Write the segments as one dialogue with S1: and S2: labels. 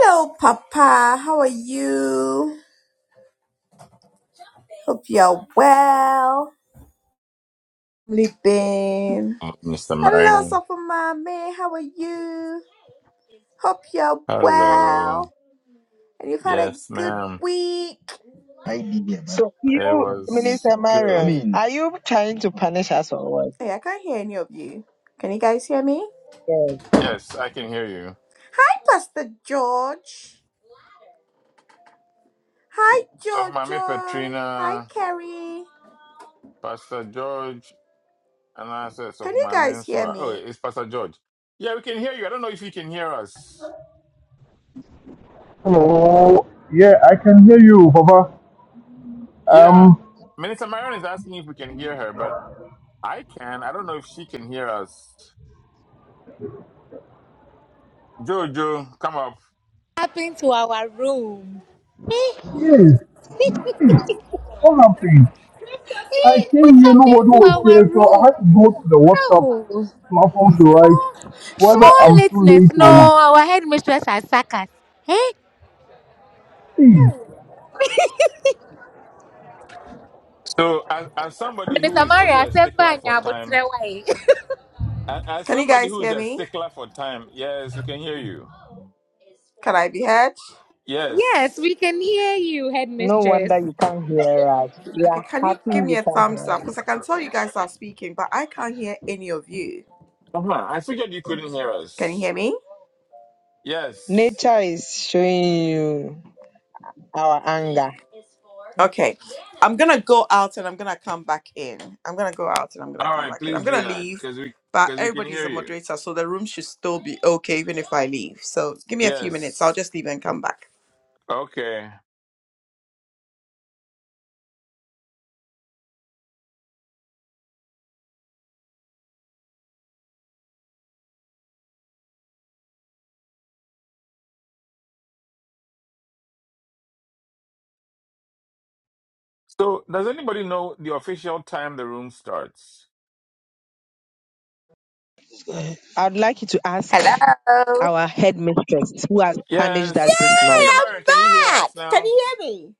S1: Hello, Papa. How are you? Hope you're well. Sleeping.
S2: Uh, Mr.
S1: Hello,
S2: Marion.
S1: Sofa Mommy. How are you? Hope you're
S2: Hello.
S1: well. And you've had a
S2: Yes,
S1: good
S2: ma'am.
S1: week.
S3: IDB So you,
S2: It
S3: Minister
S2: was
S3: I Marion,
S2: good.
S3: mean, are you trying to punish us or what?
S1: Hey, I can't hear any of you. Can you guys hear me?
S3: Yes.
S2: Yes, I can hear you.
S1: Hi, Pastor George. Hi,
S2: So for Mami
S1: Jojo. Hi,
S2: Petrina,
S1: Kerry.
S2: Pastor George, and I said, so
S1: Can
S2: for
S1: you
S2: Mami
S1: guys hear
S2: Nsua. Oh,
S1: me?
S2: it's Pastor George. Yeah, we can hear you. I don't know if you can hear us.
S4: Hello. Yeah, I can hear you, Baba.
S2: Yeah,
S4: Um,
S2: Minister Marion is asking if we can hear her, but I can. I don't know if she can hear us. Jojo, come up.
S5: happened to our room? Eh?
S4: yes. What happened? I
S5: Eh, what
S4: came here,
S5: happened
S4: nobody
S5: to
S4: was
S5: our
S4: here, so I
S5: room?
S4: had to go to the WhatsApp
S5: No.
S4: platform to write
S5: Small,
S4: whether
S5: small
S4: I'm too
S5: lateness.
S4: late or.
S5: No, our headmistress has sacked us. Eh?
S4: Hey,
S2: So as, as somebody who
S5: Minister
S2: is also
S5: Maria,
S2: a stickler
S5: Semba
S2: for time,
S5: Nyabutrewaye.
S2: As, as
S1: Can you
S2: somebody
S1: guys
S2: who is
S1: hear
S2: a
S1: me?
S2: stickler for time, yes, we can hear you.
S1: Can I be heard?
S5: Yes,
S2: Yes.
S5: we can hear you,
S3: No
S5: headmistress.
S3: wonder you can't hear us. We
S1: Okay,
S3: are
S1: can you
S3: happy
S1: give me
S3: you
S1: a
S3: can't
S1: thumbs
S3: hear
S1: up?
S3: us.
S1: Because I can tell you guys are speaking, but I can't hear any of you.
S2: Uh-huh. I figured you couldn't hear
S1: Can you
S2: us.
S1: hear me?
S2: Yes.
S3: Nature is showing you our anger.
S1: Okay. I'm going to go out and I'm going to come back in. I'm going to go out and I'm going to
S2: All
S1: come
S2: right,
S1: back in. I'm
S2: please
S1: going
S2: do
S1: to
S2: that
S1: leave,
S2: because we
S1: but
S2: because we can
S1: everybody's
S2: hear
S1: a
S2: you.
S1: moderator, so the room should still be okay even if I leave. So give me a few minutes. I'll
S2: Yes.
S1: just leave and come back.
S2: Okay. So, does anybody know the official time the room starts?
S3: I'd like you to ask
S1: Hello.
S3: our headmistress who has punished
S2: Yes.
S3: us this
S1: Yay,
S3: night.
S2: Mr.
S1: I'm
S2: Marion, can you hear
S1: back.
S2: us
S1: Can
S2: now?
S1: you hear me?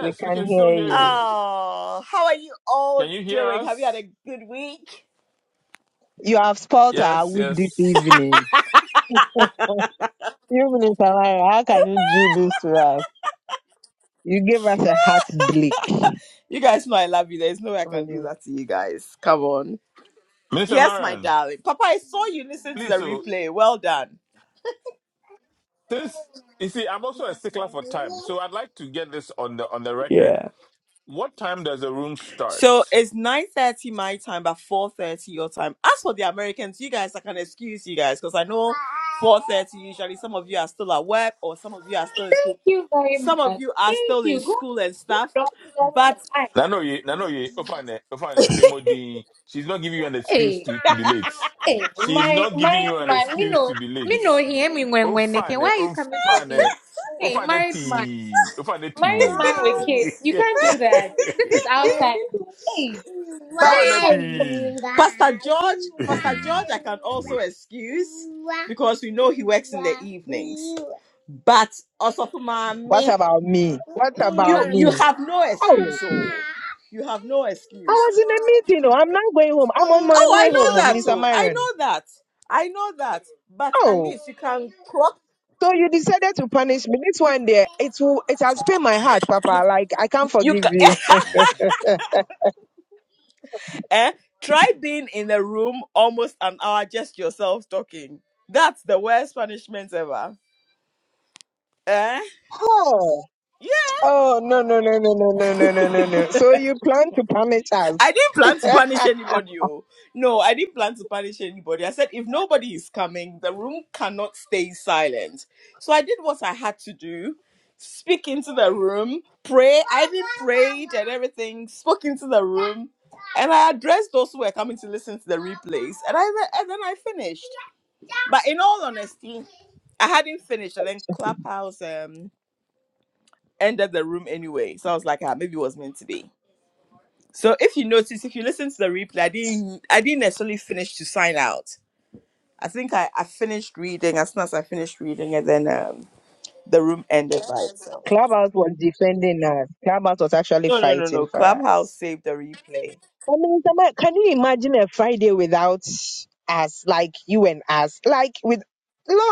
S3: We
S2: we
S3: can
S2: can still
S3: hear
S2: hear
S3: you.
S2: you.
S1: Oh, how are you all
S2: Can you hear
S1: doing? Have you had
S2: us?
S1: a good week?
S3: You have spoiled our
S2: Yes,
S3: week this
S2: yes.
S3: evening. You, Minister Marion, how can you do this to us? You gave us a heartbreak.
S1: You guys know I love you. There's no way I can do
S3: Really.
S1: that to you guys. Come on.
S2: Mr.
S1: Yes, my
S2: Marion,
S1: darling. Papa, I saw you listen to the
S2: please, so
S1: replay. Well done.
S2: Since you see, I'm also a stickler for time, so I'd like to get this on the on the record.
S1: Yeah.
S2: What time does the room start?
S1: So it's 9.30 my time, but 4.30 your time. As for the Americans, you guys, I can excuse you guys because I know 4.30 usually some of you are still at work or some of you are still in school.
S5: Thank you very
S1: Some of
S5: much.
S1: you are
S5: Thank
S1: still in
S5: you. Go,
S1: school and
S5: go,
S1: stuff.
S5: God bless
S1: But
S5: you.
S2: Nano ye, Nano ye, Ofane, Ofane, Femo Dean, She's not giving you an excuse
S5: Aye.
S2: to
S1: But
S2: to be late.
S5: Hey,
S2: She's
S5: my
S2: not giving you
S5: married
S2: an
S5: man, me
S2: excuse
S5: know,
S2: to be
S5: me
S2: late.
S5: know he hear me when when they can. Why
S2: Ofane,
S5: are you coming for
S2: Ofane,
S5: me? Hey,
S2: Ofane
S5: married man,
S2: P, Ofane
S5: married
S2: P,
S5: man with kids, you can't do that. This is outside. Hey, why are you
S2: Ofane
S5: coming for
S2: P.
S5: me?
S1: Pastor George, Pastor George, I can also excuse because we know he works in the evenings. But also for
S3: What
S1: mommy,
S3: about me? What about
S1: you you
S3: me?
S1: have no
S3: Oh!
S1: excuse, oh, you have no excuse.
S3: I was in a meeting. Oh, I'm not going home. I'm on my
S1: Oh, I
S3: way home, oh,
S1: know that,
S3: Minister
S1: oh, I
S3: Myron.
S1: know that, I know that. But at
S3: Oh,
S1: least you can croak.
S3: so you decided to punish me. This one there, it will, it has pain my heart,
S1: You,
S3: Papa. Like I can't
S1: You
S3: forgive
S1: can
S3: you.
S1: eh? try being in a room almost an hour just yourself talking. That's the worst punishment ever. Eh?
S3: Oh,
S1: Yeah,
S3: oh no, no, no, no, no, no, no, no, no, no. So you plan to punish us?
S1: I didn't plan to punish anybody. Oh. No, I didn't plan to punish anybody. I said if nobody is coming, the room cannot stay silent. So I did what I had to do. Speak into the room, pray. I even prayed and everything. Spoke into the room, and I addressed those who were coming to listen to the replays. And I and then I finished. But in all honesty, I hadn't finished, and then Clubhouse um ended the room anyway. So I was like, ah, maybe it was meant to be. So if you notice, if you listen to the replay, I didn't I didn't necessarily finish to sign out. I think I, I finished reading as soon as I finished reading, and then um the room ended by itself.
S3: Clubhouse was defending us. Clubhouse was actually
S1: No, no, no, no.
S3: fighting for
S1: Clubhouse
S3: us.
S1: saved the replay.
S3: I mean, Minister Myron, can you imagine a Friday without us? Like you and us? Like with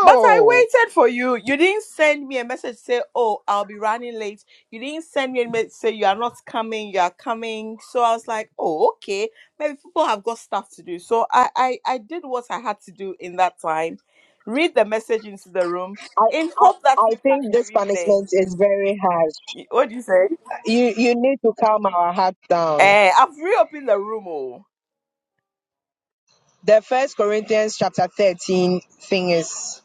S1: But I waited for you. You didn't send me a message say, "Oh, I'll be running late." You didn't send me a message say you are not coming. You are coming. So I was like, "Oh, okay. Maybe people have got stuff to do." So I I, I did what I had to do in that time. Read the message into the room
S3: I,
S1: in
S3: I,
S1: hope that
S3: I
S1: you catch
S3: think
S1: the
S3: this
S1: replay.
S3: punishment is very harsh.
S1: Y- What do you say?
S3: You you need to calm our heart down.
S1: Eh, I've reopened the room. Oh,
S3: The first Corinthians chapter thirteen thing is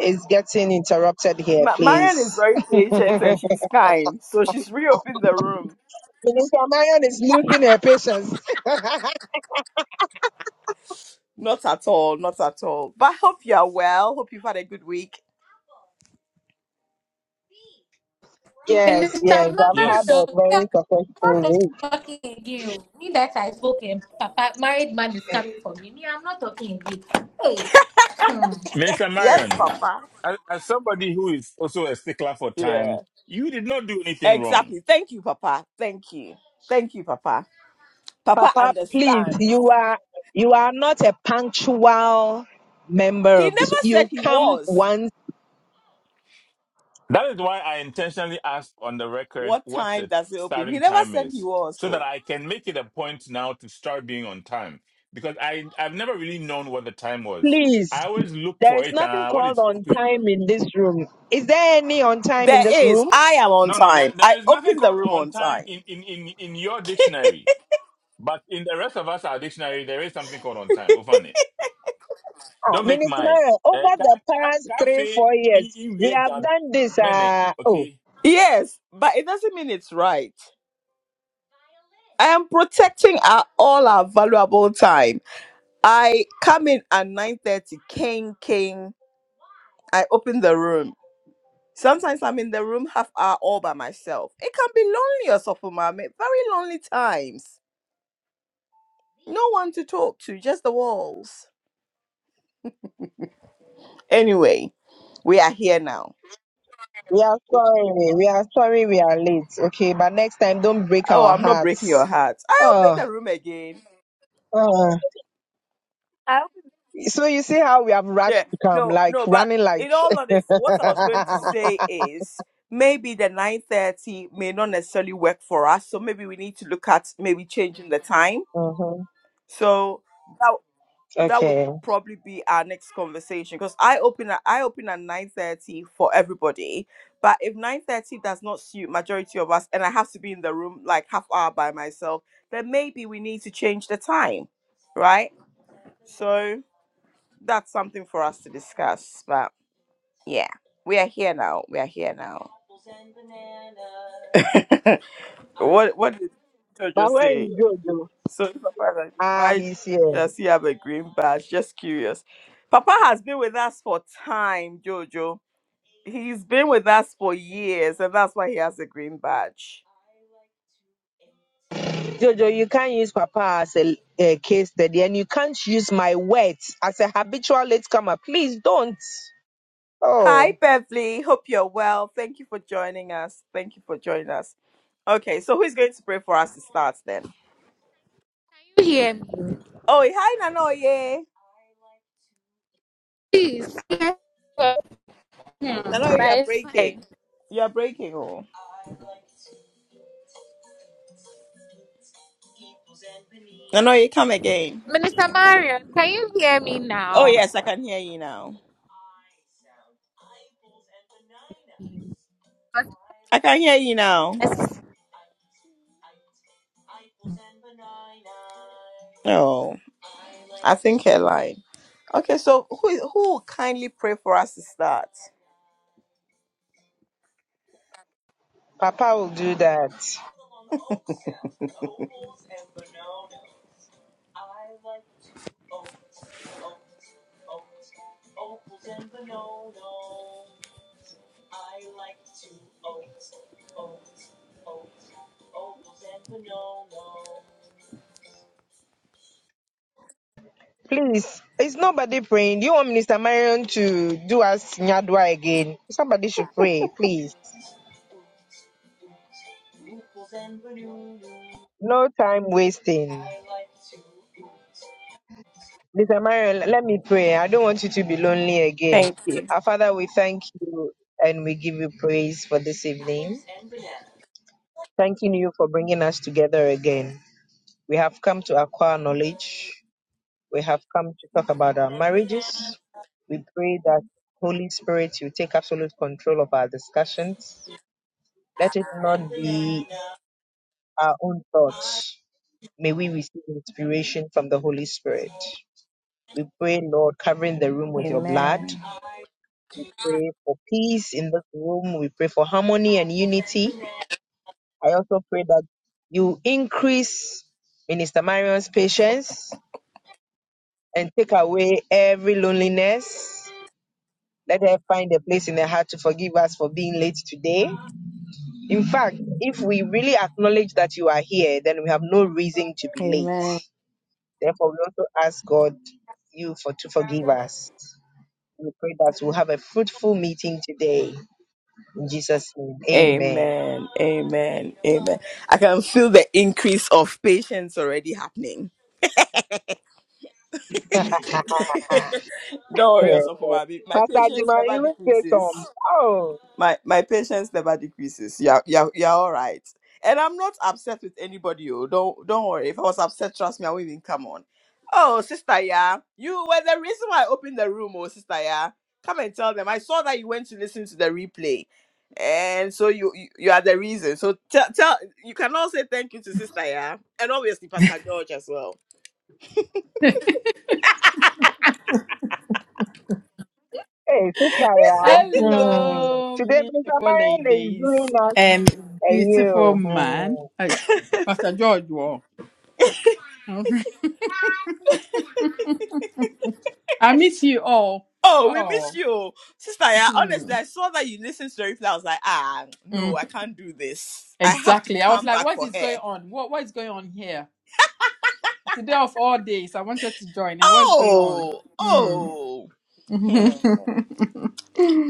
S3: is getting interrupted here,
S1: Ma- Marian is
S3: please.
S1: very patient and she's kind, so she's reopened the room.
S3: Minister Marion is losing her patience.
S1: Not at all, not at all. But I hope you are well. Hope you've had a good week.
S3: Yes,
S5: Minister
S3: yes, I've had
S2: yes,
S5: Mario,
S3: a
S5: we
S3: very
S5: are
S3: successful week.
S5: not talking again. Me that I spoke him. Papa, married man is coming for me. Me, I'm not talking again. Hey, hmm.
S2: Minister
S1: Yes,
S2: Marion.
S1: Papa.
S2: as, as somebody who is also a stickler for time,
S1: Yeah,
S2: you did not do anything wrong.
S1: exactly. Thank you, Papa. Thank you. Thank you, Papa. Papa
S3: Papa, please,
S1: understands.
S3: you are you are not a punctual member
S1: He
S3: of this.
S1: never said
S3: You
S1: he
S3: come
S1: was.
S3: once,
S2: That is why I intentionally asked on the record
S1: What
S2: what
S1: time
S2: the
S1: does it open? He
S2: starting
S1: never
S2: time
S1: said he
S2: is,
S1: was.
S2: so that
S1: So
S2: I can make it a point now to start being on time. Because I I've never really known what the time was.
S3: please.
S2: I always look
S3: There
S2: for
S3: is
S2: it
S3: nothing
S2: uh, when
S3: called
S2: it's
S3: on
S2: open.
S3: time in this room. Is there any on time in
S1: there
S3: this
S1: is.
S3: room?
S1: I am on
S2: No, no, there,
S1: time. I
S2: there is nothing
S1: opened the
S2: called
S1: room
S2: on
S1: on
S2: time in,
S1: time.
S2: in, in, in your dictionary. But in the rest of us, our dictionary, there is something called on time.
S3: Ah,
S2: Don't make
S3: Minister
S2: mine.
S3: Mayor,
S2: Uh,
S3: over
S2: ca
S3: the
S2: ca
S3: past three,
S2: cafe
S3: four
S2: in
S3: years, we have
S2: in
S3: done this.
S2: mene.
S3: Uh, oh,
S2: Okay.
S1: Yes, but it doesn't mean it's right. I am protecting our all our valuable time. I come in at 9:30. King, king. I open the room. Sometimes I'm in the room half hour all by myself. It can be lonely or something, mommy. Very lonely times. No one to talk to, just the walls. Anyway, we are here now.
S3: we are sorry. We are sorry we are late. Okay, but next time, don't break
S1: Oh,
S3: our
S1: I'm not breaking your
S3: hearts.
S1: heart. I open
S3: Oh,
S1: the room again.
S3: oh. So you see how we have
S1: Yeah,
S3: rushed to come,
S1: no,
S3: like
S1: no, but
S3: running like.
S1: in all honesty, what I was going to say is maybe the 9.30 may not necessarily work for us. So maybe we need to look at maybe changing the time.
S3: Mhm.
S1: So that would
S3: Okay.
S1: probably be our next conversation because I open at I open at nine thirty for everybody. But if nine thirty does not suit majority of us, and I have to be in the room like half hour by myself, then maybe we need to change the time, right? So that's something for us to discuss. But yeah, we are here now. We are here now. what what did Jojo
S3: But where
S1: say?
S3: is Jojo?
S1: So Papa, is like,
S3: Ah,
S1: why
S3: he's here.
S1: does he have a green badge? Just curious. Papa has been with us for time, Jojo. He's been with us for years, and that's why he has a green badge.
S3: Jojo, you can't use Papa as a, a case study, and you can't use my words as a habitual latecomer. Please don't.
S1: Hi,
S3: Oh,
S1: Beverly. Hope you're well. Thank you for joining us. Thank you for joining us. Okay, so who's going to pray for us to start then?
S5: you hear me?
S1: Oh, hi, Nanoye.
S5: Please. Hmm,
S1: Nanoye,
S5: but
S1: you're
S5: it's fine.
S1: breaking. You're breaking, oh. Nanoye, come again.
S5: Minister Marion, can you hear me
S1: Oh,
S5: now?
S1: yes, I can hear you now. I can hear you now. Oh, I think her line. Okay, so who who will kindly pray for us to start?
S3: Papa will do that. Please, it's nobody praying. Do You want Minister Marion to do us Nyadwa again? Somebody should pray, please. No time wasting. Mr. Marion, let me pray. I don't want you to be lonely again.
S1: Thank you.
S3: Our Father, we thank you and we give you praise for this evening. Thanking you for bringing us together again. We have come to acquire knowledge. We have come to talk about our marriages. We pray that Holy Spirit, you take absolute control of our discussions. Let it not be our own thoughts. May we receive inspiration from the Holy Spirit. We pray, Lord, covering the room with your blood.
S1: Amen.
S3: We pray for peace in this room. We pray for harmony and unity. I also pray that you increase Minister Marion's patience and take away every loneliness. Let her find a place in her heart to forgive us for being late today. In fact, if we really acknowledge that you are here, then we have no reason to be
S1: Amen.
S3: late. Therefore, we also ask God you for to forgive us. We pray that we'll have a fruitful meeting today. In Jesus' name, amen.
S1: Amen. Amen. Amen. I can feel the increase of patience already happening. Don't worry, Osofo
S3: Yeah.
S1: Mabi. My
S3: Pastor
S1: patience
S3: Jima,
S1: never
S3: you will say
S1: decreases.
S3: some. Oh,
S1: my my patience never decreases. You're you're you're all right. And I'm not upset with anybody. Oh, don't don't worry. If I was upset, trust me, I wouldn't even come on. Oh, sister, yeah, you were the reason why I opened the room. Oh, sister, yeah, come and tell them. I saw that you went to listen to the replay, and so you you, you are the reason. So tell tell you can all say thank you to sister, yeah, and obviously Pastor George as well.
S3: hey, sister, yeah. Hmm.
S6: Hello,
S3: Today, Mr.
S6: beautiful
S3: Marion is
S6: ladies
S3: doing uh,
S6: and
S3: And
S6: beautiful
S3: you,
S6: man.
S3: hmm.
S6: Hey, Pastor George, wow. I miss you all.
S1: Oh, we
S6: Oh,
S1: miss you. Sister, yeah, honestly,
S6: Hmm.
S1: I saw that you listened to the replay. I was like, ah, no,
S6: Mm,
S1: I can't do this. I have to
S6: exactly. I was
S1: come
S6: like,
S1: back
S6: what
S1: for
S6: is going
S1: her.
S6: on? What What is going on here? Today of all days, I wanted to join, and what's going on?
S1: Oh, oh.
S6: Mm.
S1: Hmm.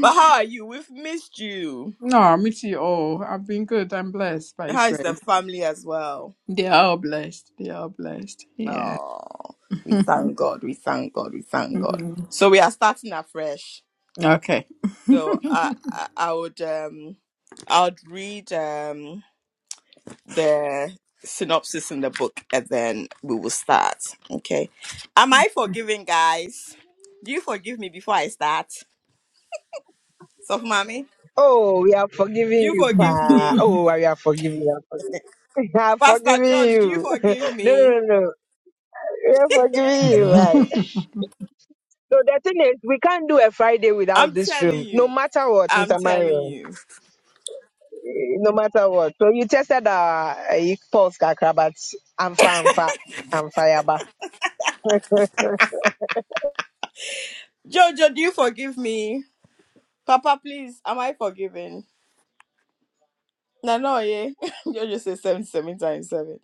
S1: But how are you? We've missed you.
S6: no, I miss you all. I've been good. I'm blessed by His
S1: How is the
S6: grace.
S1: family as well?
S6: They are all blessed. They are all blessed. Yeah.
S1: Oh,
S6: okay.
S1: we
S6: you
S1: thank God. We thank God. We thank God. So we are starting afresh. So I, I, I would, um, I would read. Um, the synopsis in the book and then we will start. Okay. Am I forgiving, guys? Do you forgive me before I start? Soft mommy,
S3: oh, we are
S1: do
S3: forgiving
S1: you
S3: you,
S1: forgive
S3: pa.
S1: me?
S3: Oh, we are forgiving you. We are
S1: Pastor
S3: forgiving
S1: George, do you
S3: you. no,
S1: forgive
S3: no,
S1: me?
S3: no. no. We are forgiving you, right? So the thing is, we can't do a Friday
S1: I'm
S3: without this
S1: telling
S3: room, no
S1: you.
S3: matter what,
S1: I'm
S3: Mr.
S1: telling
S3: Mario.
S1: you.
S3: Eh, No matter what. So you tested our uh, pulse, kakra, but I'm fine, I'm firebar.
S1: Jojo, do you forgive me? Papa, please, am I forgiven? Nano, yeah. Jojo says seven, seven times seven.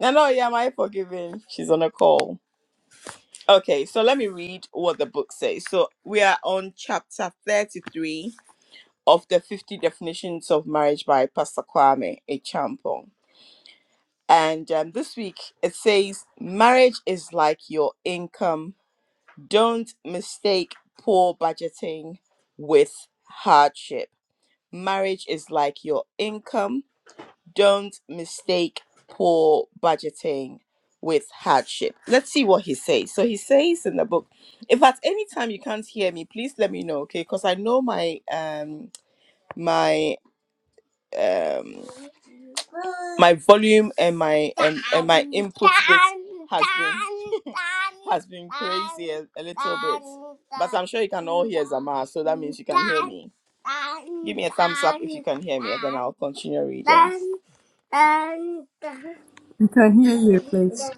S1: Nano, yeah, am I forgiven? She's on a call. Okay, so let me read what the book says. So we are on chapter 33 of the 50 definitions of marriage by Pastor Kwame Echampong. And um, this week it says, marriage is like your income. Don't mistake poor budgeting with hardship. Marriage is like your income. Don't mistake poor budgeting with hardship. Let's see what he says. So he says in the book, if at any time you can't hear me, please let me know, okay? Because I know my um my um my volume and my and, and my input bit has been has been crazy a, a little bit. But I'm sure you can all hear Zama, so that means you can hear me. Give me a thumbs up if you can hear me, and then I'll continue reading. And
S6: can hear you, please.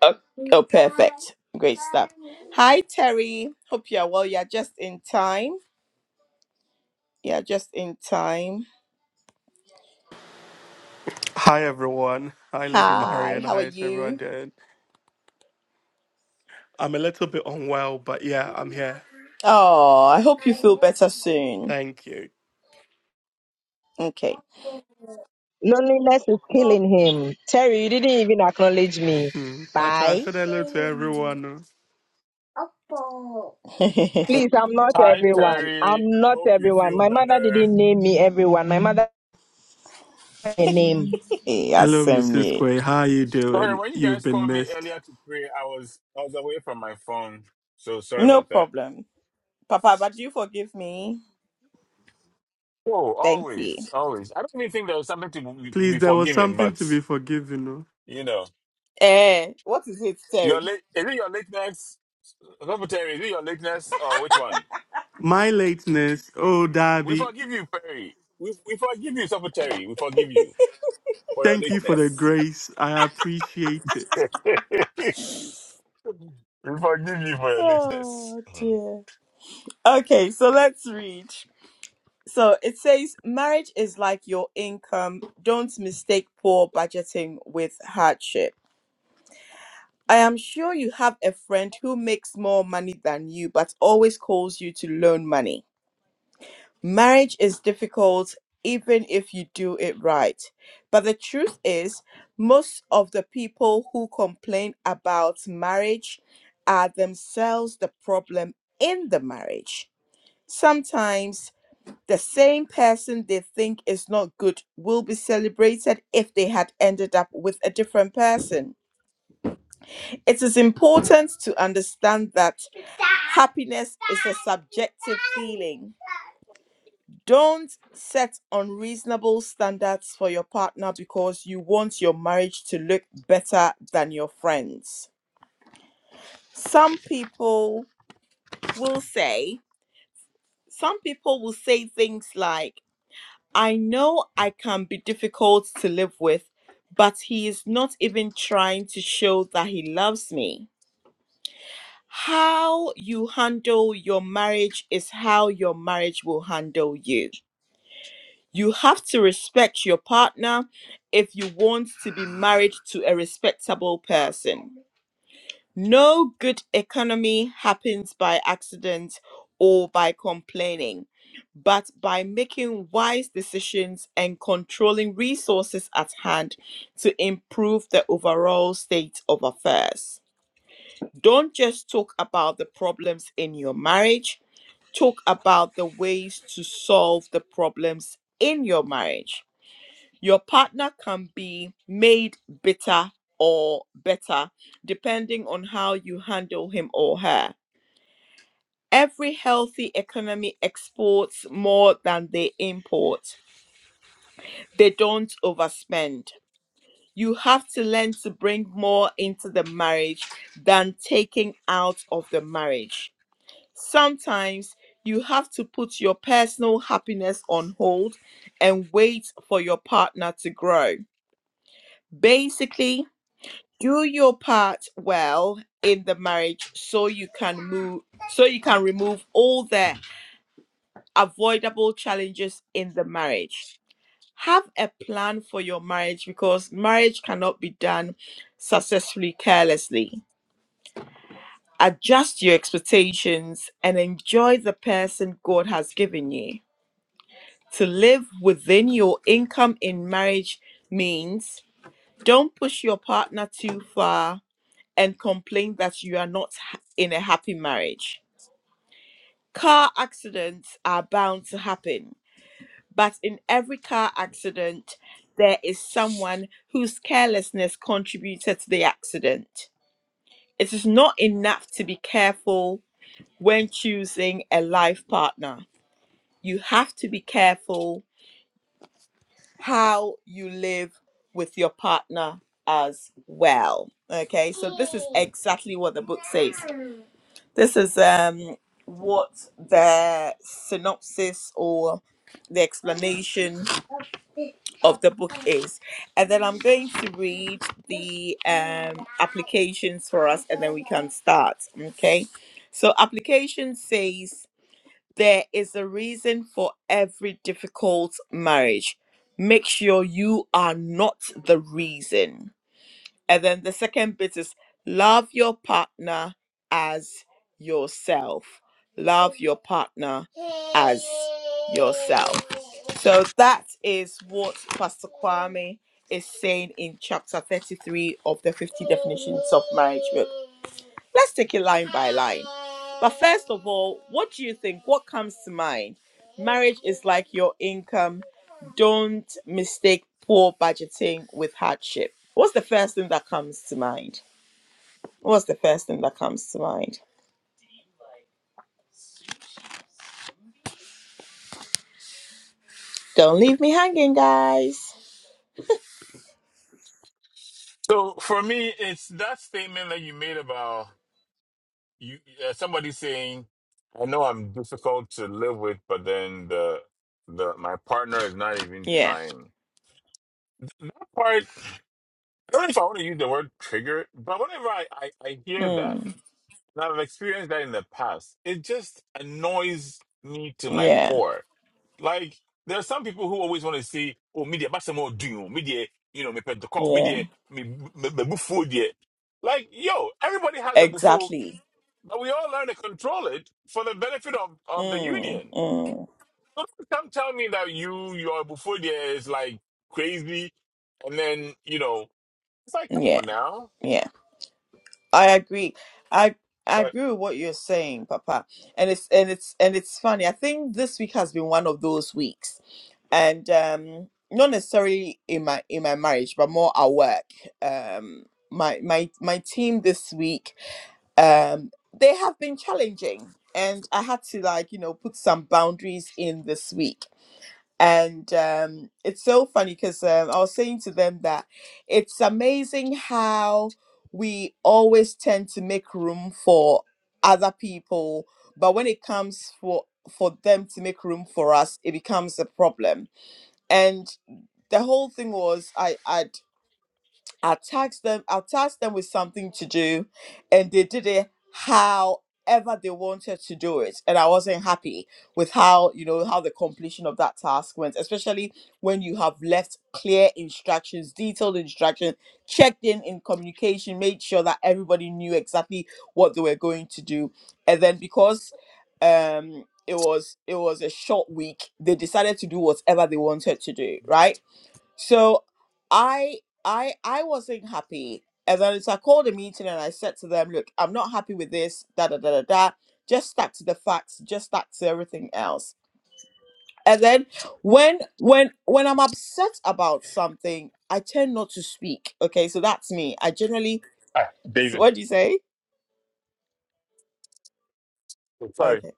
S1: Oh, oh, perfect. Great stuff. Hi, Terry. Hope you are well. You're just in time. You're just in time.
S7: Hi everyone. Hi Lady
S1: Hi,
S7: Marion.
S1: how
S7: How
S1: are
S7: is everyone
S1: you?
S7: doing? I'm a little bit unwell, but yeah, I'm here.
S1: Oh, I hope you feel better soon.
S7: Thank you.
S1: Okay.
S3: Loneliness is killing him. Terry, you didn't even acknowledge me.
S7: Hmm. Pacha, I
S3: Bye.
S7: said hello to everyone.
S3: Please, I'm not
S2: Hi
S3: everyone.
S2: Terry.
S3: I'm not
S2: Hope you
S3: everyone.
S2: feel
S3: My mother
S2: better.
S3: didn't name me everyone. My mother had a name.
S7: Hello, Mrs.
S1: Asemni.
S7: Quay. How are you
S2: Sorry,
S7: doing?
S2: when you
S7: You've
S2: guys
S7: been
S2: called me
S7: missed.
S2: earlier to pray, I was I was away from my phone. So sorry
S1: No
S2: about that.
S1: problem. Papa, but do you forgive me?
S2: Oh,
S1: Thank you.
S2: always, always. I don't even think there was something to be
S7: Please,
S2: be
S7: there was
S2: forgiven,
S7: something
S2: but
S7: to be forgiven. oh.
S2: you know.
S1: Eh, what is it,
S2: Your
S1: Terry?
S2: late is it your lateness? Sopo Terry, is it your lateness or which one?
S7: My lateness. Oh,
S2: We
S7: Darby.
S2: forgive you, Perry. We we forgive you, Sopo Terry. We forgive you for your
S7: Thank you for the
S2: lateness.
S7: grace. I appreciate it.
S2: we forgive you for your lateness.
S1: Oh,
S2: Mhm.
S1: dear. Okay, so let's read. So it says marriage is like your income. Don't mistake poor budgeting with hardship. I am sure you have a friend who makes more money than you but always calls you to loan money. Marriage is difficult even if you do it right. But the truth is, most of the people who complain about marriage are themselves the problem in the marriage. Sometimes The same person they think is not good will be celebrated if they had ended up with a different person. It is important to understand that happiness is a subjective feeling. Don't set unreasonable standards for your partner because you want your marriage to look better than your friends. Some people will say, some people will say things like, I know I can be difficult to live with, but he is not even trying to show that he loves me. How you handle your marriage is how your marriage will handle you. You have to respect your partner if you want to be married to a respectable person. No good economy happens by accident or by complaining, but by making wise decisions and controlling resources at hand to improve the overall state of affairs. Don't just talk about the problems in your marriage, talk about the ways to solve the problems in your marriage your partner can be made bitter or better depending on how you handle him or her. Every healthy economy exports more than they import. They don't overspend. You have to learn to bring more into the marriage than taking out of the marriage. Sometimes you have to put your personal happiness on hold and wait for your partner to grow. Basically, do your part well in the marriage so you can move so you can remove all the avoidable challenges in the marriage have a plan for your marriage because marriage cannot be done successfully carelessly adjust your expectations and enjoy the person god has given you to live within your income in marriage means don't push your partner too far and complain that you are not ha- in a happy marriage. Car accidents are bound to happen, but in every car accident, there is someone whose carelessness contributed to the accident. It is not enough to be careful when choosing a life partner. You have to be careful how you live with your partner as well. Okay, so this is exactly what the book says. This is um, what the synopsis or the explanation of the book is. And then I'm going to read the um, applications for us and then we can start. Okay, so application says there is a reason for every difficult marriage. Make sure you are not the reason. And then the second bit is love your partner as yourself. Love your partner as yourself. So that is what Pastor Kwame is saying in chapter 33 of the 50 definitions of marriage book. Let's take it line by line. But first of all, what do you think? What comes to mind? Marriage is like your income don't mistake poor budgeting with hardship. What's the first thing that comes to mind? What's the first thing that comes to mind? Don't leave me hanging, guys.
S2: So for me, it's that statement that you made about you uh, somebody saying, "I know I'm difficult to live with, but then the the my partner is not even
S1: Yeah.
S2: trying." Part I don't know if I want to use the word trigger, but whenever I I, I hear that,
S1: Mm.
S2: and I've experienced that in the past, it just annoys me to my
S1: Yeah.
S2: core Like there are some people who always want to say, oh, media but some more doing, media, you know, me pet the call,
S1: Yeah.
S2: media, me me me buffo there. Like yo, everybody has a buffo,
S1: Exactly.
S2: but we all learn to control it for the benefit of of the
S1: Mm.
S2: union.
S1: Mm.
S2: So don't come tell me that you your buffo there is like crazy, and then you know it's like come
S1: Yeah.
S2: on now.
S1: Yeah. I agree. I I
S2: But
S1: agree with what you're saying, Papa. And it's and it's and it's funny. I think this week has been one of those weeks and um not necessarily in my in my marriage but more at work um my my my team this week um they have been challenging and i had to like you know put some boundaries in this week and um it's so funny because um, i was saying to them that it's amazing how we always tend to make room for other people but when it comes for for them to make room for us it becomes a problem and the whole thing was I I I tasked them I tasked them with something to do, and they did it however they wanted to do it, and I wasn't happy with how you know how the completion of that task went, especially when you have left clear instructions, detailed instructions, checked in in communication, made sure that everybody knew exactly what they were going to do, and then because um it was it was a short week they decided to do whatever they wanted to do right so I I I wasn't happy. And then so I called a meeting and I said to them, look, I'm not happy with this, da da da da da. Just stuck to the facts, just stuck to everything else. And then when when when I'm upset about something, I tend not to speak. Okay, so that's me. I generally
S2: ah,
S1: so
S2: David,
S1: what do you say?
S2: sorry.
S1: Okay.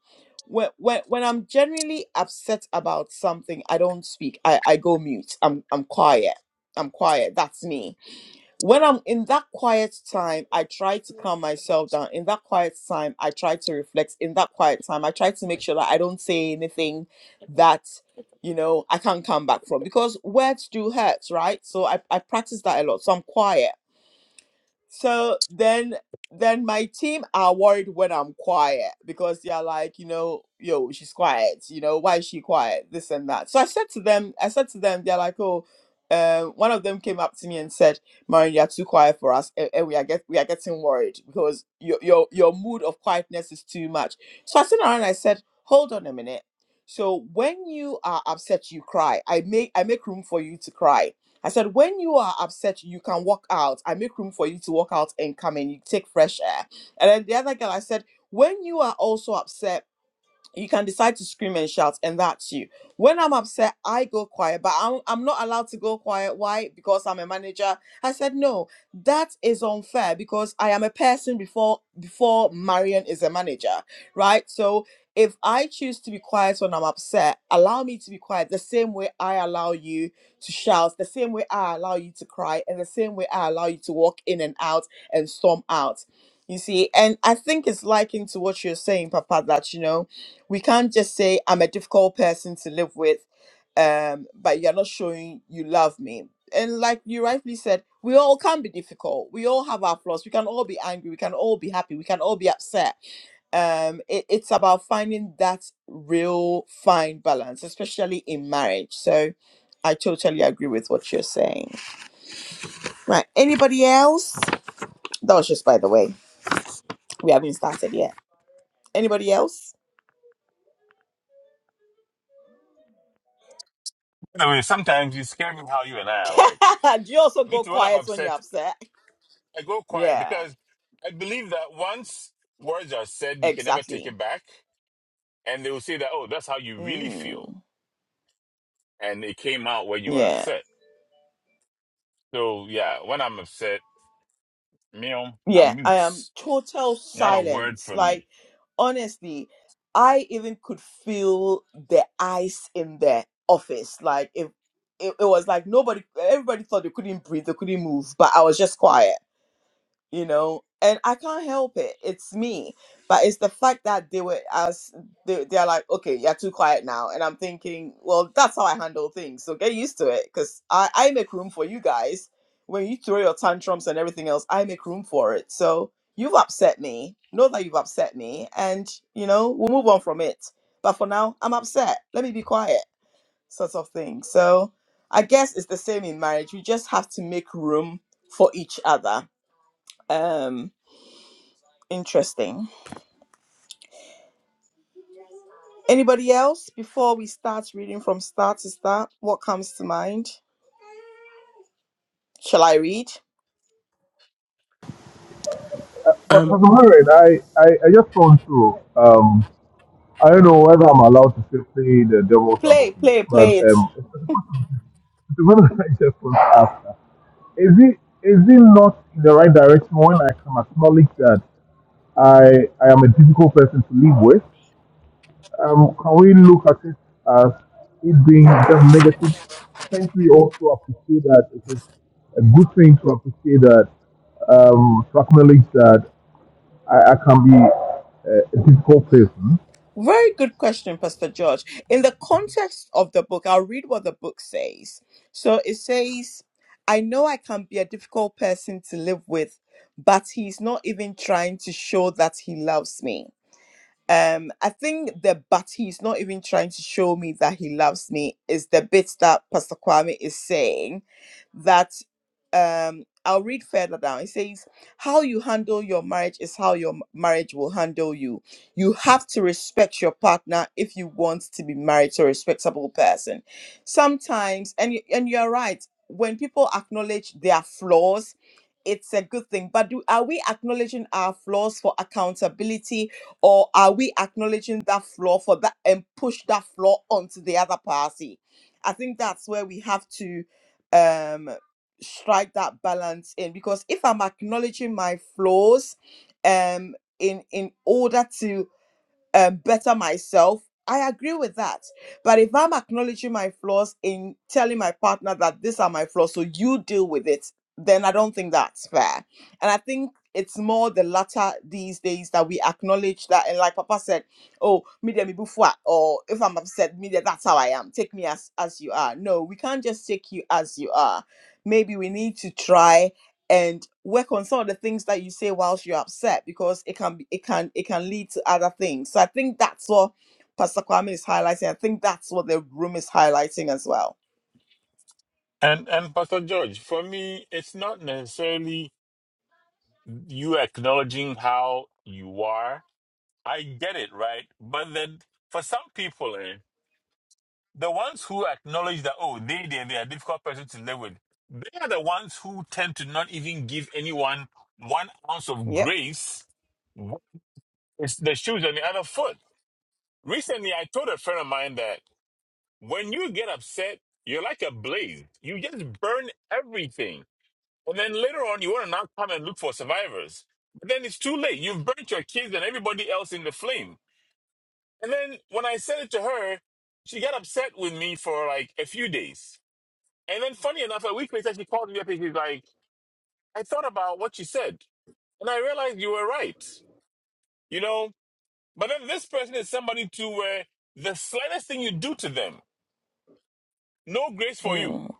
S1: When, when when I'm genuinely upset about something, I don't speak. I, I go mute. I'm I'm quiet. I'm quiet. That's me when I'm in that quiet time, I try to calm myself down. In that quiet time, I try to reflect. In that quiet time, I try to make sure that I don't say anything that, you know, I can't come back from because words do hurt, right? So I, I practice that a lot. So I'm quiet so then then my team are worried when I'm quiet because they're like, you know, yo, she's quiet, you know, why is she quiet? This and that. So I said to them, I said to them, they're like, oh, um, one of them came up to me and said, Marion, you're too quiet for us, and, and we are get we are getting worried because your your your mood of quietness is too much. So I turned around and I said, Hold on a minute. So when you are upset, you cry. I make I make room for you to cry I said, when you are upset, you can walk out. I make room for you to walk out and come in. You take fresh air. And then the other girl, I said, when you are also upset, you can decide to scream and shout and that's you when i'm upset i go quiet but I'm, I'm not allowed to go quiet why because i'm a manager i said no that is unfair because i am a person before before marion is a manager right so if i choose to be quiet when i'm upset allow me to be quiet the same way i allow you to shout the same way i allow you to cry and the same way i allow you to walk in and out and storm out you see and i think it's likened to what you're saying papa that you know we can't just say i'm a difficult person to live with um but you're not showing you love me and like you rightly said we all can be difficult we all have our flaws we can all be angry we can all be happy we can all be upset um it, it's about finding that real fine balance especially in marriage so i totally agree with what you're saying right anybody else that was just by the way we haven't started yet anybody else
S2: Anyway, sometimes you scare me how you and I
S1: do
S2: are like.
S1: you also
S2: Me
S1: go
S2: too. When I'm
S1: quiet when you're
S2: upset,
S1: upset
S2: I go quiet
S1: yeah
S2: because I believe that once words are said, you can never take
S1: Exactly.
S2: it back. And they will say that, oh, that's how you really feel.
S1: Mm,
S2: And it came out when you were
S1: yeah.
S2: upset. So yeah, when I'm upset, meow,
S1: Yeah.
S2: I'm
S1: I
S2: mute.
S1: am total
S2: Not a word
S1: silence.
S2: from
S1: Like,
S2: me.
S1: honestly, I even could feel the ice in the office. Like, if it, it was like nobody, everybody thought they couldn't breathe, they couldn't move, but I was just quiet. you know and i can't help it it's me but it's the fact that they were as they, they're like okay you're too quiet now and i'm thinking well that's how i handle things so get used to it because i i make room for you guys when you throw your tantrums and everything else i make room for it so you've upset me know that you've upset me and you know we'll move on from it but for now i'm upset let me be quiet sort of thing so i guess it's the same in marriage we just have to make room for each other Um. Interesting. Anybody else before we start reading from start to start? What comes to mind? Shall I read?
S4: uh, but but
S7: Um,
S4: I'm I, I, I just want to. Um, I don't know whether I'm allowed to still play the devil's
S1: Play,
S4: advocate,
S1: play,
S4: but
S1: play it.
S4: um, the one I just want to ask her, is it is it not in the right direction when I can acknowledge that? I I am a difficult person to live with. Um, can we look at it as it being just negative? Can't we also appreciate that it is a good thing to appreciate that, um, to acknowledge that I, I can be a, a difficult person?
S1: Very good question, Pastor George. In the context of the book, I'll read what the book says. So it says, I know I can be a difficult person to live with, but he's not even trying to show that he loves me. um i think the but he's not even trying to show me that he loves me is the bit that pastor kwame is saying that um i'll read further down it says how you handle your marriage is how your m- marriage will handle you you have to respect your partner if you want to be married to a respectable person sometimes and you, and you're right when people acknowledge their flaws it's a good thing but do, are we acknowledging our flaws for accountability or are we acknowledging that flaw for that and push that flaw onto the other party? I think that's where we have to um strike that balance in because if I'm acknowledging my flaws um in in order to um, better myself. I agree with that. But if I'm acknowledging my flaws in telling my partner that these are my flaws, so you deal with it, then I don't think that's fair. And I think it's more the latter these days that we acknowledge that. And like Papa said, oh, me de me bufwa, or if I'm upset, me de, that's how I am. Take me as, as you are. No, we can't just take you as you are. Maybe we need to try and work on some of the things that you say whilst you're upset because it can be it can it can lead to other things. So I think that's what Pastor Kwame is highlighting. I think that's what the room is highlighting as well.
S2: And and Pastor George, for me, it's not necessarily you acknowledging how you are. I get it, right? But then for some people, eh, The ones who acknowledge that, oh, they, they, they are a difficult person to live with, they are the ones who tend to not even give anyone one ounce of
S1: Yep.
S2: grace. It's the shoes on the other foot. Recently, I told a friend of mine that when you get upset, you're like a blaze. You just burn everything. And then later on, you want to now come and look for survivors. But then it's too late. You've burnt your kids and everybody else in the flame. And then when I said it to her, she got upset with me for like a few days And then, funny enough, a week later, she called me up and she's like, I thought about what you said. And I realized you were right. You know? But then this person is somebody to where the slightest thing you do to them, no grace for you.
S1: Mm,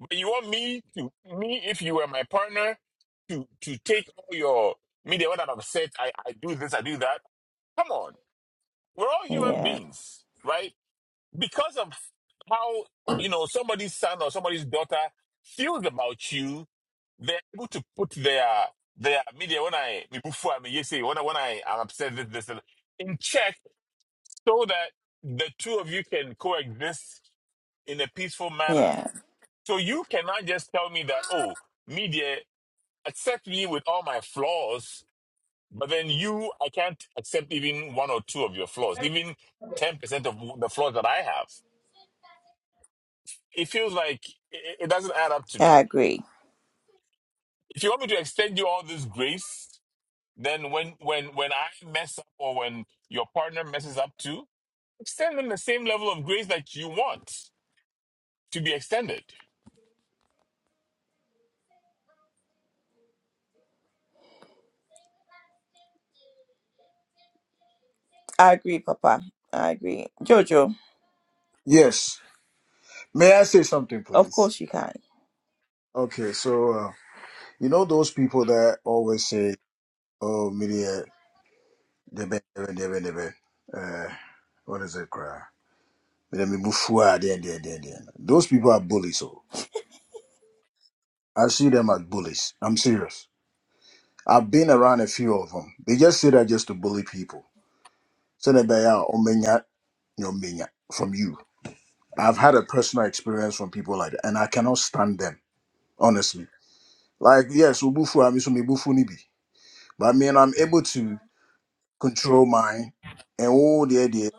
S2: But you want me to, me, if you were my partner, to, to take all your, me, they were not upset. I, I do this, I do that. Come on. We're all human
S1: yeah.
S2: beings, right? because of how you know somebody's son or somebody's daughter feels about you, they're able to put their their media when I me before I mean you say when I when I am upset this this and- in check so that the two of you can coexist in a peaceful manner.
S1: Yeah.
S2: So you cannot just tell me that, oh, media, accept me with all my flaws, but then you, I can't accept even one or two of your flaws, even 10% of the flaws that I have. it feels like it, it doesn't add up to me.
S1: I agree.
S2: If you want me to extend you all this grace, then when when when I mess up or when your partner messes up too, extend them the same level of grace that you want to be extended.
S1: I agree, Papa. I agree. Jojo,
S8: Yes. May I say something,
S1: of
S8: please?
S1: course you can.
S8: Okay, so uh, you know those people that always say, "Oh, media, debe, debe, debe, debe." Uh, what is it, cry? Let me move forward, then, then, then, then. Those people are bullies. So I see them as bullies. I'm serious. I've been around a few of them. They just say that just to bully people. So they be out, "Omenya, nyomenya," from you. I've had a personal experience from people like that, and I cannot stand them honestly. Like yes, ubufu, I'm so nibi. But I mean, I'm able to control mine, and oh, dear, dear,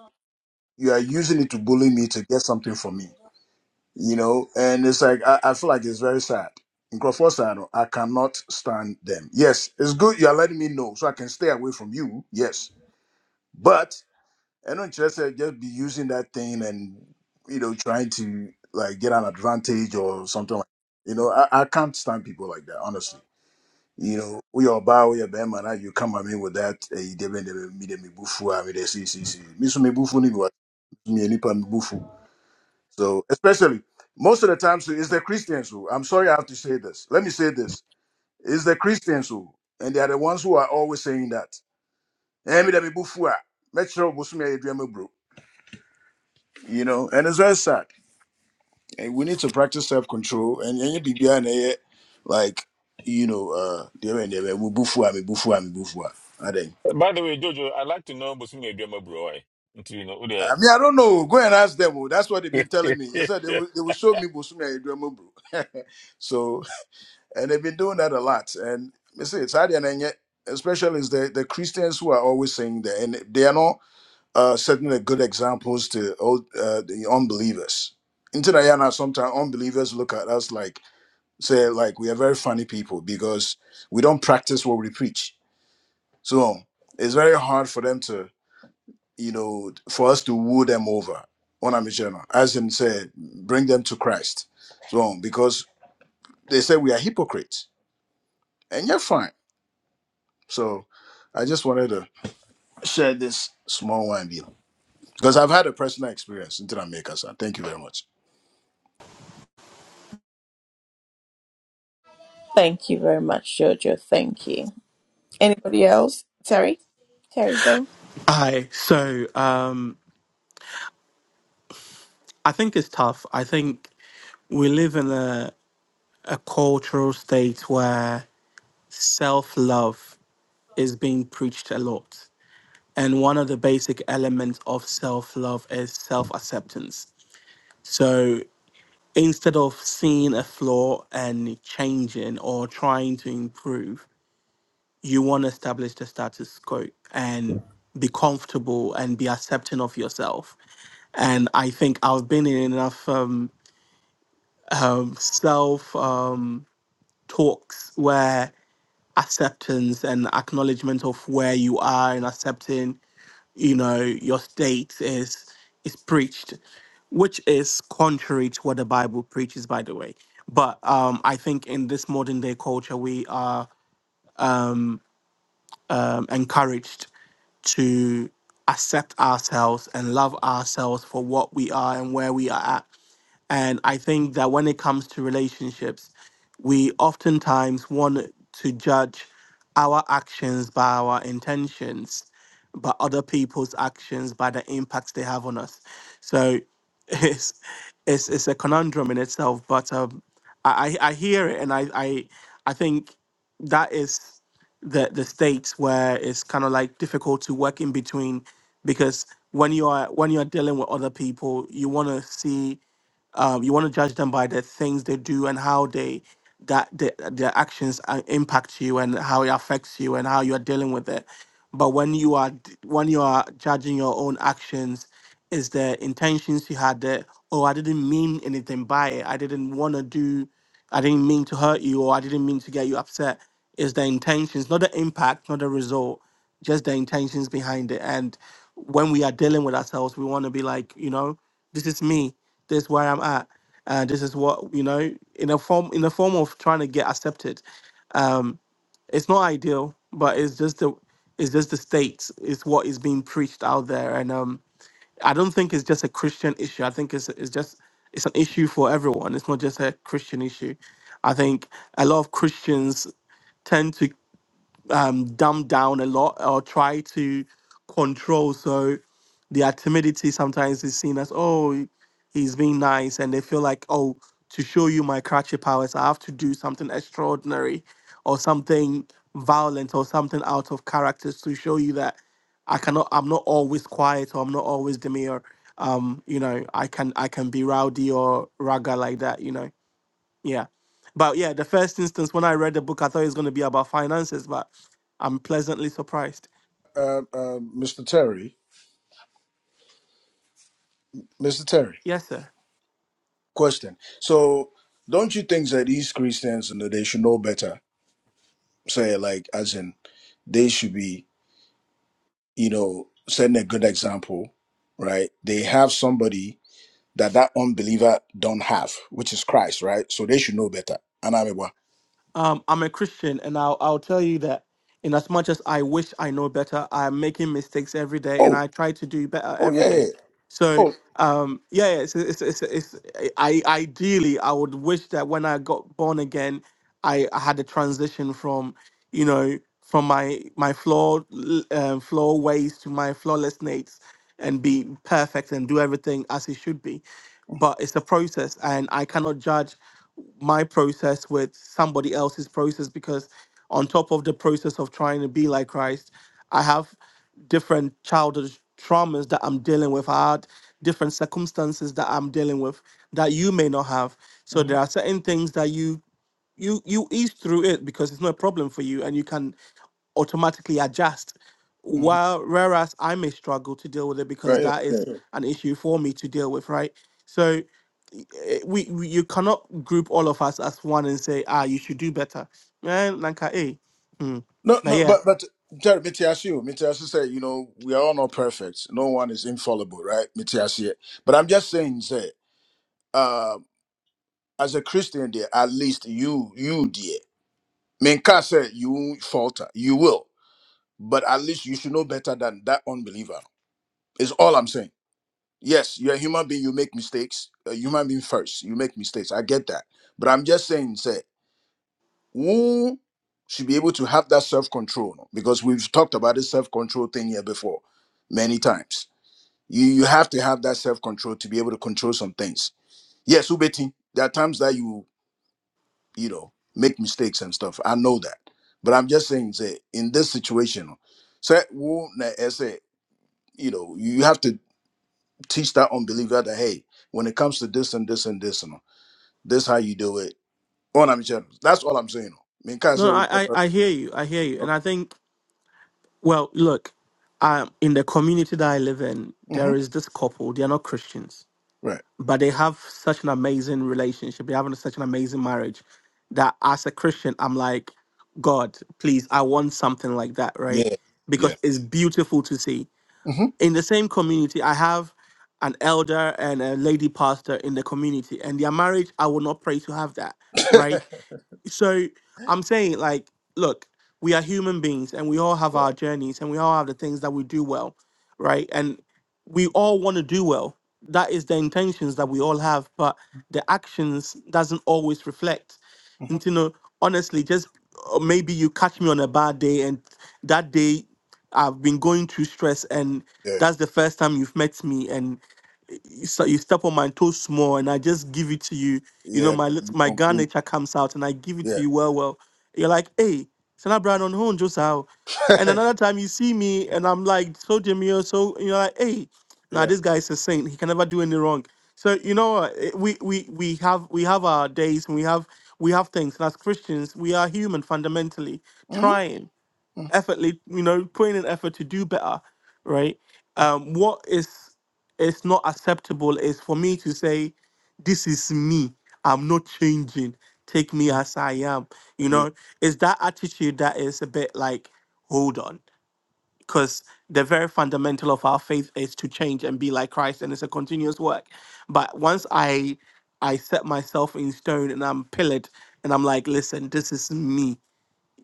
S8: you are using it to bully me to get something from me, you know. And it's like I, I feel like it's very sad. In Crawford side, I cannot stand them. Yes, it's good you are letting me know so I can stay away from you. Yes, but I don't just say just be using that thing and you know trying to like get an advantage or something like. You know, I, I can't stand people like that, honestly. you know we woyɛ ɔbaa woyɛ bɛrima Now you come at me with that ɛyi deɛ bɛn deɛ mi de mi bu fu a mi de siisii mi so mi bu fu ni mi wa mi yɛ nipa mi bu fu so especially most of the time so it's the christians who i'm sorry i have to say this let me say this it's the christians who and they are the ones who are always saying that ɛyɛ mi de mi bu fu a mɛkyerɛ o bosom yɛ eduama bro you know and it's very sad and we need to practice self control and ɛnyɛ biribi a na ɛyɛ like you know uh deɛ bɛn deɛ bɛn mi bu fu a mi bu fu a mi bu fu a
S2: By the way, Jojo, I'd like to know Bosunye Adema bro. eh? Until you know who the-
S8: I mean, I don't know. Go and ask them. oh. That's what they've been telling me. I said they will, they will show me Bosumi and Idwema, bro. so, and they've been doing that a lot. And me say it's hard and yet, especially is the, the Christians who are always saying that, and they are not uh, setting the good examples to all, uh, the unbelievers. In Tadayana, sometimes unbelievers look at us like say like we are very funny people because we don't practice what we preach. So it's very hard for them to you know, for us to woo them over ona a as in said, bring them to Christ. So because they say we are hypocrites, and you're fine. So I just wanted to share this small one you because I've had a personal experience in Jamaica. Sir, thank you very much,
S1: Thank you very much, Jojo. Thank you. Anybody else? Terry? Terry, go.
S7: hi. So, um, I think it's tough. I think we live in a a cultural state where self love is being preached a lot. And one of the basic elements of self love is self acceptance. So instead of seeing a flaw and changing or trying to improve, you want to establish the status quo and be comfortable and be accepting of yourself. And I think I've been in enough um, self um, talks where acceptance and acknowledgement of where you are and accepting you know your state is is preached which is contrary to what the bible preaches by the way but um i think in this modern day culture we are um, encouraged to accept ourselves and love ourselves for what we are and where we are at and I think that when it comes to relationships, we oftentimes want to judge our actions by our intentions, but other people's actions by the impacts they have on us. So it's it's, it's a conundrum in itself, but um, I, I I hear it and I, I I think that is the the states where it's kind of like difficult to work in between because when you are when you're dealing with other people, you want to see um, you want to judge them by the things they do and how they that the, their actions uh, impact you and how it affects you and how you are dealing with it but when you are d- when you are judging your own actions is the intentions you had there? oh i didn't mean anything by it i didn't want to do I didn't mean to hurt you or I didn't mean to get you upset. It's the intentions, not the impact, not the result, just the intentions behind it. And when we are dealing with ourselves, we want to be like, you know, this is me, this is where I'm at. And this is what, you know, in a form in a form of trying to get accepted. Um, it's not ideal, but it's just the it's just the state. It's what is being preached out there. And um I don't think it's just a Christian issue. I think it's it's just it's an issue for everyone. It's not just a Christian issue. I think a lot of Christians tend to um, dumbed down a lot or try to control. So their timidity sometimes is seen as, oh, he's being nice. And they feel like, oh, to show you my crotchet powers, I have to do something extraordinary or something violent or something out of character to show you that I cannot, I'm not always quiet or I'm not always demure. Um, you know, I can I can be rowdy or raga like that, you know. Yeah. But yeah, the first instance when I read the book, I thought it was going to be about finances, but I'm pleasantly surprised.
S8: uh, uh, Mr. Terry. Mr. Terry,
S7: Yes, sir.
S8: question. So don't you think that these Christians, you know, they should know better? Say like, as in, they should be. you know, setting a good example, right? They have somebody that that unbeliever don't have, which is Christ, right? So they should know better. And I'm like,
S7: Um, I'm a Christian, and I'll, I'll tell you that in as much as I wish I know better, I'm making mistakes every day, and
S8: oh,
S7: I try to do better
S8: oh
S7: every
S8: yeah, yeah. yeah.
S7: day. So,
S8: oh,
S7: um, yeah, yeah, it's, it's, it's, it's, I, ideally, I would wish that when I got born again, I, I had a transition from you know, from my my flawed l- um, flaw ways to my flawless nates, and be perfect and do everything as it should be. But it's a process, and I cannot judge my process with somebody else's process because on top of the process of trying to be like Christ, I have different childhood traumas that I'm dealing with. I had different circumstances that I'm dealing with that you may not have. So
S8: hmm
S7: there are certain things that you you you ease through it because it's not a problem for you and you can automatically adjust
S8: hmm
S7: while whereas i may struggle to deal with it because
S8: right, yeah,
S7: that
S8: yeah,
S7: is
S8: yeah.
S7: an issue for me to deal with right so y- eh, we, we you cannot group all of us as one and say ah you should do better Eh, nanka, eh. Hmm.
S8: No,
S7: but
S8: no,
S7: yeah
S8: but but Jerry, Mitiasio, Mitiasio said, you know, we are all not perfect. No one is infallible, right? Mitiasio. But I'm just saying, say, uh, as a Christian, there, at least you, you, dear, Menka said, you won't falter, you will. but at least you should know better than that unbeliever is all i'm saying yes you're a human being you make mistakes a human being first you make mistakes i get that but i'm just saying say who should be able to have that self-control no? because we've talked about this self-control thing here before many times you you have to have that self-control to be able to control some things yes ubeti there are times that you you know make mistakes and stuff i know that but i'm just saying say in this situation say sɛ na ɛsɛ you know you have to teach that unbeliever that hey when it comes to this and this and this and this how you do it on I'm channels that's all I'm saying I mean kind
S7: no I,
S8: of
S7: I i hear you i hear you and i think well look um in the community that i live in
S8: mm-hmm.
S7: there is this couple they are not christians
S8: right
S7: but they have such an amazing relationship. They're having such an amazing marriage that as a Christian, I'm like, God, please, I want something like that, right?
S8: yeah yeah
S7: Because it's beautiful to see.
S8: hmm
S7: In the same community, I have an elder and a lady pastor in the community, and their marriage, I will not pray to have that, right? so I'm saying like, look, we are human beings and we all have our
S8: right
S7: journeys and we all have the things that we do well, right? And we all want to do well. That is the intentions that we all have, but the actions doesn't always reflect.
S8: hmm
S7: And you know, honestly, just or maybe you catch me on a bad day and that day I've been going through stress and
S8: yeah
S7: that's the first time you've met me and you st- you step on my toes small and I just give it to you. You know,
S8: yeah
S7: my lit-
S8: you
S7: my Ghana
S8: complete
S7: nature comes out and I give it to
S8: yeah
S7: you well, well. You're like, hey, Sana Brown on home, just how. And another time you see me and I'm like, so Jimmy, you so, and you're like, hey, now
S8: yeah
S7: this guy is a saint. He can never do any wrong. So you know, what, eh, we we we have we have our days and we have we have things. And as Christians, we are human fundamentally,
S8: hmm
S7: trying effortly, you know, putting in effort to do better, right? Um, what is is not acceptable is for me to say, this is me. I'm not changing. Take me as I am. You
S8: yeah
S7: know, it's that attitude that is a bit like, hold on, because the very fundamental of our faith is to change and be like Christ, and it's a continuous work. But once I I set myself in stone and I'm pillared, and I'm like, listen, this is me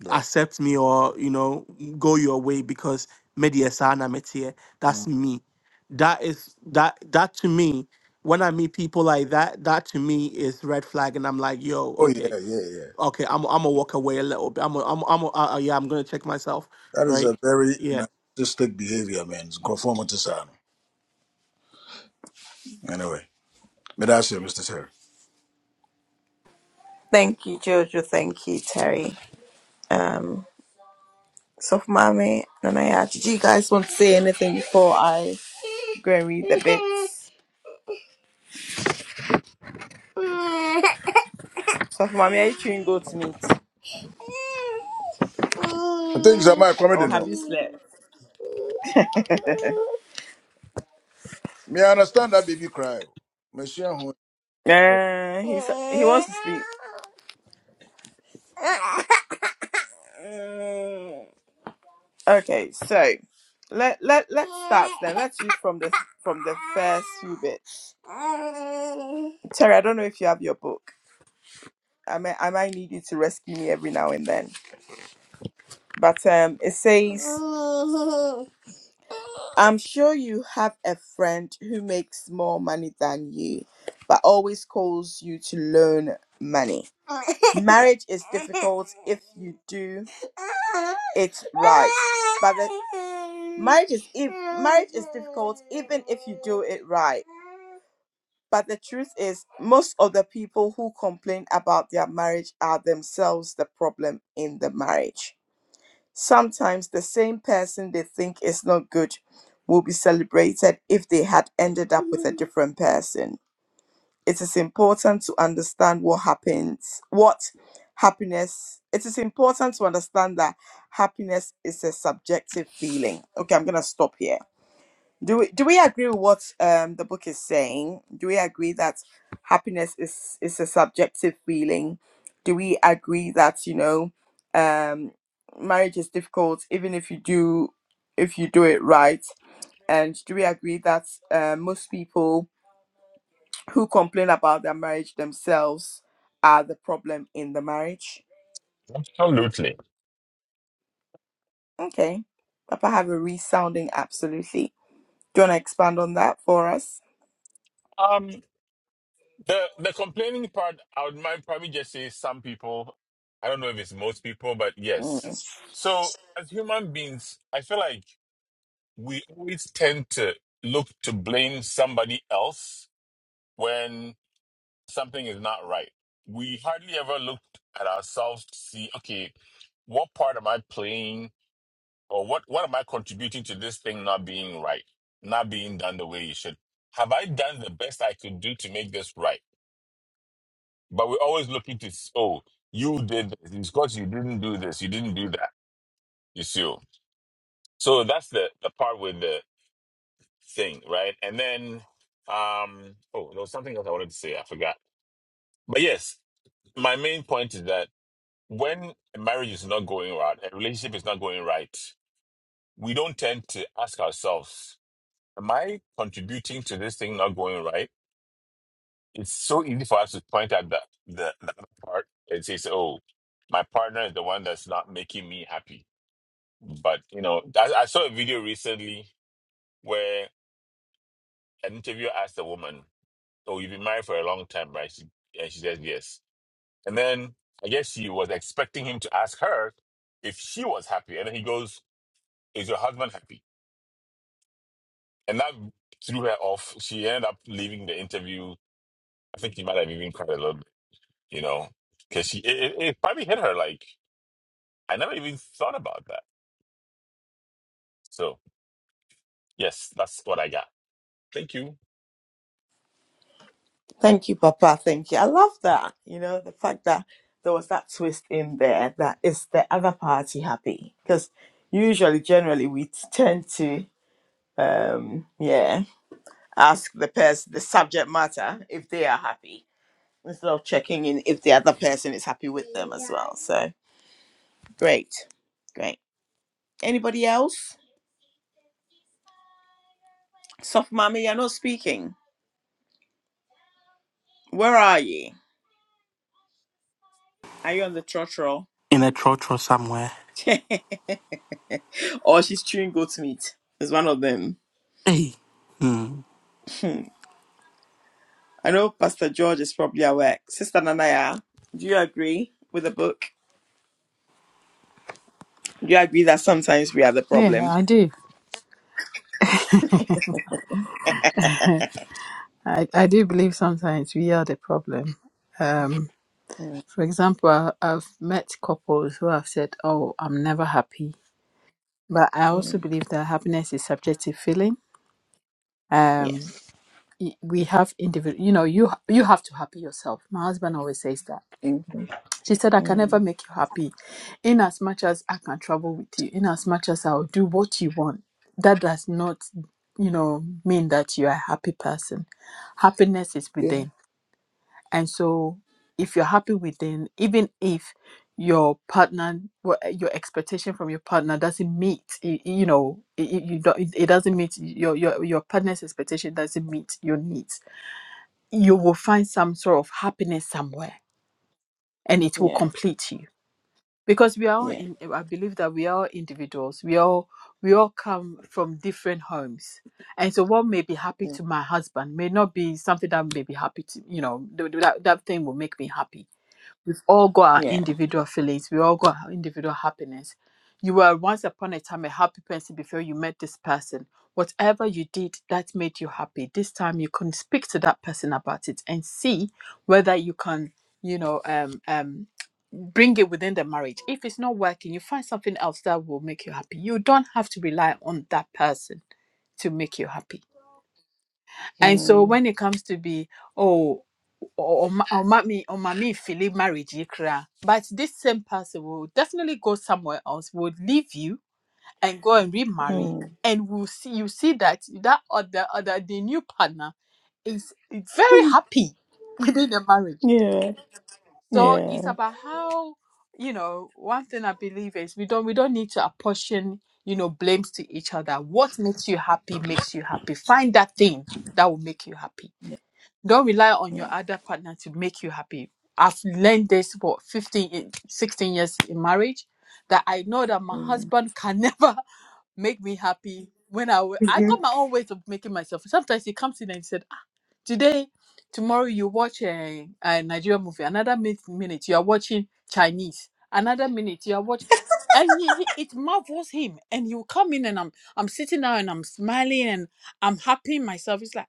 S8: right
S7: accept me or you know go your way because mediasana metie that's
S8: Mm.
S7: me that is that that to me when i meet people like that that to me is red flag and i'm like yo
S8: oh yeah
S7: okay
S8: yeah yeah
S7: okay i'm i'm gonna walk away a little bit i'm a, i'm a, I'm a, uh, yeah i'm gonna check myself
S8: that is
S7: right
S8: a very
S7: yeah
S8: narcissistic behavior man It's conformity sir. anyway may I say Mr. Terry
S1: Thank you, Jojo. Thank you, Terry. Um. So for Mami and I did you guys want to say anything before I go and read the bits? So for Mami, are you chewing goat's meat?
S8: I think it's my comedy
S1: Or
S8: no
S1: have you slept?
S8: Me understand that baby cry. Monsieur, what
S1: uh, he's, he wants to sleep. Okay, so let let let's start then. Let's read from the from the first few bits. Terry, I don't know if you have your book. I may I might need you to rescue me every now and then. But um it says I'm sure you have a friend who makes more money than you, but always calls you to loan money. Marriage is difficult if you do it right. But the marriage is if marriage is difficult even if you do it right. But the truth is, most of the people who complain about their marriage are themselves the problem in the marriage. Sometimes the same person they think is not good will be celebrated if they had ended up with a different person. It is important to understand what happens, what happiness. It is important to understand that happiness is a subjective feeling. Okay, I'm going to stop here do we do we agree with what um the book is saying? Do we agree that happiness is is a subjective feeling? Do we agree that you know um marriage is difficult even if you do if you do it right? And do we agree that uh, most people who complain about their marriage themselves are the problem in the marriage?
S2: Absolutely.
S1: Okay, Papa have a resounding absolutely. Do you want to expand on that for us?
S2: Um the the complaining part, I would might probably just say some people. I don't know if it's most people, but yes.
S1: Mm.
S2: So as human beings, I feel like we always tend to look to blame somebody else when something is not right. We hardly ever look at ourselves to see, okay, what part am I playing or what, what am I contributing to this thing not being right, not being done the way it should? Have I done the best I could do to make this right? But we're always looking to, s- oh, you did this. It's because you didn't do this. You didn't do that. You see? oh. So that's the, the part with the thing, right? And then, um, oh, there was something else I wanted to say. I forgot. But yes, my main point is that when a marriage is not going right, a relationship is not going right, we don't tend to ask ourselves, am I contributing to this thing not going right? It's so easy for us to point at the, the, the other part and say, "So, oh, my partner is the one that's not making me happy. But, you know, I, I saw a video recently where an interviewer asked a woman, oh, you've been married for a long time, right? She, and she says yes. And then I guess she was expecting him to ask her if she was happy. And then he goes, is your husband happy? And that threw her off. She ended up leaving the interview. I think he might have even cried a little bit, you know, because she, it, it it probably hit her like, I never even thought about that. So yes, that's what I got. Thank you.
S1: Thank you, Papa. Thank you. I love that. You know, the fact that there was that twist in there that is the other party happy. Because usually, generally, we t- tend to, um, yeah, ask the person, the subject matter, if they are happy instead of checking in if the other person is happy with them as well. So great, great. Anybody else? Soft mommy, you're not speaking. Where are you? Are you on the trotro?
S7: in a trotro somewhere
S1: or she's chewing goat's meat. It's one of them.
S7: hey hmm.
S1: Hmm. I know Pastor George is probably at work. Sister Nanaya, do you agree with the book? Do you agree that sometimes we are the
S6: Yeah,
S1: problem?
S6: I do. I, I do believe sometimes we are the problem. Um,
S1: Mm,
S6: for example, I- I've met couples who have said, "Oh, I'm never happy," but I also
S1: mm,
S6: believe that happiness is subjective feeling. Um,
S1: yes.
S6: y- we have individual. You know, you you have to happy yourself. My husband always says that.
S1: Mhm.
S6: She said, I can never
S1: Mm,
S6: make you happy. In as much as I can travel with you, in as much as I'll do what you want, that does not, you know, mean that you are a happy person. Happiness is
S1: Yeah.
S6: within. And so if you're happy within, even if your partner, wha- your expectation from your partner doesn't meet, y- you know, y- y- you don't, it doesn't meet your, your, your partner's expectation doesn't meet your needs, you will find some sort of happiness somewhere and it will
S1: yeah.
S6: complete you because we are all
S1: Yeah.
S6: in i believe that we are all individuals we all we all come from different homes and so what may be happy
S1: Yeah.
S6: to my husband may not be something that may be happy to you know th- th- that, that thing will make me happy We've all got our
S1: Yeah.
S6: individual feelings. We all got our individual happiness. You were once upon a time a happy person before you met this person. Whatever you did that made you happy, this time you can speak to that person about it and see whether you can, you know, um, um, bring it within the marriage. If it's not working, you find something else that will make you happy. You don't have to rely on that person to make you happy and so
S1: Mm,
S6: when it comes to be, oh, or mommy or mommy feeling marriage you but this same person will definitely go somewhere else will leave you and go and remarry
S1: mm.
S6: and we'll see you see that that other other the new partner is very happy within the marriage
S1: yeah.
S6: so
S1: Yeah.
S6: it's about how you know one thing i believe is we don't we don't need to apportion you know blames to each other what makes you happy makes you happy find that thing that will make you happy don't rely on your
S1: Yeah.
S6: other partner to make you happy i've learned this for 15 eh, 16 years in marriage that i know that my
S1: Mm,
S6: husband can never make me happy when i w- i got my own ways of making myself sometimes he comes in and he said ah, today tomorrow you watch a, a nigerian movie another min- minute you are watching chinese another minute you are watching and he, he it marvels him and he will come in and i'm i'm sitting down and i'm smiling and i'm happy myself it's like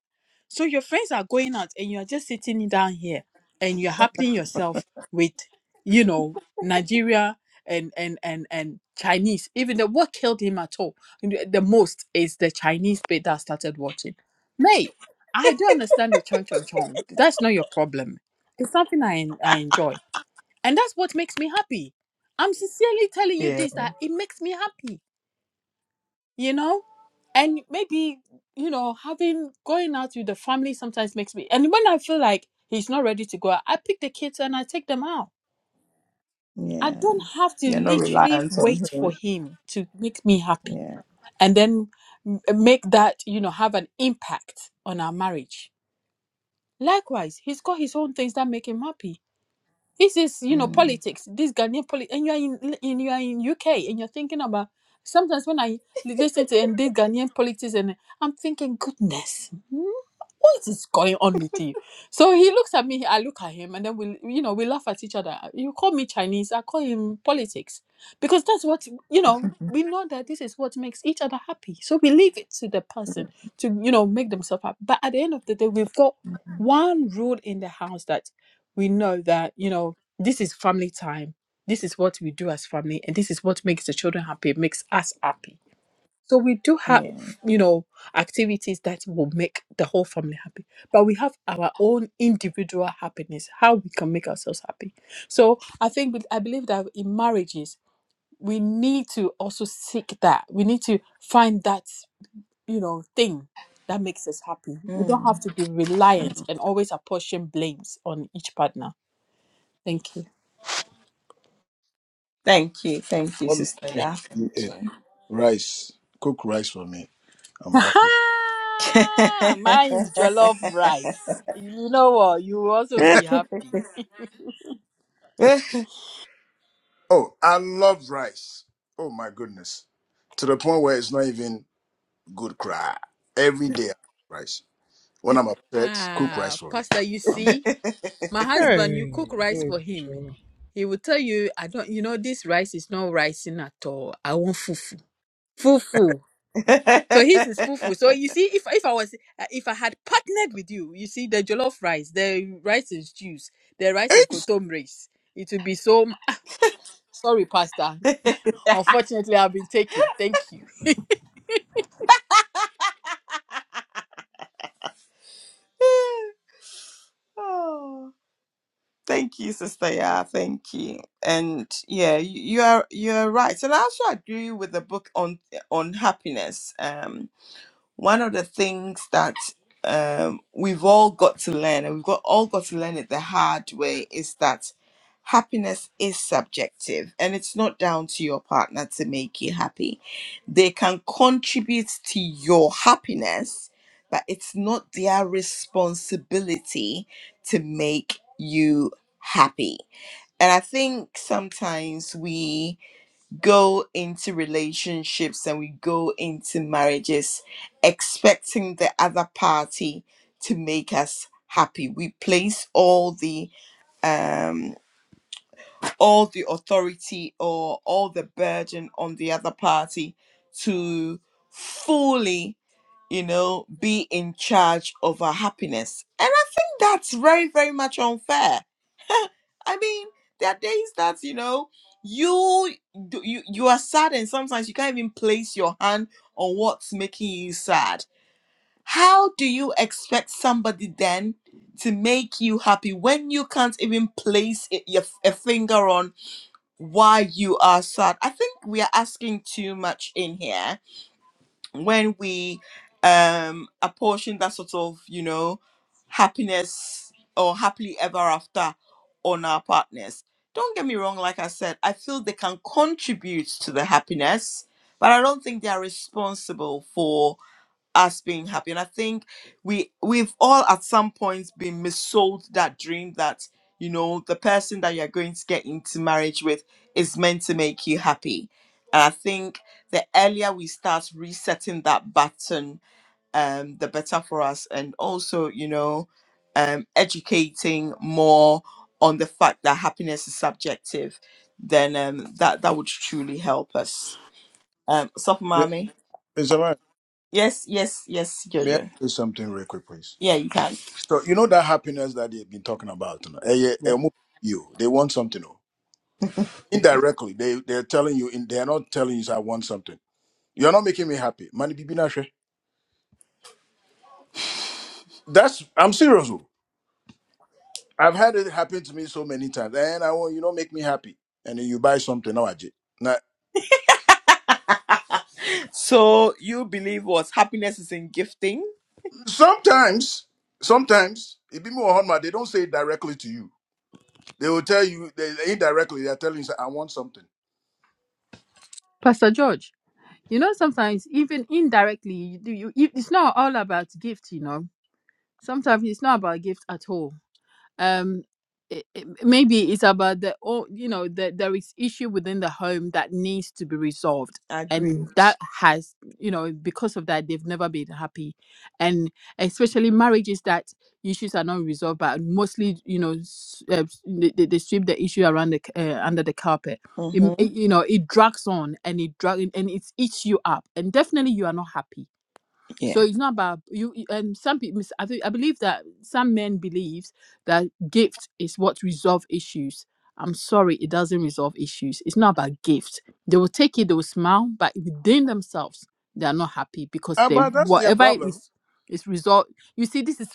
S6: so your friends are going out and you're just sitting down here and you're happying yourself with, you know, Nigeria and and and and Chinese. Even the what killed him at all the the most is the Chinese bit that I started watching. Mate, I do understand the chon chon chon. That's not your problem. It's something I en- I enjoy. And that's what makes me happy. I'm sincerely telling you
S1: Yeah.
S6: this that it makes me happy you know and maybe you know having going out with the family sometimes makes me and when i feel like he's not ready to go out i pick the kids and i take them out i
S1: yeah.
S6: don't have to
S1: You're not
S6: literally
S1: reliant on
S6: wait for
S1: him.
S6: him to make me happy
S1: Yeah.
S6: and then m- make that you know have an impact on our marriage likewise he's got his own things that make him happy this is you know
S1: Mm,
S6: politics this ghanaian politics and you're in, in you're in uk and you're thinking about sometimes when i li- listen to and this ghanaian politics and i'm thinking goodness hmm, what is going on with you so he looks at me i look at him and then we you know we laugh at each other you call me chinese i call him politics because that's what you know we know that this is what makes each other happy so we leave it to the person to you know make themselves happy but at the end of the day we've got one rule in the house that we know that you know this is family time this is what we do as family and this is what makes the children happy makes us happy so we do have
S1: yeah.
S6: you know activities that will make the whole family happy but we have our own individual happiness how we can make ourselves happy so i think with- i believe that in marriages we need to also seek that we need to find that you know thing that makes us happy we don't have
S1: Mm.
S6: to be reliant and always apportion blames on each partner thank you
S1: Thank you. Thank you,
S8: makes
S1: Sister.
S8: me
S1: Yeah.
S8: happy is rice. Cook rice for me. I'm happy.
S1: Thank you.
S6: Aha! Mine is jollof rice. You know what? You will also be happy.
S8: Oh, I love rice. Oh my goodness. To the point where it's not even good cry. Every day I cook rice. When I'm upset, cook rice
S6: Ah,
S8: for me.
S6: Pastor, you
S8: I'm
S6: see, my husband, you
S3: Hey,
S6: cook rice for him.
S3: Jojo.
S6: He will tell you, I don't, you know, this rice is not rising at all. I want fufu. Fufu. So his is fufu. So you see, if if I was, uh, if I had partnered with you, you see, the jollof rice, the rice and stews, the rice
S8: hey,
S6: and kotom rice, it would be so. m- Ah, sorry, Pastor. Unfortunately, I've been taken. Thank you.
S1: oh, thank you, Sister. Yeah, thank you. And yeah, you, you are you are right. And I also agree with the book on on happiness. Um, one of the things that um, we've all got to learn, and we've got all got to learn it the hard way, is that happiness is subjective, and it's not down to your partner to make you happy. They can contribute to your happiness, but it's not their responsibility to make you happy. And I think sometimes we go into relationships and we go into marriages expecting the other party to make us happy we place all the um all the authority or all the burden on the other party to fully you know be in charge of our happiness and i think that's very very much unfair I mean, there are days that you know you do- you you are sad, and sometimes you can't even place your hand on what's making you sad. How do you expect somebody then to make you happy when you can't even place it, your, a finger on why you are sad? I think we are asking too much in here, when we um apportion that sort of you know happiness or happily ever after on our partners don't get me wrong like i said i feel they can contribute to the happiness but i don't think they are responsible for us being happy. And I think we we've all at some points been missold that dream that you know the person that you're going to get into marriage with is meant to make you happy. And I think the earlier we start resetting that button, um, the better for us. And also, you know, um, educating more on the fact that happiness is subjective, then um, that that would truly help us. Um, Sophomami.
S8: Mr. Man,
S1: Yes, yes, yes,
S8: may I
S1: Jojo.
S8: say something real quick, please?
S1: Yeah, you can.
S8: So you know that happiness that they've been talking about, you know, eh, yeah, eh, mo- you, they want something. oh. Indirectly, they they're telling you, in, they're not telling you. I want something. You're not making me happy. Money bibi na hwɛ. That's I'm serious. oh. I've had it happen to me so many times. And I want you don't make me happy. And then you buy something now. Ajay. Now
S1: so you believe what happiness is in gifting?
S8: sometimes, sometimes it be more hard, man, they don't say it directly to you. They will tell you they they indirectly, they're telling you say, I want something.
S6: Pastor George, you know, sometimes even indirectly, you, you, it's not all about gift, you know. Sometimes it's not about gift at all um it, it- maybe it's about the oh you know that there is issue within the home that needs to be resolved
S1: Agree.
S6: and that has you know because of that they've never been happy and especially marriages that issues are not resolved but mostly you know s- uh, s- they, they they sweep the issue around the c- uh, under the carpet it, m-
S1: Mm-hmm.
S6: it- you know it drags on and it drag and it's eats you up and definitely you are not happy so
S1: Yeah.
S6: it's not about you. you- Um, some people, I, think, I believe that some men believes that gift is what resolve issues. I'm sorry, it doesn't resolve issues. It's not about gift. They will take it, they will smile, but within themselves, they are not happy because
S8: Ah,
S6: they
S8: but that's their
S6: whatever it
S8: problem.
S6: is is result. You see, this is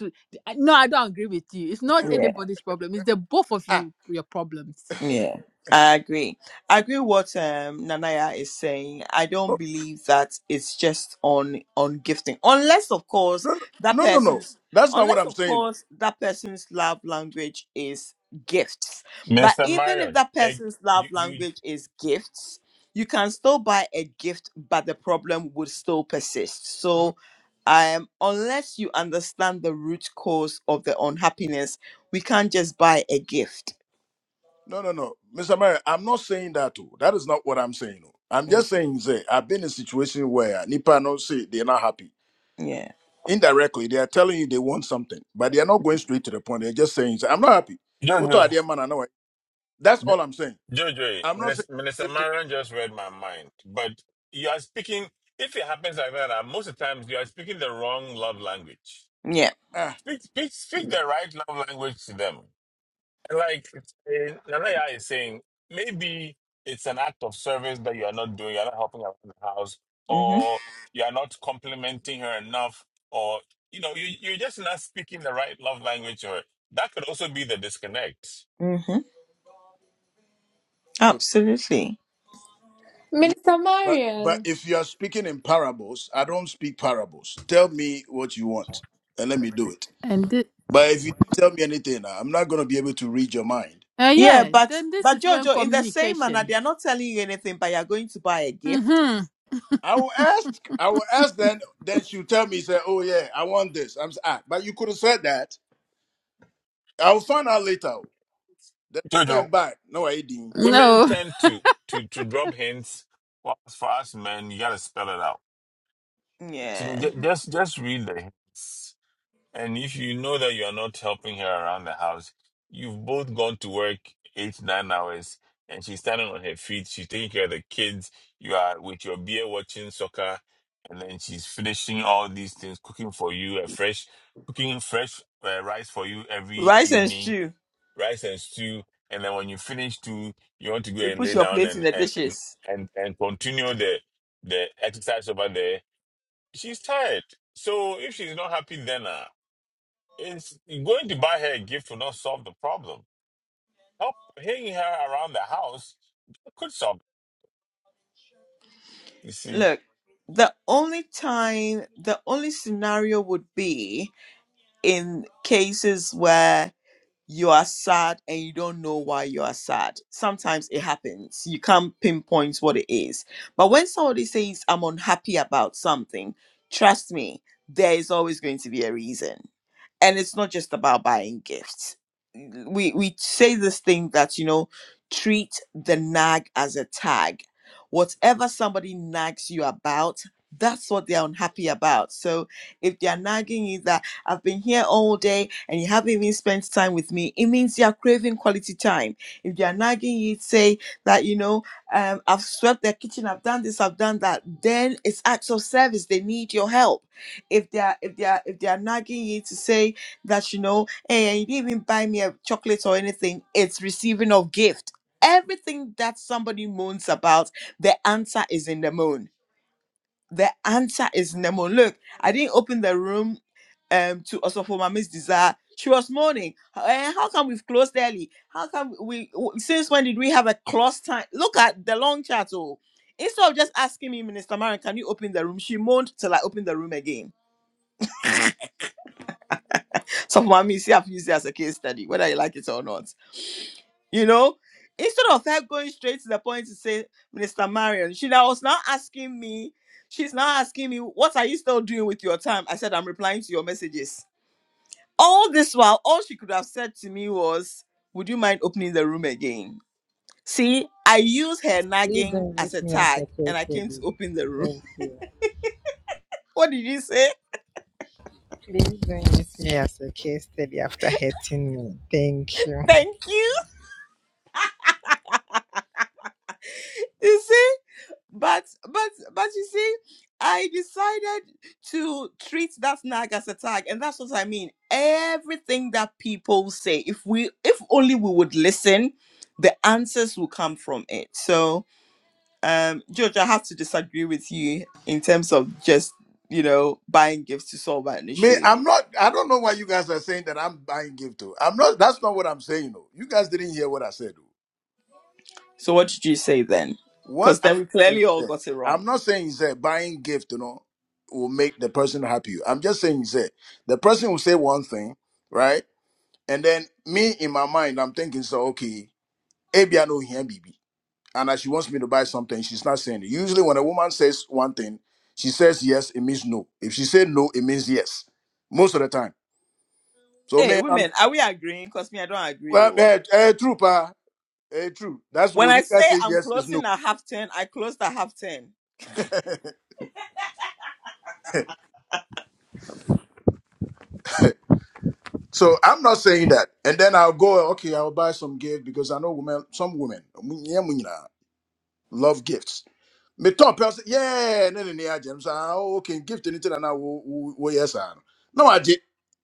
S6: I- no, I don't agree with you. It's not anybody's problem. It's the both of
S8: Ah
S6: you your problems.
S1: Yeah, I agree. I agree what um Nanaya is saying. I don't
S8: oh,
S1: believe that it's just on on gifting, unless of course
S8: no
S1: that
S8: no no no. no.
S1: person's
S8: That's not what
S1: unless
S8: I'm
S1: of
S8: saying.
S1: course that person's love language is gifts. But
S2: Mr.
S1: even if
S2: Marion,
S1: that
S2: eh,
S1: person's love
S2: you, you,
S1: language is gifts, you can still buy a gift, but the problem would still persist.
S8: Oh.
S1: So. Um, unless you understand the root cause of the unhappiness, we can't just buy a gift.
S8: No, no, no. Mr. Mayor, I'm not saying that too. That is not what I'm saying. oh. I'm
S1: Mm,
S8: just saying, say, I've been in a situation where Nipa not say they're not happy.
S1: Yeah.
S8: Indirectly, they are telling you they want something, but they are not going straight to the point. They're just saying, say, I'm not happy.
S2: you don't
S8: What are
S2: know.
S8: they, man? I know it. That's all I'm saying.
S2: Jojo,
S8: I'm not saying
S2: Minister, Minister
S8: if they,
S2: Marion just read my mind. But you are speaking, if it happens like that, uh, most of the times you are speaking the wrong love language.
S1: Yeah.
S8: ah,
S2: Speak, speak, speak the right love language to them. And like eh, Nanaya is saying, maybe it's an act of service that you are not doing. You're not helping around the house,
S1: hmm
S2: or you are not complimenting her enough, or you know, you, you're just not speaking the right love language. Or that could also be the disconnect.
S1: hmm
S8: okay,
S1: Absolutely.
S8: yeah.
S5: Minister
S8: But but
S5: Marion,
S8: if you are speaking in parables, I don't speak parables. Tell me what you want and let me do it.
S6: And thi-
S8: But if you don't tell me anything, I'm not going to be able to read your mind
S6: uh,
S1: Yeah,
S6: yeah,
S1: but
S6: then this
S1: but
S6: is when
S1: Jojo, in the same manner,
S6: communication.
S1: they are not telling you anything, but you are going to buy a gift.
S6: Mm-hmm.
S8: I will ask. I will ask then that you tell me, say, oh yeah, I want this. I'm s- ah, but you could have said that. I'll find out later. Then I go
S2: Jojo,
S8: and buy. No, I didn't.
S2: women
S6: No.
S2: tend to to to drop hints. Whilst for us men, you gotta spell it out. To-
S1: Yeah.
S2: ju- Just just read the hints, and if you know that you are not helping her around the house, you've both gone to work eight nine hours, and she's standing on her feet. She's taking care of the kids. You are with your beer watching soccer, and then she's finishing all these things, cooking for you a fresh, cooking fresh uh, rice for you every
S1: Rice and
S2: evening
S1: stew.
S2: rice and stew, and then when you finish two, you want to go
S1: You
S2: and
S1: put
S2: lay
S1: your
S2: down
S1: plate in
S2: and
S1: the
S2: and and
S1: dishes.
S2: and, and continue the the exercise over there. She's tired, so if she's not happy, then uh, it's going to buy her a gift will not solve the problem. Help hanging her around the house could solve. It, you see,
S1: Look, the only time, the only scenario would be in cases where you are sad and you don't know why you are sad. Sometimes it happens. You can't pinpoint what it is. But when somebody says, I'm unhappy about something, trust me, there is always going to be a reason and it's not just about buying gifts we we say this thing that you know treat the nag as a tag whatever somebody nags you about that's what they're unhappy about so if they're nagging you that i've been here all day and you haven't even spent time with me it means you're craving quality time if they're nagging you say that you know um, i've swept their kitchen i've done this i've done that then it's acts of service they need your help if they're if they're if they're nagging you to say that you know, hey, you didn't even buy me a chocolate or anything. It's receiving of gift. Everything that somebody moans about, the answer is in the moon. The answer is in the moon. Look, I didn't open the room um to also for my Miss Desire. She was moaning. "Eh, how come we've closed early? How come we w- since when did we have a close time? Look at the long chat. Oh, instead of just asking me, Minister Marion, can you open the room? She moaned till I opened the room again Some mummies have used it as a case study, whether you like it or not. You know, instead of her going straight to the point to say, Minister Marion, she now was now asking me, she's now asking me, what are you still doing with your time? I said, I'm replying to your messages. All this while, all she could have said to me was, Would you mind opening the room again? See, I used her
S3: Please
S1: nagging
S3: don't
S1: as a
S3: use me as
S1: tag
S3: a
S1: and
S3: case
S1: I came to
S3: study.
S1: open the room.
S3: Thank you.
S1: What did you say?
S3: Please don't use me as a case study after hurting me. Thank you.
S1: Thank you. You see? But but but you see, I decided to treat that snag as a tag, and that's what I mean. Everything that people say, if we if only we would listen, the answers will come from it. So um George, I have to disagree with you in terms of just, you know, buying gifts to solve an
S8: Me,
S1: issue.
S8: I'm not I don't know why you guys are saying that I'm buying gift to. I'm not that's not what I'm saying though. You guys didn't hear what I said though.
S1: So what did you say then?
S8: What
S1: Because
S8: I'm
S1: then we
S8: saying is
S1: clearly all
S8: that
S1: got it wrong.
S8: I'm not saying is that buying gift, you know, will make the person happy. I'm just saying is that the person will say one thing, right? And then me in my mind, I'm thinking, so okay, maybe I know him, and that she wants me to buy something, she's not saying it. Usually, when a woman says one thing, she says yes, it means no. If she said no, it means yes, most of the time. So,
S1: Hey,
S8: man, I'm
S1: women, are we agreeing? Because me, I don't agree.
S8: well,
S1: oh.
S8: eh, eh, true, pa, eh, true. That's
S1: When
S8: when
S1: I
S8: you
S1: say
S8: guys say
S1: I'm
S8: yes it's no.
S1: closing at half ten, I closed at half ten.
S8: so I'm not saying that. And then I'll go, okay, I'll buy some gift because I know women, some women, mu- yeah, mu- nyinaa, love gifts me top person yeah no, no, no, agye so ah oh, okay gift anything and now will wo yes ah no I did.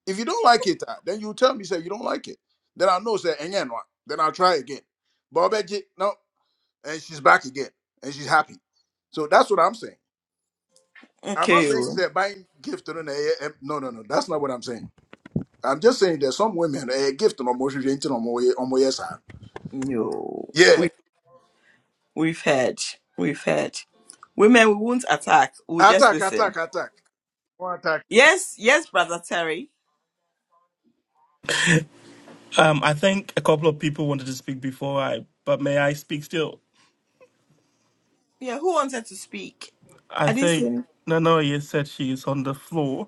S8: if you don't like it ah, then you tell me say you don't like it then i know say enye no then i'll try again but I obegye no and she's back again and she's happy so that's what i'm saying i'm not
S1: Okay.
S8: saying
S1: oh.
S8: say buying gift no na ɛyɛ- ɛm- no no no that's not what i'm saying i'm just saying that some women a gift no mo hwehwɛ nti no mo yɛ ɔmo yes ah
S1: No.
S8: yeah
S1: We we've heard. We've heard. Women we won't attack. We'll just
S8: attack
S1: listen.
S8: attack attack One attack
S1: Yes, yes, brother Terry.
S7: Um, I think a couple of people wanted to speak before I, but may I speak still?
S1: Yeah, who wanted to speak?
S7: I
S1: I didn't see
S7: think
S1: any.
S7: Nanoye said she is on the floor.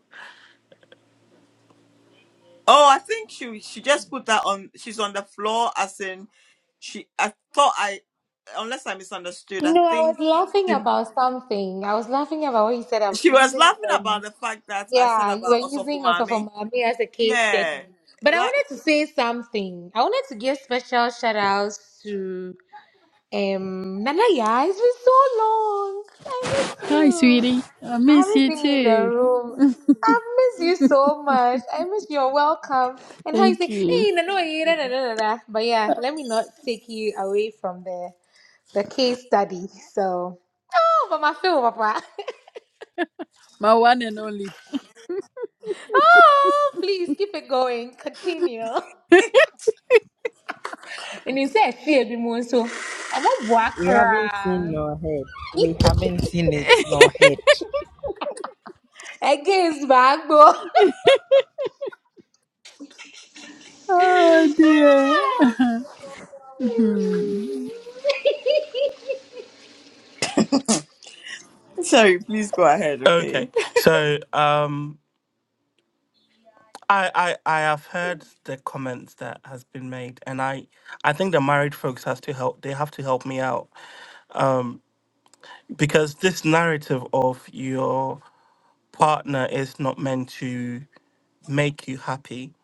S1: Oh, I think she she just put that on she's on the floor as in she I thought I unless I misunderstood,
S5: you
S1: I
S5: know, I was
S1: think
S5: laughing
S1: she
S5: about something. I was laughing about what you said. I'm
S1: she was
S5: using,
S1: laughing about
S5: um,
S1: the fact that I said
S5: yeah, you were
S1: about
S5: using also for
S1: Osofumami.
S5: Miami as a case study.
S1: Yeah.
S5: But I
S1: like.
S5: wanted to say something. I wanted to give special shout outs to um, Nana. Yeah, it's been so long. I miss
S6: Hi,
S5: you.
S6: sweetie. I miss you
S5: Everything in the
S6: too.
S5: room. I miss you so much. I miss your welcome. And how you
S6: Thank
S5: say,
S6: you.
S5: hey, no, no, eh, da, da, da, da, da." But yeah, let me not take you away from the the case study. So, oh, but my feel, Papa.
S6: My one and only.
S5: oh, please keep it going. Continue. And he said, fear be more so. I'm a
S3: We haven't seen
S5: wakra.
S3: no head. We haven't seen it no heard.
S5: Against back, bro.
S6: Oh, dear. Mhm.
S1: Sorry, please go ahead, okay?
S7: Okay, so um, I, I I have heard the comments that has been made, and I I think the married folks has to help. They have to help me out because this narrative of your partner is not meant to make you happy.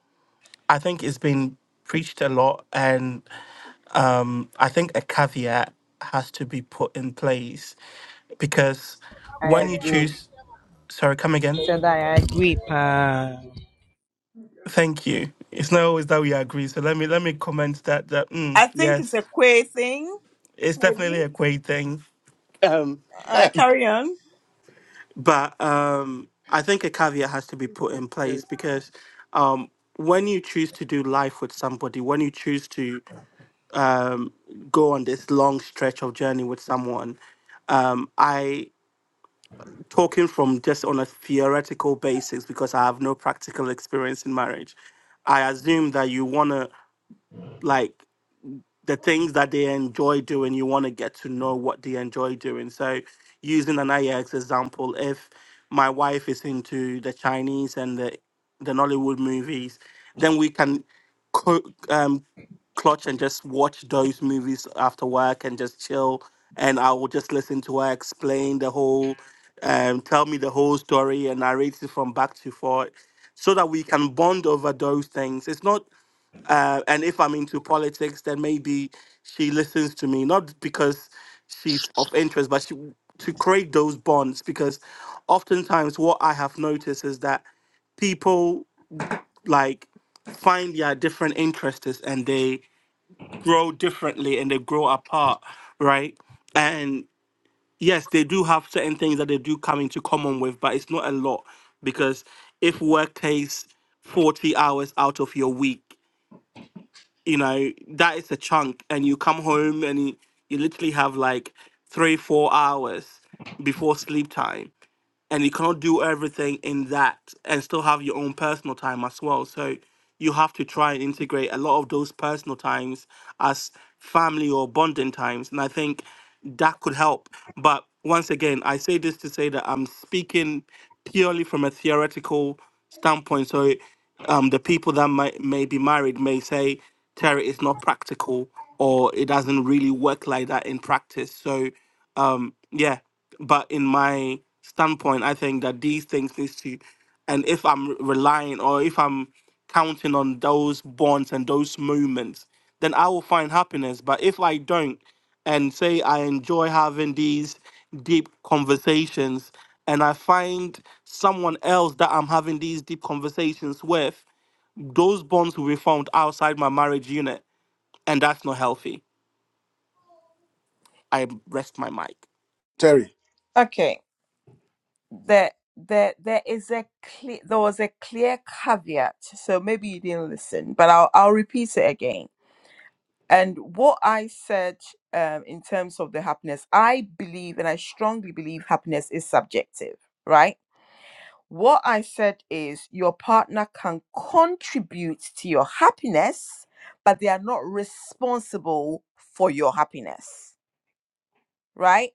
S7: I think it's been preached a lot, and um, I think a caveat has to be put in place because
S3: I
S7: when you
S3: agree.
S7: choose, sorry, come again.
S3: Said I agree, pa.
S7: Thank you. It's not always that we agree. So let me let me comment that that mm,
S1: I think it's
S7: yes,
S1: a queer thing,
S7: it's definitely
S1: maybe.
S7: a great thing. Um,
S1: Uh, carry on.
S7: but um, I think a caveat has to be put in place because um, when you choose to do life with somebody, when you choose to um, go on this long stretch of journey with someone, um, I talking from just on a theoretical basis because I have no practical experience in marriage. I assume that you want to like the things that they enjoy doing, you want to get to know what they enjoy doing. So, using an IEX example, if my wife is into the Chinese and the the Nollywood movies, then we can co- um, clutch and just watch those movies after work and just chill. And I will just listen to her explain the whole, um, tell me the whole story and narrate it from back to forth, so that we can bond over those things. It's not uh, and if I'm into politics, then maybe she listens to me, not because she's of interest, but she, to create those bonds. Because oftentimes, what I have noticed is that people like find their different interests and they grow differently and they grow apart, right? And yes, they do have certain things that they do come into common with, but it's not a lot because if work takes 40 hours out of your week, you know that is a chunk and you come home and you, you literally have like three four hours before sleep time and you cannot do everything in that and still have your own personal time as well. So you have to try and integrate a lot of those personal times as family or bonding times. And I think that could help. But once again, I say this to say that I'm speaking purely from a theoretical standpoint. So um, the people that might may be married may say, Terry, it's not practical or it doesn't really work like that in practice. So um, yeah, but in my standpoint, I think that these things needs to, and if I'm relying or if I'm counting on those bonds and those moments, then I will find happiness. But if I don't, and say I enjoy having these deep conversations, and I find someone else that I'm having these deep conversations with, those bonds will be found outside my marriage unit, and that's not healthy. I rest my mic.
S8: terry
S1: Okay. There, there, there is a clear, there was a clear caveat, so maybe you didn't listen, but I'll, I'll repeat it again. And what I said um, in terms of the happiness, I believe and I strongly believe happiness is subjective, right? What I said is your partner can contribute to your happiness, but they are not responsible for your happiness, right?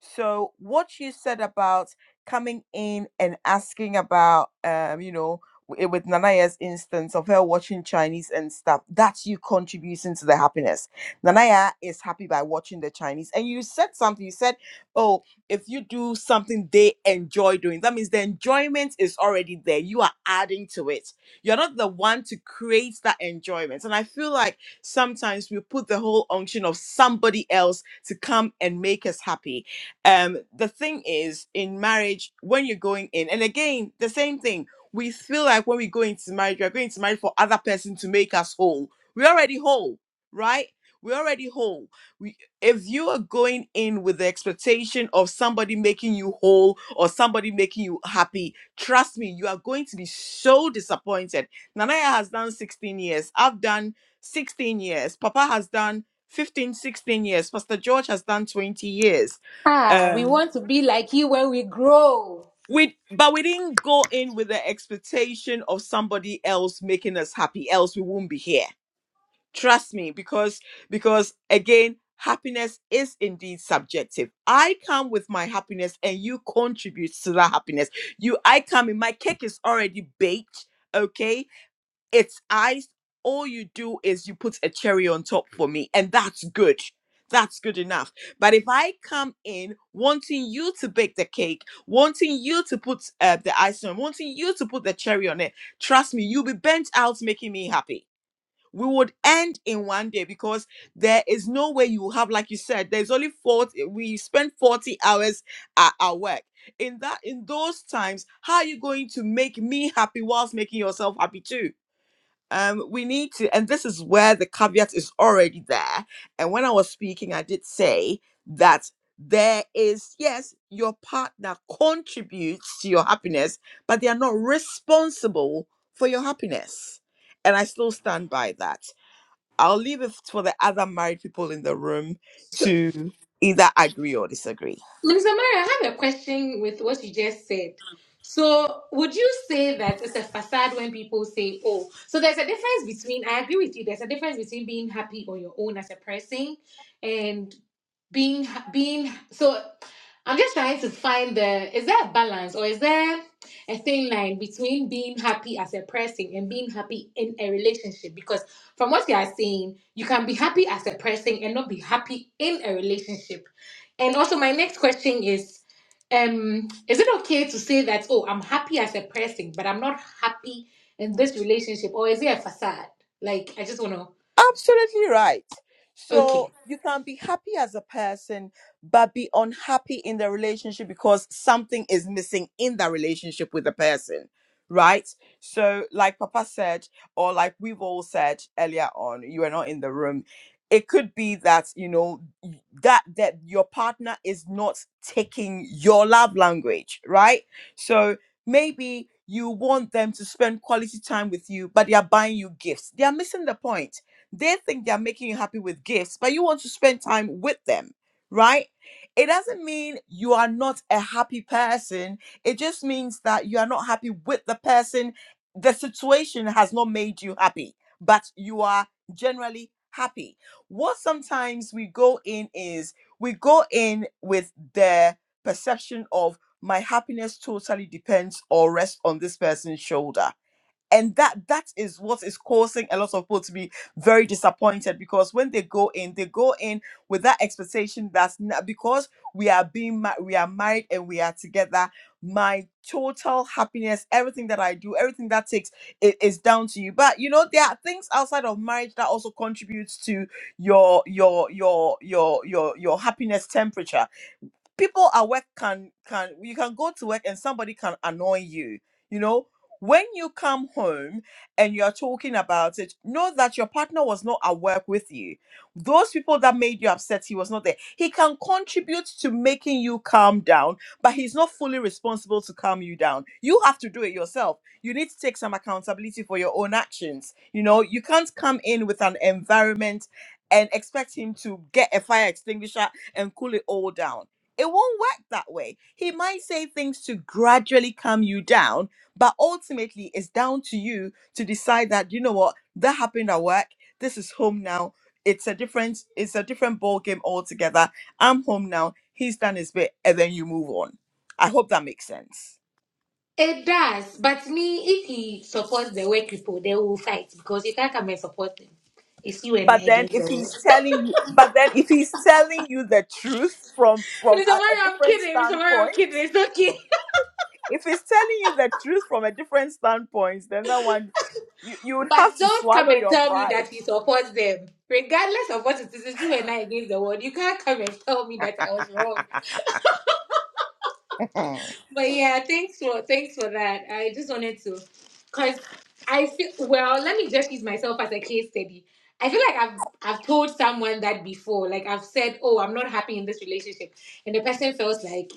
S1: So what you said about coming in and asking about, um, you know, w- eh, with Nanaya's instance of her watching Chinese and stuff, that's you contributing to the happiness. Nanaya is happy by watching the Chinese. And you said something, you said, oh, if you do something they enjoy doing, that means the enjoyment is already there. You are adding to it. You're not the one to create that enjoyment. And I feel like sometimes we put the whole unction of somebody else to come and make us happy um the thing is in marriage when you're going in and again the same thing we feel like when we go into marriage we're going to marriage for other person to make us whole we're already whole right we're already whole we, if you are going in with the expectation of somebody making you whole or somebody making you happy trust me you are going to be so disappointed nanaya has done 16 years i've done 16 years papa has done 15, 16 years pastor george has done 20 years
S5: Ah, we
S1: um
S5: want to be like you when we grow.
S1: we but we didn't go in with the expectation of somebody else making us happy else we won't be here trust me because because again happiness is indeed subjective i come with my happiness and you contribute to that happiness you i come in my cake is already baked okay it's ice. All you do is you put a cherry on top for me, and that's good. That's good enough. But if I come in wanting you to bake the cake, wanting you to put uh, the icing on, wanting you to put the cherry on it, trust me, you'll be bent out making me happy. We would end in one day because there is no way you will have, like you said, there's only 40, we spend 40 hours at our work. In that, in those times, how are you going to make me happy whilst making yourself happy too? um we need to and this is where the caveat is already there and when i was speaking i did say that there is yes your partner contributes to your happiness but they are not responsible for your happiness and i still stand by that i'll leave it for the other married people in the room to either agree or disagree
S5: Minister Maria, I have a question with what you just said. So, would you say that it's a facade when people say, oh, so there's a difference between, I agree with you, there's a difference between being happy on your own as a person and being, being, so I'm just trying to find the, is there a balance or is there a thin line between being happy as a person and being happy in a relationship? Because from what you are saying, you can be happy as a person and not be happy in a relationship. And also, my next question is um, Is it okay to say that, oh, I'm happy as a person, but I'm not happy in this relationship? Or is it a facade? Like, I just want to.
S1: Absolutely right. So
S5: Okay.
S1: you can be happy as a person, but be unhappy in the relationship because something is missing in the relationship with the person, right? So, like Papa said, or like we've all said earlier on, you are not in the room. It could be that you know y- that that your partner is not taking your love language, right? So maybe you want them to spend quality time with you, but they are buying you gifts. They are missing the point they think they're making you happy with gifts, but you want to spend time with them, right? It doesn't mean you are not a happy person. It just means that you are not happy with the person. The situation has not made you happy, but you are generally happy. What sometimes we go in is we go in with the perception of my happiness totally depends or rests on this person's shoulder and that that is what is causing a lot of people to be very disappointed because when they go in they go in with that expectation that's not because we are being ma- we are married and we are together my total happiness everything that i do everything that takes it is down to you but you know there are things outside of marriage that also contributes to your your your your your your happiness temperature people at work can can you can go to work and somebody can annoy you you know when you come home and you're talking about it know that your partner was not at work with you those people that made you upset he was not there he can contribute to making you calm down but he's not fully responsible to calm you down you have to do it yourself you need to take some accountability for your own actions you know you can't come in with an environment and expect him to get a fire extinguisher and cool it all down it won't work that way. He might say things to gradually calm you down, but ultimately it's down to you to decide that you know what that happened at work. This is home now. It's a different it's a different ball game altogether. I'm home now. He's done his bit, and then you move on. I hope that makes sense.
S5: It does. But me, if he supports the work people, they will fight because you can't come and support them. It's you and I
S1: But then
S5: against the
S1: if he's
S5: world.
S1: telling you, but then if he's telling you the truth from from
S5: Mr.
S1: a, a
S5: Mario, I'm
S1: different
S5: kidding. Mr. Mario,
S1: standpoint
S5: I'm kidding. It's okay.
S1: if it's telling you the truth from a different standpoint, then that one you you would
S5: But
S1: have to
S5: don't come
S1: swallow
S5: and
S1: your
S5: tell me
S1: pride.
S5: that he supports them. Regardless of what it is, it's you and I against the world. You can't come and tell me that I was wrong. But yeah, thanks for thanks for that. I just wanted to, cause I feel well. Let me just use myself as a case study. I feel like I've I've told someone that before. Like I've said, oh, I'm not happy in this relationship, and the person felt like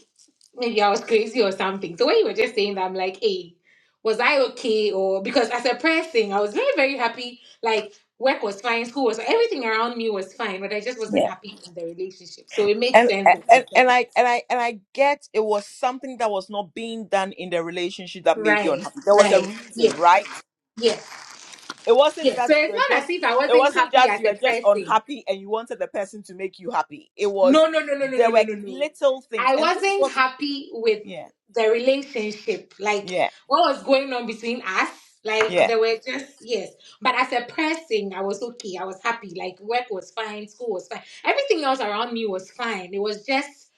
S5: maybe I was crazy or something. So when you were just saying that, I'm like, hey, was I okay? Or because as a person, I was very very happy. Like work was fine, school was everything around me was fine, but I just wasn't
S1: Yeah.
S5: happy in the relationship. So it makes
S1: And,
S5: sense that I
S1: and
S5: said
S1: and
S5: that.
S1: I and I and I get it was something that was not being done in the relationship that made you
S5: Right.
S1: unhappy. There was a
S5: Right. Yeah.
S1: reason, right?
S5: Yeah.
S1: It wasn't
S5: Yes. So
S1: that you
S5: it's
S1: were
S5: not as
S1: just
S5: if I
S1: it
S5: wasn't
S1: wasn't
S5: happy
S1: that
S5: as
S1: you
S5: a
S1: were just
S5: person.
S1: unhappy and you wanted the person to make you happy. It was
S5: No, no, no, no, no,
S1: there
S5: no, no,
S1: were
S5: no, no.
S1: little things,
S5: I
S1: and this is
S5: wasn't
S1: what
S5: happy with
S1: yeah
S5: the relationship. Like
S1: yeah
S5: what was going on between us.
S1: yeah
S5: Like there were just yes. But as a person, I was okay. I was happy. Like work was fine, school was fine. Everything else around me was fine. It was just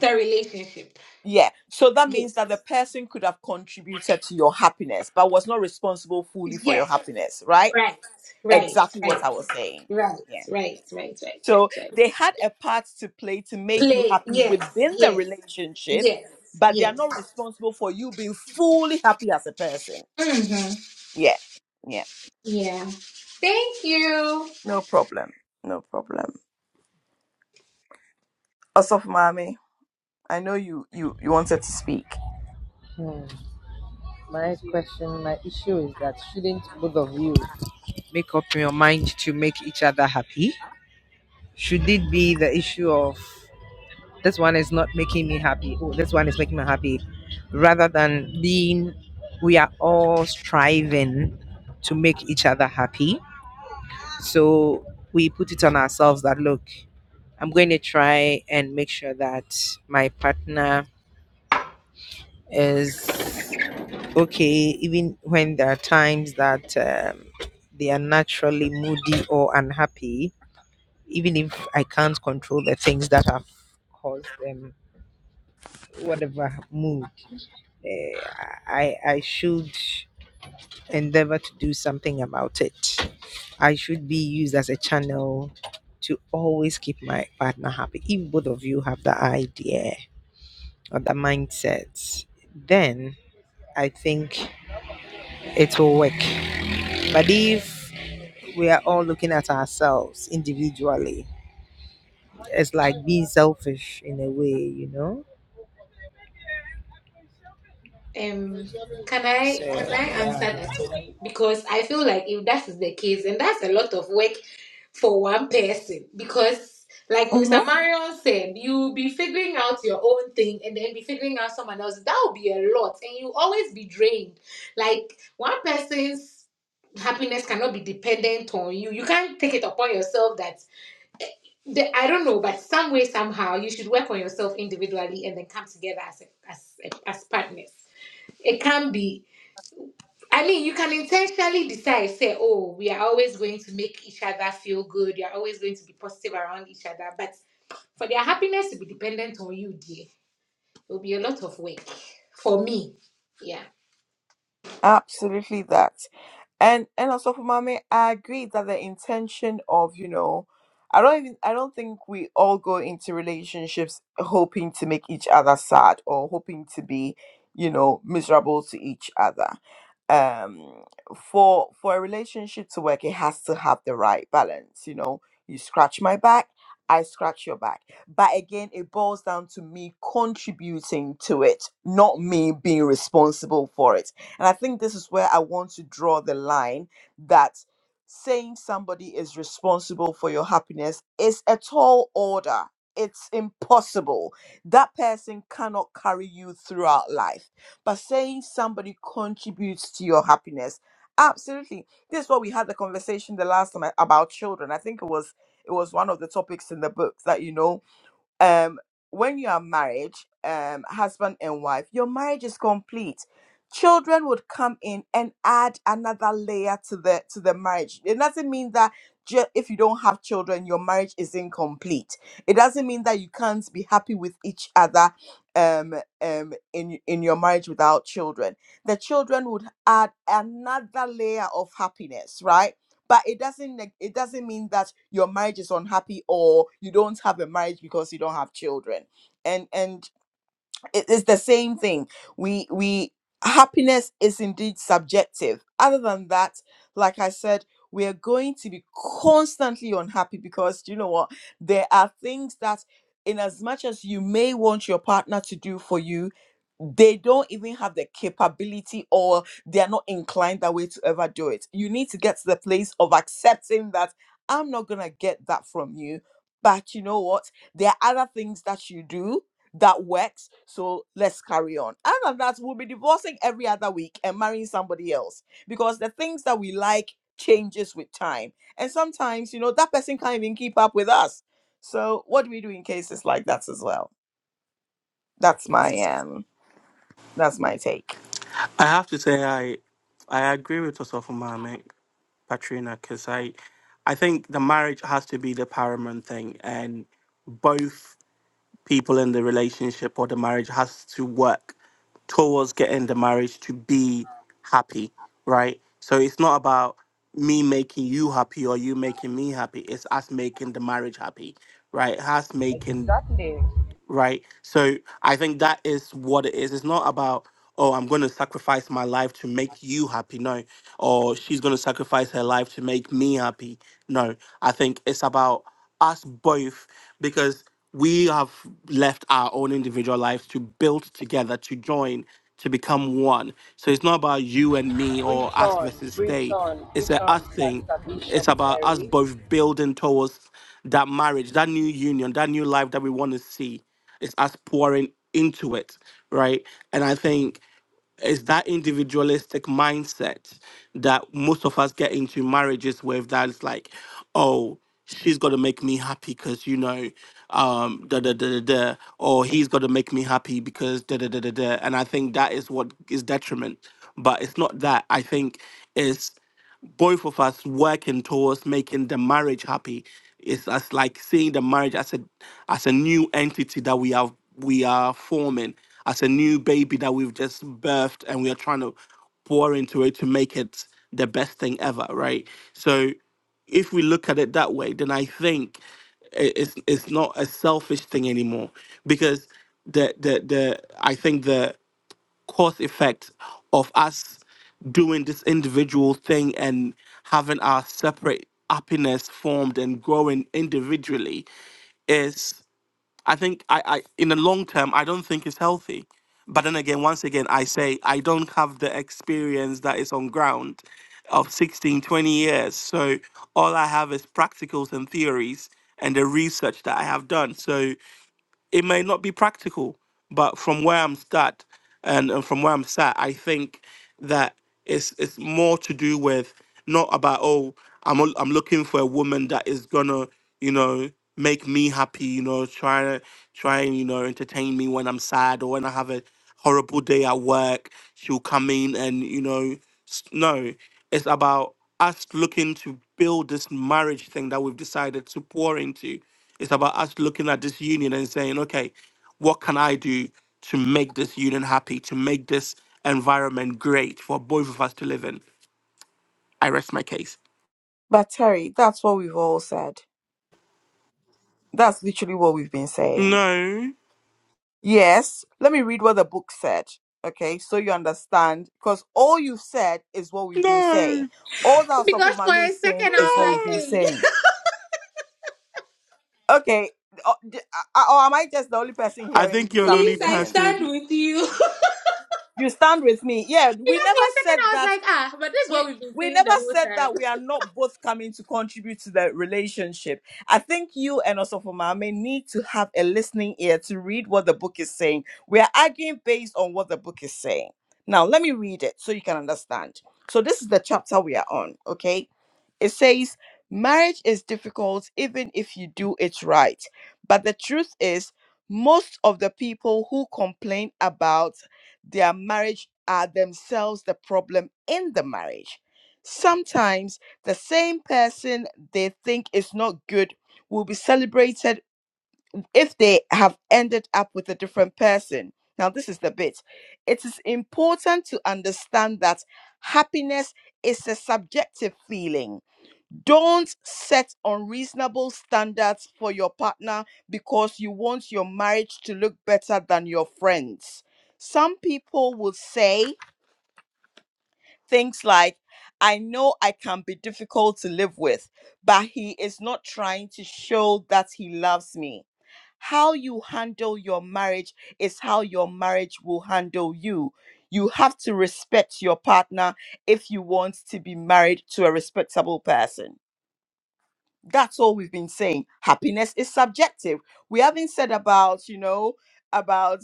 S5: the relationship.
S1: Yeah. So that means
S5: Yes.
S1: that the person could have contributed to your happiness, but was not responsible fully for your
S5: Yes.
S1: happiness, right?
S5: Right. Right.
S1: Exactly what
S5: Right.
S1: I was saying.
S5: Right.
S1: Yeah.
S5: Right. Right. Right. Right.
S1: So
S5: Right.
S1: they had a part to play to make you
S5: Play.
S1: happy
S5: Yes.
S1: within the
S5: Yes.
S1: relationship,
S5: Yes,
S1: but they are
S5: yes,
S1: not responsible for you being fully happy as a person.
S5: Mm-hmm.
S1: Yeah. Yeah.
S5: Yeah. Thank you.
S1: No problem. No problem. Also, Mami, I know you you you wanted to speak.
S3: My question, my issue is that shouldn't both of you Make up your mind to make each other happy. should it be the issue of this one is not making me happy oh this one is making me happy rather than being we are all striving to make each other happy so we put it on ourselves that look i'm going to try and make sure that my partner is okay even when there are times that um, they are naturally moody or unhappy even if i can't control the things that have caused them whatever mood, eh, I I should endeavor to do something about it. I should be used as a channel to always keep my partner happy. If both of you have that idea or that mindset, then I think it will work. But if we are all looking at ourselves individually, it's like being selfish in a way, you know.
S5: Um, can
S3: So
S5: I can I answer
S3: yeah.
S5: that one? Because I feel like if that is the case, and that's a lot of work for one person. Because like Minister
S1: Mm-hmm.
S5: Marion said, you'll be figuring out your own thing and then be figuring out someone else. That will be a lot, and you always be drained. Like one person's happiness cannot be dependent on you. You can't take it upon yourself that the, I don't know, but some way, somehow, you should work on yourself individually and then come together as a, as as partners. It can be. I mean, you can intentionally decide, say, oh, we are always going to make each other feel good. You are always going to be positive around each other. But for their happiness to be dependent on you, dear, it will be a lot of work for me. Yeah.
S1: Absolutely that. And and also for mommy, I agree that the intention of, you know, I don't even I don't think we all go into relationships hoping to make each other sad or hoping to be, you know, miserable to each other. Um for for a relationship to work, it has to have the right balance, you know. You scratch my back, I scratch your back. But again, it boils down to me contributing to it, not me being responsible for it and I think this is where I want to draw the line that saying somebody is responsible for your happiness is a tall order. It's impossible. That person cannot carry you throughout life. But saying somebody contributes to your happiness, absolutely. This is what we had the conversation the last time about children. I think it was it was one of the topics in the book that you know um when you are married um husband and wife your marriage is complete children would come in and add another layer to the to the marriage it doesn't mean that ju- if you don't have children your marriage is incomplete it doesn't mean that you can't be happy with each other um um in in your marriage without children the children would add another layer of happiness right but it doesn't neg- it doesn't mean that your marriage is unhappy or you don't have a marriage because you don't have children and and it is the same thing we we happiness is indeed subjective other than that like i said we are going to be constantly unhappy because you know what there are things that in as much as you may want your partner to do for you they don't even have the capability or they are not inclined that way to ever do it you need to get to the place of accepting that i'm not going to get that from you but you know what there are other things that you do that works. So let's carry on. Other than that, we'll be divorcing every other week and marrying somebody else because the things that we like changes with time. And sometimes, you know, that person can't even keep up with us. So what do we do in cases like that as well? That's my um that's my take.
S7: I have to say I I agree with Osofo Mame, Patrina, because I I think the marriage has to be the paramount thing and both people in the relationship or the marriage has to work towards getting the marriage to be happy, right? So it's not about me making you happy or you making me happy. It's us making the marriage happy, right? Us making
S3: exactly.
S7: right? So I think that is what it is. It's not about, oh, I'm going to sacrifice my life to make you happy. No. Or she's going to sacrifice her life to make me happy. No. I think it's about us both because we have left our own individual lives to build together, to join, to become one. So it's not about you and me or
S3: Preach
S7: us
S3: on,
S7: versus
S3: preach
S7: they.
S3: on,
S7: It's
S3: preach
S7: a us
S3: on,
S7: thing.
S3: Pastor
S7: It's
S3: Bishop
S7: about us
S3: Terry.
S7: both building towards that marriage, that new union, that new life that we want to see. It's us pouring into it, right? And I think it's that individualistic mindset that most of us get into marriages with that's like, oh, she's got to make me happy because, you know, um, da da da da da, or he's got to make me happy because da da da da da. And I think that is what is detriment. But it's not that. I think both of us working towards making the marriage happy is as like seeing the marriage as a as a new entity that we are we are forming as a new baby that we've just birthed and we are trying to pour into it to make it the best thing ever right so if we look at it that way then i think i- it's it's not a selfish thing anymore because the the the i think the cause effect of us doing this individual thing and having our separate happiness formed and growing individually is I think I, I in the long term I don't think is healthy. But then again, once again, I say I don't have the experience that is on ground of 16, 20 years. So all I have is practicals and theories and the research that I have done. So it may not be practical, but from where I'm sat and, and from where I'm sat, I think that it's it's more to do with not about oh I'm al- I'm looking for a woman that is gonna you know make me happy you know try to try and you know entertain me when I'm sad or when I have a horrible day at work she'll come in and you know s- no it's about us looking to build this marriage thing that we've decided to pour into it's about us looking at this union and saying, okay, what can I do to make this union happy, to make this environment great for both of us to live in? I rest my case.
S1: But Terry, that's what we've all said. That's literally what we've been saying.
S7: No,
S1: Yes, let me read what the book said, okay, so you understand. Because all you said is what we've been saying.
S7: no,
S1: All that
S5: Because for
S1: Sofomami
S5: a
S1: is saying
S5: second, I was
S1: is what we've
S5: like,
S7: no.
S1: been
S5: hey,
S1: saying. Okay, or, d- uh, or am I just the only person
S7: I
S1: hearing
S7: think you're the only
S5: please,
S1: something
S5: I
S1: different?
S5: stand
S7: person.
S5: with you.
S1: You stand with me. Yeah, we
S5: Because
S1: never
S5: for a second,
S1: said
S5: I was
S1: that
S5: like, ah, but this is what
S1: we
S5: we've been
S1: we
S5: saying
S1: never
S5: the whole
S1: said
S5: time.
S1: that we are not both coming to contribute to the relationship. I think you and Osofo Mame need to have a listening ear to read what the book is saying. We are arguing based on what the book is saying. Now, let me read it so you can understand. So, this is the chapter we are on, okay? It says, Marriage is difficult even if you do it right. But the truth is, most of the people who complain about their marriage are themselves the problem in the marriage. Sometimes the same person they think is not good will be celebrated if they have ended up with a different person. Now, this is the bit. It is important to understand that happiness is a subjective feeling don't set unreasonable standards for your partner because you want your marriage to look better than your friends. Some people will say things like, I know I can be difficult to live with, but he is not trying to show that he loves me. How you handle your marriage is how your marriage will handle you. You have to respect your partner if you want to be married to a respectable person. That's all we've been saying. Happiness is subjective. We haven't said about, you know, about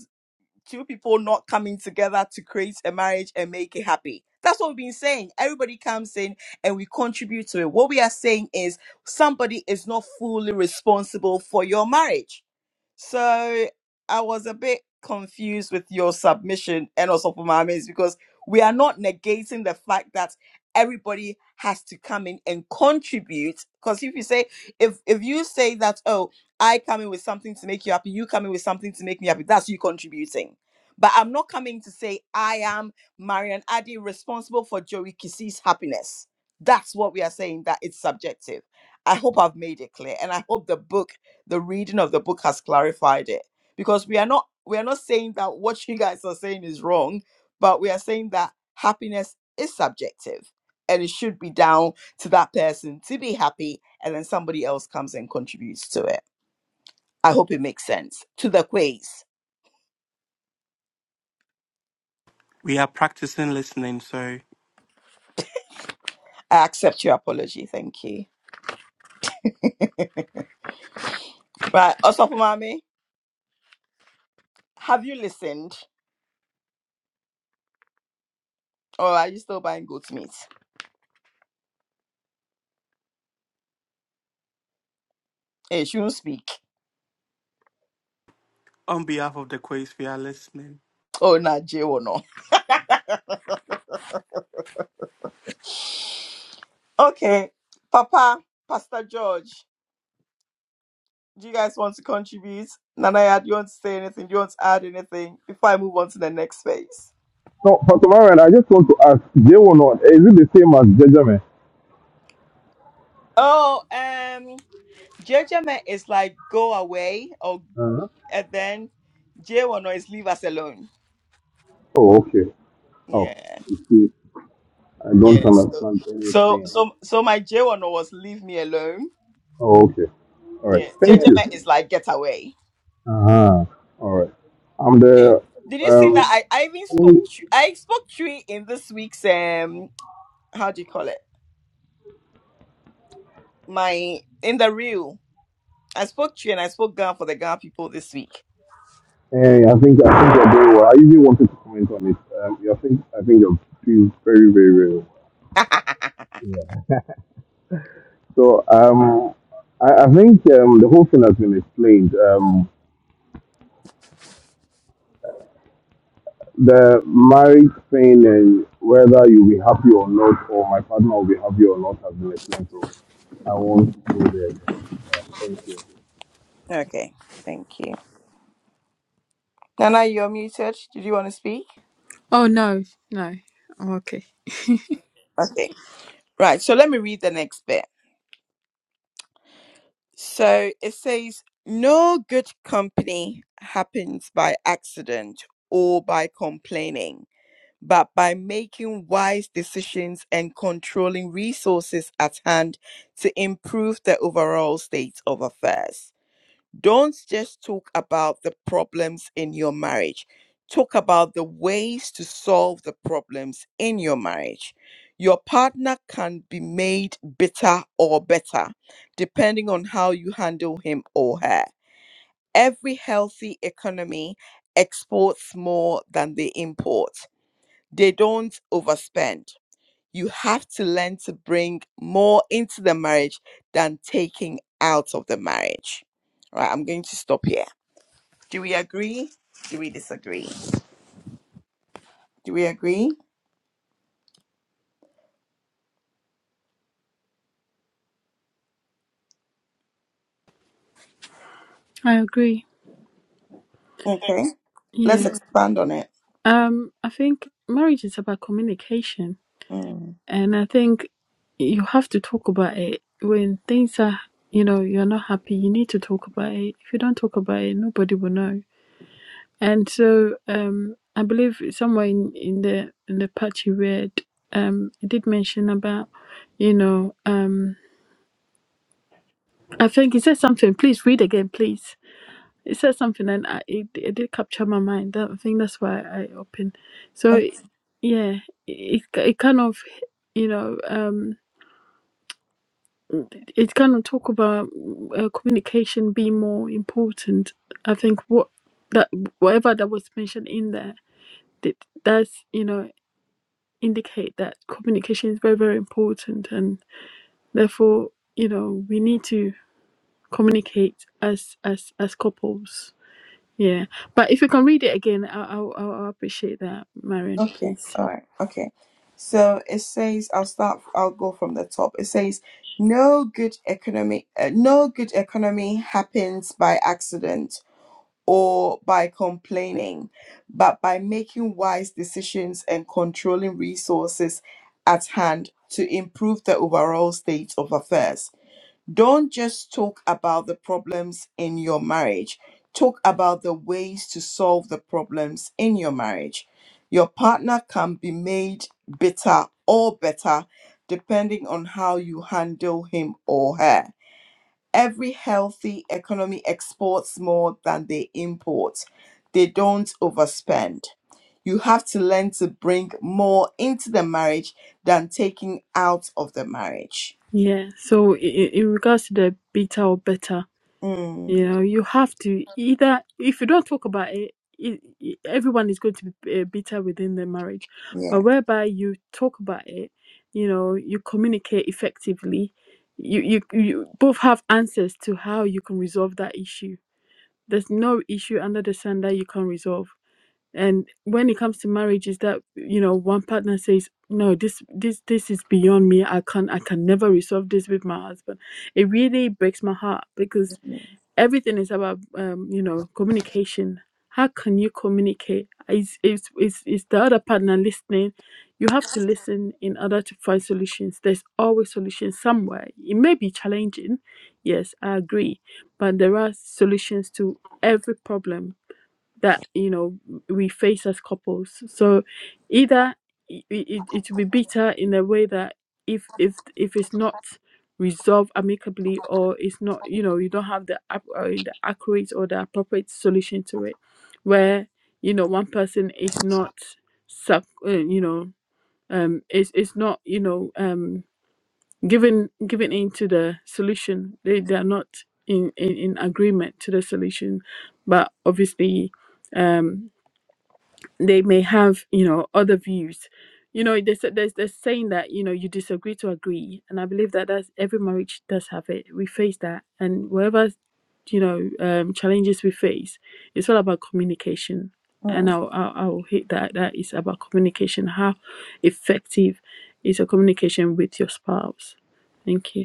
S1: two people not coming together to create a marriage and make it happy. That's what we've been saying. Everybody comes in and we contribute to it. What we are saying is somebody is not fully responsible for your marriage so I was a bit confused with your submission and also for my mates because we are not negating the fact that everybody has to come in and contribute. Because if you say if if you say that, oh, I come in with something to make you happy, you come in with something to make me happy, that's you contributing. But I'm not coming to say I am Marian Addy responsible for Joey Kissy's happiness. That's what we are saying, that it's subjective. I hope I've made it clear. And I hope the book the reading of the book has clarified it because we are not we are not saying that what you guys are saying is wrong but we are saying that happiness is subjective and it should be down to that person to be happy and then somebody else comes and contributes to it i hope it makes sense to the quiz
S7: We are practicing listening, so
S1: i accept your apology thank you right also have you listened or are you still buying goat meat hey shouldn't speak
S7: on behalf of the quiz, we are listening.
S1: oh nah jay or no okay papa pastor george Do you guys want to contribute? Nanaya, do you want to say anything? Do you want to add anything before I move on to the next phase?
S4: No, Pastor Marion, I just want to ask, J one on is it the same as Benjamin?
S1: Oh, um, judgment is like go away, or
S4: Uh-huh.
S1: and then J one is leave us alone.
S4: Oh, okay. Oh,
S1: Yeah,
S4: you see, I don't
S1: yes. So,
S4: understand
S1: so,
S4: anything.
S1: so, so my J one was leave me alone.
S4: Oh, okay. All right.
S1: Yeah,
S4: Thank
S1: judgment
S4: you.
S1: is like get away.
S4: Uh-huh. All right. I'm
S1: Eh,
S4: the
S1: Did you see that?
S4: um.
S1: I, I even
S4: Only,
S1: spoke. tr- I spoke three in this week's um. How do you call it? My in the reel. I spoke to you and I spoke Ghana for the Ghana people this week.
S4: eh, I think I think you're doing well. I usually wanted to comment on it. Um, yeah, I think I think you're doing very very very well. Yeah. So um, I, I think um the whole thing has been explained. Um, the marriage thing and whether you'll be happy or not, or my partner will be happy or not, has been explained. So I won't go there. Yeah, thank you.
S1: okay, thank you. Nana, you're muted. Did you want to speak?
S6: oh, no. No. I'm okay.
S1: Okay. Right, so let me read the next bit. So it says, No good company happens by accident or by complaining, but by making wise decisions and controlling resources at hand to improve the overall state of affairs. don't just talk about the problems in your marriage. Talk about the ways to solve the problems in your marriage. Your partner can be made bitter or better, depending on how you handle him or her. Every healthy economy exports more than they import, they don't overspend. You have to learn to bring more into the marriage than taking out of the marriage. Right, I'm going to stop here. Do we agree? Do we disagree? Do we agree?
S6: I agree.
S1: Okay, let's
S6: Yeah.
S1: expand on it.
S6: Um, I think marriage is about communication.
S1: Mm.
S6: And I think you have to talk about it when things are, you know, you're not happy. You need to talk about it. If you don't talk about it, nobody will know. And so um, I believe somewhere in, in the in the part you read, um, it did mention about, you know, um, I think it said something. Please read again, please. It said something, and I, it it did capture my mind. That, I think that's why I opened. So,
S1: O-
S6: yeah, it it kind of, you know, um, it kind of talk about uh, communication being more important. I think what that whatever that was mentioned in there, that that's you know indicate that communication is very, very important and therefore, you know, we need to communicate as as as couples. Yeah. But if you can read it again, I I I appreciate that, Marion,
S1: Okay,
S6: please.
S1: all right, okay. So it says, I'll start, I'll go from the top. It says, no good economy, uh, no good economy happens by accident or by complaining, but by making wise decisions and controlling resources at hand to improve the overall state of affairs. don't just talk about the problems in your marriage talk about the ways to solve the problems in your marriage your partner can be made bitter or better depending on how you handle him or her every healthy economy exports more than they import they don't overspend you have to learn to bring more into the marriage than taking out of the marriage
S6: Yeah. So i- i- in regards to the beta or better. You
S1: Mm,
S6: know, you have to either, if you don't talk about it, it, it- everyone is going to be uh, bitter within their marriage. But
S1: yeah
S6: whereby you talk about it, you know, you communicate effectively, you, you, you both have answers to how you can resolve that issue. There's no issue under the sun that you can resolve and when it comes to marriage is that you know one partner says no this this this is beyond me i can't i can never resolve this with my husband it really breaks my heart because everything is about um, you know communication how can you communicate is is is is the other partner listening you have to listen in order to find solutions there's always solutions somewhere it may be challenging yes i agree but there are solutions to every problem that you know we face as couples so either it, it, it will be bitter in a way that if if if it's not resolved amicably or it's not you know you don't have the ap- uh, the accurate or the appropriate solution to it where you know one person is not suck uh, you know um is is not you know um given given into the solution they they are not in, in in agreement to the solution but obviously um they may have you know other views you know there's a- there's this saying that you know you disagree to agree and i believe that that's every marriage does have it we face that and whatever you know um challenges we face it's all about communication and
S1: Mm,
S6: i'll i'll, I'll hit that that is about communication how effective is your communication with your spouse thank you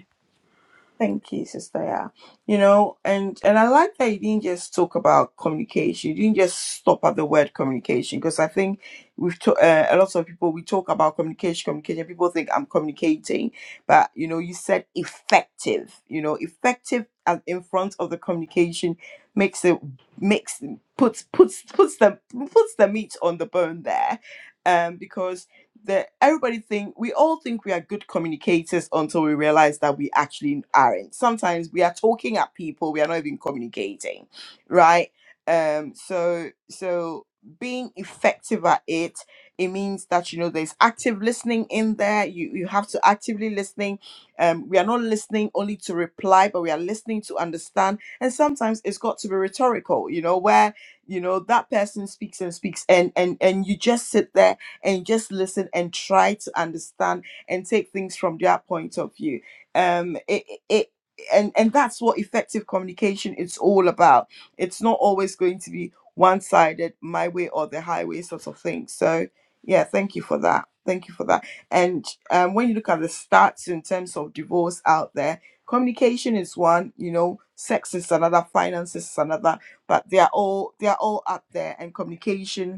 S1: Thank you, Sister. Yeah, you know, and and I like that you didn't just talk about communication. You didn't just stop at the word communication because I think we've to, uh, a lot of people we talk about communication, communication. People think I'm communicating, but you know, you said effective. You know, effective as in front of the communication makes it makes puts puts puts the puts the meat on the bone there, um, because that everybody think we all think we are good communicators until we realize that we actually aren't sometimes we are talking at people we are not even communicating right um so so being effective at it it means that you know there's active listening in there you you have to actively listening um we are not listening only to reply but we are listening to understand and sometimes it's got to be rhetorical you know where you know that person speaks and speaks and and and you just sit there and just listen and try to understand and take things from their point of view. Um, it, it and and that's what effective communication is all about. It's not always going to be one-sided, my way or the highway sort of thing. So yeah, thank you for that. Thank you for that. And um, when you look at the stats in terms of divorce out there, communication is one. You know, sex is another, finances is another, but they are all they are all up there. And communication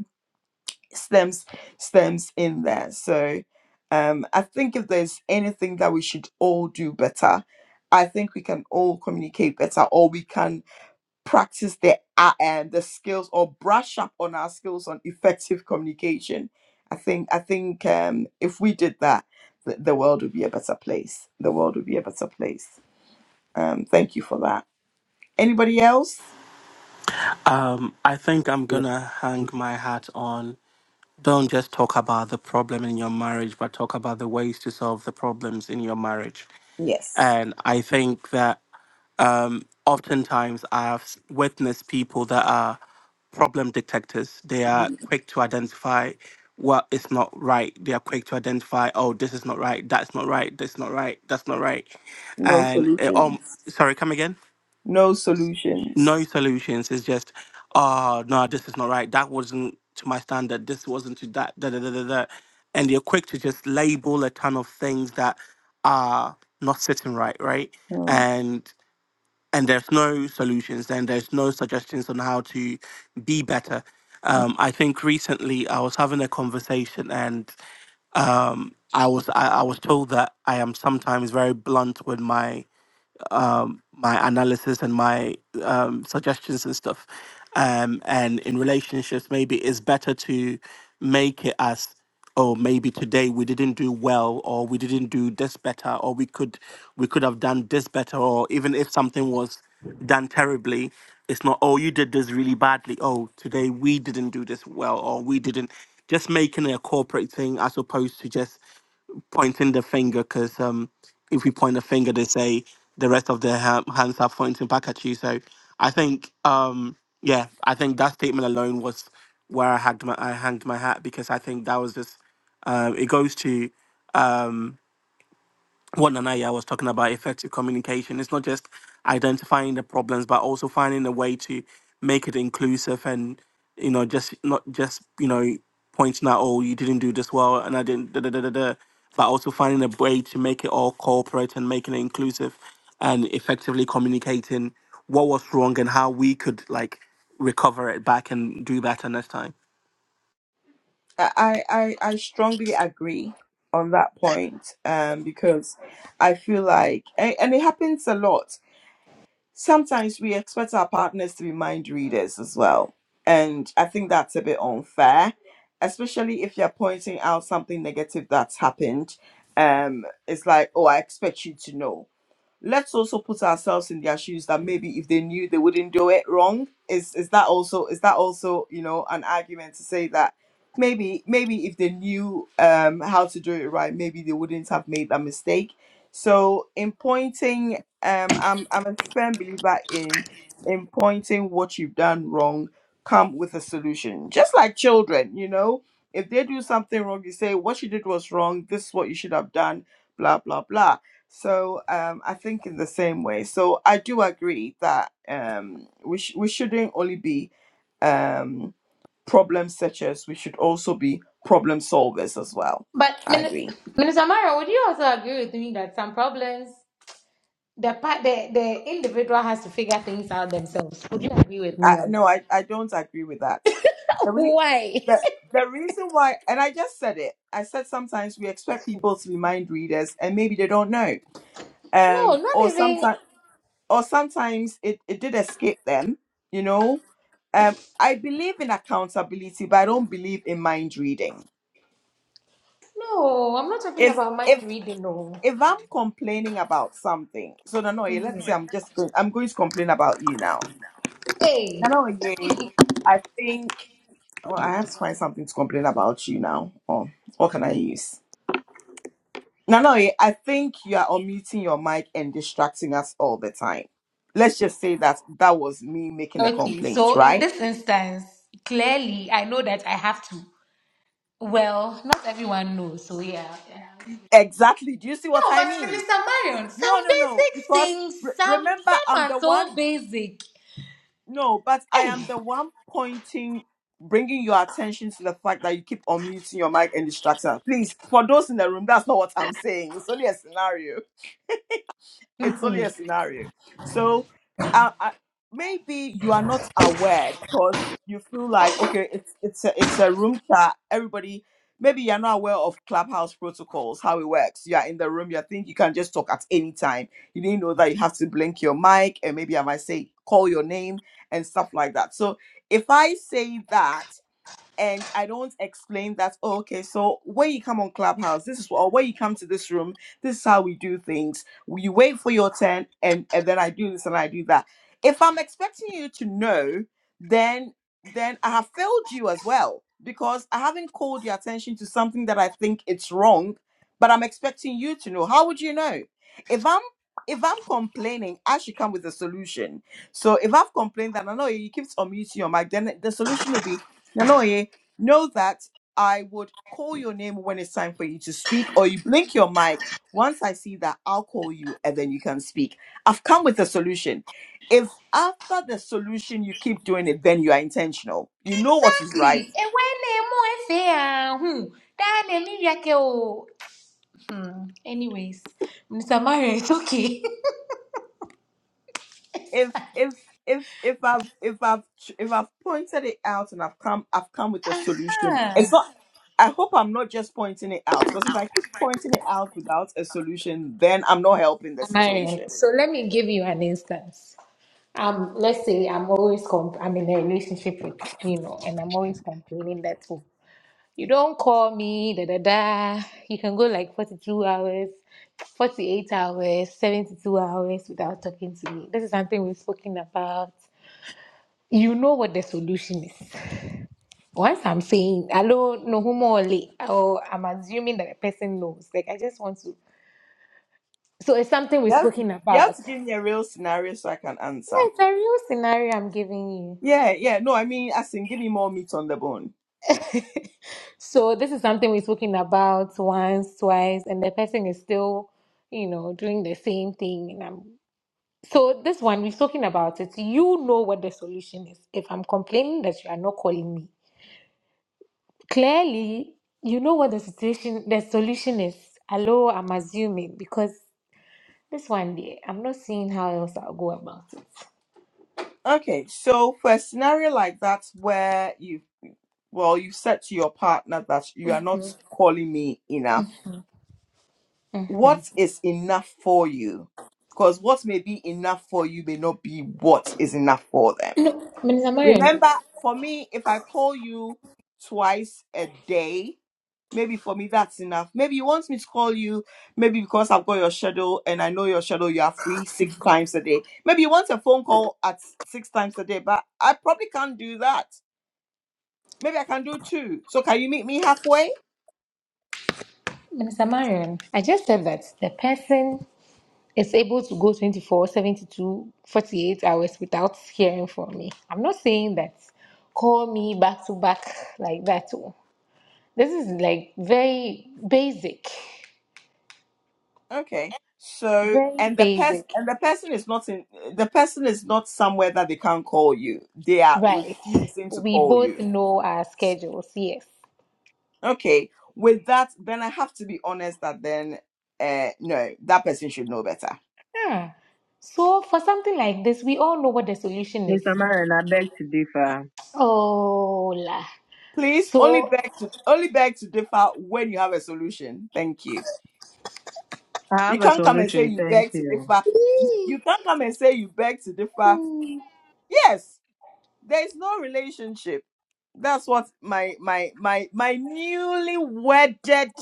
S1: stems stems in there. So um, I think if there's anything that we should all do better, I think we can all communicate better, or we can practice the uh, um, the skills or brush up on our skills on effective communication. I think I think um, if we did that, the, the world would be a better place. The world would be a better place. Um, thank you for that. Anybody else?
S7: Um, I think I'm gonna hang my hat on. Don't just talk about the problem in your marriage, but talk about the ways to solve the problems in your marriage.
S1: Yes.
S7: And I think that Um, Oftentimes, I've witnessed people that are problem detectors. They are quick to identify what is not right. They are quick to identify, oh, this is not right, that's not right, that's not right, that's not right.
S1: No
S7: And it, um,
S1: solutions.
S7: sorry, come again.
S1: No solutions.
S7: No solutions. It's just, oh no, this is not right. That wasn't to my standard. This wasn't to that. Da da da da da. And they're quick to just label a ton of things that are not sitting right, right? And and there's no solutions and there's no suggestions on how to be better. Um, I think recently I was having a conversation and um, I was I, I was told that I am sometimes very blunt with my um, my analysis and my um, suggestions and stuff. Um, and in relationships, maybe it's better to make it as, oh, maybe today we didn't do well, or we didn't do this better, or we could we could have done this better, or even if something was done terribly, it's not, oh, you did this really badly. Oh, today we didn't do this well, or we didn't. Just making it a corporate thing as opposed to just pointing the finger because um, if we point the finger, they say the rest of their ha- hands are pointing back at you. So I think, um, yeah, I think that statement alone was where I had my I hanged my hat because I think that was just um, it goes to what Nanaya was talking about effective communication. It's not just identifying the problems, but also finding a way to make it inclusive and, you know, just not just, you know, pointing out, oh, you didn't do this well and I didn't, da, da, da, da, da, but also finding a way to make it all corporate and making it inclusive and effectively communicating what was wrong and how we could like recover it back and do better next time.
S1: I, I, I strongly agree on that point um, because I feel like, and, and it happens a lot. Sometimes we expect our partners to be mind readers as well. And I think that's a bit unfair, especially if you're pointing out something negative that's happened. Um, it's like, oh, I expect you to know let's also put ourselves in their shoes that maybe if they knew they wouldn't do it wrong is is that also is that also you know an argument to say that maybe maybe if they knew um how to do it right maybe they wouldn't have made that mistake so in pointing um i'm i'm a firm believer in in pointing what you've done wrong come with a solution just like children you know if they do something wrong you say what you did was wrong this is what you should have done blah blah blah so um, I think in the same way. So I do agree that um, we sh- we shouldn't only be um, problem searchers. We should also be problem solvers as well.
S5: But
S1: I
S5: Minister,
S1: agree.
S5: Minister Mara, would you also agree with me that some problems the part the, the individual has to figure things out themselves? Would you agree with
S1: I,
S5: me on that?
S1: no, I, I don't agree with that. The, re-
S5: Why?
S1: the the reason why, and I just said it. I said sometimes we expect people to be mind readers, and maybe they don't know.
S5: No,
S1: Um,
S5: not
S1: or
S5: even.
S1: sometimes. or sometimes it, it did escape them, you know. Um, I believe in accountability, but I don't believe in mind reading.
S5: No, I'm not talking
S1: If
S5: about mind
S1: if
S5: reading. No.
S1: if I'm complaining about something, so no, no, yeah,
S5: Mhm.
S1: let's say I'm just going, I'm going to complain about you now.
S5: Hey.
S1: No, no, yeah, I think oh, I have to find something to complain about you now. Oh, what can I use? No, no, yeah, I think you are unmuting your mic and distracting us all the time. Let's just say that that was me making a
S5: Okay.
S1: complaint,
S5: So in
S1: right?
S5: this instance, clearly, I know that I have to. Well, not everyone knows. So yeah. yeah.
S1: Exactly. Do you see what
S5: No,
S1: I
S5: but
S1: mean?
S5: Minister Marion, some
S1: No, no, no.
S5: basic
S1: Because
S5: things.
S1: re-
S5: Some
S1: remember,
S5: some
S1: I'm
S5: are
S1: the one.
S5: so basic.
S1: No, but I am
S5: Hey.
S1: the one pointing, bringing your attention to the fact that you keep unmuting your mic and distracting. us. Please, for those in the room, that's not what I'm saying. It's only a scenario. it's only a scenario. So, uh, I, maybe you are not aware because you feel like okay, it's it's a, it's a room chat. Everybody, maybe you're not aware of Clubhouse protocols, how it works. You are in the room. You think you can just talk at any time. You didn't know that you have to blink your mic and maybe I might say call your name and stuff like that. So if I say that and I don't explain that. Oh, okay, so when you come on Clubhouse, this is what, or when you come to this room, this is how we do things. You wait for your turn, and and then I do this and I do that. If I'm expecting you to know, then then I have failed you as well because I haven't called your attention to something that I think it's wrong, but I'm expecting you to know. How would you know? If I'm if I'm complaining, I should come with a solution. So if I've complained that I know you keep on muting your mic, then the solution will be no, no know that I would call your name when it's time for you to speak, or you blink your mic. Once I see that, I'll call you and then you can speak. I've come with a solution. If after the solution you keep doing it, then you are intentional. You know what is right.
S5: Exactly. Ewele mo efe ahun. Dane mi yake o. Hmm, Anyways, Mr. Mario, it's okay.
S1: if if if if I've if I've ch- if I've pointed it out and I've come I've come with a solution.
S5: Aha.
S1: It's not. I hope I'm not just pointing it out because if I keep pointing it out without a solution, then I'm not helping the
S5: Mario,
S1: situation.
S5: so let me give you an instance. Um, let's say I'm always comp- I'm in a relationship with you know, and I'm always complaining that oh, you don't call me, da da da. You can go like 42 hours, 48 hours, 72 hours without talking to me. This is something we've spoken about you know what the solution is. Once I'm saying, hello, no homo, know or I'm assuming that a person knows. Like, I just want to. So it's something
S1: You
S5: we've
S1: have to,
S5: spoken
S1: you have
S5: about.
S1: to give me a real scenario so I can
S5: Yeah,
S1: answer.
S5: it's a real scenario I'm giving you.
S1: Yeah, yeah. No, I mean, as in, give me more meat on the bone.
S5: So this is something we've spoken about once, twice, and the person is still, you know, doing the same thing. And I'm so this one we've spoken about it. You know what the solution is. If I'm complaining that you are not calling me, clearly you know what the situation, the solution is. Hello, I'm assuming because This one day, I'm not seeing how else I'll go about it.
S1: Okay, so for a scenario like that where you well, you said to your partner that you are not
S5: Mhm.
S1: calling me enough.
S5: hmm
S1: What is enough for you? Because what may be enough for you may not be what is enough for them.
S5: Minister Marion,
S1: Remember, for me, if I call you twice a day, maybe for me that's enough. Maybe you want me to call you, maybe because I've got your schedule and I know your schedule, you are free six times a day. Maybe you want a phone call at six times a day, but I probably can't do that. Maybe I can do two. So can you meet me halfway?
S5: Minister Marion, I just said that the person is able to go 24, 72, 48 hours without hearing from me. I'm not saying that call me back to back like that. oh. This is like very basic,
S1: Okay. So
S5: very
S1: and the person
S5: basic.
S1: and the person is not in the person is not somewhere that they can't call you. They are
S5: Right.
S1: refusing to
S5: We
S1: call
S5: both
S1: you.
S5: know our schedules, yes.
S1: Okay. With that, then I have to be honest that then uh no, that person should know better.
S5: Ah. So for something like this, we all know what the solution is.
S3: Mr. Marion, I beg to differ.
S5: Hola.
S1: Please only
S5: So,
S1: beg to only beg to differ when you have a solution. Thank you.
S3: I
S1: You
S3: have a
S1: can't come and say
S3: solution.
S1: you
S3: Thank
S1: beg to
S3: you.
S1: differ. You, you can't come and say you beg to differ. Yes, there is no relationship. That's what my my my my newly wedded.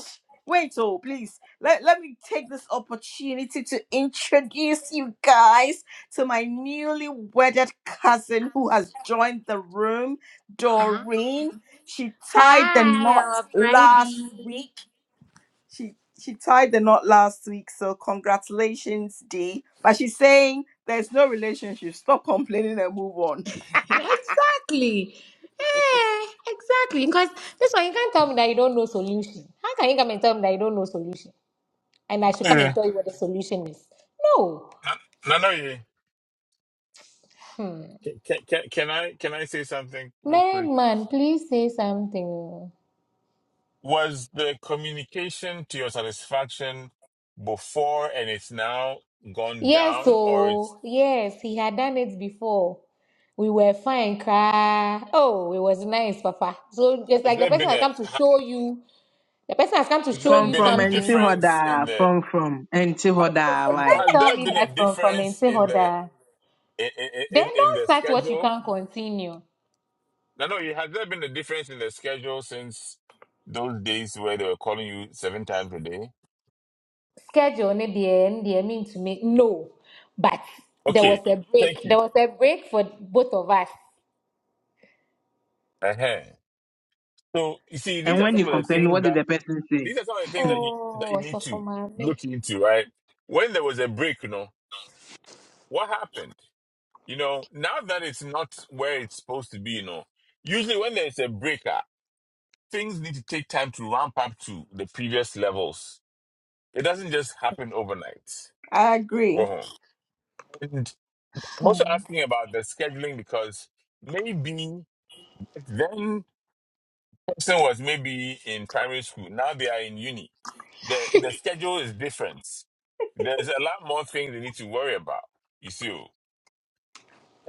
S1: Wait, oh please let let me take this opportunity to introduce you guys to my newly wedded cousin who has joined the room,
S5: hi,
S1: Doreen. She tied the knot
S5: our
S1: last
S5: bridey.
S1: week. She she tied the knot last week, so congratulations, Dee. But she's saying there's no relationship. Stop complaining and move on.
S5: Exactly. Eh, exactly. Because this one, you can't tell me that you don't know solution. How can you come and tell me that you don't know solution? And I should come
S2: yeah.
S5: and tell you what the solution is. No.
S2: no, no, yeah.
S5: Hmm.
S2: Can, can, can I can I say something real quick?
S5: Married man, please say something.
S2: Was the communication to your satisfaction before and it's now gone
S5: Yes,
S2: down, or it's
S5: oh, yes, he had done it before. We were fine, cry. Oh, it was nice, Papa. So it's
S2: has
S5: like the
S2: there
S5: person
S2: been
S5: has
S2: a
S5: come to
S2: has
S5: show you. The person has come to show
S2: there
S3: From
S5: you
S2: been a
S3: from
S5: something. Can't
S2: difference
S3: Antihoda,
S2: in the
S3: from from Antihoda, why?
S2: has
S5: tell
S2: there
S5: me
S2: been a
S5: that from from
S2: difference in the
S5: Entehoda.
S2: in in,
S5: Then
S2: in in
S5: don't
S2: the
S5: start what you
S2: schedule?
S5: can't continue.
S2: No, no. Has there been a difference in the schedule since those days where they were calling you seven times a day?
S5: Schedule ne deɛ ne deɛ mean to me no, but there was
S2: Okay,
S5: a break.
S2: thank
S5: There
S2: you.
S5: was a break for both of us.
S2: Uh-huh. So you see, these
S3: And
S2: are
S3: when
S2: some
S3: you
S2: of the
S3: complain,
S2: things
S3: what did
S2: that
S3: the person say?
S2: these are some of the things
S3: Hmm.
S2: that you that you
S5: Oh,
S2: need
S5: so for
S2: to
S5: mommy.
S2: look into, right? When there was a break, you know, what happened? You know, now that it's not where it's supposed to be, you know, usually when there's a break, ah, things need to take time to ramp up to the previous levels. It doesn't just happen overnight.
S1: I agree.
S2: Well, and I'm also asking about the scheduling because maybe back then person was maybe in primary school. Now they are in uni. The the schedule is different. There's a lot more things they need to worry about. You see, oh.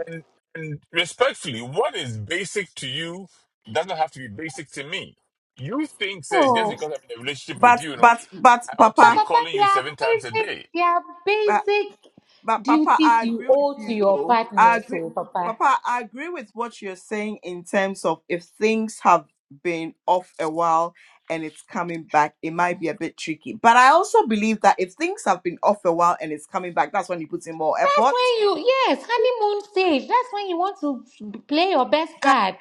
S2: and and respectfully, what is basic to you doesn't have to be basic to me. You think that just
S5: Oh.
S2: because I'm in a relationship with
S1: But
S2: you, you know,
S1: but but
S2: I ought to be
S1: Papa,
S5: Papa, but,
S2: calling
S5: but there
S2: you
S5: are
S2: seven times a
S5: basic,
S2: day.
S5: there are
S1: I,
S5: basic
S1: But Papa,
S5: duties
S1: I
S5: you
S1: agree with
S5: owe to
S1: you
S5: your
S1: though. I
S5: partner.
S1: agree,
S5: So, Papa,
S1: Papa. I agree with what you're saying in terms of if things have been off a while and it's coming back, it might be a bit tricky. But I also believe that if things have been off a while and it's coming back, that's when you put in more
S5: that's
S1: effort.
S5: when you, yes, honeymoon stage. That's when you want to play your best
S1: That
S5: card.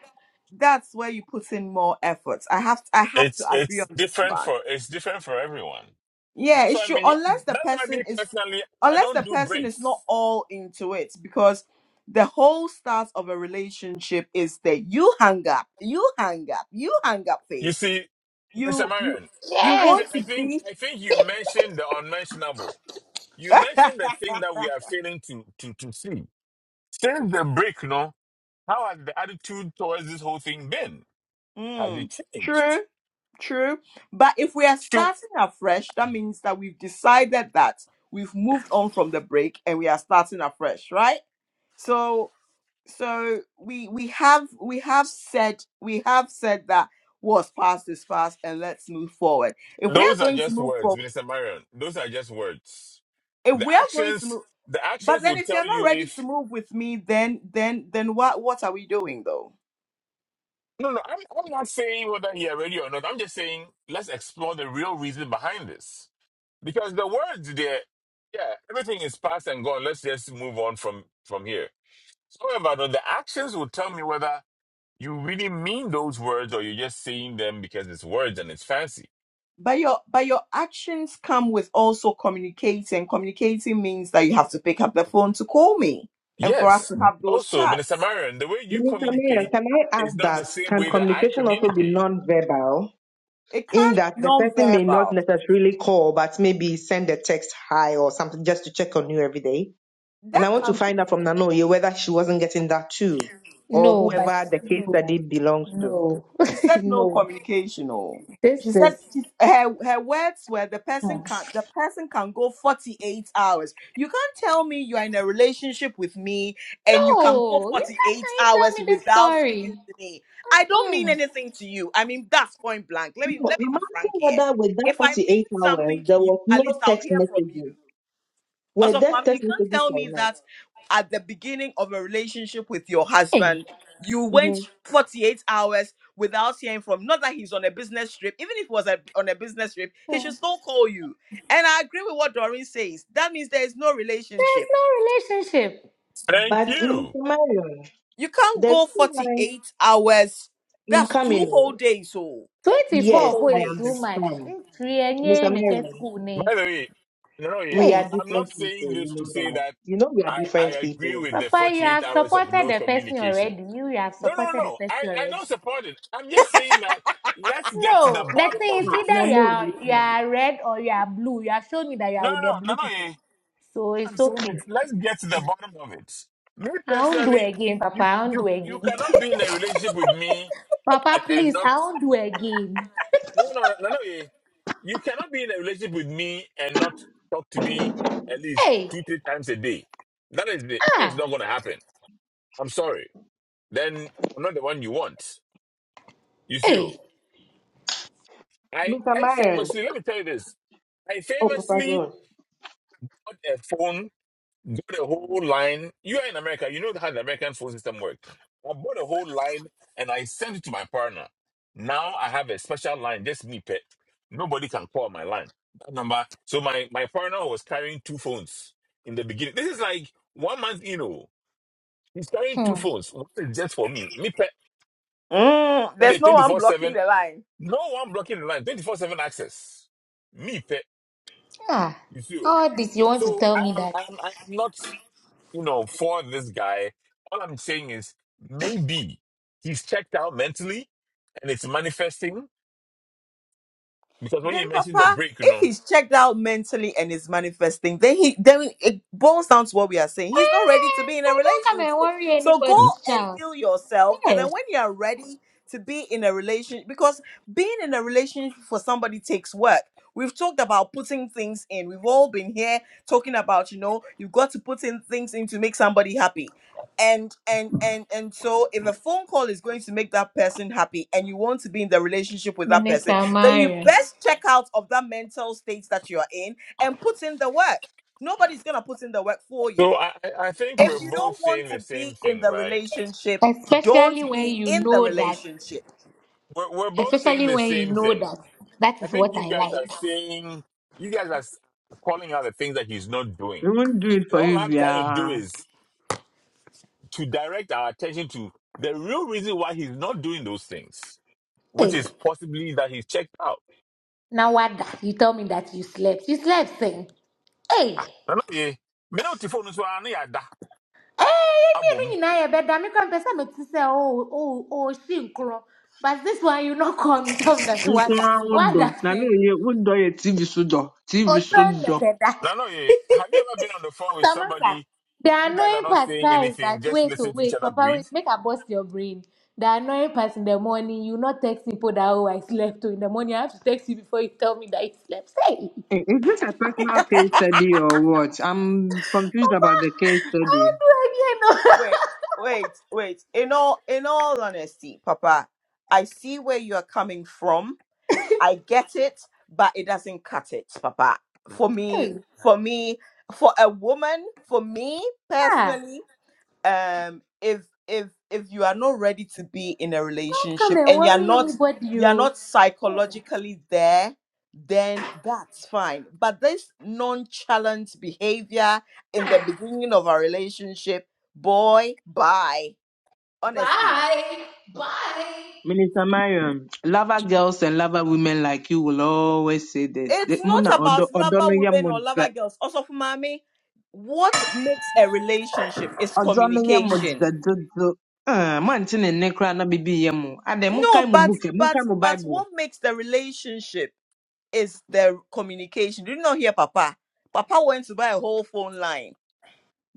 S1: that's where you put in more effort. I have I have
S2: It's
S1: to agree
S2: it's
S1: on this
S2: different
S1: one.
S2: for it's different for everyone.
S1: Yeah,
S2: That's
S1: it's
S2: why I
S1: true.
S2: mean.
S1: Unless the
S2: That's why me
S1: person is,
S2: personally, I
S1: unless the
S2: don't do
S1: person is
S2: breaks.
S1: not all into it, because the whole start of a relationship is that you hang up, you hang up, you hang up
S2: You
S1: phase.
S2: see, Mr.
S1: You you
S2: Marion,
S1: you
S2: I, I,
S5: Yes.
S2: th-
S1: want
S2: I
S1: to
S2: think
S1: be.
S2: I think you mentioned the unmentionable. You mentioned the thing that we are failing to to to see since the break. No, how has the attitude towards this whole thing been? Has it
S1: mm, true,
S2: changed?
S1: true. But if we are
S2: Shoot,
S1: starting afresh, that means that we've decided that we've moved on from the break and we are starting afresh, right? So so we we have we have said we have said that what's past is past and let's move forward if we are
S2: those are
S1: going to
S2: just
S1: move
S2: words,
S1: forward
S2: Mr. Marion. Those are just words.
S1: if
S2: The
S1: we are going to
S2: actions,
S1: move
S2: the
S1: but
S2: actions
S1: then
S2: will
S1: if you're
S2: tell
S1: not
S2: you
S1: ready to move with me then then then what what are we doing though
S2: No, no, I'm, I'm not saying whether he already or not. I'm just saying let's explore the real reason behind this. Because the words there, yeah, everything is past and gone. Let's just move on from from here. However, though, the actions will tell me whether you really mean those words or you're just saying them because it's words and it's fancy.
S1: but your but your actions come with also communicating communicating means that you have to pick up the phone to call me and for us to
S2: Yes.
S1: have those
S2: Also, Minister
S1: chats
S2: Marion, the way you
S3: Minister Marion,
S2: communicate
S3: can I ask
S2: is not the
S3: that?
S2: same
S3: Can
S2: way that I
S3: communication also be
S2: communicate.
S3: non-verbal?
S1: it
S3: In
S1: can't be
S3: that the person may not
S1: non-verbal
S3: necessarily call, but maybe send a text hi or something just to check on you every day. And
S1: that
S3: I want to
S1: can be
S3: find out from Nanoye whether she wasn't getting that too, or
S5: No, but
S3: whoever the case
S5: no,
S3: study belongs to.
S5: no,
S1: She said no
S5: no.
S1: communication. Oh, she
S5: This is
S1: said she, her her words were the
S5: hmm.
S1: person can the person can go forty eight hours. You can't tell me you are in a relationship with me and you can go
S5: no. You
S1: forty
S5: can't
S1: eight
S5: can you tell
S1: hours
S5: me this
S1: without speaking
S5: story.
S1: to me. I don't mean
S5: Mm.
S1: anything to you. I mean that's point blank. Let me
S3: No,
S1: let me
S3: I'm
S1: be frank
S3: asking
S1: here.
S3: whether with that
S1: If I mean
S3: 48 hours
S1: something to
S3: there
S1: you,
S3: was
S1: at
S3: no
S1: least I'll
S3: text
S1: hear from you.
S3: messages. Were
S1: Also,
S3: there
S1: mommy, you
S3: text
S1: can't
S3: messages
S1: tell me
S3: or not?
S1: that at the beginning of a relationship with your
S5: Hey,
S1: husband, you went
S3: hmm
S1: 48 hours without hearing from. Not that he's on a business trip. Even if he was a, on a business trip, he should still call you. And I agree with what Doreen says. That means there is no
S5: there's
S1: relationship.
S5: no relationship.
S2: Thank
S3: But
S2: you.
S3: Minister Marion,
S1: You can't
S3: the
S1: go
S3: reason why
S1: 48 hours.
S3: I'm
S1: That's two
S3: coming,
S1: whole
S3: oh,
S1: days, oh. Two
S3: yes,
S5: Twenty-four
S1: whole
S3: I
S5: boy is too
S1: days.
S5: much.
S3: understand.
S5: Mm, three, eh, nye,
S3: Minister
S5: neke,
S3: Marion,
S5: school, ne.
S2: By the way, Roy,
S3: we are
S2: I'm,
S5: Hey.
S2: I'm not
S3: different people,
S2: saying
S3: you
S2: this to
S3: know
S2: say
S3: that.
S2: that
S3: You know we are
S2: I, I
S3: different
S2: agree
S3: people.
S2: with the
S5: Papa, you
S2: 48
S5: have
S2: hours of
S5: supported
S2: no
S5: the person
S2: communication.
S5: already. You have
S2: No, no,
S5: supported the
S2: no. I,
S5: person
S2: I
S5: already.
S2: don't support it. I'm just saying that let's get to the
S5: No, the
S2: bottom
S5: thing
S2: of
S5: is
S2: the
S3: Ah,
S5: either
S3: no,
S5: you
S2: thing.
S3: no,
S5: are you
S3: no,
S5: are red or you are blue. You have shown me that you are
S2: No,
S5: with the
S2: no, no,
S5: blue
S2: no.
S5: people.
S2: eh.
S5: So
S2: I'm
S5: it's
S2: saying it.
S5: okay.
S2: Let's get to the bottom of it. Me
S5: I won't do
S2: personally,
S5: again, Papa.
S2: you,
S5: I won't
S2: you,
S5: do
S2: you
S5: again.
S2: cannot be in a relationship with me and,
S5: Papa,
S2: and
S5: please, I
S2: not
S5: won't do again.
S2: No, no, no, no, no. eh. You cannot be in a relationship with me and not talk to me at least
S5: Hey,
S2: two, three times a day. That is the, that is not
S5: ah,
S2: going to happen. I'm sorry. Then I'm not the one you want. You see, oh.
S5: hey,
S2: I
S3: no. Mr.
S2: I
S3: Marion,
S2: famously let me tell you this. I
S3: oh, Papa
S2: famously
S3: God.
S2: got a phone bought a whole line. You are in America. You know how the American phone system works. I bought a whole line and I sent it to my partner. Now I have a special line, just me pet. Nobody can call my line. That number. So my my partner was carrying two phones in the beginning. This is like one month, you know. He's carrying two
S5: hmm,
S2: phones. One is just for me, me pet,
S1: Mm,
S2: and they're
S1: there's no
S2: twenty
S1: one
S2: four
S1: blocking
S2: seven.
S1: the line.
S2: No one blocking the line. Twenty four seven access. Me pet.
S5: ah.
S2: You see. oh.
S5: All this you want to
S2: So I
S5: tell me
S2: am
S5: that.
S2: I am I am not. you know, for this guy. All I'm saying is maybe he's checked out mentally and it's manifesting because when you
S1: Then,
S2: mentioned the
S1: Papa,
S2: break, you
S1: if
S2: know.
S1: he's checked out mentally and is manifesting, then he then it boils down to what we are saying. He's not ready to
S5: Eh,
S1: be in
S5: so
S1: a
S5: don't come and
S1: relationship.
S5: worry
S1: So go
S2: Mhm.
S5: anybody's
S1: and
S5: child.
S1: heal yourself, and then
S5: Yeah,
S1: when you are ready to be in a relationship, because being in a relationship for somebody takes work. We've talked about putting things in. We've all been here talking about, you know, you've got to put in things in to make somebody happy. And and and and so if a phone call is going to make that person happy and you want to be in the relationship with that person
S5: Minister
S1: the
S5: Mario.
S1: best check out of that mental state that you're in and put in the work. Nobody's going to put in the work for
S2: So
S1: you.
S2: I, I I think
S1: If
S2: we're
S1: you
S5: Es-
S2: both
S1: don't want
S2: saying the
S1: to
S2: same
S1: be in
S2: thing,
S1: the
S2: right?
S1: relationship, don't
S5: Especially when
S1: be
S5: you
S1: in the
S5: know that
S1: relationship.
S2: We're, we're both saying
S5: Especially
S2: the
S5: when you
S2: same
S5: know
S2: thing.
S5: that that
S2: I
S5: is
S2: think
S5: what
S2: you
S5: I
S2: guys are
S5: like.
S2: saying, you guys are s- calling out the things that he's not
S3: We
S2: doing.
S3: won't do it
S2: And
S3: for
S2: all
S3: you,
S2: I'm trying to
S3: Bia.
S2: do is to direct our attention to the real reason why he's not doing those things, which
S5: Hey,
S2: is possibly that he's checked out.
S5: now what? da- You tell me that you slept. You slept, thing. Hey,
S2: Nano ye, me no ti phone so ani ada
S5: hey, me
S2: abom.
S5: and you now better. Me come person me to say oh oh oh she nkro. But this one you not call me tell me that what da-
S3: Nkwa
S5: what
S3: ụdọ
S5: that
S3: na
S5: thing.
S3: na-enye ụdọ ya TV sụdọ TV
S5: Oh, trying to
S3: sụdọ.
S5: get that.
S2: Nano ye, have you ever been on the phone with
S5: Samantha,
S2: somebody?
S5: the
S2: You guys are
S5: annoying
S2: not
S5: part
S2: saying
S5: guys that
S2: anything, just
S5: wait oh
S2: listen to each
S5: wait
S2: other
S5: papa
S2: breathe.
S5: wait make I bust your brain. The annoying part in the morning, you not text people that oh I slept oh in the morning. I have to text you before you tell me that you slept. Hey.
S3: I- Is this a personal case study or what? I'm confused about the case
S5: How
S3: study.
S5: do I get no?
S1: Wait, wait, wait. In all in all honesty, papa, I see where you are coming from. I get it, but it doesn't cut it, papa. For
S5: Hey,
S1: me, for me, for a woman, for me
S5: ah,
S1: personally, um if if if you are not ready to be in a
S5: don't come
S1: relationship
S5: and
S1: and you're
S5: worry
S1: not
S5: anybody.
S1: you're
S5: You.
S1: not psychologically there then that's fine but this nonchalant behavior in the beginning of a relationship boy bye honestly
S5: Bye. Bye.
S3: Minister Marion, lover girls and lover women like you will always say this.
S1: it's
S3: The- Mụ na
S1: not
S3: ọdọ
S1: about
S3: ọdọ no
S1: lover
S3: yẹ
S1: women
S3: mụ
S1: or
S3: dza
S1: lover girls also for mommy what makes a relationship is
S3: ọdọ no yẹ mụ
S1: communication
S3: dza Ah, mụ antị na nne na bibi yẹ mụ. Adị mụ
S1: no
S3: kae mụ
S1: but
S3: book ẹ, mụ
S1: but
S3: kae mụ
S1: but
S3: Bible.
S1: what makes the relationship is the communication. Did you not hear Papa? Papa went to buy a whole phone line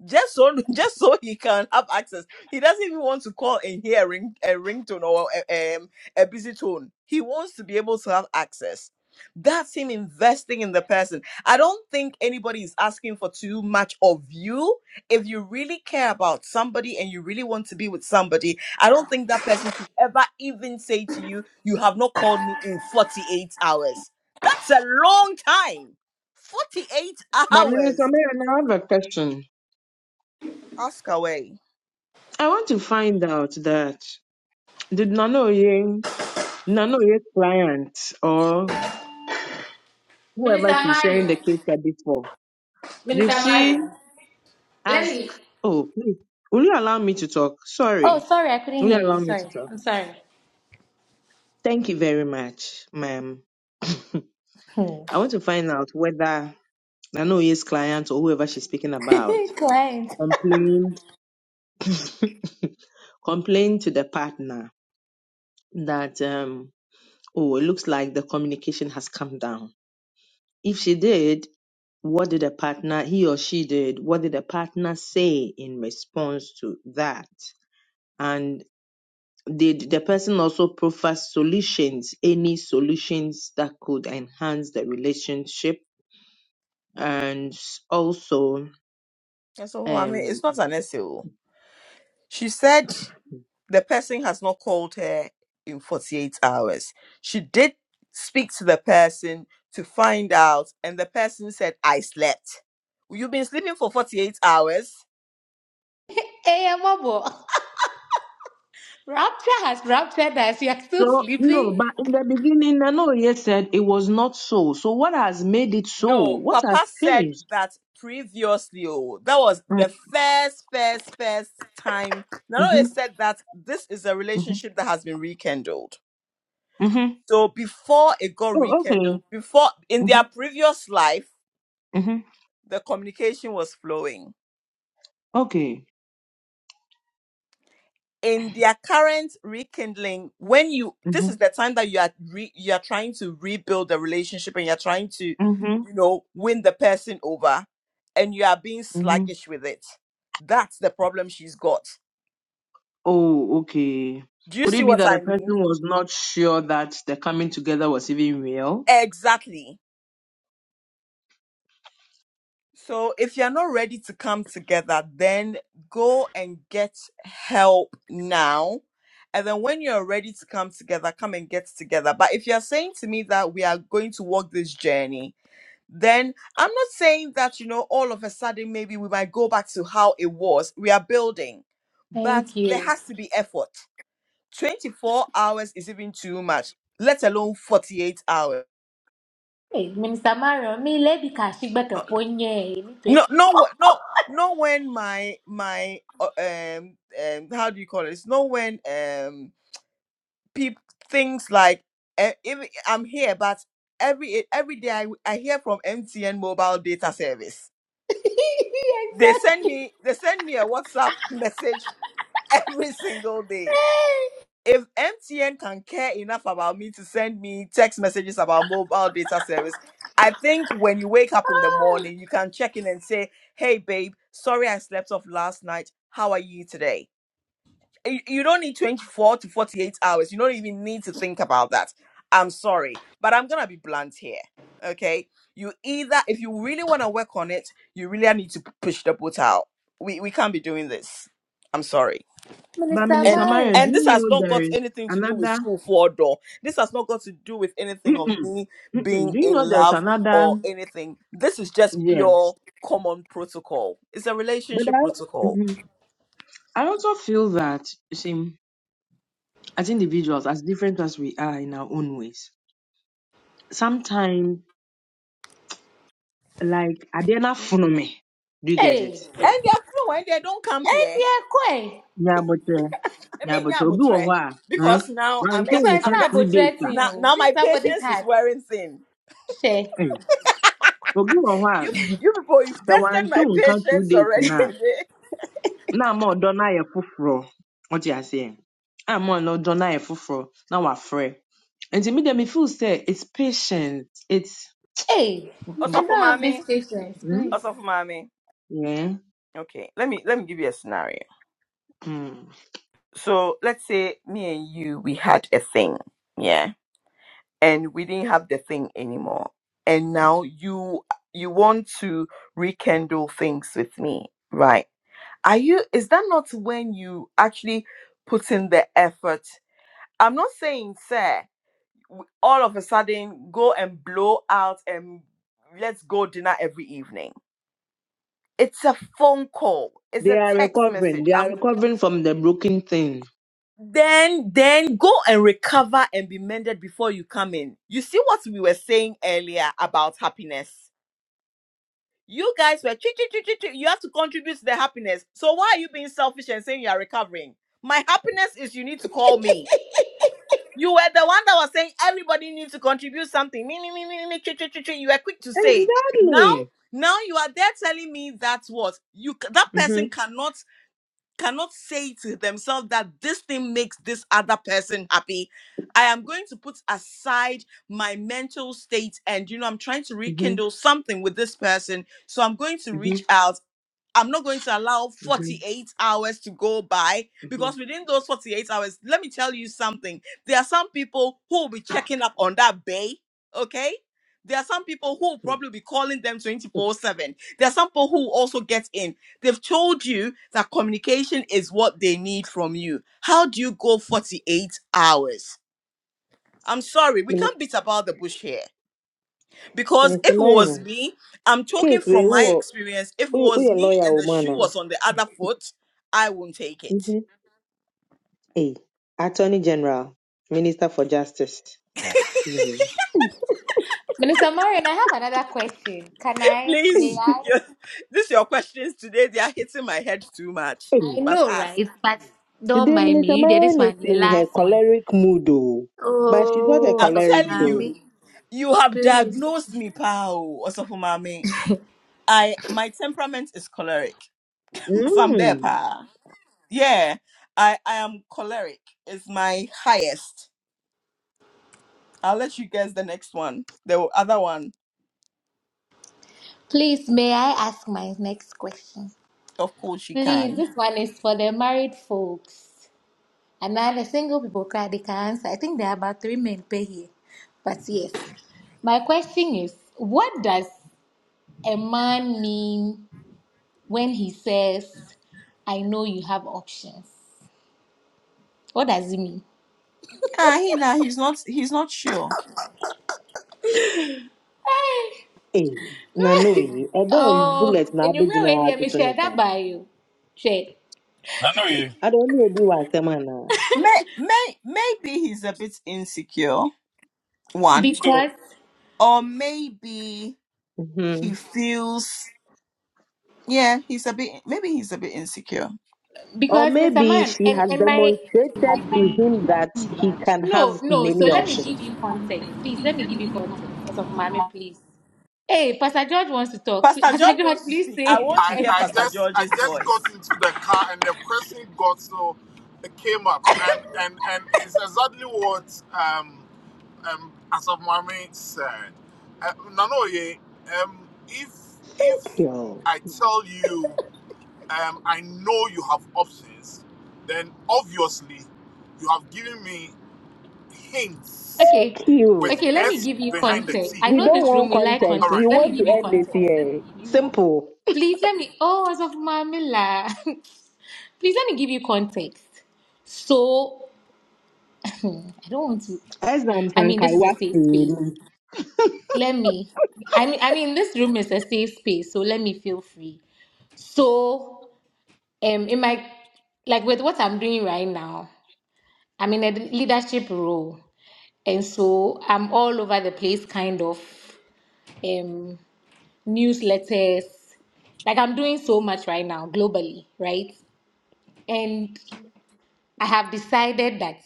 S1: just so just so he can have access. He doesn't even want to call and hear a ring a ringtone or a, um, a busy tone. He wants to be able to have access. That's him investing in the person. I don't think anybody is asking for too much of you. If you really care about somebody and you really want to be with somebody, I don't think that person should ever even say to you, You have not called me in 48 hours. That's a long time. 48
S3: But Minister
S1: hours.
S3: Marion, I have a question.
S1: Ask away.
S3: I want to find out that did Nana Oye Nanoye's client or
S5: Minister
S3: whoever she's sharing
S5: Mario.
S3: the case study for, did
S5: Minister
S3: she
S5: Mario. Let
S3: ask,
S5: me.
S3: oh, please, will you allow me to talk?
S5: Oh,
S3: Sorry,
S5: sorry, I couldn't
S3: will you
S5: hear
S3: allow
S5: you.
S3: me to
S5: Sorry,
S3: talk?
S5: I'm sorry.
S3: Thank you very much, ma'am.
S5: Hmm.
S3: I want to find out whether Nanoye's client or whoever she's speaking about
S5: Client.
S3: complained, complained to the partner that, um, oh, it looks like the communication has come down If she did, what did the partner, he or she did, what did the partner say in response to that? And did the person also proffer solutions, any solutions that could enhance the relationship? And also,
S1: And so, I mean,
S3: um,
S1: it's not an SEO. She said the person has not called her in 48 hours. She did speak to the person to find out, and the person said, I slept. You've been sleeping for 48 hours?
S5: Hey, Amobo. Rapture has raptured us. You are still
S3: so no,
S5: sleeping?
S3: but in the beginning, I know Nanoye said it was not so. So what has made it so?
S1: No,
S3: What has
S1: Papa said
S3: changed?
S1: that previously. Oh, that was the first, first, first time. Nano
S3: Mm-hmm,
S1: said that this is a
S3: mm-hmm,
S1: relationship that has been rekindled.
S3: mm-hmm.
S1: So before it got
S3: Oh, okay.
S1: rekindled, before in their
S3: Mm-hmm,
S1: previous life,
S3: mm-hmm.
S1: the communication was flowing
S3: Okay.
S1: in their current rekindling when you this is the time that you are re, you are trying to rebuild the relationship and you're trying to
S3: Mm-hmm,
S1: you know win the person over and you are being
S3: hmm
S1: sluggish with it that's the problem she's got
S3: Oh, okay.
S1: do you
S3: Could
S1: see
S3: it be
S1: what
S3: that the
S1: i mean
S3: person was not sure that the coming together was even real?
S1: exactly So if you're not ready to come together, then go and get help now. And then when you're ready to come together, come and get together. But if you're saying to me that we are going to walk this journey, then I'm not saying that, you know, all of a sudden maybe we might go back to how it was. We are building, but
S5: Thank
S1: there
S5: you.
S1: has to be effort. 24 hours is even too much, let alone 48 hours.
S5: Hey, Minister Mario. me lady Kashigba Kaponye.
S1: No, no, wh- no, not when my my uh, um um how do you call it? It's not when um people things like uh, if I'm here, but every e, every day I, I hear from MTN mobile data service. They send
S5: Exactly.
S1: me they send me a WhatsApp message every single day
S5: Hey,
S1: if MTN can care enough about me to send me text messages about mobile data service, I think when you wake up in the morning, you can check in and say, Hey, babe, sorry I slept off last night. How are you today? You you don't need 24 to 48 hours. You don't even need to think about that. I'm sorry, but I'm going to be blunt here. Okay. You either, if you really want to work on it, you really need to p- push the boat out. We, we can't be doing this. I'm sorry
S3: But
S5: Minister
S1: and
S3: Minister Marion, do
S5: Marion.
S1: and this
S3: you
S1: has
S3: know
S1: not
S3: there
S1: got
S3: is
S1: anything to do with
S3: another?
S1: school for door this has not got to do with anything of
S3: Mm-mm,
S1: me
S3: mm-mm. Do
S1: being
S3: you
S1: in
S3: know there's
S1: love or
S3: another?
S1: anything this is just
S3: Yes.
S1: pure common protocol it's a
S3: But
S1: relationship
S3: I,
S1: protocol
S3: mhm. I also feel that, you see, as individuals, as different as we are in our own ways, sometimes, like, Adena Funome, do you get it?
S5: Hey,
S1: and they're fluent they don't come
S5: hey,
S1: here
S5: dear Kwe.
S3: Yeah, but, uh,
S1: I
S3: yeah,
S1: mean,
S3: but,
S1: yeah,
S3: Obi
S1: but, eh,
S3: Wawa, huh?
S1: because now
S3: Now,
S1: i'm
S3: until
S5: This one
S3: we
S1: getting
S5: is
S1: i'm
S3: can't
S5: not
S1: getting
S3: two
S5: about threatening
S3: days,
S1: now
S5: you.
S1: now
S5: This is
S1: my
S5: somebody's
S1: patience is
S5: heart.
S1: wearing thin
S5: Share.
S3: obi wɔ hɔ a
S1: you you people you've
S3: sɛ
S1: tested
S3: wante
S1: my
S3: wo nka two
S1: patience
S3: days
S1: already
S3: no a
S1: today
S3: na ama ɔdɔ no ayɛ foforɔ wote aseɛ ama ɔdɔ no ayɛ foforɔ na wafrɛ nti me deɛ me feel sɛ it's patient it's
S5: Hey,
S1: also
S5: I don't
S3: mm,
S1: for
S5: have this
S1: mommy
S5: patience, please.
S1: also for mommy
S3: yeah.
S1: okay let me let me give you a scenario
S3: mm.
S1: So let's say me and you, we had a thing, yeah, and we didn't have the thing anymore. And now you you want to rekindle things with me, right? Are you? Is that not when you actually put in the effort? I'm not saying, sir, w- all of a sudden go and blow out and let's go dinner every evening. It's a phone call. It's
S3: they
S1: a
S3: are
S1: text
S3: recovering
S1: message.
S3: they are
S1: I'm
S3: recovering from the broken thing
S1: then then go and recover and be mended before you come in you see what we were saying earlier about happiness you guys were "Chee, chee, chee, chee, chee." you have to contribute to the happiness so why are you being selfish and saying you are recovering my happiness is you need to call me you were the one that was saying everybody needs to contribute something me me me me me me, chee, chee, chee, chee. you were quick to say now
S3: exactly
S1: now you are there telling me that what you c- that
S3: mm-hmm,
S1: person cannot cannot say to themselves that this thing makes this other person happy. I am going to put aside my mental state and, you know, I'm trying to
S3: mm-hmm,
S1: rekindle something with this person. So I'm going to reach out I'm not going to allow
S3: mm-hmm,
S1: 48 hours to go by
S3: mm-hmm.
S1: because within those 48 hours, let me tell you something. There are some people who will be checking up on that bay, okay? There are some people who will probably be calling them 24 7. There are some people who will also get in. They've told you that communication is what they need from you. How do you go 48 hours? I'm sorry, we can't beat about the bush here. Because if
S3: minister
S1: it was
S3: marion
S1: me, I'm talking
S3: case we
S1: from
S3: who
S1: my experience. If it
S3: who
S1: was
S3: woyɛ
S1: me
S3: lawyer
S1: and
S3: wɔ
S1: the
S3: mu
S1: shoe
S3: anaa
S1: was on the other foot, I won't take it.
S3: Hey, Attorney General, Minister for Justice. you know.
S5: Minister Marion, I have another question. Can I? May
S1: Please,
S5: I?
S1: your, this your questions today. They are hitting my head too much.
S3: Hey,
S5: I
S1: But
S5: know,
S1: ask.
S5: right? But don't
S3: today
S5: mind me.
S3: Minister
S5: You did this
S3: Marion is
S5: one, the
S3: in her
S5: last one.
S3: choleric mood, though. But she's not a
S5: Oh,
S1: I'm
S5: so for
S3: choleric,
S1: telling
S3: though.
S1: you,
S5: mommy,
S1: you have
S5: please.
S1: diagnosed me, pal. Osofumami. I my temperament is choleric. so I'm there,
S3: Mm.
S1: pa. Yeah, I I am choleric. It's my highest. I'll let you guess the next one. The other one,
S5: Please, may I ask my next question?
S1: of course, she
S5: Please,
S1: can.
S5: this one is for the married folks. I'm not a single people card they can answer. I think there are about three men per here. But yes. My question is, what does a man mean when he says, I know you have options? What does it mean?
S1: Ah, he nah, he's not he's not sure.
S3: Hey, na no, eh. Ebe
S5: Oh,
S3: bullet na
S5: and you know
S3: abegyina
S5: when they
S3: atutu ne
S5: share
S3: saa.
S5: that by you. Share.
S2: Nano ye,
S3: Ada only obi wa asem ana.
S1: May, may maybe he's a bit insecure, one.
S2: so
S5: Because
S1: Or maybe he
S3: Mhm.
S1: feels yeah, he's a bit maybe he's a bit insecure.
S3: Or
S5: because Mr.
S3: maybe
S5: Man
S3: she
S5: and,
S3: has
S5: and my
S3: demonstrated to him that he can
S5: no,
S3: have
S5: no, so
S3: many
S5: let me
S3: options.
S5: give you context. Please let me give you context. As of mommy, please. Hey, Pastor George wants to talk.
S1: Pastor
S5: Pastor
S1: George
S5: George,
S1: wants to
S5: please
S1: speak. I
S5: say.
S1: want to hear Pastor George's voice.
S3: Yo.
S5: okay,
S3: Q.
S5: okay. Let me give you context. I
S3: We
S5: know
S3: don't
S5: this room
S3: want
S5: we like
S3: contest. We
S5: context. Let me
S3: want to
S5: give you
S3: end this
S5: context.
S3: year. Simple.
S5: Please let me. Oh, as of Mamila. please let me give you context. So I don't want to.
S3: Exam
S5: I mean,
S3: Sankai
S5: this is a
S3: what
S5: safe space.
S3: And
S5: Let me. I mean, I mean, this room is a safe space, so let me feel free. So, um, in my like with what I'm doing right now, I'm in a leadership role. And so I'm all over the place, kind of um, newsletters. Like I'm doing so much right now globally, right? And I have decided that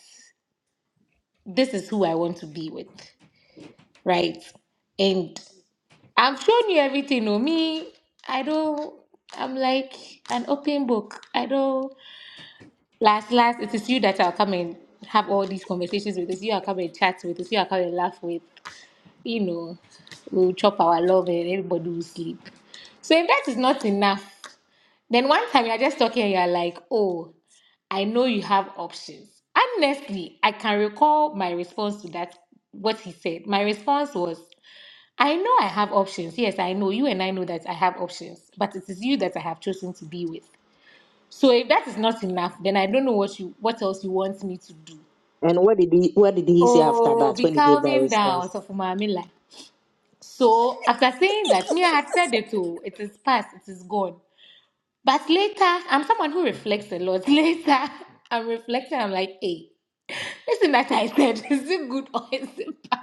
S5: this is who I want to be with, right? And I've shown you everything. No, me, I don't. I'm like an open book. I don't. Last, last, it is you that I'll come and have all these conversations with. It's you I'll come and chat with. It's you I'll come and laugh with. you know, we'll chop our love and everybody will sleep. So if that is not enough, then one time you're just talking and you're like, oh, I know you have options. Honestly, I can recall my response to that, what he said. My response was, I know I have options. Yes, I know you and I know that I have options, but it is you that I have chosen to be with. So if that is not enough, then I don't know what you what else you want me to do.
S3: what did he what did he say after
S5: Oh,
S3: that
S5: be
S3: when he gave that
S5: calming down,
S3: response?
S5: so for my So after saying that, me, I had said it too. It is past. It is gone. But later, I'm someone who reflects a lot. Later, I'm reflecting. I'm like, hey, listen, that I said, is it good or is it bad?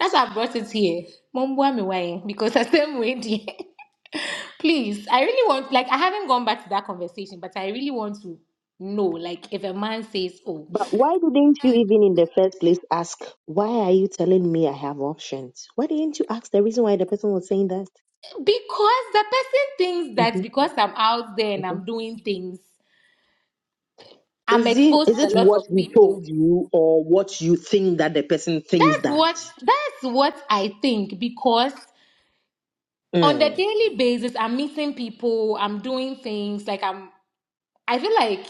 S5: That's why I brought it here. Mumbwa me why? Because the same way, dear. Please, I really want. Like, I haven't gone back to that conversation, but I really want to know. like if a man says oh
S3: But why didn't you even in the first place ask, why are you telling me I have options? Why didn't you ask the reason why the person was saying that?
S5: because the person thinks that
S3: Mhm,
S5: because i'm out there and
S3: mhm.
S5: i'm doing things i'm
S3: Is it
S5: exposed
S3: is
S5: to a
S3: it
S5: lot
S3: what
S5: of
S3: he
S5: people
S3: told you or what you think that the person thinks
S5: That's
S3: that?
S5: what that's what I think because on the
S3: Mm.
S5: daily basis I'm meeting people, I'm doing things like I'm I feel like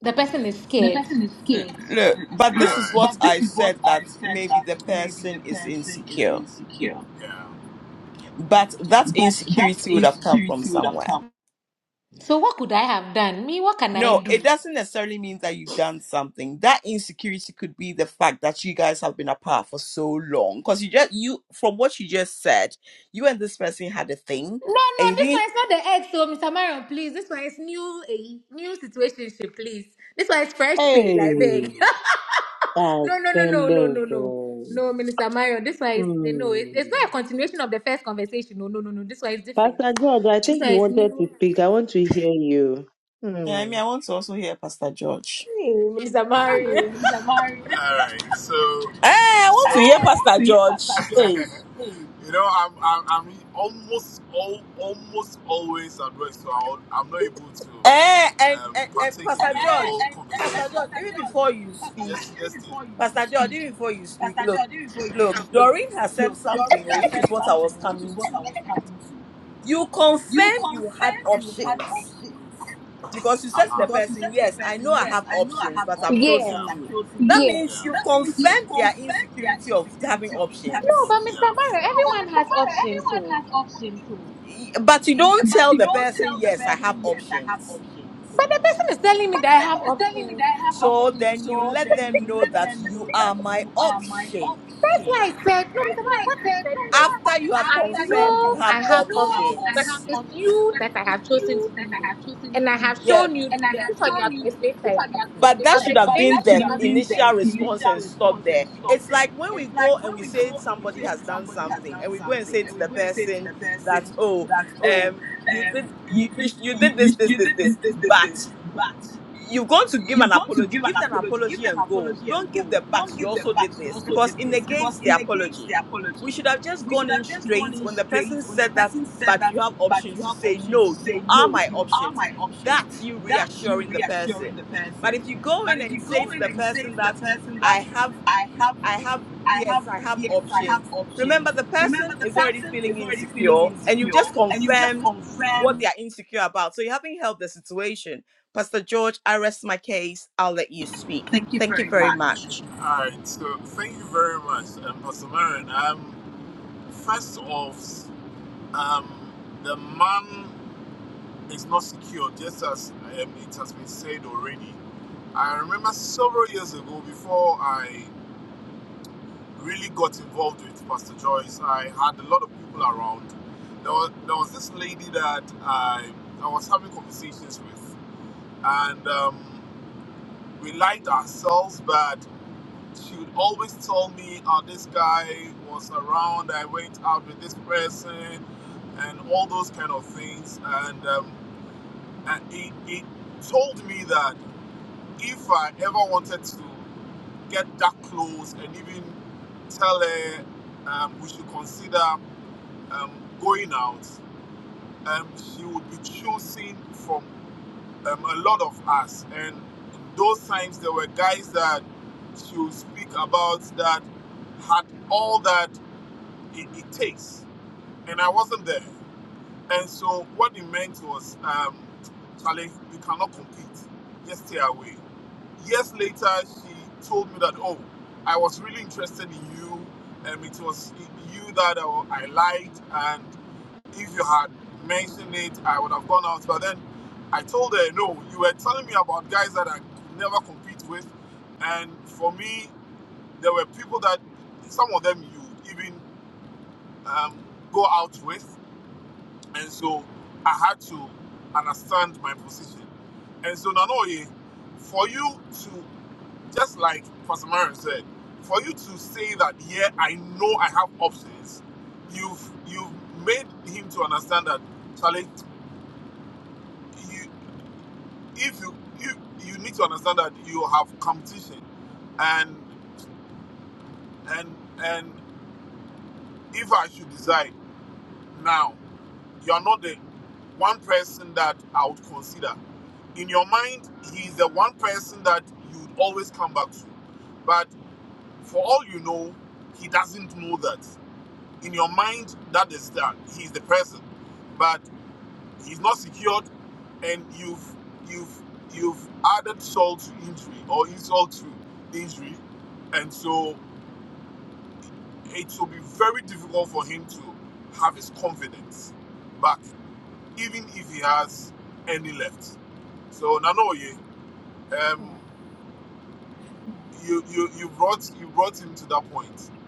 S5: the person is scared.
S1: L- Look, but this is what I said that maybe the person is insecure. But that insecurity would have come from somewhere.
S5: So what could I have done? Me, what can I
S1: No,
S5: do?
S1: it
S5: No,
S1: doesn't necessarily mean that you've done something. That insecurity could be the fact that you guys have been apart for so long. Because you just you from what you just said, you and this person had a thing, and
S5: no,
S1: you
S5: this one
S1: didn't.
S5: is not the ex, so Mr. Marion, please. This one is new a new situationship, please. This one is fresh page, I
S3: Hey,
S5: beg. no, no, no, no, no,
S3: ascending.
S5: no, no. No, Minister Marion, this one is no, it, it's
S3: Hmm.
S5: not a continuation of the first conversation. No, no, no, no. This one is different.
S3: Pastor George, I
S5: This
S3: think
S5: one
S3: you
S5: is
S3: wanted to
S5: new.
S3: speak. I want to hear you.
S1: I
S3: Hmm.
S1: mean, I want to also hear Pastor George.
S5: Hey, Minister Mari.
S1: Eh, I want to hear Pastor George. Eh, eh, and, and, and Pastor George, Pastor George. Even before you speak, Pastor George. Even before you speak, look, look. Doreen has said something, oh, which is what I was coming to. You confirmed you had options because you said to the person, Yes, I know I have options, but I've
S5: Yes,
S1: chosen you. That
S5: yes.
S1: means you've confirmed their insecurity of having
S5: No,
S1: options.
S5: but Mr. Barrow, everyone has options, so.
S1: Y- But you don't tell the person, Yes, I have options.
S5: But the person is telling me that I have options.
S1: So then you let them know that you are my option.
S5: That's why I said, no, Mr. Barrow, what I said was,
S1: After you have
S5: I
S1: confirmed you
S5: know
S1: have
S5: I have options, but
S1: options.
S5: it is you that I have chosen to be with. And I have
S1: Yeah,
S5: shown you that. This one you are going to explain, Sarah, but
S1: but that
S5: I've
S1: should have
S5: explained
S1: been
S5: to
S1: the
S5: you.
S1: initial response and stop there. It's like when we go and we say somebody has done something, and we go and say to the person that, oh, um, you did you, you, you did this this this this, but you've gone to give an apology, give an apology and go. Don't give the but you also did this because it negates the apology. We should have just gone in straight when the person said that, but you have options to say, no, you are my options. That's you reassuring the person. But if you go in and say to the person that, I have I have, yes, I have options. Remember, the person is already feeling insecure, and you've just confirmed what they are insecure about. So you haven't helped the situation. Pastor George, I rest my case. I'll let you speak. Thank you very much.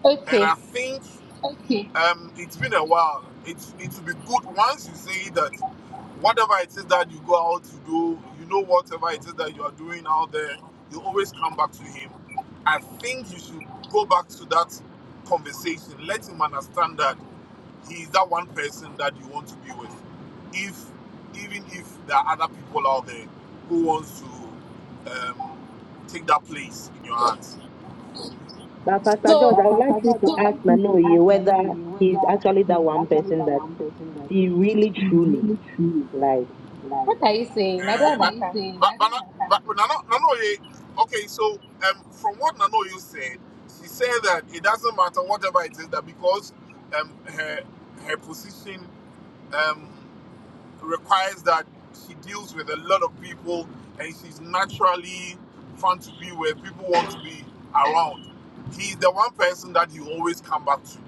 S5: Okay,
S3: But Pastor George,
S5: so
S3: I would like you to ask Nanoye whether he's actually that one person that he really truly like.
S5: what are you saying? I don't understand.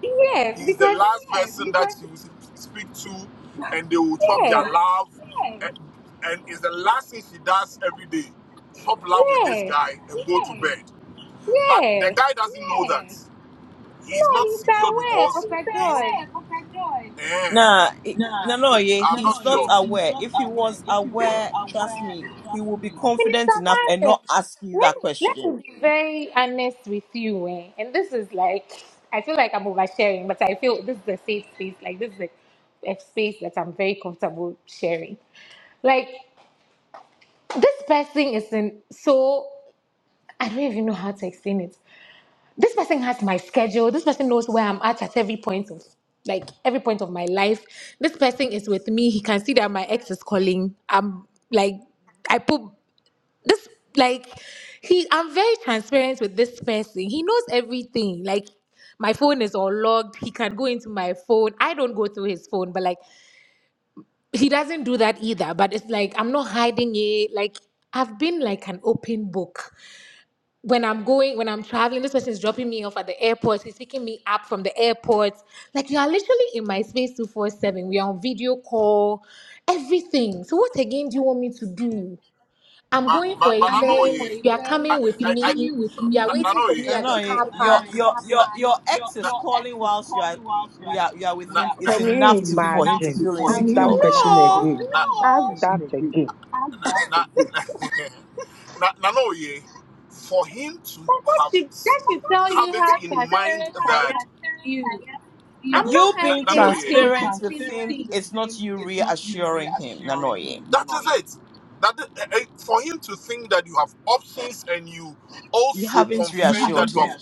S5: Yes, because yes, yes, yes. No, he's aware, Pastor George.
S1: Nah, i- no, no, yeah, he's not aware. If he was aware, trust me, he will be
S5: Minister
S1: confident enough and
S5: Mario,
S1: not ask you
S5: let
S1: that
S5: me, let
S1: question.
S5: me be very honest with you. Eh? And this is like, I feel like I'm oversharing, but I feel this is a safe space. Like, this is a, a space that I'm very comfortable sharing. Like, this person is in so, I don't even know how to explain it. This person has my schedule. This person knows where I'm at at every point of like every point of my life. This person is with me. He can see that my ex is calling. I'm like I put this like he i'm very transparent with this person he knows everything like my phone is unlocked he can go into my phone i don't go through his phone but like he doesn't do that either but it's like i'm not hiding it like i've been like an open book when i'm going when i'm traveling this person is dropping me off at the airport he's picking me up from the airport like you are literally in my space 247 we are on video call everything so what again do you want me to do I'm going for events. You are coming with me. You are waiting for me
S1: No,
S5: at
S1: no,
S5: the
S1: eh,
S5: car
S1: your
S5: park.
S1: your your your ex is calling whilst you are we are you are with him is
S3: Can you
S1: enough to for him to
S3: imagine?
S1: feel
S3: Ask
S1: insecure.
S3: that question
S5: No,
S3: again. Ask that again.
S5: that should, that should tell you how transparent I am with you. I'm
S1: You
S5: not
S1: being
S5: hiding anything.
S1: transparent
S5: But
S1: with him is not you reassuring him, Nanoye. You haven't reassured him.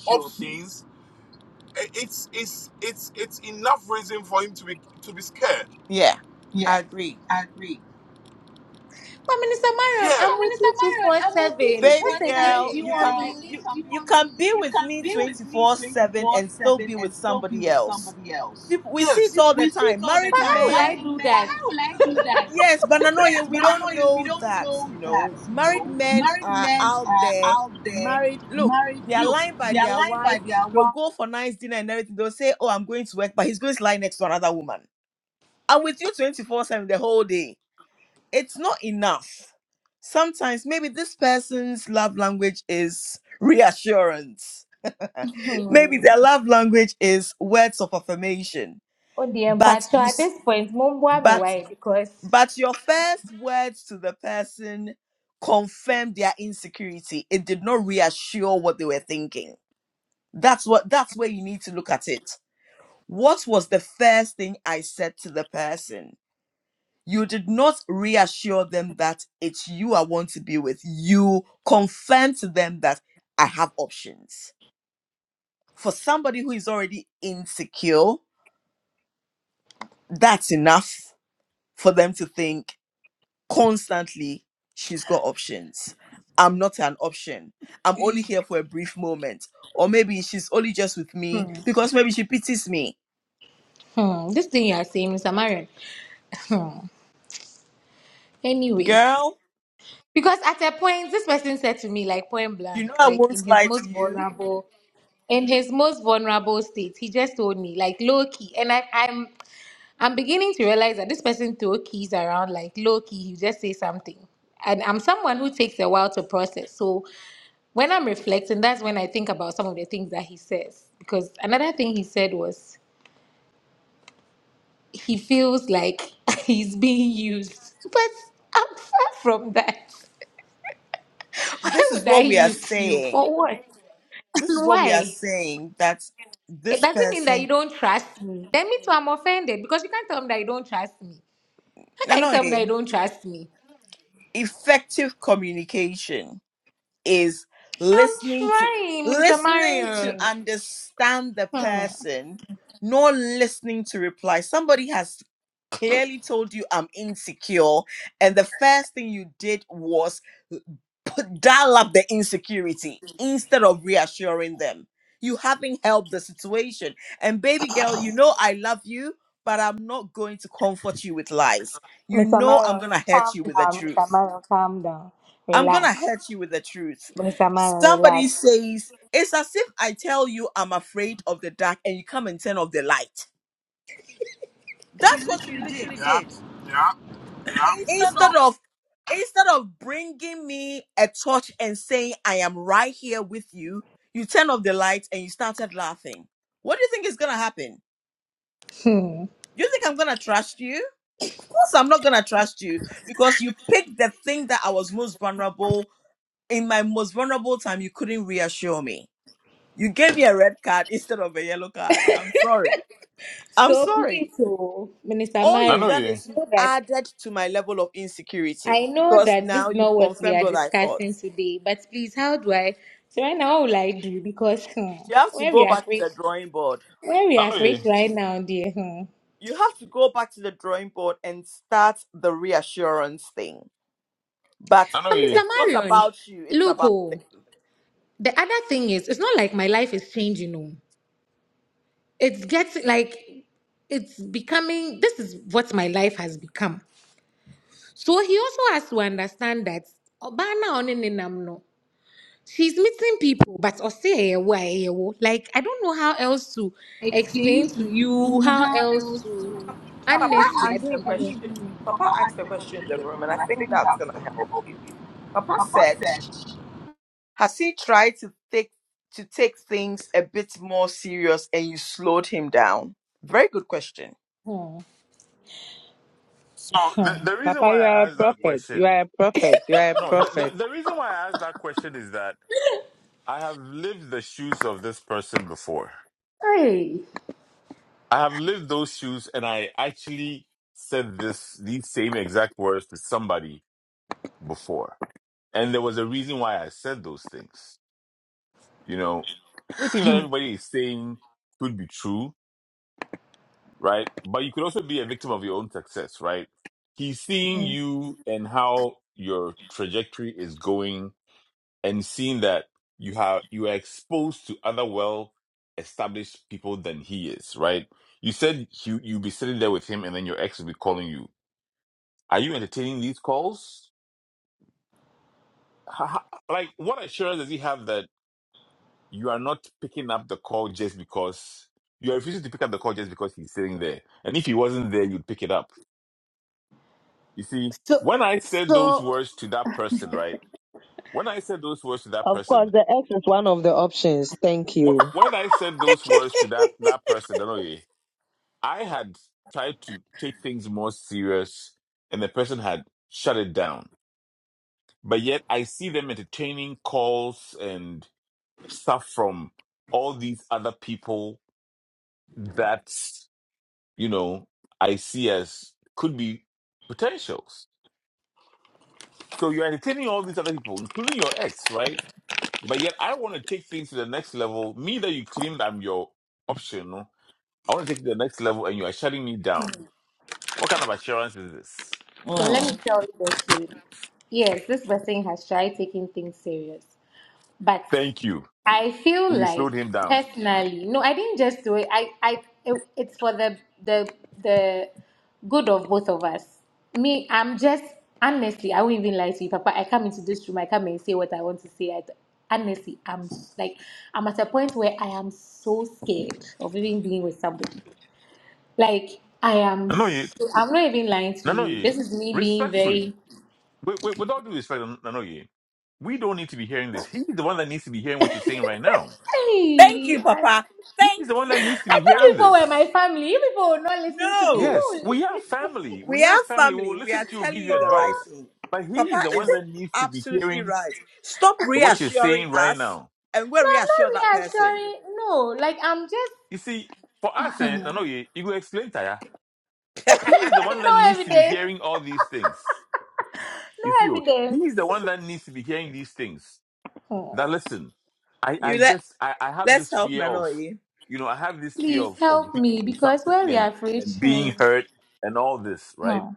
S1: Yeah, I agree.
S5: Minister Marion, I'm with you 247. What
S1: Baby
S5: again
S1: girl,
S5: do you
S1: you
S5: want
S1: can
S5: me?
S1: be you you can be with me 24/7 and still be with somebody else. People, we see it all the time. Married
S5: How will
S1: men
S5: I do that?
S1: Yes, but Nanoye, we don't know that, you know. Married men are out there, married. Look, they are lying by their wife. They'll go for nice dinner and everything. They'll say, Oh, I'm going to work, but he's going to lie next to another woman. I'm with you 24 7 the whole day. It's not enough. Sometimes maybe this person's love language is reassurance. Maybe
S5: Hmm.
S1: their love language is words of affirmation.
S5: Oh dear,
S1: But
S5: Mpacho,
S1: you,
S5: at
S1: s-
S5: this point, Mumbwa me
S1: but
S5: why because
S1: But your first words to the person confirmed their insecurity. It did not reassure what they were thinking. That's what that's where you need to look at it. What was the first thing I said to the person? You did not reassure them that it's you I want to be with. You confirmed to them that I have options. For somebody who is already insecure, that's enough for them to think constantly she's got options i'm not an option i'm only here for a brief moment or maybe she's only just with me
S5: hmm,
S1: because maybe she pities me
S5: hmm, this thing you are saying, Mr. Marion. Hmm. Anyways.
S1: girl
S5: Because at a point, this person said to me, like point
S1: you know
S5: blank,
S1: i
S5: like in
S1: won't
S5: his
S1: lie to
S5: most
S1: you
S5: vulnerable, in his most vulnerable state, he just told me, like low key, and I, I'm, I'm beginning to realize that this person throw keys around, like low key, he just say something, and I'm someone who takes a while to process. So when I'm reflecting, that's when I think about some of the things that he says. Because another thing he said was he feels like he's being used, but I'm far from that. Why
S1: this is
S5: would I
S1: what we are
S5: use you
S1: saying
S5: for what?
S1: this is what we are
S5: Why?
S1: saying that
S5: It
S1: this
S5: doesn't mean that you
S1: person
S5: don't trust me. Then me means I'm offended because you can't tell me that you don't trust me. How
S1: no
S5: can you
S1: no
S5: tell me that
S1: eh,
S5: you don't trust me?
S1: effective communication is
S5: I'm
S1: listening to
S5: trying, Mr.
S1: listening to
S5: Marion.
S1: understand the
S5: Hmm.
S1: person not listening to reply somebody has clearly told you i'm insecure and the first thing you did was put, dial up the insecurity instead of reassuring them you haven't helped the situation and baby girl you know i love you but i'm not going to comfort you with lies you
S5: Mr.
S1: know i'm
S5: Marion,
S1: going to hurt
S5: calm
S1: you with the
S5: down.
S1: truth
S5: Mr. Marion, calm down.
S1: I'm gonna
S5: Relax.
S1: hurt you with the truth.
S5: Mr. Marion,
S1: Somebody
S5: relax.
S1: says, It's as if I tell you I'm afraid of the dark and you come and turn off the light. That's what you literally did. Instead of instead of bringing me a torch and saying I am right here with you, you turn off the light and you started laughing. What do you think is gonna happen?
S5: Hmm.
S1: You think I'm gonna trust you? Of course I'm not gonna trust you because you picked the thing that I was most vulnerable in my most vulnerable time. You couldn't reassure me You gave me a red card instead of a yellow card. I'm sorry. I'm
S5: So please,
S1: sorry.
S5: oh, Minister
S1: All you've
S2: Nano
S5: Marion,
S1: done
S5: I
S2: ye,
S1: is you've
S5: know that
S1: added to my level of insecurity
S5: I know
S1: because
S5: that this
S1: now
S5: is
S1: you've
S5: not what we
S1: confirmed
S5: are
S1: what I thought.
S5: discussing today, but please, how do I? So right now, what will I do? Because hmm,
S1: You have to
S5: when we
S1: go
S5: are
S1: back to
S5: free.
S1: the drawing board.
S5: Where we are
S2: Nano
S5: rich
S2: ye,
S5: right now, dear. Hmm.
S1: You have to go back to the drawing board and start the reassurance thing. But
S2: Nano
S5: But Mr.
S2: ye.
S1: it's not
S5: Marion,
S1: about you, it's
S5: look,
S1: about
S5: oh, the other thing is, it's not like my life is changing. No, it's getting like it's becoming. This is what my life has become. So he also has to understand that. Obana on no. She's meeting people, but say why like I don't know how else to explain to you, how else to
S1: them. Papa
S5: honestly, I
S1: asked
S5: don't
S1: a
S5: even
S1: question. Papa asked a question in the room, and I think that's going to help you. Papa said, Has he tried to take to take things a bit more serious and you slowed him down? Very good question.
S5: know.
S2: So
S5: Hmm.
S2: the
S5: Hmm.
S2: the reason
S3: Papa,
S2: why
S3: you are
S2: I
S3: a
S2: asked that
S3: prophet. You
S2: question,
S3: are a prophet. You are a
S2: no, the, the
S3: prophet.
S2: the reason why I asked that question is that I have lived the shoes of this person before.
S5: Hey.
S2: I have lived those shoes, and I actually said this these same exact words to somebody before And there was a reason why I said those things. You know, everything that everybody is saying could be true, right? But you could also be a victim of your own success, right? He's seeing you and how your trajectory is going and seeing that you have you are exposed to other well established people than he is, right? You said you you be sitting there with him and then your ex will be calling you. Are you entertaining these calls? Ha- ha- Like what assurance does he have that you are not picking up the call just because you are refusing to pick up the call just because he's sitting there. And if he wasn't there, you'd pick it up. You see,
S5: So,
S2: when I said those
S5: so
S2: words to that person, right? When I said those words to that
S3: Of course,
S2: person,
S3: the X is one of the options. Thank
S2: what
S3: you.
S2: when I said those words to that that person, don't know ye, I had tried to take things more serious, and the person had shut it down. But yet, I see them entertaining calls and stuff from all these other people that you know, I see as could be potentials. So you're entertaining all these other people, including your ex, right? But yet I want to take things to the next level. Me that you claimed I'm your option, no? I want to take it to the next level and you are shutting me down. What kind of assurance is this?
S5: So let
S1: Mm.
S5: me tell you the truth. Yes, this person has tried taking things serious, but
S2: Thank you.
S5: I feel
S2: And you
S5: like
S2: slowed him down.
S5: personally, no, I didn't just do it. I, I, it, it's for the the the good of both of us. Me, I'm just honestly, I won't even lie to you, Papa. I come into this room, I come and say what I want to say. I, honestly, I'm s- like, I'm at a point where I am so scared of even being with somebody. Like, I am,
S2: Nanoye,
S5: so, I'm not even lying to you.
S2: Nanoye,
S5: This is me being
S2: respectfully,
S5: very
S2: with, with, with all due respect, Nanoye, we don't need to be hearing this. He's the one that needs to be hearing what you're saying right now.
S1: Thank
S5: Hey,
S1: you,
S5: I,
S1: Papa.
S2: He's
S1: Thank
S2: the one that
S5: I
S1: you,
S2: needs to be
S5: thought you
S1: Papa.
S2: hearing
S5: people were
S2: this.
S5: my family. You people will not listen to me. Who
S1: No,
S2: Yes,
S5: will
S2: we are
S5: listen to me?
S2: family.
S1: we
S2: We
S1: are
S2: are family. We
S1: family.
S2: will
S1: We
S2: listen
S1: are
S2: to you,
S1: telling
S2: give you
S5: No,
S1: you the right
S2: advice.
S1: thing.
S2: But he
S1: Papa
S2: is the one
S1: is
S2: that needs to be
S1: absolutely
S2: hearing
S1: right. Stop
S2: what you're
S1: reassuring
S2: saying right
S1: us
S2: now.
S1: and we'll
S5: no, I'm
S1: reassure that
S5: not
S1: person.
S5: reassuring. No, like I'm just
S2: You see, for us, and
S5: Hmm.
S2: I know you, you will explain, Taya, he is the one
S5: no
S2: that needs to be
S5: evidence.
S2: hearing all these things.
S5: No
S2: You see, oh,
S5: evidence.
S2: he is the one that needs to be hearing these things. That
S5: Oh,
S2: listen, I,
S1: You
S2: I
S1: let
S2: just, I, I have
S1: let's
S2: this
S1: help
S2: fear of,
S1: Nanoi.
S2: you know, I have this fear
S5: please
S2: of, of
S5: help
S2: being
S5: me
S2: in
S5: because
S2: something
S5: when we
S2: and,
S5: are free,
S2: and
S5: hmm,
S2: being hurt and all this, right?
S5: hmm,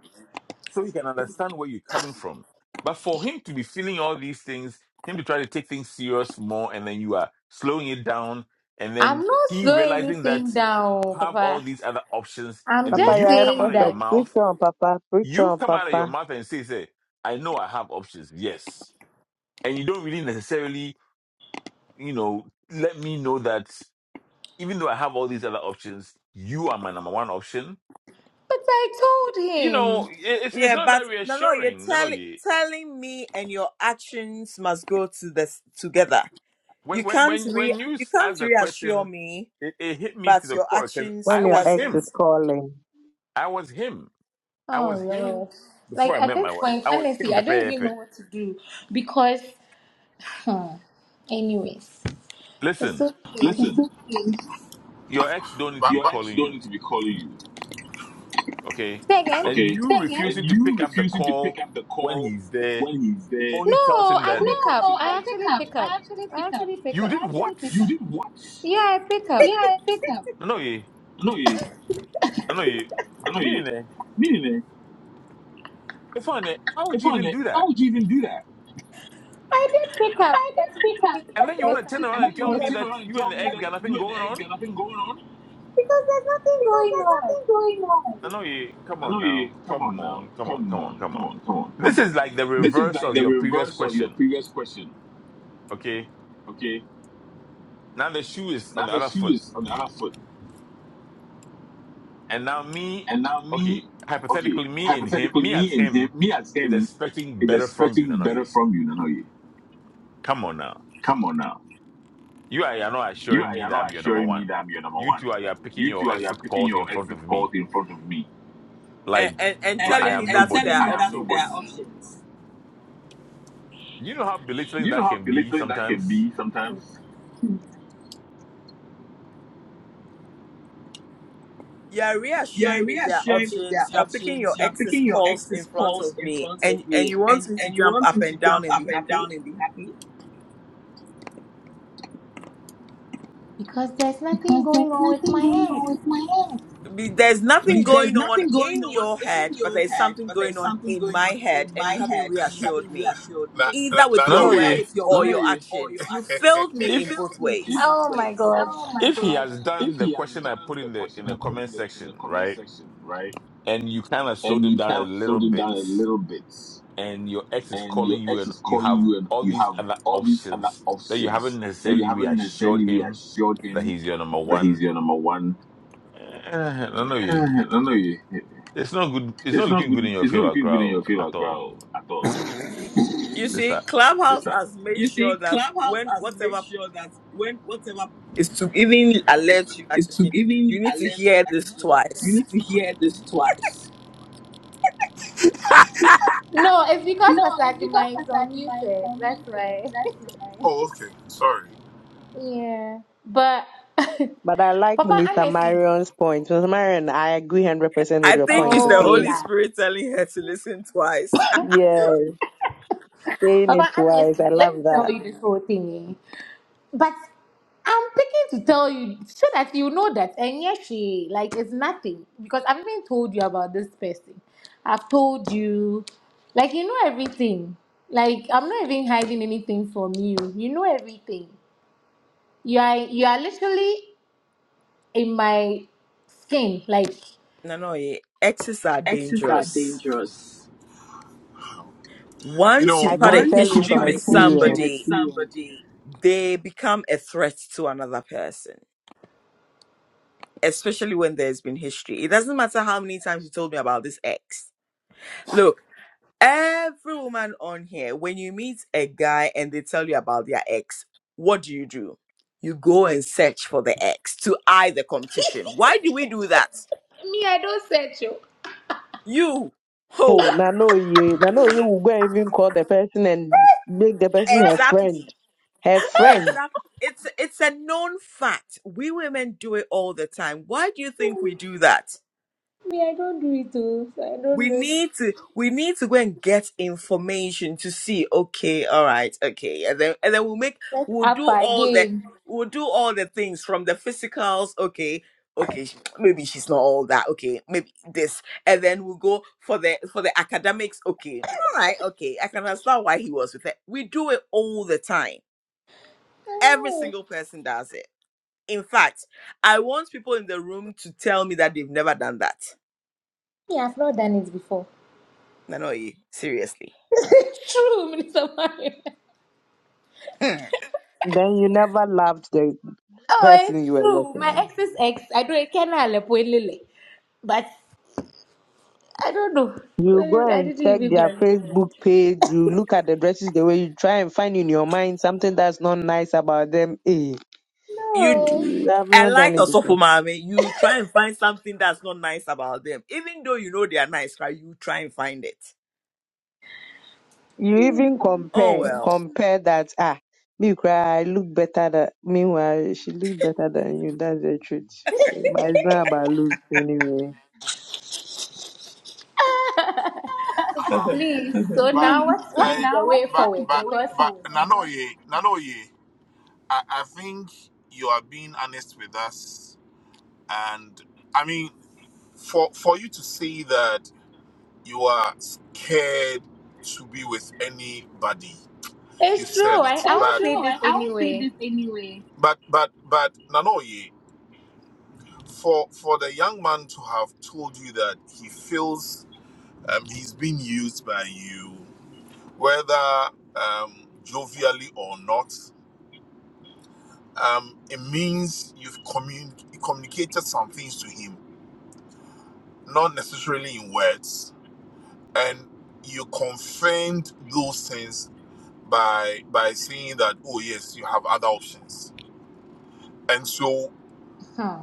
S2: so he can understand where you're coming from. But for him to be feeling all these things, him to try to take things serious more, and then you are slowing it down, and
S5: I'm
S2: then
S5: not
S2: he
S5: slowing
S2: realizing that
S5: anything down,
S2: you have all
S5: Papa.
S2: these other options,
S5: I'm
S2: and then
S3: Papa, you
S5: just
S2: you
S3: are a
S2: come out
S5: saying
S2: of your
S3: prophet.
S5: that.
S3: Preach
S2: mouth,
S3: on, Papa. Preach
S2: you
S3: on,
S2: come out of your
S3: Papa.
S2: mouth and say, "Say, I know I have options, yes," and you don't really necessarily, you know, let me know that even though I have all these other options, you are my number one option.
S5: But I told
S2: You know,
S5: him.
S2: it- it's it's
S1: Yeah,
S2: not
S1: but
S2: that
S1: no, no, you're
S2: reassuring. No, no,
S1: telling
S2: yeah.
S1: telling me, and your actions must go to this together.
S2: When
S1: You
S2: when
S1: can't
S2: when,
S1: re
S2: when you
S1: you
S2: s-
S1: can't
S2: asked the
S1: reassure
S2: question,
S1: me,
S2: it, it hit me
S1: but
S2: to the
S1: your
S2: core because
S1: actions
S3: When
S2: I
S3: your
S2: was
S3: ex
S1: doesn't,
S3: is
S2: him.
S3: calling.
S2: I was him. I
S5: Oh
S2: was him
S5: Lord.
S2: before
S5: Like
S2: I
S5: at
S2: met my
S5: this
S2: wife.
S5: point,
S2: I was
S5: honestly,
S2: him.
S5: I don't
S2: Pepe,
S5: even
S2: pepe.
S5: know what to do because Hmm. Anyways, it's
S2: Listen,
S5: okay.
S2: your ex don't need to be calling you, okay?
S5: Say
S2: And
S5: again?
S2: you refusing to pick up the call when he's there only
S5: No,
S2: tells him
S5: I
S2: that
S5: pick up. I actually pick up. I actually pick
S2: you
S5: up.
S2: did what?
S5: Yeah, I pick up.
S2: No, no, you, no, no, you. Meaning, eh? If I, eh, why would you even do that?
S5: I did pick up. But you don't think
S2: And
S5: that
S2: then you
S5: there's
S2: want to turn
S5: something
S2: around and tell me
S5: because
S2: that you and the ex got nothing going on?
S5: because there's nothing going on.
S2: I know you. Come on now. Come on. Come on. Come on. Come on. This is like the reverse of your previous question. Okay. Now the shoe is on the other foot, and now me. Okay. Hypothetically, me and him, me as him, is expecting better from you, Nanoye. Come on now. You are, you are not assuring me that I'm your number one. You two are you are picking your exit calls in front of me,
S1: and
S2: like
S1: and, and
S2: I
S1: telling me
S2: am
S1: that there
S2: nobody.
S1: are options.
S2: You know how belittling that can be sometimes.
S1: You're reassuring me there are options. You're picking your ex's calls in front of me, and and you want me to jump up and down and be happy.
S5: Because there's nothing going on with my ex.
S1: be- there's nothing going on in your head, but there's something going on in my head, and you haven't reassured me, either with
S2: No,
S1: your
S2: no, yeah.
S1: words or your actions. You failed me in
S2: If
S1: both ways.
S5: Oh my god.
S2: if he has done the question I put in the in the comment section, right, and you kind of slowed him down a little bit, and your ex is calling you, and you have all these other options that you haven't necessarily reassured him that he's your number one. Eh, no, no, eh, eh, it's not good. It's not looking good in your favor, crowd at all,
S1: You see,
S2: sister.
S1: Clubhouse has made sure that when whatever is to even alert you, actually, you need to hear this twice.
S5: No, it's because Pastor Agima is unmuted. That's why. yeah. But
S3: But I like
S5: Papa,
S3: Minister
S5: honestly.
S3: Marion's point. Minister Marion, I agree 100% with
S1: I
S3: your
S1: think
S3: point,
S1: it's the
S5: Oh
S3: okay?
S1: Holy
S5: la.
S1: Spirit telling her to listen twice.
S3: Yes. Saying it
S5: Papa,
S3: wise, I
S5: honestly,
S3: love
S5: let me tell
S3: that.
S5: you this whole thing. eh. But I'm picking to tell you so that you know that and yes, she like it's nothing because I've even told you about this person. I've told you, like you know everything. Like I'm not even hiding anything from you. You know everything. You are you are literally in my skin. Like
S1: no, no, eh, exes are dangerous. Once you've
S3: I
S1: had a
S3: can tell you
S1: history
S3: from
S1: with
S3: experience.
S1: somebody, they become a threat to another person, especially when there's been history. It doesn't matter how many times you told me about this ex. Look, every woman on here, when you meet a guy and they tell you about their ex, what do you do? You go and search for the ex to eye the competition. Why do we do that?
S5: me, I don't search you.
S1: You,
S3: Oh,
S1: ho,
S3: na no ye, na no ye will go and even call the person and make the person her friend,
S1: exactly.
S3: her friend.
S1: Exactly. It's it's a known fact. We women do it all the time. Why do you think we do that?
S5: Me, I don't do it too. So I
S1: We
S5: don't know.
S1: need to we need to go and get information to see, okay, all right, okay. And then and then we'll make we'll do
S5: Upper
S1: all the
S5: game.
S1: we'll do all the things from the physicals, okay, okay, sh- maybe she's not all that, okay, maybe this. And then we'll go for the for the academics, okay. All right, okay. I can understand why he was with it. We do it all the time. Every
S5: Oh,
S1: single person does it In fact, I want people in the room to tell me that they've never done that.
S5: me, I've not done it before.
S1: Nanoye, seriously.
S5: True, Minister Mario.
S1: Hmm.
S3: Then you never loved the
S5: Oh,
S3: person
S5: it's
S3: you were
S5: true.
S3: working
S5: My
S3: with.
S5: ex is ex. I don't I can Lily, But I don't know.
S3: You go
S5: Well, I
S3: and
S5: didn't
S3: check
S5: even go.
S3: their
S5: and look
S3: Facebook page, you look at the dresses the way you try and find in your mind something that's not nice about them. Eh,
S1: You, d-
S3: you have
S1: I
S3: not
S1: like
S3: done it before.
S1: Osofo Mame. You try and find something that's not nice about them, even though you know they are nice. right? You try and find it.
S3: You even
S1: Oh
S3: compare,
S1: well.
S3: compare that. Ah, me cry, I look better than, meanwhile, she looks better than you. That's the truth. But it's not about looks anyway.
S5: No. Please. So now what what is the way forward? Because it's true. I, I won't say this anyway. Hmm.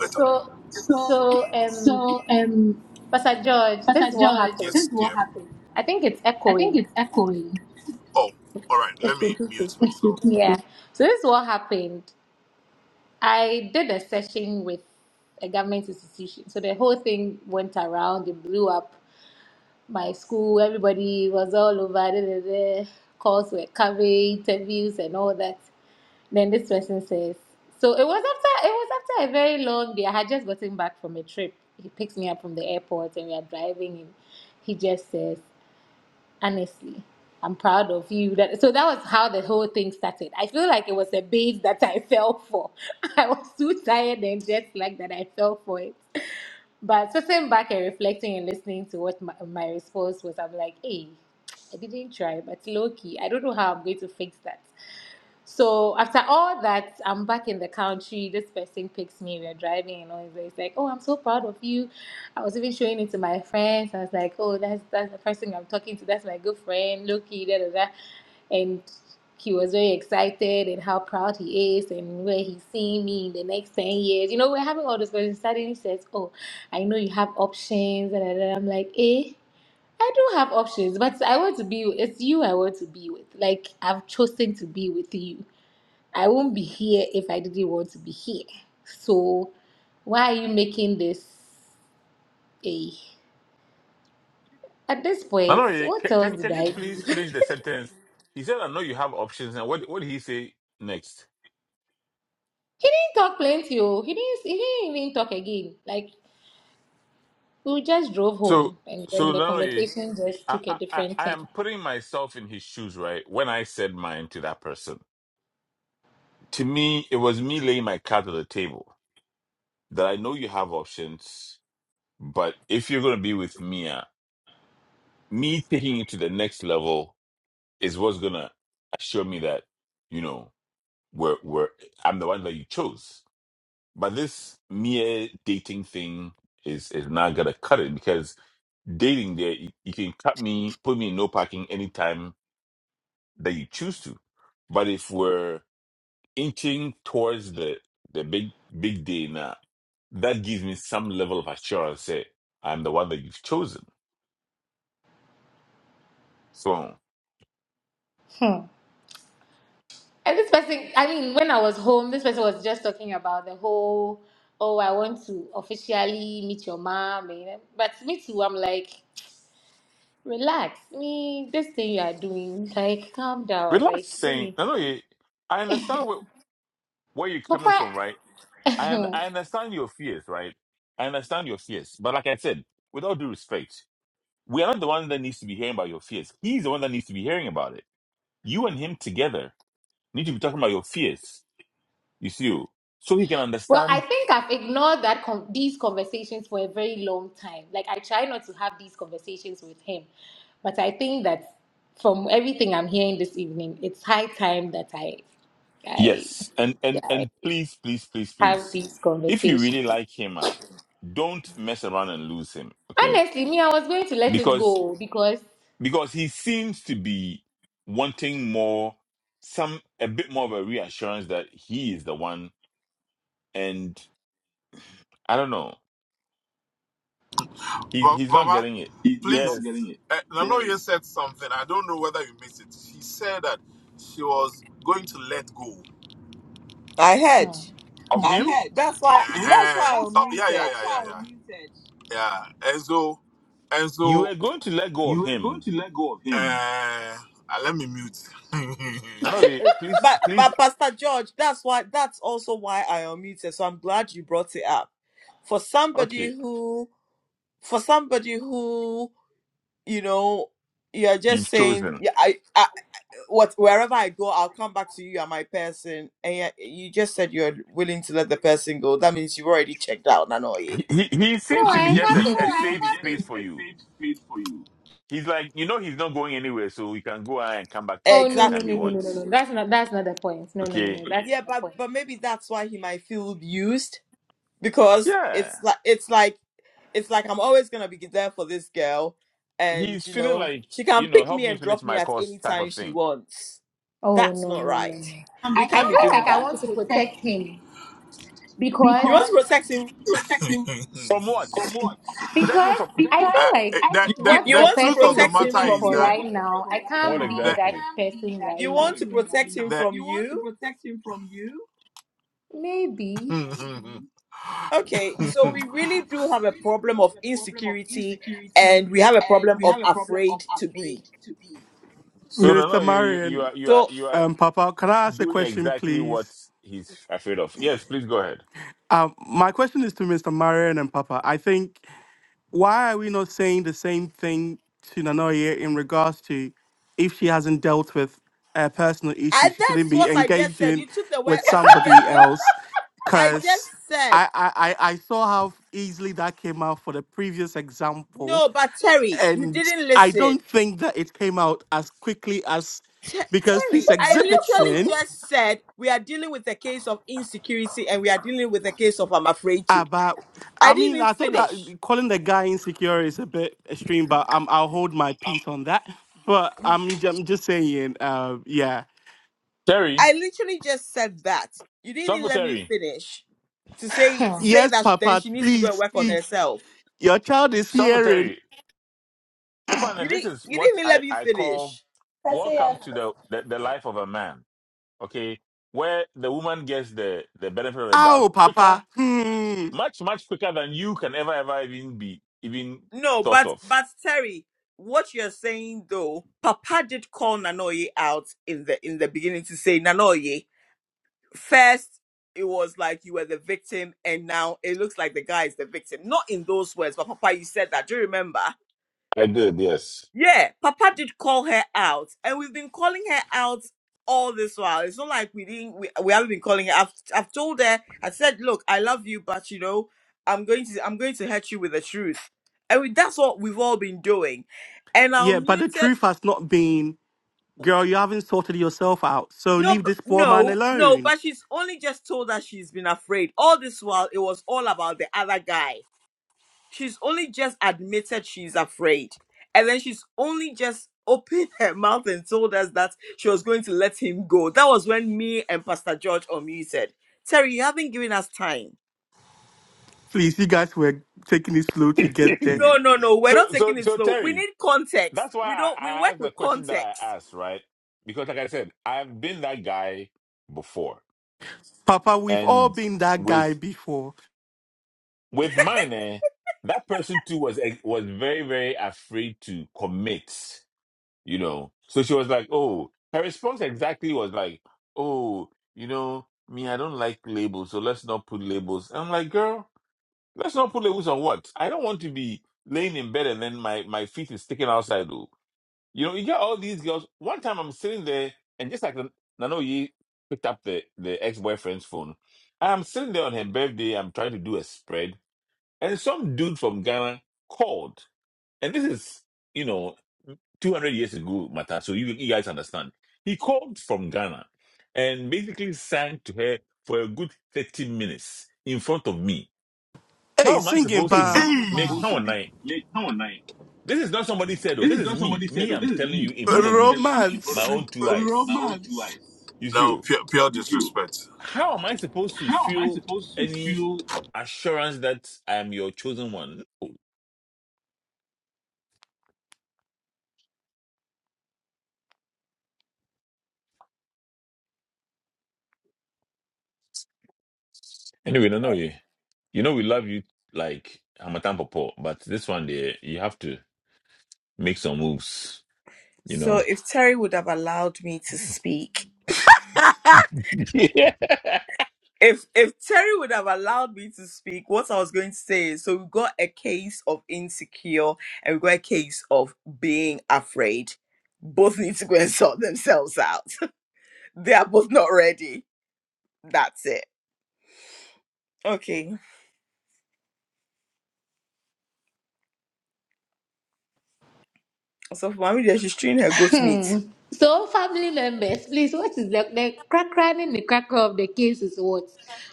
S5: So so um Pastor George, this is what happened. I think it's echoing. It's repeating. Yeah. So this is what happened. I did a session with a government institution. So the whole thing went around, it blew up my school, everybody was all over, da, da, da. calls were covered, interviews and all that. Then this person says, so it was after it was after a very long day. I had just gotten back from a trip. He picks me up from the airport and we are driving and he just says honestly i'm proud of you that so that was how the whole thing started i feel like it was a base that i fell for i was too tired and just like that i fell for it but sitting back and reflecting and listening to what my, my response was, I'm like, hey, I didn't try, but low key, I don't know how I'm going to fix that. So after all that, I'm back in the country. This person picks me. We're driving and all this. It's like, oh, I'm so proud of you. I was even showing it to my friends. I was like, oh, that's that's the person I'm talking to. That's my good friend, Loki. Da da da and he was very excited and how proud he is and where he's seeing me in the next 10 years. You know, we're having all this questions. Suddenly he says, Oh, I know you have options. And then I'm like, Eh, I do have options, but I want to be, it's you I want to be with. Like, I've chosen to be with you. I won't be here if I didn't want to be here. So, why are you making this a. At this
S2: No,
S5: point,
S2: no, eh,
S5: what
S2: ca-
S5: else
S2: can
S5: did
S2: can
S5: I
S2: you
S5: do? He
S2: please
S5: did
S2: finish the sentence? He said, "I know you have options." And what what did he say next?
S5: talk plenty. Oh, he didn't. He didn't even talk again. Like We just drove
S2: So
S5: home and then
S2: so
S5: the
S2: no, no. eh,
S5: conversation just
S2: I,
S5: took a
S2: I, I
S5: different
S2: I
S5: turn.
S2: am putting myself in his shoes, right? When I said mine to that person, to me, it was me laying my card on the table that I know you have options, but if you're going to be with Mia, me taking it to the next level is what's going to assure me that, you know, we're, we're, I'm the one that you chose. But this Mia dating thing is, is not going to cut it because dating there, you, you can cut me, put me in no parking anytime that you choose to. But if we're inching towards the the big big day now, that gives me some level of assurance. Say I'm the one that you've chosen. So
S5: Hmm. And this person, I mean, when I was home, this person was just talking about the whole, oh, I want to officially meet your mom. and- But me too, I'm like, relax. Me, this thing you are doing, like, calm down.
S2: relax,
S5: Like, let
S2: saying
S5: me.
S2: no, no. You, I understand where, where you're coming from,
S5: Papa.
S2: right? I un- I understand your fears, right? I understand your fears, but like I said, with all due respect, we are not the one that needs to be hearing about your fears. He's the one that needs to be hearing about it. You and him together need to be talking about your fears. You see, so he can
S5: Well, I
S2: understand
S5: think I've ignored that con these conversations for a very long time. Like I try not to have these conversations with him, but I think that from everything I'm hearing this evening, it's high time that I I,
S2: Yes, and and
S5: I
S2: and please, please, please,
S5: have
S2: please,
S5: these
S2: if you really
S5: conversations.
S2: like him, uh, don't mess around and lose him, okay?
S5: Honestly, me, I was going to let it
S2: Because
S5: go because
S2: because he seems to be wanting more, some a bit more of a reassurance that he is the one, and I don't know, he he's not getting it. Yes,
S1: I heard.
S5: hmm.
S2: of him,
S1: That's why. That's why I unmuted.
S2: you are going to let go of him. I know you. Please,
S1: But
S2: please,
S1: but Pastor George, that's why. That's also why I unmuted. So I'm glad you brought it up. For somebody
S2: okay,
S1: who, for somebody who you know you're just
S2: you've
S1: saying
S2: chosen.
S1: yeah I, I what wherever i go i'll come back to you you're my person and yet you just said you're willing to let the person go that means you've already checked out nanoye
S2: He he, he
S5: no,
S2: seems
S5: I
S2: to be just a, a
S5: haven't.
S2: safe space for you He's like, you know, he's not going anywhere, so you can go and come back to him
S5: Oh no no
S2: anytime you
S5: no
S1: exactly
S5: no no
S2: want.
S5: no no. That's not that's not the point. No no no
S2: Okay.
S5: no. That's
S1: yeah
S5: not the
S1: but
S5: point.
S1: but maybe that's why he might feel used because
S2: Yeah.
S1: it's like it's like it's like i'm always gonna be there for this girl and
S2: He's
S1: you
S2: feeling
S1: know
S2: like,
S1: she
S2: you
S1: can
S2: know,
S1: pick
S2: help
S1: me
S2: me
S1: and
S2: finish
S1: drop me
S2: my
S1: at
S2: course
S1: any
S2: type
S1: time
S2: of
S1: she
S2: thing.
S1: wants
S5: Oh
S1: that's
S5: no
S1: not
S5: no no no.
S1: right we
S5: I
S1: can't be
S5: feel
S1: doing
S5: like I
S1: that
S5: want to protect him
S1: you
S5: because
S1: want to protect him
S2: From what? Protect him
S5: Because
S2: from
S5: I feel like
S1: You
S5: what
S1: you
S5: the
S1: want to
S5: person is
S1: protect him
S5: looking
S1: from
S5: for
S1: whom?
S5: right now, I
S2: what
S5: can't be that
S2: exactly?
S5: person
S1: You
S5: right now.
S1: want to protect him from you?
S5: Maybe.
S1: Okay, so we really do have a problem of insecurity and we have a problem of afraid to be.
S2: So no,
S7: Minister
S2: no, you, you, you
S7: Marion,
S2: are, you are,
S1: So,
S2: you are
S7: um, Papa, can I ask a
S2: doing
S7: question,
S2: exactly what
S7: please?
S2: he's afraid of. Yes, please go ahead,
S7: Um, my question is to Mr. Marion and Papa. I think why are we not saying the same thing to Nanoye in regards to if she hasn't dealt with uh, personal
S1: and
S7: issues, she
S1: that's
S7: shouldn't be
S1: what I just said.
S7: engaging
S1: You took the word,
S7: with
S1: I said we are
S7: somebody
S1: dealing,
S7: else.
S1: I
S7: Because
S1: just said,
S7: I, I, I I saw how easily that came out for the previous example,
S1: no, but Terry, you
S7: and
S1: didn't
S7: I don't
S1: listen.
S7: think that it came out as quickly as
S1: Te-
S7: because
S1: Terry,
S7: she's
S1: I literally
S7: exhibiting.
S1: just said we are dealing with a case of insecurity and we are dealing with a case of I'm afraid to.
S7: About,
S1: I
S7: I
S1: didn't
S7: mean,
S1: even
S7: I thought
S1: finish.
S7: that calling the guy insecure is a bit extreme, but um, I'll hold my peace on that. But I'm, j- I'm just saying, uh, yeah.
S1: I
S2: Terry.
S1: literally just said that. You didn't even
S2: Suffer
S1: let me
S2: Terry.
S1: finish to say to
S5: Hmm.
S1: say
S7: Yes,
S1: that then
S7: Papa,
S1: she needs to go
S7: please
S1: and work on
S7: speak.
S1: herself.
S7: Your child is
S2: Suffer
S7: hearing.
S2: Terry.
S1: You
S2: Ofana, this
S1: didn't
S2: is
S1: you
S2: what
S1: didn't even let
S2: I,
S1: me
S2: I call
S1: finish.
S5: That's
S2: welcome
S5: it.
S2: to the, the the life of a man. okay, where the woman gets the, the benefit of the doubt
S7: Ow,
S2: quicker,
S7: Papa. Hmm.
S2: much, much quicker than you can ever, ever even be even
S1: No,
S2: thought
S1: but
S2: of.
S1: but Terry, what you're saying though, Papa did call Nanoye out in the in the beginning to say Nanoye. First, it was like you were the victim, and now it looks like the guy is the victim. Not in those words, but Papa, you said that. Do you remember?
S2: I did, yes.
S1: Yeah, Papa did call her out, and we've been calling her out all this while. It's not like we didn't we, we haven't been calling her. I've I've told her. I said, look, I love you, but you know, I'm going to I'm going to hurt you with the truth, and we, that's what we've all been doing. And our
S7: Yeah, but the
S1: muted.
S7: truth has not been, girl, you haven't sorted yourself out. So
S1: No, b-
S7: leave this poor man
S1: no, no.
S7: alone.
S1: But she's only just told us she's been afraid. All this while, it was all about the other guy. she's only just admitted she's afraid and then she's only just opened her mouth and told us that she was going to let him go that was when me and pastor george unmuted terry you haven't given us time
S7: Please, you guys were taking it slow to get there.
S1: no no no we're
S2: so,
S1: not
S2: so,
S1: taking it
S2: so
S1: slow we
S2: Terry,
S1: need context
S2: that's why
S1: we
S2: I,
S1: don't we
S2: I
S1: work
S2: asked the
S1: with
S2: question that I
S1: context
S2: asked, right? Because, like I said, I've been that guy before,
S7: Papa, we've all
S2: and
S7: been that guy
S2: with
S7: before.
S2: with mine, eh, that person too was eh, was very, very afraid to commit you know. So she was like, "Oh," her response exactly was like, "Oh, you know, me, I don't like labels, so let's not put labels." And I'm like, "Girl, let's not put labels on what? I don't want to be laying in bed and then my my feet is sticking outside." Though. You know, you get all these girls. One time I'm sitting there and just like Nano Ye picked up the the ex boyfriend's phone, I'm sitting there on her birthday. I'm trying to do a spread, and some dude from Ghana called, and this is. You know, 200 years ago matter so you, you guys understand he called from ghana and basically sang to her for a good 30 minutes in front of me
S7: Hey,
S2: how am i
S7: singing,
S2: supposed to
S7: pa.
S2: be make how am i this is not somebody said oh this is me me i'm telling you in front of me my
S7: Romance.
S2: own two eyes you see oh. how am i supposed to feel any assurance that i am your chosen one anyway no no you. you know we love you like Hamatan Popo, but this one there you have to make some moves. you
S1: so
S2: know.
S1: if terry would have allowed me to speak
S2: Yeah.
S1: If if Terry would have allowed me to speak, what I was going to say is so we got a case of insecure and we got a case of being afraid. Both need to go and sort themselves out. They are both not ready. That's it. Okay. So for mommy there, she's treating her goat's meat.
S5: Hmm. So, family members, please, what is the, the crack crack and the cracker of the case is what?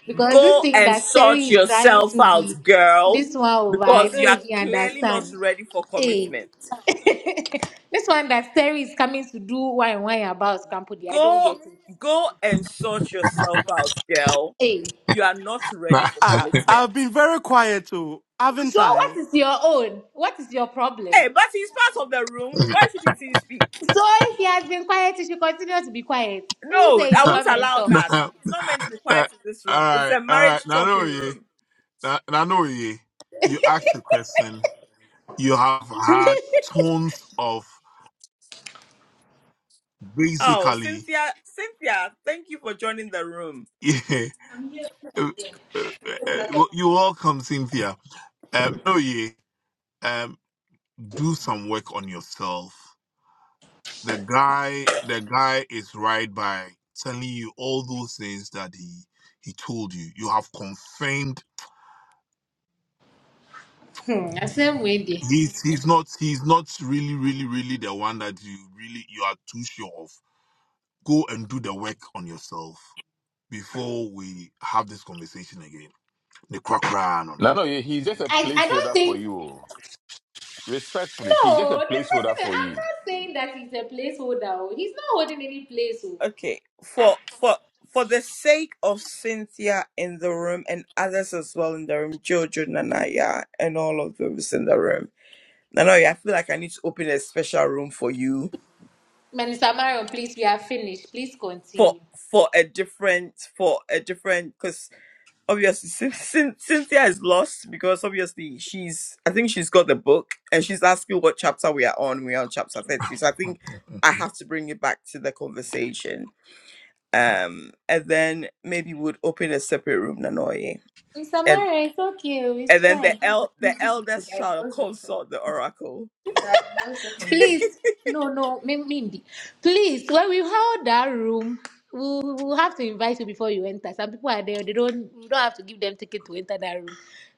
S5: Because this
S1: Go
S5: thing
S1: and
S5: that
S1: sort
S5: Terry is trying to
S1: yourself out,
S5: be,
S1: girl.
S5: this one over, I
S1: Because
S5: don't
S1: you are
S5: even
S1: clearly not
S5: understand.
S1: ready for
S5: Hey,
S1: commitment.
S5: this one that Terry is coming to do why why about Kampudi, I don't
S1: Go
S5: get it.
S1: go and sort yourself out, girl.
S5: Hey,
S1: You are not ready for
S7: Ah,
S1: commitment.
S7: I've been very quiet too, haven't
S5: so what
S7: I?
S5: is your own? What is your problem?
S1: Hey, but he's part of the room. Why shouldn't he speak?
S5: So if he has been quiet, he should continue to be quiet. Who
S1: No,
S5: says he
S1: I
S5: should
S1: won't
S5: come and
S1: allow
S5: talk?
S1: that. He's not meant to be quiet in this room. It's a marriage talking room. Oh, Cynthia, Cynthia, thank you for joining the room.
S5: Mm, the same way there.
S2: No, no, he- he's just a
S5: I, I don't
S2: placeholder for
S5: think
S2: you. oh. Respectfully, he's just
S5: no.
S2: a placeholder
S5: This person, I'm
S2: for you.
S5: not saying that he's a placeholder. oh. He's not holding any place. Oh.
S1: Okay,
S5: Ah,
S1: for for for the sake of Cynthia in the room and others as well in the room, Jojo, Nanaya, and all of those in the room. Nanaya, I feel like I need to open a special room for you
S5: Minister Marion, please, we are finished. Please
S1: for
S5: continue.
S1: for a different for a different because obviously Cyn- Cyn- Cynthia is lost because obviously she's I think she's got the book and she's asking what chapter we are on. We're on chapter 30. So I think I have to bring it back to the conversation. Um and then maybe we'd open a separate room, Nanoye.
S5: Minister
S1: And
S5: Marion, it's okay. oh, It's
S1: and then
S5: fine.
S1: the el- the eldest shall consult the oracle.
S5: Please, no, no, Mi- Mindy. Please, when we hold that room, we we will have to invite you before you enter. Some people are there; they don't we don't have to give them ticket to enter that room.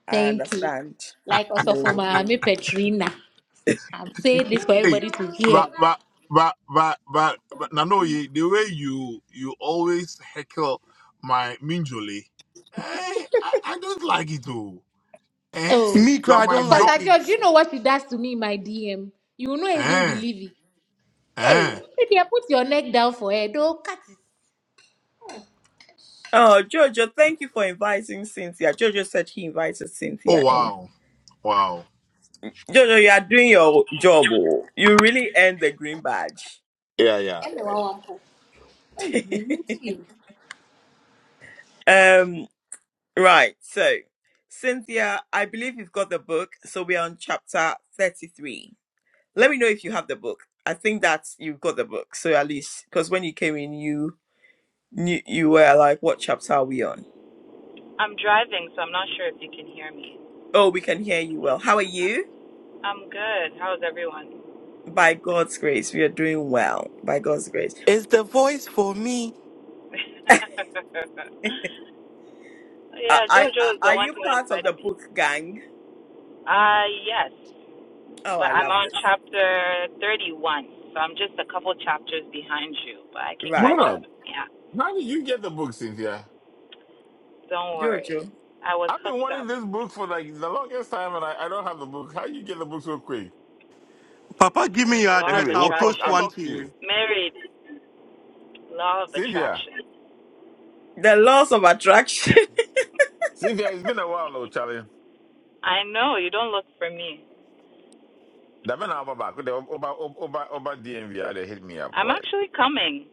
S1: I
S5: Thank you.
S1: understand.
S5: Like also for
S1: You
S5: my me Petrina, I'm saying this for everybody to hear. Oh,
S7: Mikra, I don't like
S5: Pastor
S7: it.
S5: George, do you know what she does to me in my DM? You will not even believe it. Hey, Lydia, put your neck down for her. Don't cut it.
S1: Oh Jojo, thank you for inviting Cynthia. Jojo said he invited Cynthia in. Jojo, you are doing your job. oh. You really earned the green badge.
S5: Hey, me wan wan po. Hey, me mean to you.
S1: um, right. So, Cynthia, I believe you've got the book. So we are on chapter thirty-three. Let me know if you have the book. I think that you've got the book. So at least, because when you came in, you knew you were like, "What chapter are we on?"
S9: I'm driving, so I'm not sure if you can hear me.
S1: Oh, we can hear you well. How are you?
S9: I'm good. How's everyone?
S1: By God's grace, we are doing well. By God's grace.
S7: It's the voice for me.
S1: I, I, are
S9: yeah, JoJo is the
S1: are
S9: one
S1: you
S9: who
S1: part of the
S9: invited me.
S1: book gang?
S9: Uh, yes,
S1: Oh,
S9: but
S1: I
S9: I'm
S1: love
S9: on
S1: this.
S9: chapter 31, so I'm just a couple chapters behind you, but I can
S1: Right.
S2: What
S9: catch up.
S2: up?
S9: Yeah,
S2: How did you get the book, Cynthia?
S9: don't worry.
S1: Jojo,
S9: I was
S2: I've been
S9: hooked
S2: wanting
S9: up.
S2: this book for like the longest time and I, I don't have the book. How you get the book so quick?
S7: Papa, give me your
S9: Mm, Law
S7: address.
S9: of
S2: Anyway,
S7: I'll
S2: we'll talk.
S7: post
S2: I'll
S7: one
S9: attraction.
S2: talk
S7: to
S2: to you.
S7: you.
S9: Married. Law of
S2: Cynthia.
S9: attraction.
S1: the laws of attraction.
S2: Cynthia, it's been a while though, Charlie.
S9: I know, you don't look for me.
S2: That man I'm back. Over, over, over, over DMV, they hit me up,
S9: I'm
S2: boy.
S9: actually coming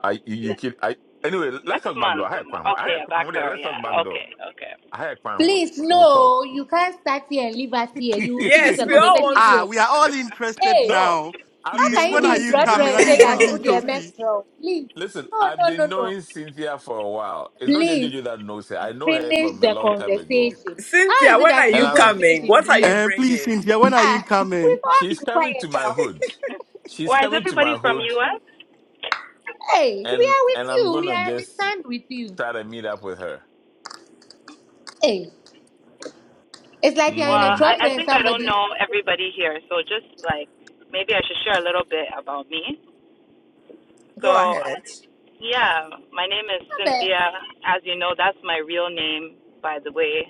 S2: I you, you kid I anyway, let's
S9: next
S2: talk back door.
S9: month.
S2: I had Kwan. Ho. I
S9: Okay,
S2: had Kwan
S9: back
S2: Ho there.
S9: there,
S2: Let's talk
S9: yeah.
S2: back door.
S9: Okay, okay.
S2: I had Kwan. Ho.
S5: Please,
S2: We'll
S5: no,
S2: talk.
S5: you can't start here and leave us here. You will finish
S1: yes,
S5: the
S1: we all
S5: conversation
S1: want to.
S7: Ah,
S5: here.
S7: we are all interested
S5: Hey,
S2: no,
S7: now.
S2: I've
S5: how
S7: Please,
S2: been
S5: can you
S7: when
S5: be
S7: are
S2: knowing
S5: in
S7: you
S2: Cynthia
S7: coming?
S5: trotro and
S7: Are
S2: for a
S5: say
S7: you
S5: that oh
S7: bringing
S2: while.
S5: dear man
S7: trophy?
S5: wrong? Please.
S2: Listen,
S5: No,
S2: I've
S5: no,
S2: been
S5: no, no.
S2: knowing Cynthia for a while. It's not just
S5: Please
S2: Jojo that knows her. I know her
S5: finish
S2: from a
S5: the
S2: long time ago.
S5: conversation. How
S1: Cynthia,
S5: is it
S1: when are
S5: that
S2: And
S5: you
S1: you
S5: go and
S2: I'm
S5: finish
S1: coming?
S5: in
S1: What are you
S5: DM?
S7: Uh, please,
S1: bringing?
S7: Cynthia, when are you
S5: Ah, we've
S7: coming?
S5: all
S2: she's
S5: been
S2: coming
S5: quiet
S2: to my
S5: now.
S2: hood. She's
S9: Well, is
S2: coming to my
S9: everybody from
S2: hood
S9: US?
S5: Hey, we
S2: and
S5: are with
S2: and I'm
S5: you. We
S2: gonna
S5: are we
S2: just
S5: stand with you.
S2: try to meet up with her.
S5: Hey, it's like you're in a
S9: Well,
S2: Mm.
S5: trotro
S9: I, I
S5: and
S9: think I don't
S5: somebody.
S9: know everybody here, so just like maybe I should share a little bit about me.
S1: Go
S9: So,
S1: ahead.
S9: yeah, my name is
S5: Abe,
S9: Cynthia. As you know, that's my real name, by the way.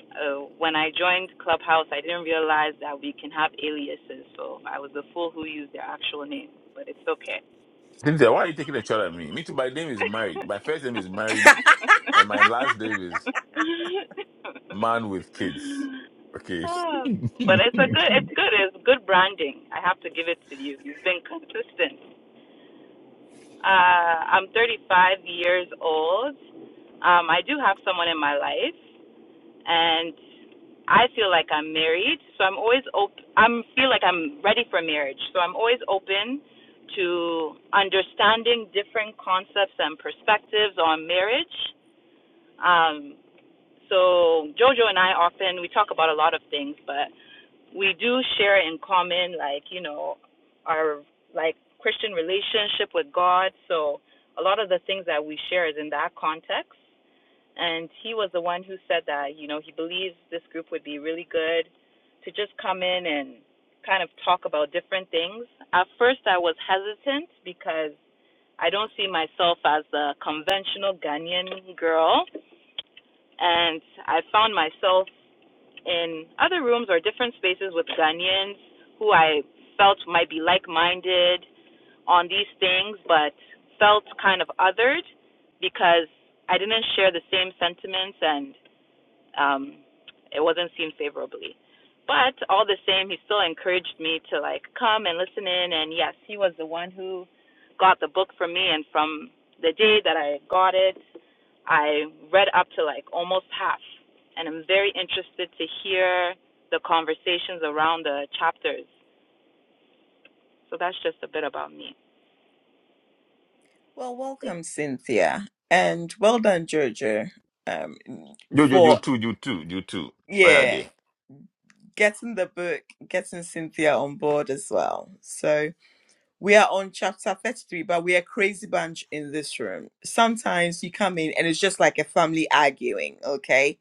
S9: Uh, when I joined Clubhouse, I didn't realize that we can have aliases, so I was a fool who used their actual name, but it's okay.
S2: Cynthia, why are you taking a shot at me? Me too, my name is married. My first name is married and my last name is man with kids. Okay.
S9: Ah, but it's a good, it's good, it's good branding. I have to give it to you. You've been consistent. Uh, I'm 35 years old. Um, I do have someone in my life, and I feel like I'm married, so I'm always open. I'm feel like I'm ready for marriage, so I'm always open to understanding different concepts and perspectives on marriage. Um, so Jojo and I often we talk about a lot of things, but we do share in common like you know our like christian relationship with god so a lot of the things that we share is in that context and he was the one who said that you know he believes this group would be really good to just come in and kind of talk about different things at first i was hesitant because i don't see myself as the conventional ghanaian girl and i found myself in other rooms or different spaces with Ghanaians who I felt might be like minded on these things, but felt kind of othered because I didn't share the same sentiments. And um, it wasn't seen favorably. But all the same, he still encouraged me to like come and listen in. And yes, he was the one who got the book for me. And from the day that I got it, I read up to like almost half. And I'm very interested to hear the conversations around the chapters. So that's just a bit about me.
S1: Well, welcome, Cynthia, and well done, Jojo, um,
S2: Yo, yo, you
S1: for
S2: too, you too, you too. Why are
S1: yeah
S2: they?
S1: getting the book, getting Cynthia on board as well. So we are on chapter thirty-three, but we are a crazy bunch in this room. Sometimes you come in and it's just like a family arguing. Okay,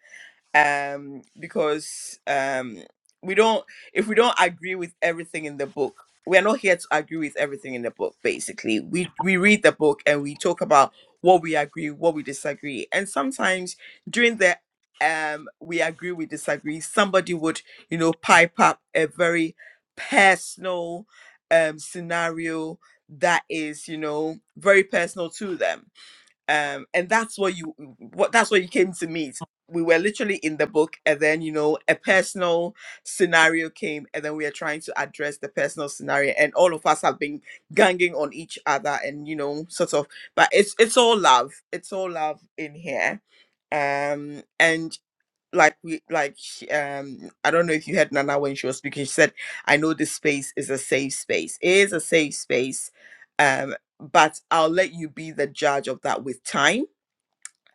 S1: um because um we don't if we don't agree with everything in the book we're not here to agree with everything in the book basically we we read the book and we talk about what we agree what we disagree and sometimes during the um we agree we disagree somebody would you know pipe up a very personal um scenario that is you know very personal to them um and that's what you what that's what you came to meet we were literally in the book and then you know a personal scenario came and then we are trying to address the personal scenario and all of us have been ganging on each other and you know sort of but it's it's all love it's all love in here um and like we like sh- um i don't know if you heard nana when she was speaking she said i know this space is a safe space it is a safe space um but i'll let you be the judge of that with time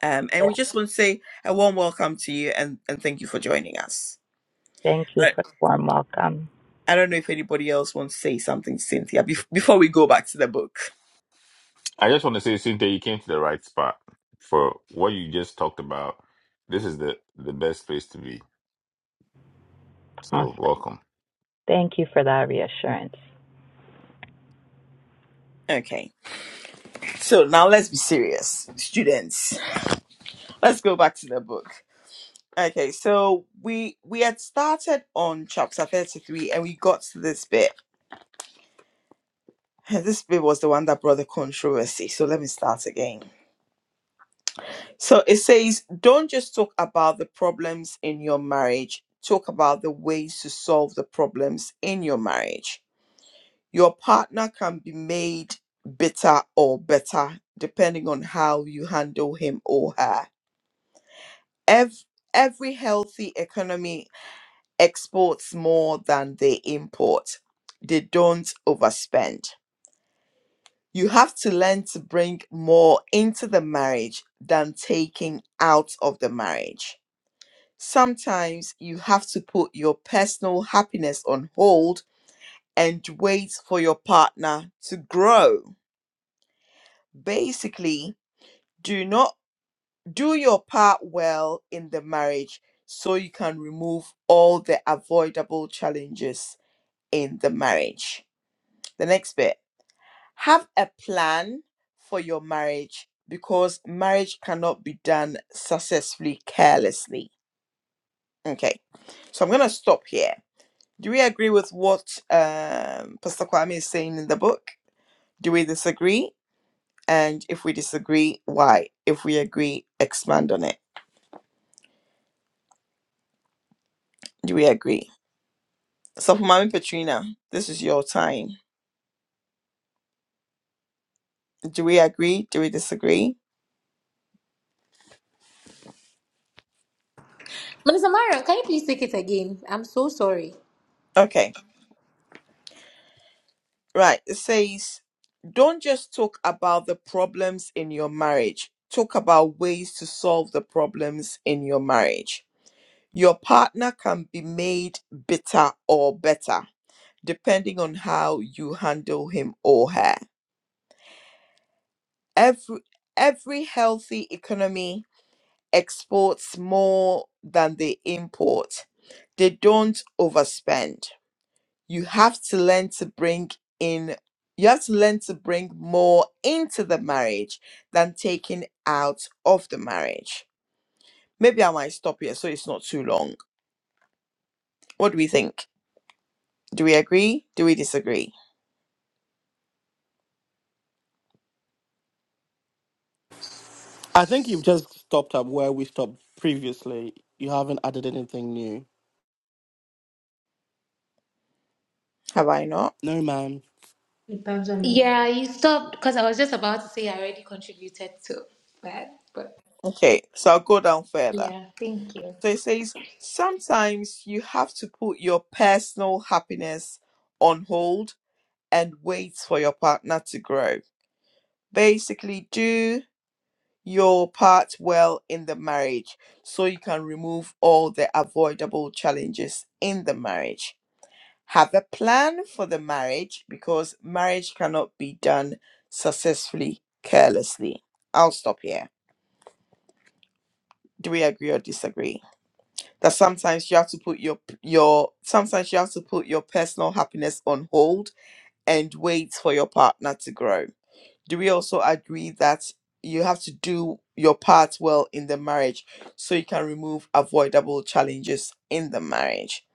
S1: um, and we
S9: Yeah,
S1: just want to say a warm welcome to you and, and thank you for joining us.
S9: Thank you
S1: I,
S9: for the warm welcome.
S1: I don't know if anybody else wants to say something, Cynthia, bef- before we go back to the book.
S2: I just want to say, Cynthia, you came to the right spot for what you just talked about. This is the the best place to be.
S9: Awesome.
S2: So welcome.
S9: Thank you for that reassurance.
S1: Okay, so now let's be serious, students. Let's go back to the book. Okay, so we we had started on chapter 33 and we got to this bit This bit was the one that brought the controversy. So let me start again. So it says, don't just talk about the problems in your marriage, talk about the ways to solve the problems in your marriage. Your partner can be made bitter or better depending on how you handle him or her. Every, every healthy economy exports more than they import, they don't overspend. you have to learn to bring more into the marriage than taking out of the marriage. Sometimes you have to put your personal happiness on hold and wait for your partner to grow. Basically, do not do your part well in the marriage so you can remove all the avoidable challenges in the marriage. The next bit Have a plan for your marriage because marriage cannot be done successfully carelessly. Okay, so I'm gonna stop here. Do we agree with what um, Pastor Kwame is saying in the book? Do we disagree? And if we disagree, why? If we agree, expand on it. Do we agree? So, for Mami Petrina, this is your time. Do we agree? Do we disagree?
S5: Minister Marion, can you please take it again? I'm so sorry.
S1: Okay. Right. It says, don't just talk about the problems in your marriage, talk about ways to solve the problems in your marriage. Your partner can be made bitter or better depending on how you handle him or her. Every every healthy economy exports more than they import. They don't overspend. you have to learn to bring in you have to learn to bring more into the marriage than taking out of the marriage maybe i might stop here so it's not too long what do we think do we agree do we disagree
S7: I think you've just stopped up where we stopped previously. You haven't added anything new.
S1: have i not
S7: No, ma'am.
S5: Depends on Yeah, you stopped because I was just about to say I already contributed to that, but
S1: okay so i'll go down further
S5: yeah, thank you.
S1: So it says, sometimes you have to put your personal happiness on hold and wait for your partner to grow. Basically, do your part well in the marriage so you can remove all the avoidable challenges in the marriage. Have a plan for the marriage because marriage cannot be done successfully carelessly. I'll stop here. Do we agree or disagree? that sometimes you have to put your your sometimes you have to put your personal happiness on hold and wait for your partner to grow do we also agree that you have to do your part well in the marriage so you can remove avoidable challenges in the marriage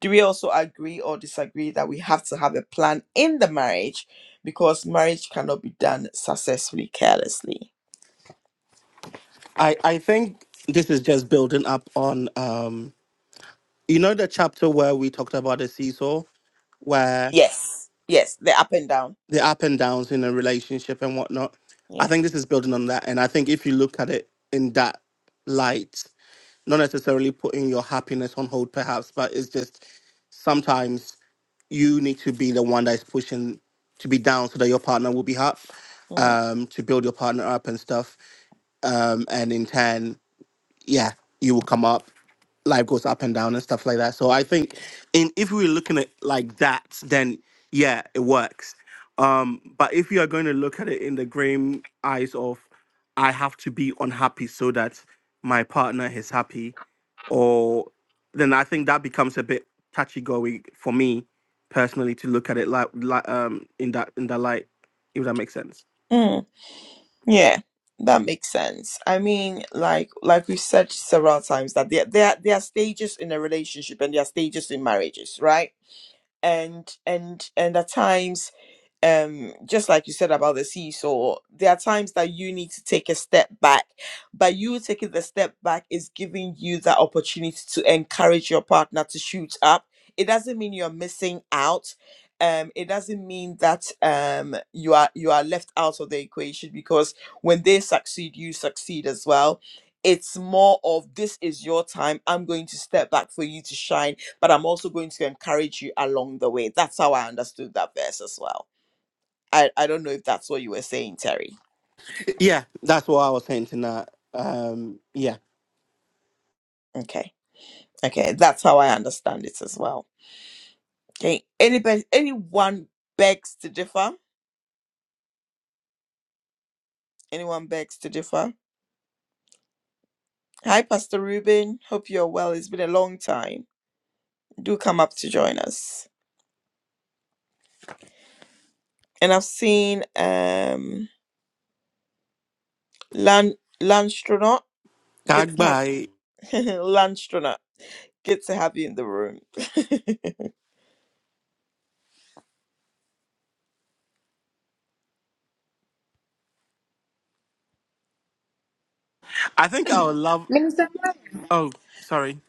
S1: do we also agree or disagree that we have to have a plan in the marriage because marriage cannot be done successfully carelessly
S7: I, I think this is just building up on um you know the chapter where we talked about the seesaw where
S1: Yes. Yes. They're up and down.
S7: the up and downs in a relationship and whatnot. I
S1: Yeah.
S7: think this is building on that. And I think if you look at it in that light, not necessarily putting your happiness on hold perhaps, but it's just sometimes you need to be the one that's pushing to be down so that your partner will be up,
S1: Mm.
S7: um, to build your partner up and stuff. Um, and in turn yeah, you will come up. Life goes up and down and stuff like that. So I think, in if we we're looking at like that, then yeah, it works. Um, but if you are going to look at it in the grim eyes of, I have to be unhappy so that my partner is happy, or then I think that becomes a bit touchy going for me personally to look at it like, like um in that in that light, if that makes sense.
S1: Mm. Yeah. That makes sense. I mean, like like we've said several times that there there are- there are stages in a relationship and there are stages in marriages, right? And and and at times um just like you said about the seesaw there are times that you need to take a step back but you taking the step back is giving you that opportunity to encourage your partner to shoot up it doesn't mean you're missing out um it doesn't mean that um you are you are left out of the equation because when they succeed you succeed as well it's more of this is your time i'm going to step back for you to shine but i'm also going to encourage you along the way that's how i understood that verse as well I, I don't know if that's what you were saying, Terry.
S7: Yeah, that's what I was saying tonight. Um, yeah.
S1: Okay. Okay. That's how I understand it as well. Okay. Anybody, anyone begs to differ? Anyone begs to differ? Hi, Pastor Ruben. Hope you're well. It's been a long time. Do come up to join us. And I've seen um Lan Landstronaut. Good to have
S7: Goodbye.
S1: Landstronaut. Good to have you in the room.
S7: I think I would love.
S5: Minister, Mike.
S7: Oh, sorry.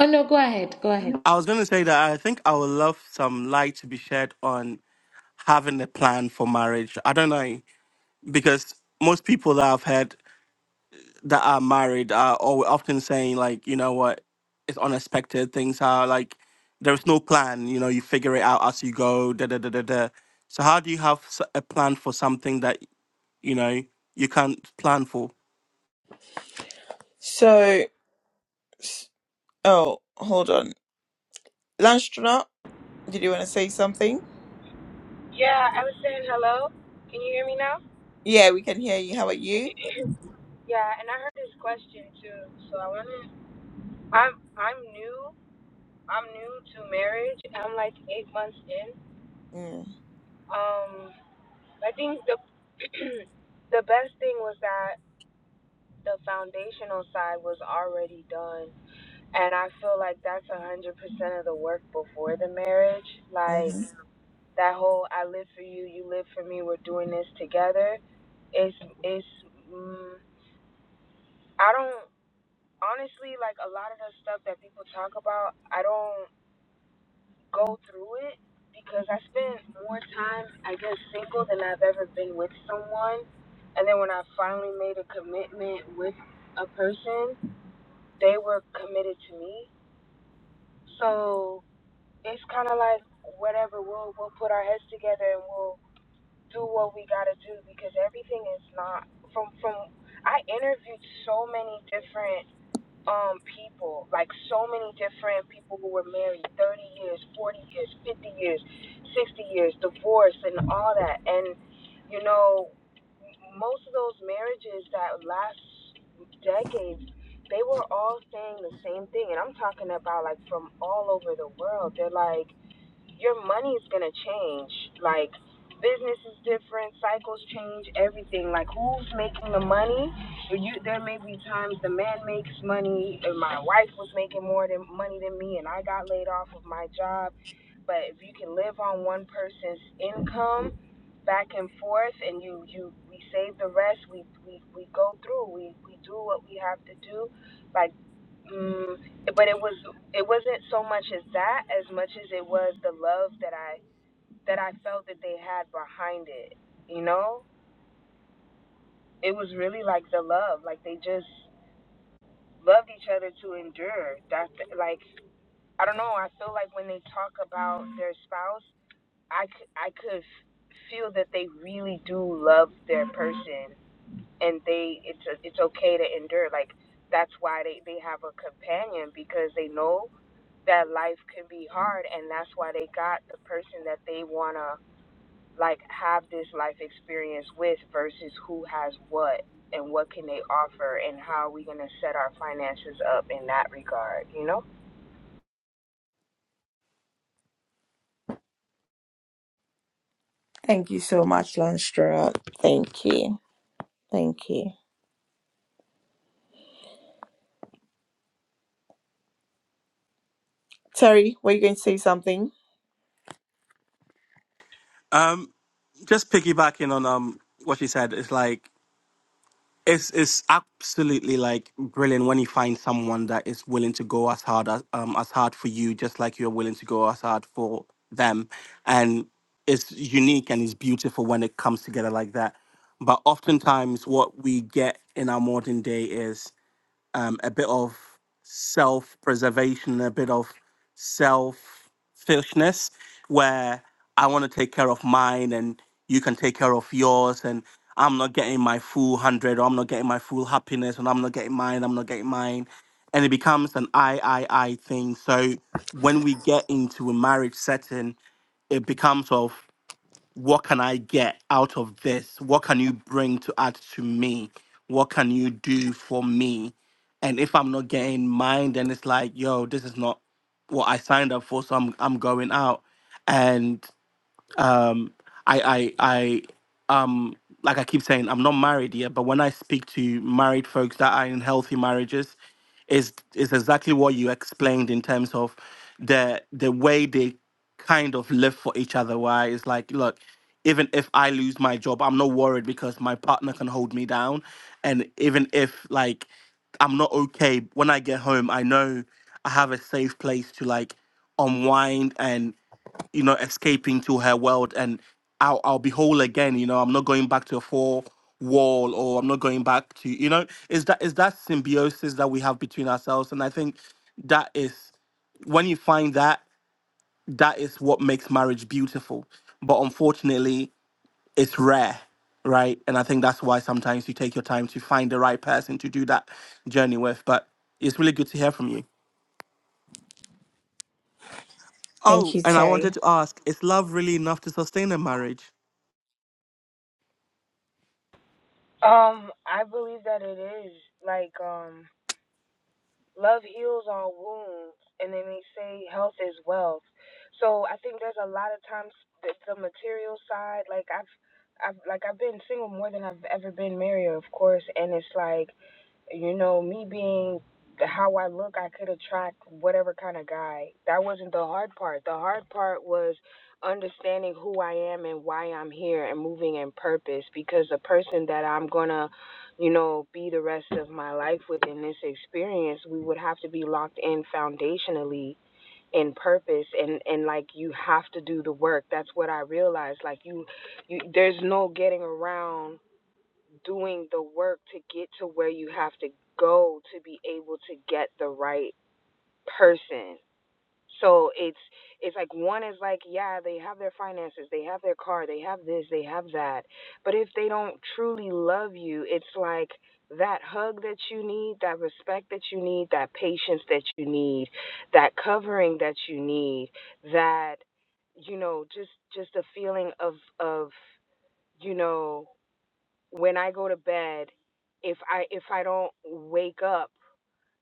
S5: Oh no, go ahead, go ahead.
S7: I was going to say that I think I would love some light to be shed on having a plan for marriage. I don't know because most people that I've heard that are married are always often saying like, you know what, it's unexpected. Things are like there's no plan. You know, you figure it out as you go. Da da da da da. So how do you have s- a plan for something that you know you can't plan for?
S1: so s- oh, hold on. Landstronaut, did you want to say something?
S10: Yeah, I was saying hello. Can you hear me now?
S1: Yeah, we can hear you. How are you?
S10: Yeah, and I heard this question too. So I wanna I'm I'm new. I'm new to marriage. I'm like eight months in.
S1: Mm,
S10: Um I think the the best thing was that the foundational side was already done and I feel like that's a hundred percent of the work before the marriage.
S1: hmm
S10: Like that whole I live for you, you live for me, we're doing this together. It's it's I don't honestly like a lot of the stuff that people talk about. I don't go through it because I spend more time, I guess, single than I've ever been with someone. And then when I finally made a commitment with a person, they were committed to me. So it's kind of like whatever. We'll we'll put our heads together and we'll do what we gotta do because everything is not from from. I interviewed so many different um people like so many different people who were married 30 years 40 years 50 years 60 years divorce and all that and you know most of those marriages that last decades they were all saying the same thing and i'm talking about like from all over the world they're like your money is gonna change. Like business is different, cycles change, everything. Like who's making the money? You there may be times the man makes money and my wife was making more than money than me and I got laid off of my job. But if you can live on one person's income back and forth and you, you we save the rest, we, we, we go through, we, we do what we have to do like mm, but it was it wasn't so much as that as much as it was the love that I that I felt that they had behind it. You know, it was really like the love, like they just loved each other to endure. That's like I don't know. I feel like when they talk about their spouse, I c- I could feel that they really do love their person, and they it's it's okay to endure. Like that's why they they have a companion because they know that life can be hard and that's why they got the person that they want to like have this life experience with versus who has what and what can they offer and how are we going to set our finances up in that regard you know
S1: Thank you so much, Lanstra. Thank you. Thank you. Terry, were you going to say something?
S7: Um, just piggybacking on um what she said, it's like it's it's absolutely like brilliant when you find someone that is willing to go as hard as um as hard for you, just like you're willing to go as hard for them, and it's unique and it's beautiful when it comes together like that. But oftentimes, what we get in our modern day is um, a bit of self preservation, a bit of selfishness, where I want to take care of mine and you can take care of yours, and I'm not getting my full hundred, or I'm not getting my full happiness, and I'm not getting mine, I'm not getting mine. And it becomes an I, I, I thing. So when we get into a marriage setting, it becomes of what can I get out of this? What can you bring to add to me? What can you do for me? And if I'm not getting mine, then it's like, yo, this is not what I signed up for. So I'm I'm going out. And um i i i um like i keep saying i'm not married yet but when i speak to married folks that are in healthy marriages is is exactly what you explained in terms of the the way they kind of live for each other why it's like look even if i lose my job i'm not worried because my partner can hold me down and even if like i'm not okay when i get home i know i have a safe place to like unwind and you know, escaping to her world and I'll, I'll be whole again. You know, I'm not going back to a four wall or I'm not going back to, you know, is that is that symbiosis that we have between ourselves. And I think that is when you find that, that is what makes marriage beautiful. But unfortunately, it's rare, right? And I think that's why sometimes you take your time to find the right person to do that journey with. But it's really good to hear from you.
S1: Thank
S7: Oh,
S1: you,
S7: and I
S1: Terry.
S7: wanted to ask, is love really enough to sustain a marriage?
S10: um i believe that it is like um love heals all wounds and then they say health is wealth so i think there's a lot of times that the material side like i've i've like i've been single more than i've ever been married of course and it's like you know me being how i look i could attract whatever kind of guy that wasn't the hard part the hard part was understanding who i am and why i'm here and moving in purpose because the person that i'm gonna you know, be the rest of my life within this experience, we would have to be locked in foundationally in purpose and and like you have to do the work. That's what I realized. Like you, you there's no getting around doing the work to get to where you have to go to be able to get the right person so it's it's like one is like, yeah, they have their finances, they have their car, they have this, they have that. But if they don't truly love you, it's like that hug that you need, that respect that you need, that patience that you need, that covering that you need, that you know, just just a feeling of of you know, when I go to bed, if I if I don't wake up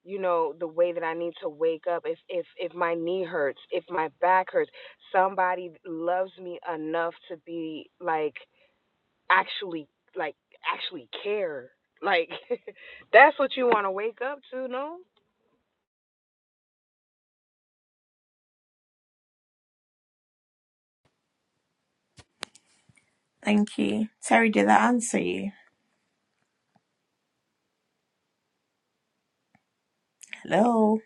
S10: you know the way that i need to wake up if if if my knee hurts if my back hurts somebody loves me enough to be like actually like actually care like that's what you want to wake up to no
S1: Thank you. Terry, did I answer you? Hello.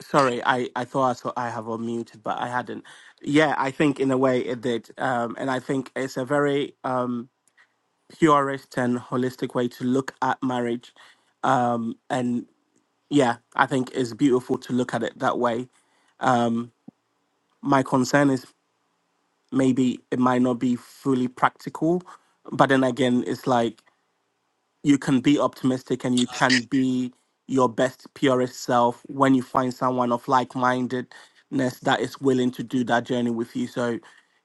S7: Sorry, I, I thought I, saw, I have unmuted, but I hadn't. Yeah, I think in a way it did. Um, and I think it's a very um, purist and holistic way to look at marriage. And yeah, I think it's beautiful to look at it that way. My concern is maybe it might not be fully practical, but then again, it's like you can be optimistic and you can be your best purest self when you find someone of like-mindedness that is willing to do that journey with you so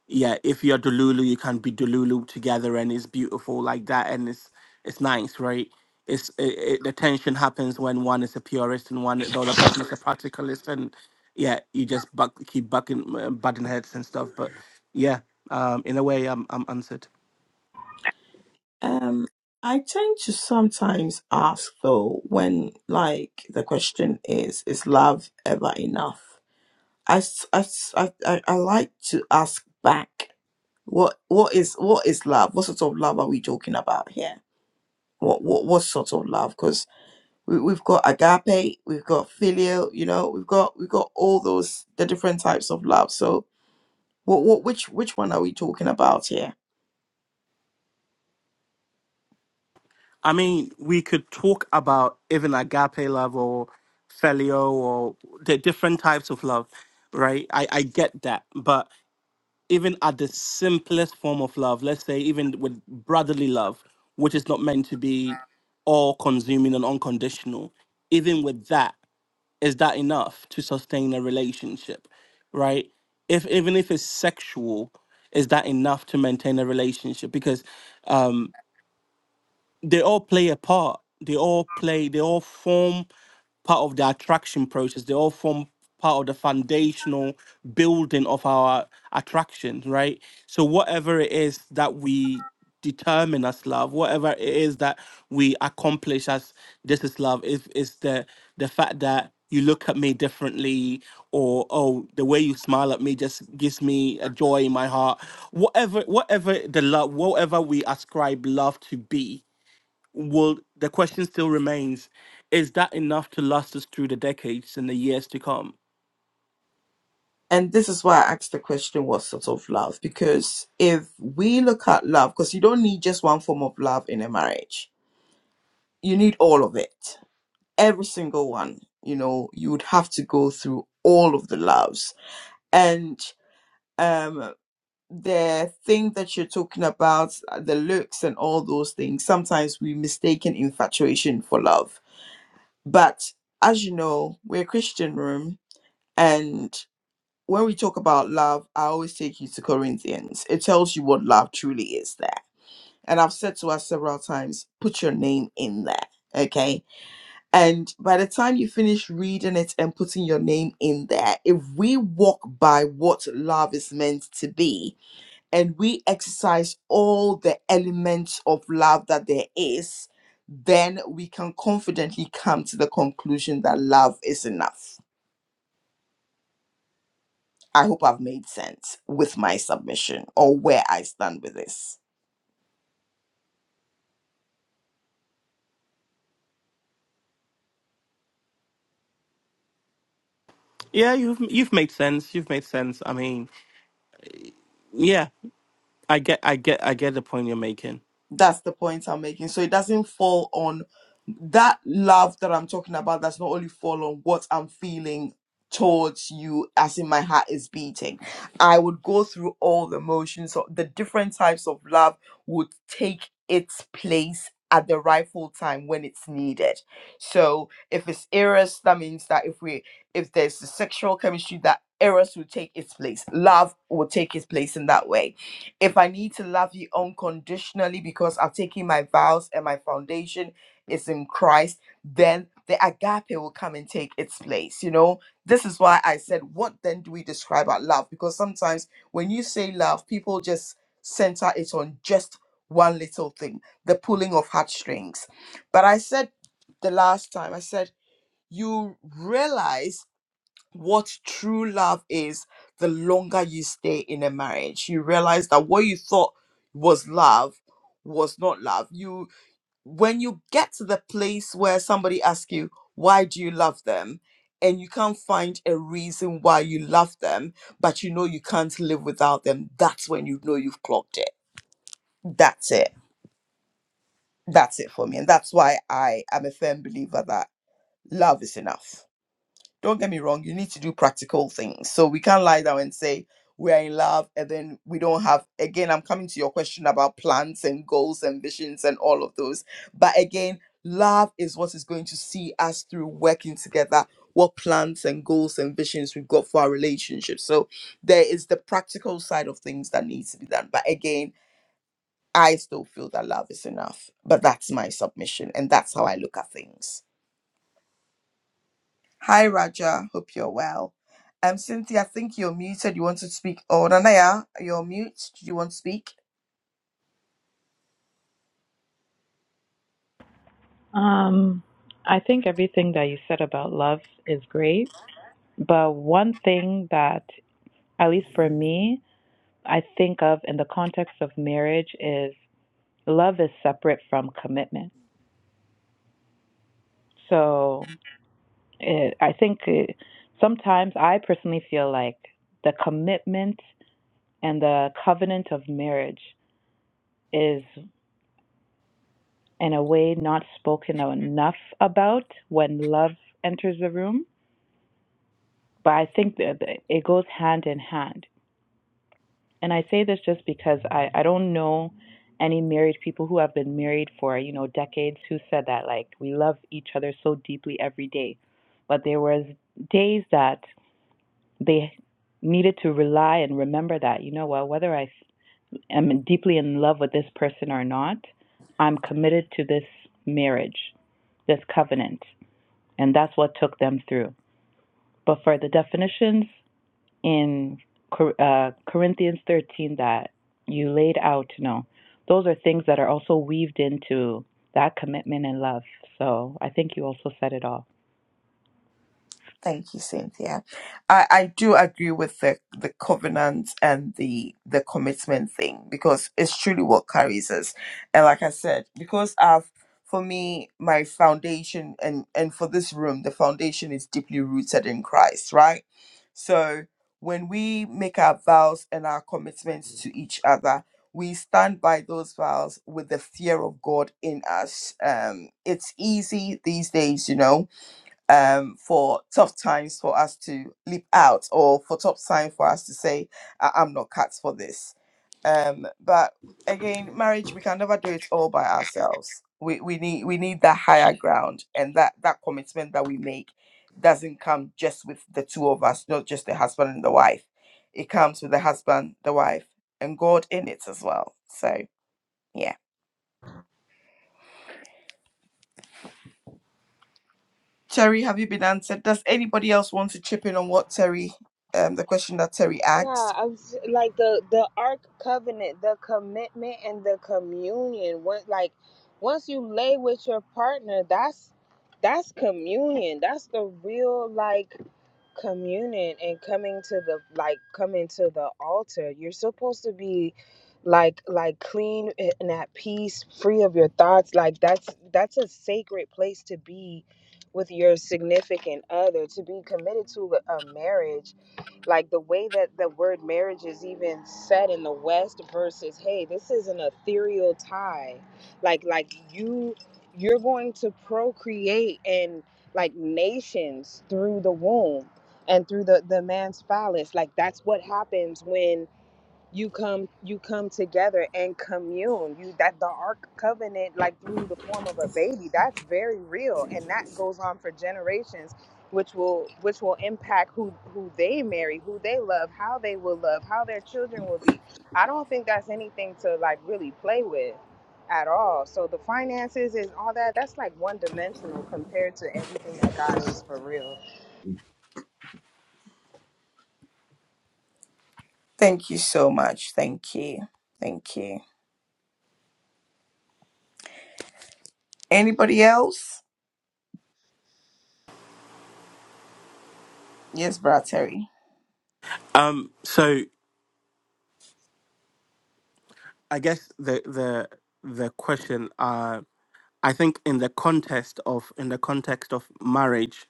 S7: yeah if you're delulu you can be delulu together and it's beautiful like that and it's it's nice right it's it, it, the tension happens when one is a purist and one the other person is a practicalist and yeah you just buck, keep bucking uh, butting heads and stuff but yeah um in a way i'm i'm answered
S1: Um, I tend to sometimes ask though when like the question is, is love ever enough? I, s- I, s- I, I- I like to ask back What what is what is love? What sort of love are we talking about here? What what what sort of love? Because we, we've got agape, we've got filial, you know, we've got we've got all those the different types of love. So what what which which one are we talking about here?
S7: I mean, we could talk about even agape love or filial or the different types of love, right? I, I get that. But even at the simplest form of love, let's say even with brotherly love, which is not meant to be all consuming and unconditional, even with that, is that enough to sustain a relationship, right? If even if it's sexual, is that enough to maintain a relationship? Because um, they all play a part. They all play. They all form part of the attraction process. They all form part of the foundational building of our attraction, right? So whatever it is that we determine as love, whatever it is that we accomplish as this is love, is is the the fact that you look at me differently or oh the way you smile at me just gives me a joy in my heart whatever whatever the love whatever we ascribe love to be will the question still remains is that enough to last us through the decades and the years to come
S1: And this is why I asked the question, what sort of love? Because if we look at love, because you don't need just one form of love in a marriage, you need all of it, every single one. You know, you would have to go through all of the loves and. um. the thing that you're talking about, uh, the looks and all those things, sometimes we mistaken infatuation for love. But as you know, we're a Christian room, and when we talk about love, I always take you to Corinthians. It tells you what love truly is there. And I've said to us several times, put your name in there. Okay. And by the time you finish reading it and putting your name in there, if we walk by what love is meant to be, and we exercise all the elements of love that there is, then we can confidently come to the conclusion that love is enough. I hope I've made sense with my submission or where I stand with this.
S7: yeah you've you've made sense you've made sense i mean yeah i get i get i get the point you're making
S1: That's the point I'm making. So it doesn't fall on that love that I'm talking about That's not only fall on what I'm feeling towards you as in my heart is beating. I would go through all the motions so the different types of love would take its place at the rightful time when it's needed. So if it's Eros, that means that if we if there's a sexual chemistry that Eros will take its place. Love will take its place in that way if I need to love you unconditionally because I've taken my vows and my foundation is in Christ, then the agape will come and take its place. You know, this is why I said, what then do we describe our love? Because sometimes when you say love, people just center it on just one little thing the pulling of heartstrings. But I said the last time, I said, you realize what true love is the longer you stay in a marriage you realize that what you thought was love was not love you when you get to the place where somebody asks you why do you love them and you can't find a reason why you love them but you know you can't live without them that's when you know you've clocked it that's it that's it for me and that's why i am a firm believer that love is enough don't get me wrong, you need to do practical things. So we can't lie down and say we are in love and then we don't have again, I'm coming to your question about plans and goals and visions and all of those. But again, love is what is going to see us through working together what plans and goals and visions we've got for our relationship. So there is the practical side of things that needs to be done. But again, I still feel that love is enough. But that's my submission and that's how I look at things. Hi, Raja. Hope you're well. Um, Cynthia, I think you're muted. You want to speak? Oh, Nanaya, you're mute. Do you want to speak?
S9: Um, I think everything that you said about love is great, but one thing that, at least for me, I think of in the context of marriage is love is separate from commitment. So it, I think it, sometimes I personally feel like the commitment and the covenant of marriage is, in a way, not spoken enough about when love enters the room. But I think that it goes hand in hand And I say this just because I, I don't know any married people who have been married for, you know, decades who said that, like, we love each other so deeply every day. But there was days that they needed to rely and remember that, you know, well, whether I am deeply in love with this person or not, I'm committed to this marriage, this covenant. And that's what took them through. But for the definitions in uh, Corinthians 13 that you laid out, you know, those are things that are also weaved into that commitment and love. So I think you also said it all.
S1: Thank you, Cynthia. I, I do agree with the, the covenant and the the commitment thing because it's truly what carries us. And like I said, because I've for me, my foundation and and for this room, the foundation is deeply rooted in Christ, right? So when we make our vows and our commitments to each other, we stand by those vows with the fear of God in us. Um, it's easy these days, you know um, for tough times for us to leap out or for tough time for us to say, I- I'm not cut for this. Um, but again, marriage, we can never do it all by ourselves. We, we need we need that higher ground and that, that commitment that we make doesn't come just with the two of us, not just the husband and the wife. It comes with the husband, the wife, and God in it as well. So yeah. Terry, have you been answered? Does anybody else want to chip in on what Terry, um, the question that Terry asked?
S10: I was like the the Ark Covenant, the commitment and the communion. What like once you lay with your partner, that's that's communion. That's the real like. communion and coming to the like coming to the altar you're supposed to be like like clean and at peace free of your thoughts like that's that's a sacred place to be with your significant other to be committed to a marriage like the way that the word marriage is even said in the west versus hey this is an ethereal tie like like you you're going to procreate and like nations through the womb and through the the man's phallus like that's what happens when you come you come together and commune you that the ark covenant like through the form of a baby that's very real and that goes on for generations which will which will impact who who they marry who they love how they will love how their children will be i don't think that's anything to like really play with at all so the finances and all that that's like one dimensional compared to everything that god is for real
S1: Thank you so much. Thank you. Thank you. Anybody else? Yes, Brad Terry.
S7: um so i guess the the the question uh i think in the context of in the context of marriage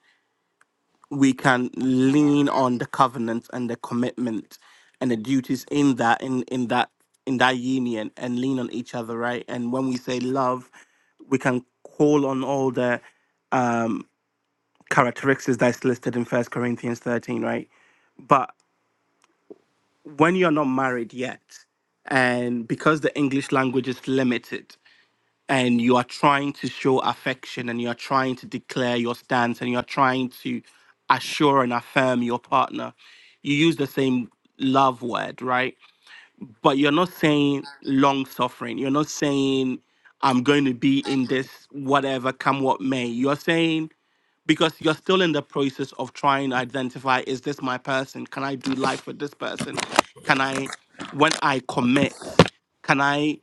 S7: we can lean on the covenant and the commitment and the duties in that in in that in that union and lean on each other right and when we say love we can call on all the characteristics that's listed in first corinthians 13 right but when you're not married yet and because the english language is limited and you are trying to show affection and you are trying to declare your stance and you are trying to assure and affirm your partner, you use the same love word, right? But you're not saying long suffering. You're not saying I'm going to be in this whatever come what may. You're saying because you're still in the process of trying to identify is this my person can i do life with this person can i when i commit can i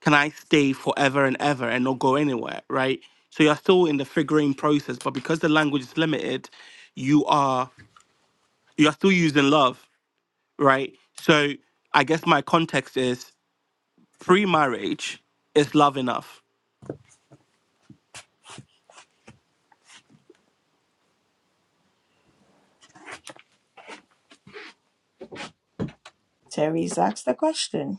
S7: can i stay forever and ever and not go anywhere right so you're still in the figuring process but because the language is limited you are you're still using love right so i guess my context is pre-marriage is love enough
S1: Terry's asked the question.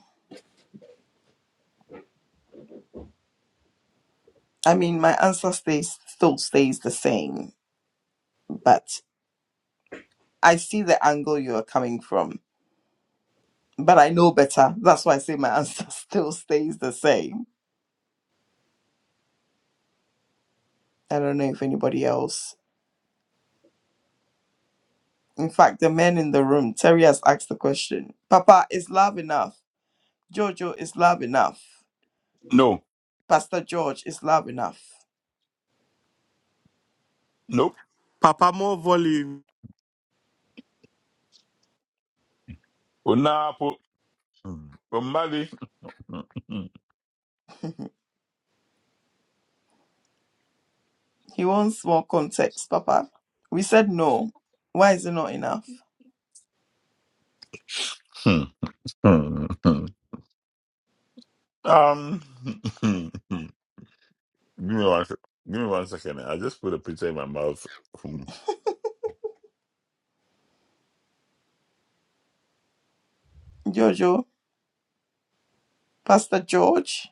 S1: I mean, my answer stays still stays the same, but I see the angle you are coming from. But I know better. That's why I say my answer still stays the same. I don't know if anybody else. In fact, the men in the room, Terry has asked the question. Papa, is love enough? Jojo, is love enough?
S2: No,
S1: Pastor George is love enough.
S2: nope.
S7: papa more volume
S2: Unapo, Umali.
S1: He wants more context, Papa. We said no. Why is it not enough?
S2: Um, give me one. sec- Give me one second. I just put a pizza in my mouth.
S1: Jojo, Pastor George,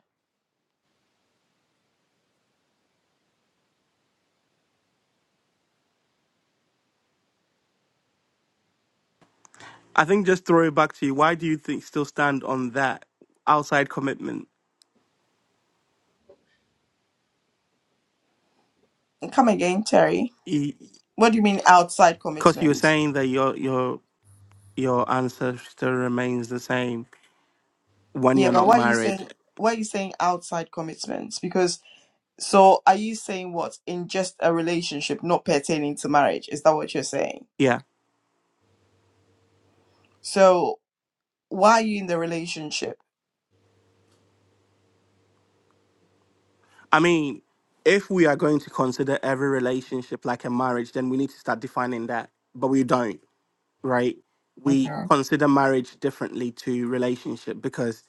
S7: I think just throw it back to you. Why do you think still stand on that outside commitment?
S1: come again, Terry.
S7: Because
S1: What do you mean outside
S7: you were
S1: commitment?
S7: saying that your your your ancestor remains the same when
S1: Yeah,
S7: you're
S1: but
S7: not
S1: why are you
S7: married.
S1: saying why are you saying outside commitment? Because so are you saying what in just a relationship, not pertaining to marriage? Is that what you're saying?
S7: Yeah,
S1: So Why are you in the relationship?
S7: I mean, if we are going to consider every relationship like a marriage, then we need to start defining that. But we don't. right? We
S1: Mhm.
S7: consider marriage differently to relationship because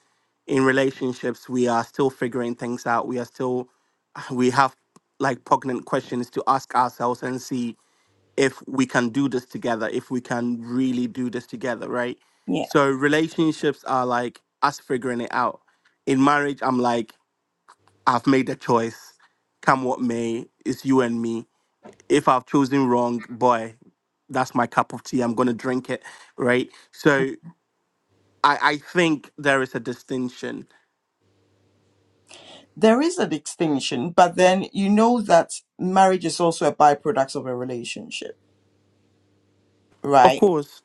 S7: in relationships we are still figuring things out. We are still we have like poignant questions to ask ourselves and see if we can do this together, if we can really do this together, right?
S1: Yeah.
S7: So relationships are like us figuring it out. In marriage, I'm like I've made a choice. Come what may, it's you and me. If I've chosen wrong, boy, that's my cup of tea. I'm gonna drink it, right? So I, I think there is a distinction.
S1: There is a distinction, but then you know that marriage is also a byproduct of a relationship,
S7: Of
S1: right?
S7: course.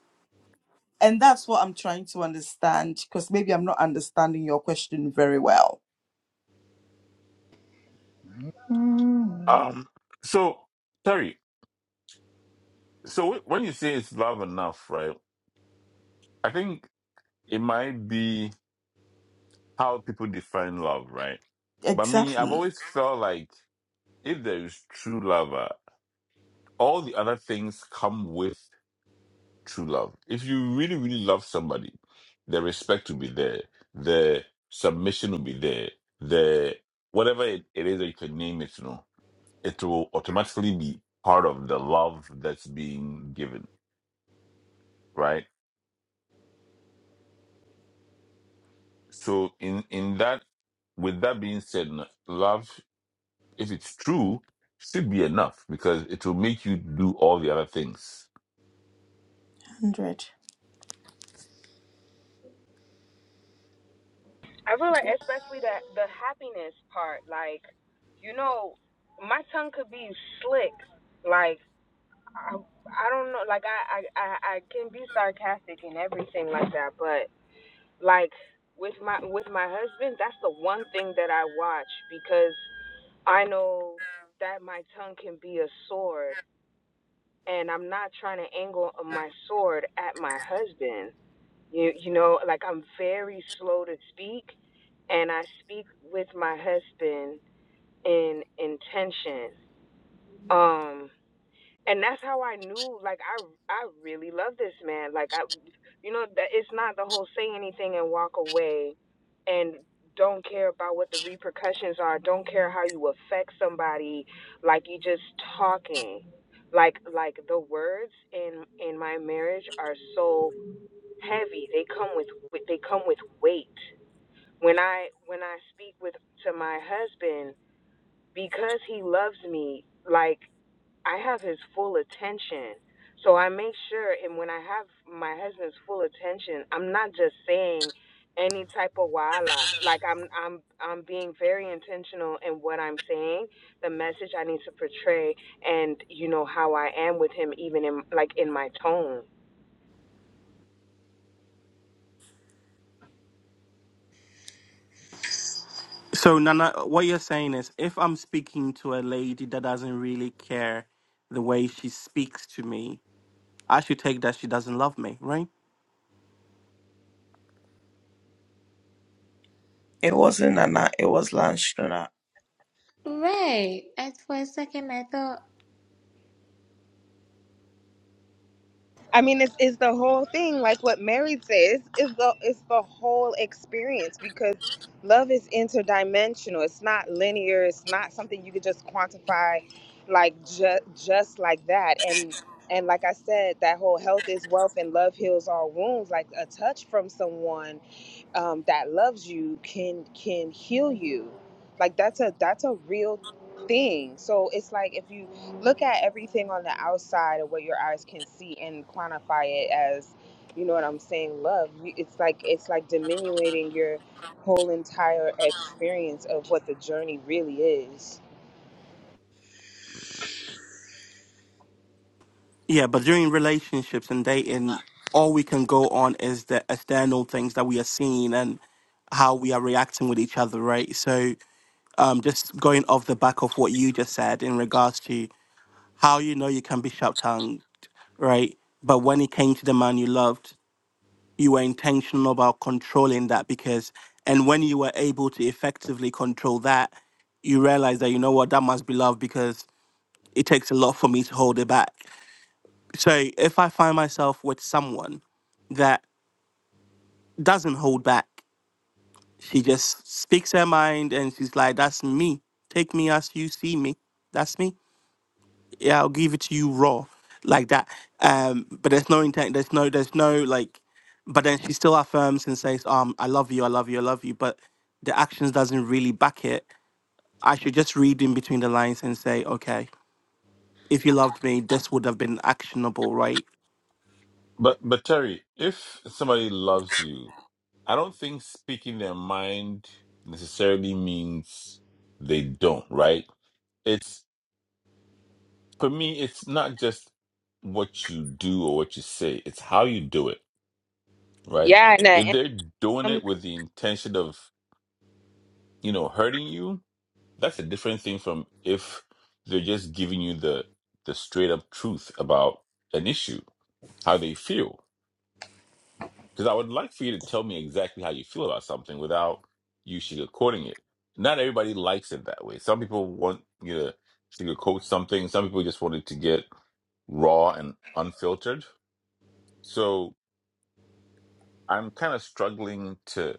S1: And that's what I'm trying to understand because maybe I'm not understanding your question very well.
S8: Mm.
S2: Um. So sorry. So wh- when you say it's love enough, right? I think it might be. how people define love, right? But me, I've
S1: Exactly.
S2: always felt like if there is true love, uh, all the other things come with true love. If you really, really love somebody, the respect will be there, the submission will be there, the whatever it, it is that you can name it, you know, it will automatically be part of the love that's being given, right? So in in that, with that being said, no, love if it's true, should be enough because it will make you do all the other things.
S1: 100.
S10: I feel like especially that the happiness part, like, you know, my tongue could be slick. Like I, I don't know, like I, I, I I can be sarcastic and everything like that, but like with my with my husband, that's the one thing that I watch because I know that my tongue can be a sword and I'm not trying to angle my sword at my husband. You you know, like I'm very slow to speak and I speak with my husband in intention. Um, and that's how I knew, like I, I really love this man. Like I, you know, that it's not the whole say anything and walk away and don't care about what the repercussions are. Don't care how you affect somebody. Like you just talking. Like like the words in in my marriage are so heavy. They come with they come with weight when I when I speak with to my husband because he loves me like I have his full attention. So I make sure and when I have my husband's full attention, I'm not just saying any type of wala. Like I'm I'm I'm being very intentional in what I'm saying, the message I need to portray and you know how I am with him even in like in my tone.
S7: So Nana, what you're saying is if I'm speaking to a lady that doesn't really care the way she speaks to me, I should take that she doesn't love me, right?
S1: It wasn't Nana, it was Lanstrona.
S5: Right. I, for a second, I thought
S10: I mean, it's, it's the whole thing, like what Mary says, is the it's the whole experience because love is interdimensional. It's not linear. It's not something you could just quantify, like just just like that. And and like I said, that whole health is wealth and love heals all wounds. Like a touch from someone um, that loves you can can heal you like that's a that's a real thing so it's like if you look at everything on the outside of what your eyes can see and quantify it as you know what i'm saying love you- it's like it's like diminuting your whole entire experience of what the journey really is
S7: Yeah, but during relationships and dating, all we can go on is the external things that we are seeing and how we are reacting with each other, right? So, um, just going off the back of what you just said in regards to how you know you can be sharp tongued, right? But when it came to the man you loved, you were intentional about controlling that because, and when you were able to effectively control that, you realize that you know what that must be love because it takes a lot for me to hold it back so if I find myself with someone that doesn't hold back, she just speaks her mind and she's like, that's me. Take me as you see me. That's me. Yeah, I'll give it to you raw. Like that. Um, but there's no intent, there's no, there's no like but then she still affirms and says, um, I love you, I love you, I love you, but the actions doesn't really back it. I should just read in between the lines and say, okay, if you loved me, this would have been actionable, right?
S2: But but Terry, if somebody loves you, I don't think speaking their mind necessarily means they don't, right? It's for me, it's not just what you do or what you say, it's how you do it, right?
S10: yeah and, I-
S2: If
S10: and
S2: they're doing
S10: um,
S2: it with the intention of, you know, hurting you, That's a different thing from if they're just giving you the the straight up truth about an issue, how they feel. Because I would like for you to tell me exactly how you feel about something without you sugarcoating it. Not everybody likes it that way. Some people want you to sugarcoat something. Some people just want it to get raw and unfiltered. So I'm kind of struggling to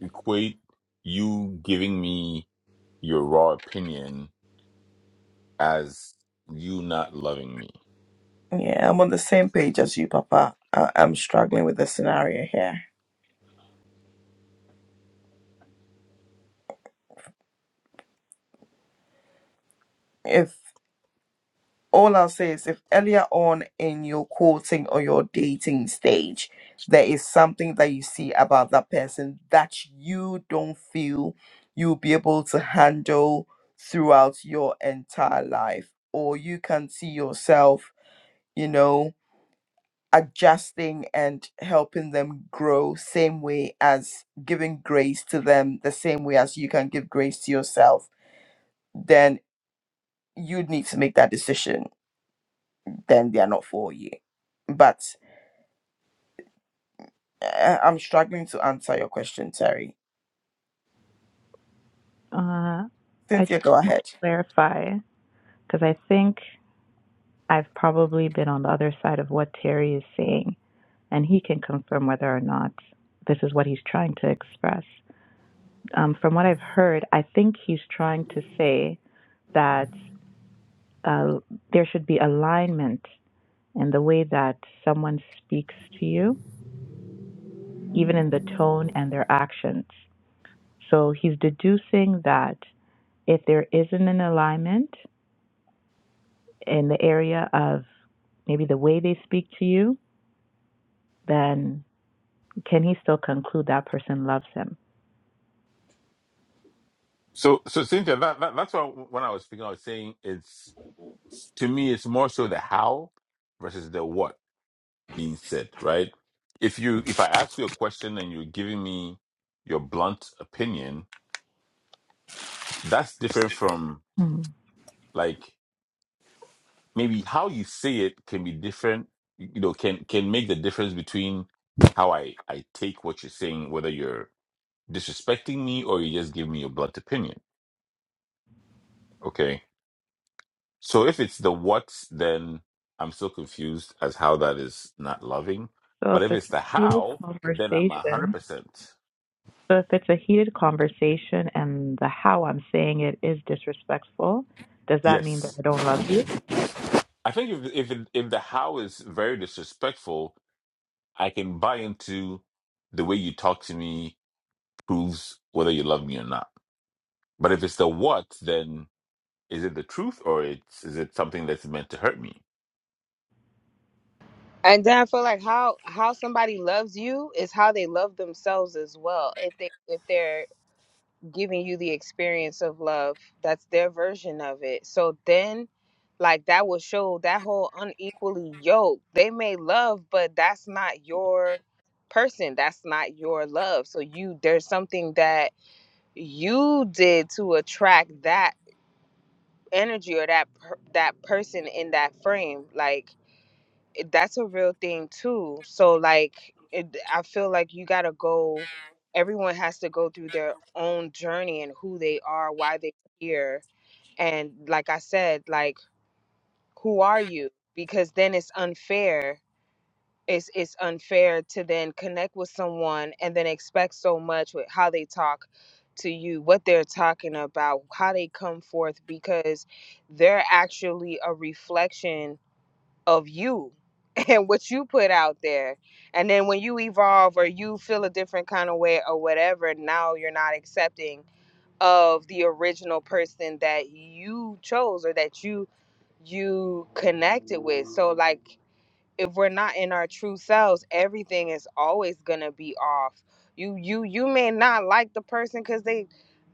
S2: equate you giving me your raw opinion as you not loving me.
S1: Yeah, I'm on the same page as you, Papa. I- I'm struggling with the scenario here. If all I'll say is if earlier on in your courting or your dating stage, there is something that you see about that person that you don't feel you'll be able to handle throughout your entire life, or you can see yourself, you know, adjusting and helping them grow, same way as giving grace to them, the same way as you can give grace to yourself, then you need to make that decision then they are not for you. But uh, I'm struggling to answer your question, Terry.
S9: Uh, I just
S1: Cynthia, go
S9: want
S1: ahead.
S9: to clarify because I think I've probably been on the other side of what Terry is saying, and he can confirm whether or not this is what he's trying to express. Um, from what I've heard, I think he's trying to say that uh, there should be alignment and the way that someone speaks to you, even in the tone and their actions. So he's deducing that if there isn't an alignment in the area of maybe the way they speak to you, then can he still conclude that person loves him?
S2: So, so Cynthia, that, that that's what when I was speaking, I was saying it's to me, it's more so the how versus the what being said, right? If you if I ask you a question and you're giving me your blunt opinion, that's different from
S9: Mhm.
S2: like maybe how you say it can be different. You know, can can make the difference between how I I take what you're saying, whether you're disrespecting me or you just give me your blunt opinion. Okay So if it's the what, then I'm still confused as how that is not loving.
S9: So if
S2: But if
S9: it's
S2: it's
S9: a
S2: the
S9: heated
S2: how, then I'm a hundred
S9: conversation,
S2: percent
S9: so if it's a heated conversation and the how I'm saying it is disrespectful, does that mean that
S2: yes.
S9: I don't love you?
S2: I think if if it, if the how is very disrespectful, I can buy into the way you talk to me proves whether you love me or not. But if it's the what, then is it the truth or it's is it something that's meant to hurt me?
S10: and then i feel like how how somebody loves you is how they love themselves as well if they if they're giving you the experience of love. That's their version of it. So then, like, that will show that whole unequally yoke. They may love, but that's not your person. That's not your love. So you, there's something that you did to attract that energy or that per- that person in that frame. Like it- that's a real thing too. So like it, I feel like you got to go everyone has to go through their own journey and who they are, why they're here. And like I said, like who are you? Because then it's unfair. It's it's unfair to then connect with someone and then expect so much with how they talk to you, what they're talking about, how they come forth because they're actually a reflection of you and what you put out there. And then when you evolve or you feel a different kind of way or whatever, now you're not accepting of the original person that you chose or that you you connected with. So like if we're not in our true selves, everything is always gonna be off. You you you may not like the person because they,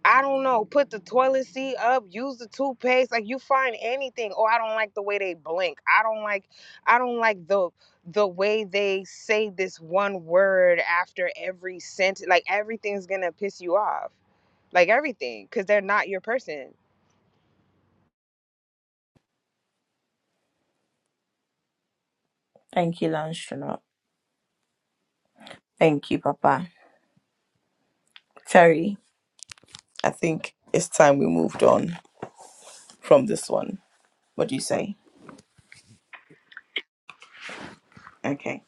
S10: I don't know, put the toilet seat up, use the toothpaste, like you find anything. Oh, I don't like the way they blink. I don't like, I don't like the the way they say this one word after every sentence. Like everything's gonna piss you off, like everything, because they're not your person.
S1: Thank you, Lanchonot. Thank you, Papa. Terry, I think it's time we moved on from this one. What do you say? Okay.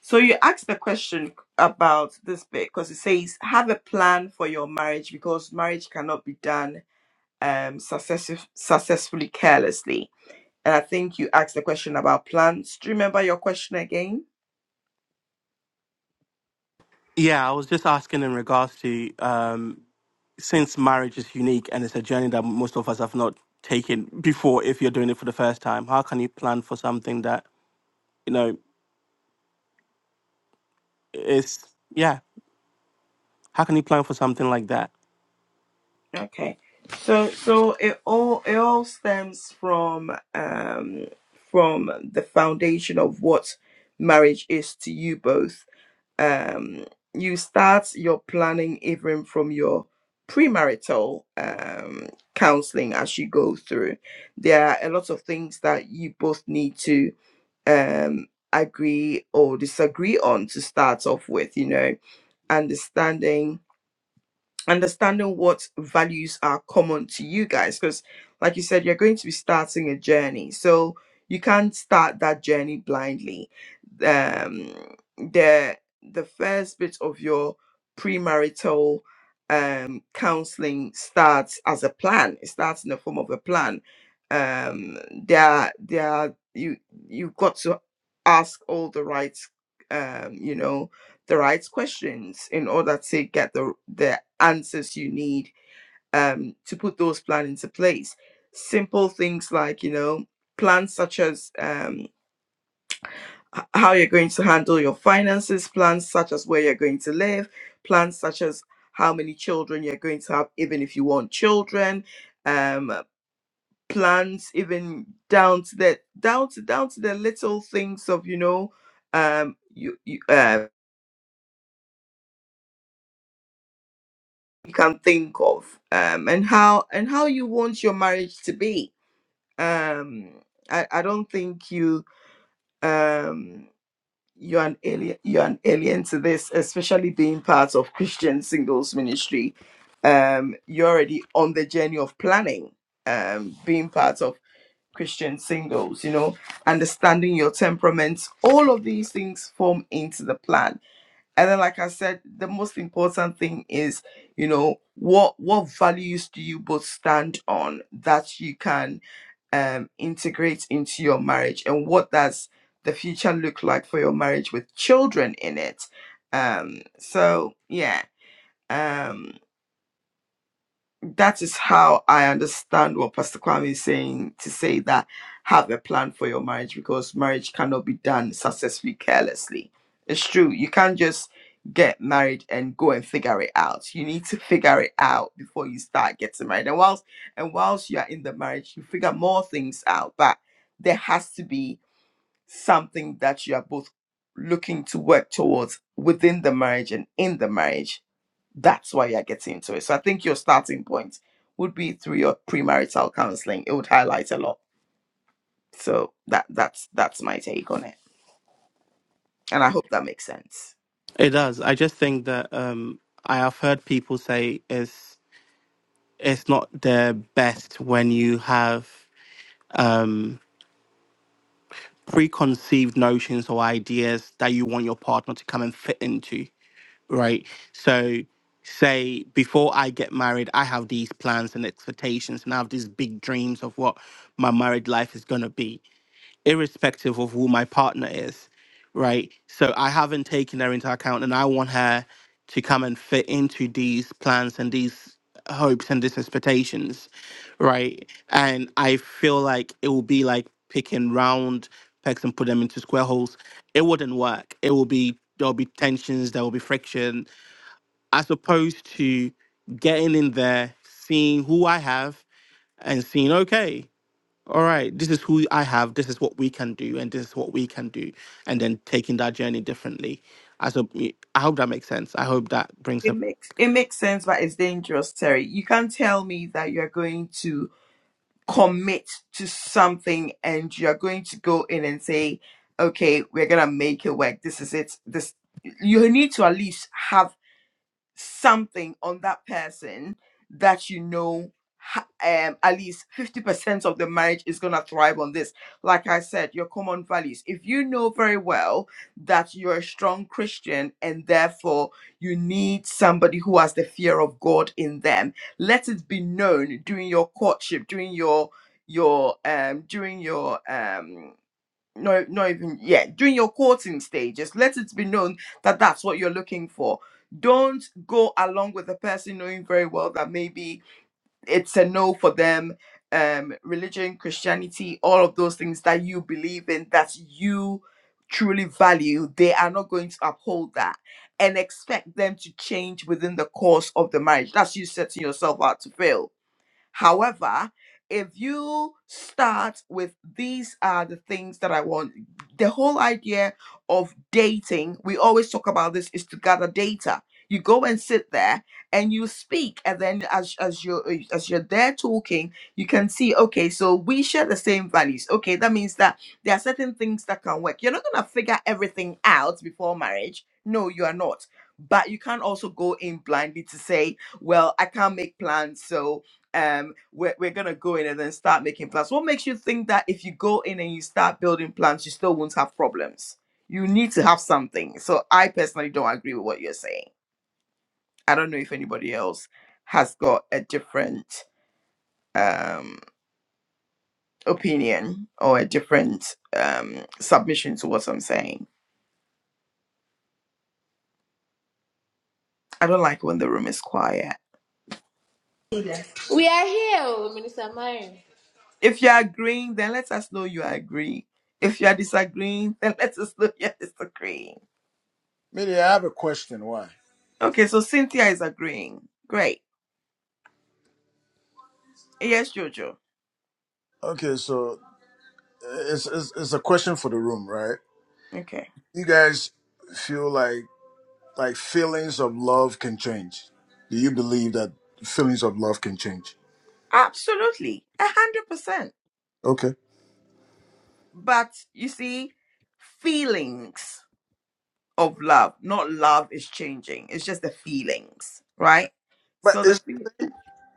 S1: So you asked the question about this bit because it says have a plan for your marriage because marriage cannot be done um success- successfully carelessly. And I think you asked the question about plans. Do you remember your question again?
S7: Yeah, I was just asking in regards to um, since marriage is unique and it's a journey that most of us have not taken before if you're doing it for the first time how can you plan for something that you know is yeah how can you plan for something like that
S1: Okay. So so it all it all stems from um from the foundation of what marriage is to you both. Um you start your planning even from your premarital um counseling as you go through. There are a lot of things that you both need to um agree or disagree on to start off with, you know, understanding understanding what values are common to you guys because like you said you're going to be starting a journey so you can't start that journey blindly um the the first bit of your premarital um counseling starts as a plan it starts in the form of a plan um there there you you've got to ask all the right um you know the right questions in order to get the the answers you need um, to put those plans into place. Simple things like you know plans such as um, h- how you're going to handle your finances, plans such as where you're going to live, plans such as how many children you're going to have, even if you want children. Um, plans even down to the down to down to the little things of you know um you, you uh, you can think of um and how and how you want your marriage to be um i i don't think you um you're an alien you're an alien to this especially being part of christian singles ministry um you're already on the journey of planning um being part of christian singles you know understanding your temperaments all of these things form into the plan and then like i said the most important thing is you know what what values do you both stand on that you can um integrate into your marriage and what does the future look like for your marriage with children in it um so yeah um, that is how I understand what Pastor Kwame is saying to say that have a plan for your marriage because marriage cannot be done successfully carelessly. It's true. You can't just get married and go and figure it out. You need to figure it out before you start getting married. And whilst and whilst you are in the marriage, you figure more things out. But there has to be something that you are both looking to work towards within the marriage and in the marriage that's why you're getting into it. So I think your starting point would be through your premarital counseling. It would highlight a lot. So that that's that's my take on it. And I hope that makes sense.
S7: it does i just think that um i have heard people say it's it's not the best when you have um preconceived notions or ideas that you want your partner to come and fit into right? So, say before I get married, I have these plans and expectations, and I have these big dreams of what my married life is going to be, irrespective of who my partner is, right? So, I haven't taken her into account, and I want her to come and fit into these plans and these hopes and these expectations, right? And I feel like it will be like picking round pegs and put them into square holes. It wouldn't work. It will be there'll be tensions, there will be friction, as opposed to getting in there, seeing who I have, and seeing, okay, all right, this is who I have, this is what we can do, and this is what we can do, and then taking that journey differently. As a, I hope that makes sense. I hope that brings
S1: It
S7: up.
S1: makes it makes sense, but it's dangerous, Terry. You can't tell me that you're going to commit to something and you're going to go in and say, "Okay, we're gonna make it work. This is it." This you need to at least have something on that person that you know ha- um at least 50% of the marriage is going to thrive on this like i said your common values if you know very well that you're a strong christian and therefore you need somebody who has the fear of god in them let it be known during your courtship during your your um during your um no not even yeah during your courting stages let it be known that that's what you're looking for don't go along with the person knowing very well that maybe it's a no for them um religion christianity all of those things that you believe in that you truly value they are not going to uphold that and expect them to change within the course of the marriage that's you setting yourself out to fail However, if you start with these are the things that I want, the whole idea of dating, we always talk about this, is to gather data. You go and sit there and you speak, and then as as you're eh, as you're there talking, you can see, okay, so we share the same values. Okay, that means that there are certain things that can work. You're not gonna figure everything out before marriage. No, you are not. But you can't also go in blindly to say, well, I can't make plans, so um we're, we're gonna go in and then start making plans what makes you think that if you go in and you start building plans you still won't have problems you need to have something so i personally don't agree with what you're saying i don't know if anybody else has got a different um opinion or a different um submission to what i'm saying i don't like when the room is quiet
S5: we are here, oh, Minister Marion.
S1: if you're agreeing then let us know you agree if you are disagreeing then let us know you're disagreeing
S8: Maybe I have a question. Why?
S1: okay so cynthia is agreeing great Yes, Jojo.
S8: Okay, so it's, it's it's a question for the room, right?
S1: Okay.
S8: You guys feel like like feelings of love can change. Do you believe that feelings of love can change?
S1: Absolutely. A hundred percent.
S8: Okay,
S1: But you see, feelings of love, not love is changing. It's just the feelings, right?
S8: but
S1: So the
S8: it's,
S1: fe-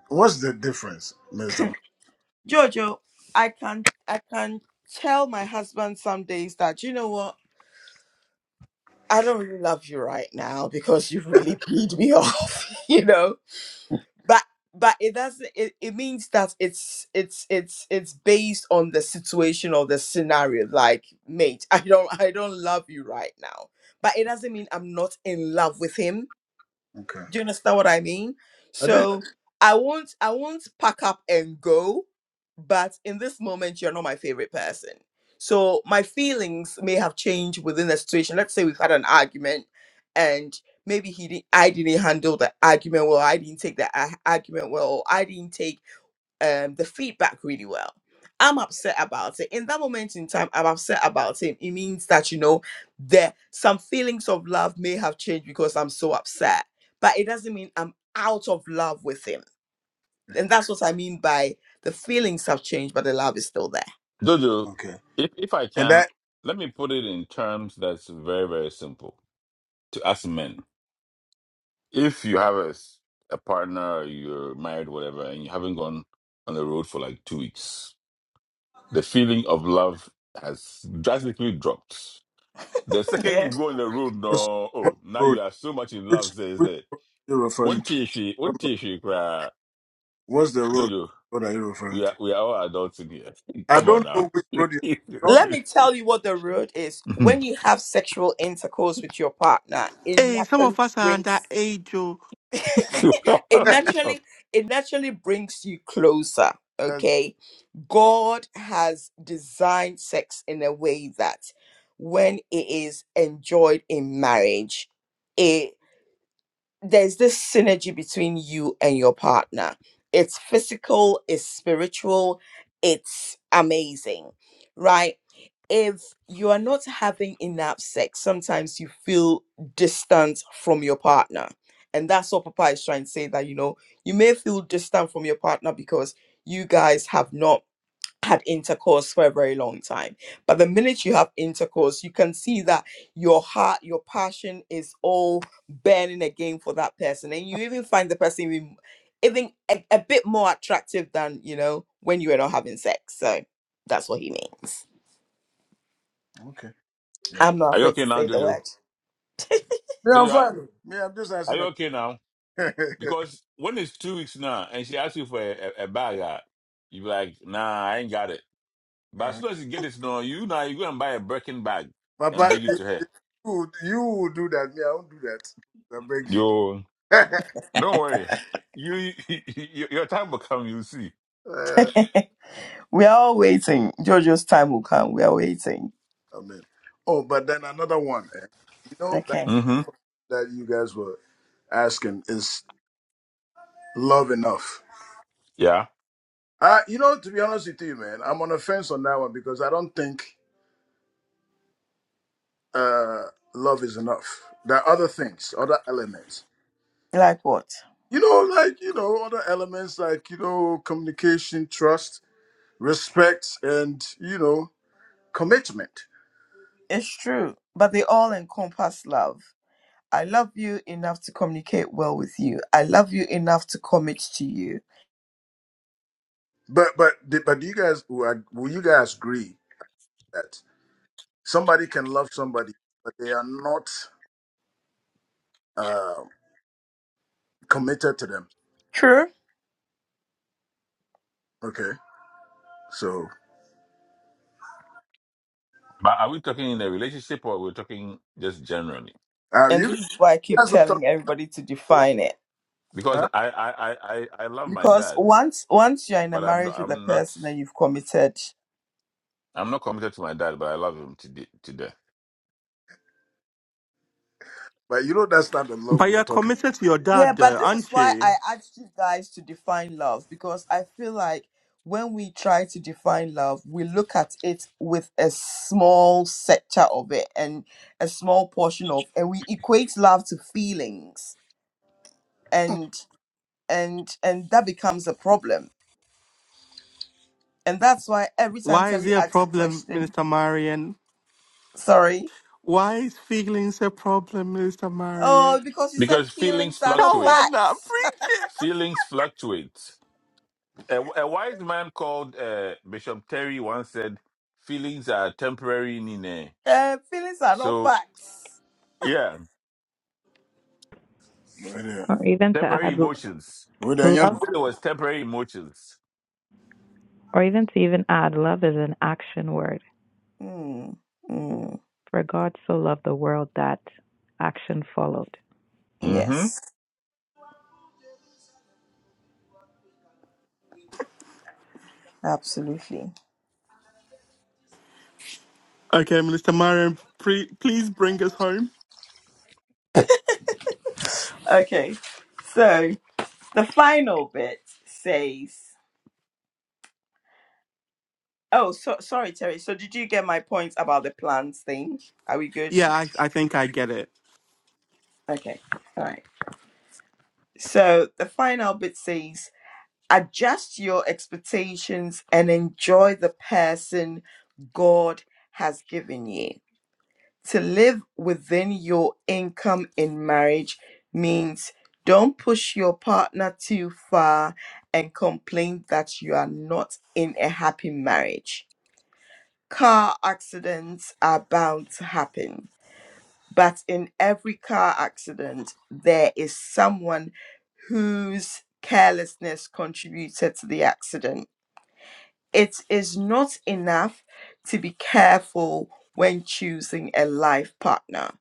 S8: what's the difference, Mister? Ma-
S1: Jojo, I can I can tell my husband some days that you know what I don't really love you right now because you really peed me off, you know. but but it doesn't it, it means that it's it's it's it's based on the situation or the scenario like mate i don't i don't love you right now but it doesn't mean i'm not in love with him
S8: Okay,
S1: do you understand what I mean?
S8: I do.
S1: So I won't I won't pack up and go, but in this moment you're not my favorite person. So my feelings may have changed within the situation. Let's say we've had an argument and maybe he didn't I didn't handle the argument well, I didn't take the a- argument well, or I didn't take um, the feedback really well. I'm upset about it. In that moment in time, I'm upset about him. It means that, you know, there some feelings of love may have changed because I'm so upset. But it doesn't mean I'm out of love with him. And that's what I mean by the feelings have changed, but the love is still there.
S2: Jojo,
S8: Okay,
S2: if if I
S8: and
S2: can,
S8: that
S2: let me put it in terms that's very very simple to us men if you have a, s- a partner or you're married whatever and you haven't gone on the road for like two weeks the feeling of love has drastically dropped the second
S1: Yeah.
S2: you go on the road
S8: what's,
S2: no
S8: what's
S2: oh now
S8: the road?
S2: you are so much in love
S8: Which
S2: says
S8: which
S2: that
S8: road are you referring
S2: one
S8: to?
S2: tissue one tissue cry
S8: What's the road?
S2: jojo
S8: What are you referring
S2: we are
S8: to?
S2: we are all adults in here
S8: I
S2: come on
S8: don't
S2: now
S8: know which road you don't.
S1: Let me tell you what the road is. When you have sexual intercourse with your partner, it
S7: Hey, some
S1: naturally
S7: of us are under
S1: brings
S7: age, oh.
S1: it naturally it naturally brings you closer.
S8: Uh,
S1: Okay. God has designed sex in a way that when it is enjoyed in marriage, it. there's this synergy between you and your partner. It's physical, it's spiritual, it's amazing, right? If you are not having enough sex, sometimes you feel distant from your partner. And that's what Papa is trying to say that, you know, you may feel distant from your partner because you guys have not had intercourse for a very long time. But the minute you have intercourse, you can see that your heart, your passion is all burning again for that person. And you even find the person even, even a, a bit more attractive than, you know, when you were not having sex. So that's what he means.
S8: okay.
S1: I'm not
S2: Are you
S1: afraid to
S2: okay now,
S1: say the
S2: Jojo?
S1: word.
S8: Me, I'm
S2: Jojo, are
S8: fine. Me, I'm just
S2: are
S8: asking.
S2: you
S8: A...
S2: okay now? Because when it's two weeks now and she asks you for a, a, a bag, ah, you be like, nah, I ain't got it. But as soon as you get it, no, you now you go and buy a Birkin bag and
S8: Papa,
S2: bring it
S8: you,
S2: to her.
S8: you you will do that. Me, I won't do that. I beg
S2: Yo,
S8: you.
S2: don't worry. You, you your time will come. You see.
S8: uh,
S1: We are all waiting. Jojo's time will come. We are waiting.
S8: amen. Oh, but then another one. eh, You know that
S1: Okay.
S2: Mm-hmm.
S8: that you guys were asking is love enough?
S2: Yeah.
S8: Uh, you know, to be honest with you, man, I'm on the fence on that one because I don't think uh, love is enough. There are other things, other elements.
S1: Like what?
S8: You know, like you know, other elements like you know, communication, trust respect and you know commitment.
S1: It's true. But they all encompass love. I love you enough to communicate well with you. I love you enough to commit to you.
S8: But but but do you guys will will you guys agree that somebody can love somebody but they are not uh, committed to them?
S1: True.
S8: Okay, so
S2: But are we talking in a relationship or we're talking just generally?
S8: uh,
S1: And
S8: you
S1: this is why I keep
S8: guys were talking,
S1: telling everybody to
S8: to,
S1: define it.
S2: Because
S8: huh?
S2: I I, I, I I love my
S1: Because
S2: dad,
S1: once once you're in a
S2: but I'm not-
S1: marriage with a
S2: I'm not
S1: person and you've committed.
S2: I'm not committed to my dad, but I love him to de- to death.
S8: But you know that's not the love
S7: but
S8: we're
S7: you're
S8: talking
S7: committed to your
S1: Yeah,
S7: dad, though,
S1: but this is
S7: aren't
S1: why I
S7: you?
S1: asked you guys to define love because I feel like when we try to define love, we look at it with a small sector of it and a small portion of and we equate love to feelings. and. and and that becomes a problem. And that's why every time
S7: Why is he
S1: Terry
S7: a
S1: asks the
S7: problem,
S1: question,
S7: Minister Marion?
S1: sorry,
S7: Why is feelings a problem, Minister
S1: oh,
S7: Marion?
S1: because you said
S2: Because feelings
S1: feelings are not
S7: Come
S2: fluctuate.
S7: on now,
S1: facts.
S7: preach it.
S2: Feelings fluctuate. A, a wise man called uh, Bishop Terry once said, "Feelings are temporary, nene."
S1: Uh, feelings are not
S2: So
S1: facts.
S2: yeah,
S8: about. But, yeah.
S9: Or even to
S2: temporary
S9: add,
S2: emotions.
S8: Well, then, yeah.
S9: love
S2: He said it was temporary emotions.
S9: Or even to even add, love is an action word.
S1: Mm, mm,
S9: For God so loved the world that action followed.
S2: Mm-hmm.
S1: yes, absolutely.
S7: Okay, Minister Marin, pre- please bring us home.
S1: Okay, so the final bit says, oh, so sorry, Terry. So did you get my point about the plans thing? Are we good?
S7: Yeah, I, I think I get it.
S1: Okay, all right. So the final bit says. adjust your expectations and enjoy the person God has given you. To live within your income in marriage means don't push your partner too far and complain that you are not in a happy marriage. Car accidents are bound to happen, but in every car accident, there is someone whose carelessness contributed to the accident it is not enough to be careful when choosing a life partner.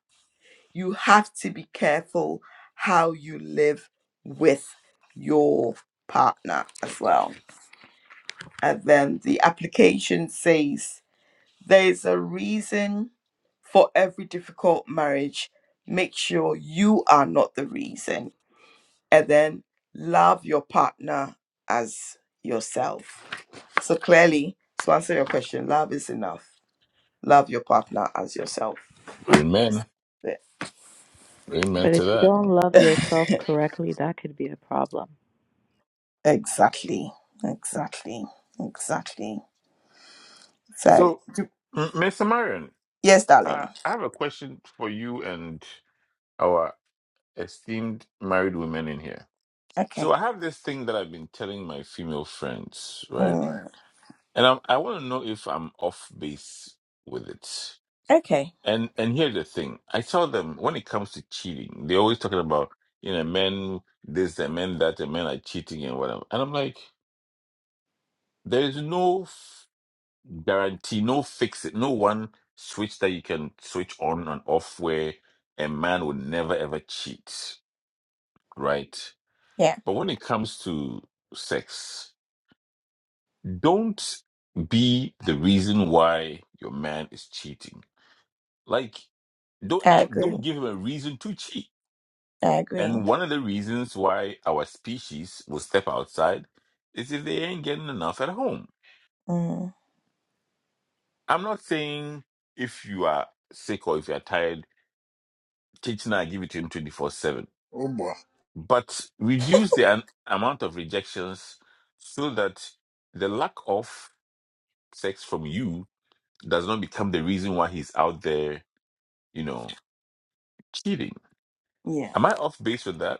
S1: You have to be careful how you live with your partner as well. And then the application says there's a reason for every difficult marriage. Make sure you are not the reason. And then love your partner as yourself. So clearly, to answer your question, love is enough Love your partner as yourself.
S2: Amen. Amen
S9: But if
S2: to
S9: you
S2: that.
S9: don't love yourself correctly, that could be a problem.
S1: Exactly. Exactly. Exactly. So,
S2: So, M- Miss Marion,
S1: yes, darling.
S2: Uh, I have a question for you and our esteemed married women in here.
S1: Okay.
S2: So I have this thing that I've been telling my female friends, right?
S1: Mm,
S2: And I'm, I want to know if I'm off base with it.
S1: okay.
S2: And and here's the thing: I tell them when it comes to cheating, they're always talking about you know men this and men that and men are cheating and whatever. And I'm like, there is no guarantee no fix it no one switch that you can switch on and off where a man would never ever cheat right
S1: Yeah,
S2: but when it comes to sex don't be the reason why your man is cheating like don't
S1: I
S2: act,
S1: agree.
S2: don't give him a reason to cheat
S1: I agree.
S2: and one of the reasons why our species will step outside is if they ain't getting enough at home
S1: Mm,
S2: i'm not saying if you are sick or if you're tired teaching I give it to him 24 7.
S8: Oh boy.
S2: But reduce the an- amount of rejections so that the lack of sex from you does not become the reason why he's out there, you know, cheating.
S1: yeah.
S2: Am I off base with that?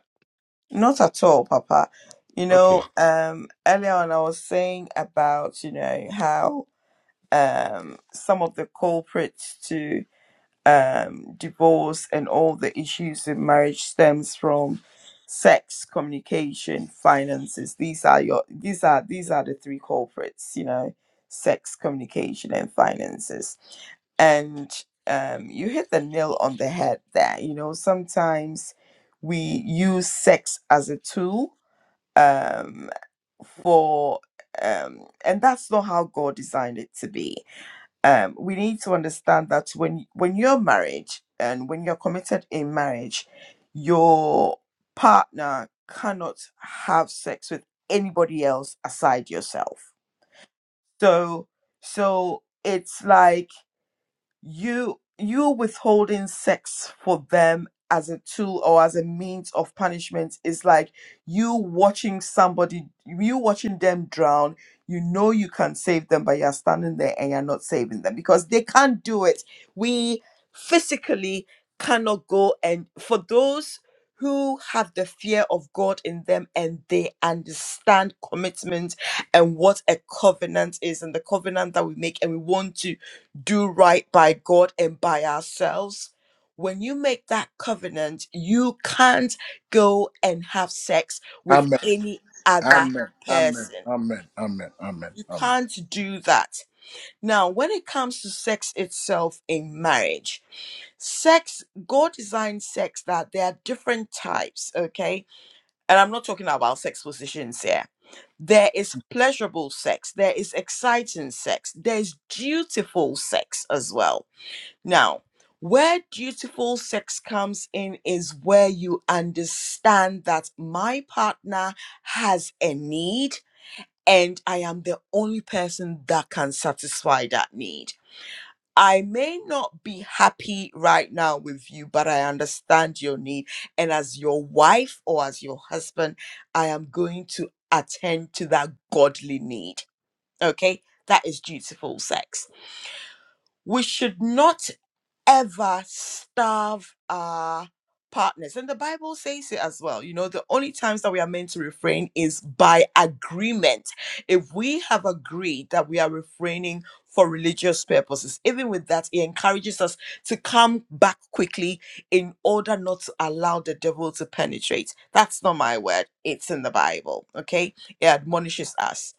S1: Not at all, Papa. You know,
S2: Okay.
S1: um, earlier on I was saying about, you know, how um some of the culprits to. um, divorce and all the issues in marriage stems from sex communication finances these are your these are these are the three culprits you know sex communication and finances and um, you hit the nail on the head there you know sometimes we use sex as a tool um, for um, and that's not how god designed it to be um, we need to understand that when when you're married and when you're committed in marriage, your partner cannot have sex with anybody else aside yourself. So so it's like you you withholding sex for them as a tool or as a means of punishment is like you watching somebody you watching them drown you know you can save them but you're standing there and you're not saving them because they can't do it we physically cannot go and for those who have the fear of God in them and they understand commitment and what a covenant is and the covenant that we make and we want to do right by God and by ourselves. When you make that covenant, you can't go and have sex with
S8: Amen.
S1: any other
S8: Amen. Amen.
S1: person.
S8: Amen. Amen. Amen.
S1: You
S8: Amen.
S1: can't do that. Now, when it comes to sex itself in marriage, sex, God designed sex that there are different types, okay? And I'm not talking about sex positions here. There is pleasurable sex, there is exciting sex, there's dutiful sex as well now, where dutiful sex comes in is where you understand that my partner has a need and I am the only person that can satisfy that need. I may not be happy right now with you, but I understand your need. And as your wife or as your husband, I am going to attend to that godly need. Okay? That is dutiful sex. We should not ever starve our partners. And the Bible says it as well. You know, the only times that we are meant to refrain is by agreement. If we have agreed that we are refraining for religious purposes, even with that, it encourages us to come back quickly in order not to allow the devil to penetrate. That's not my word, it's in the Bible. Okay, it admonishes us.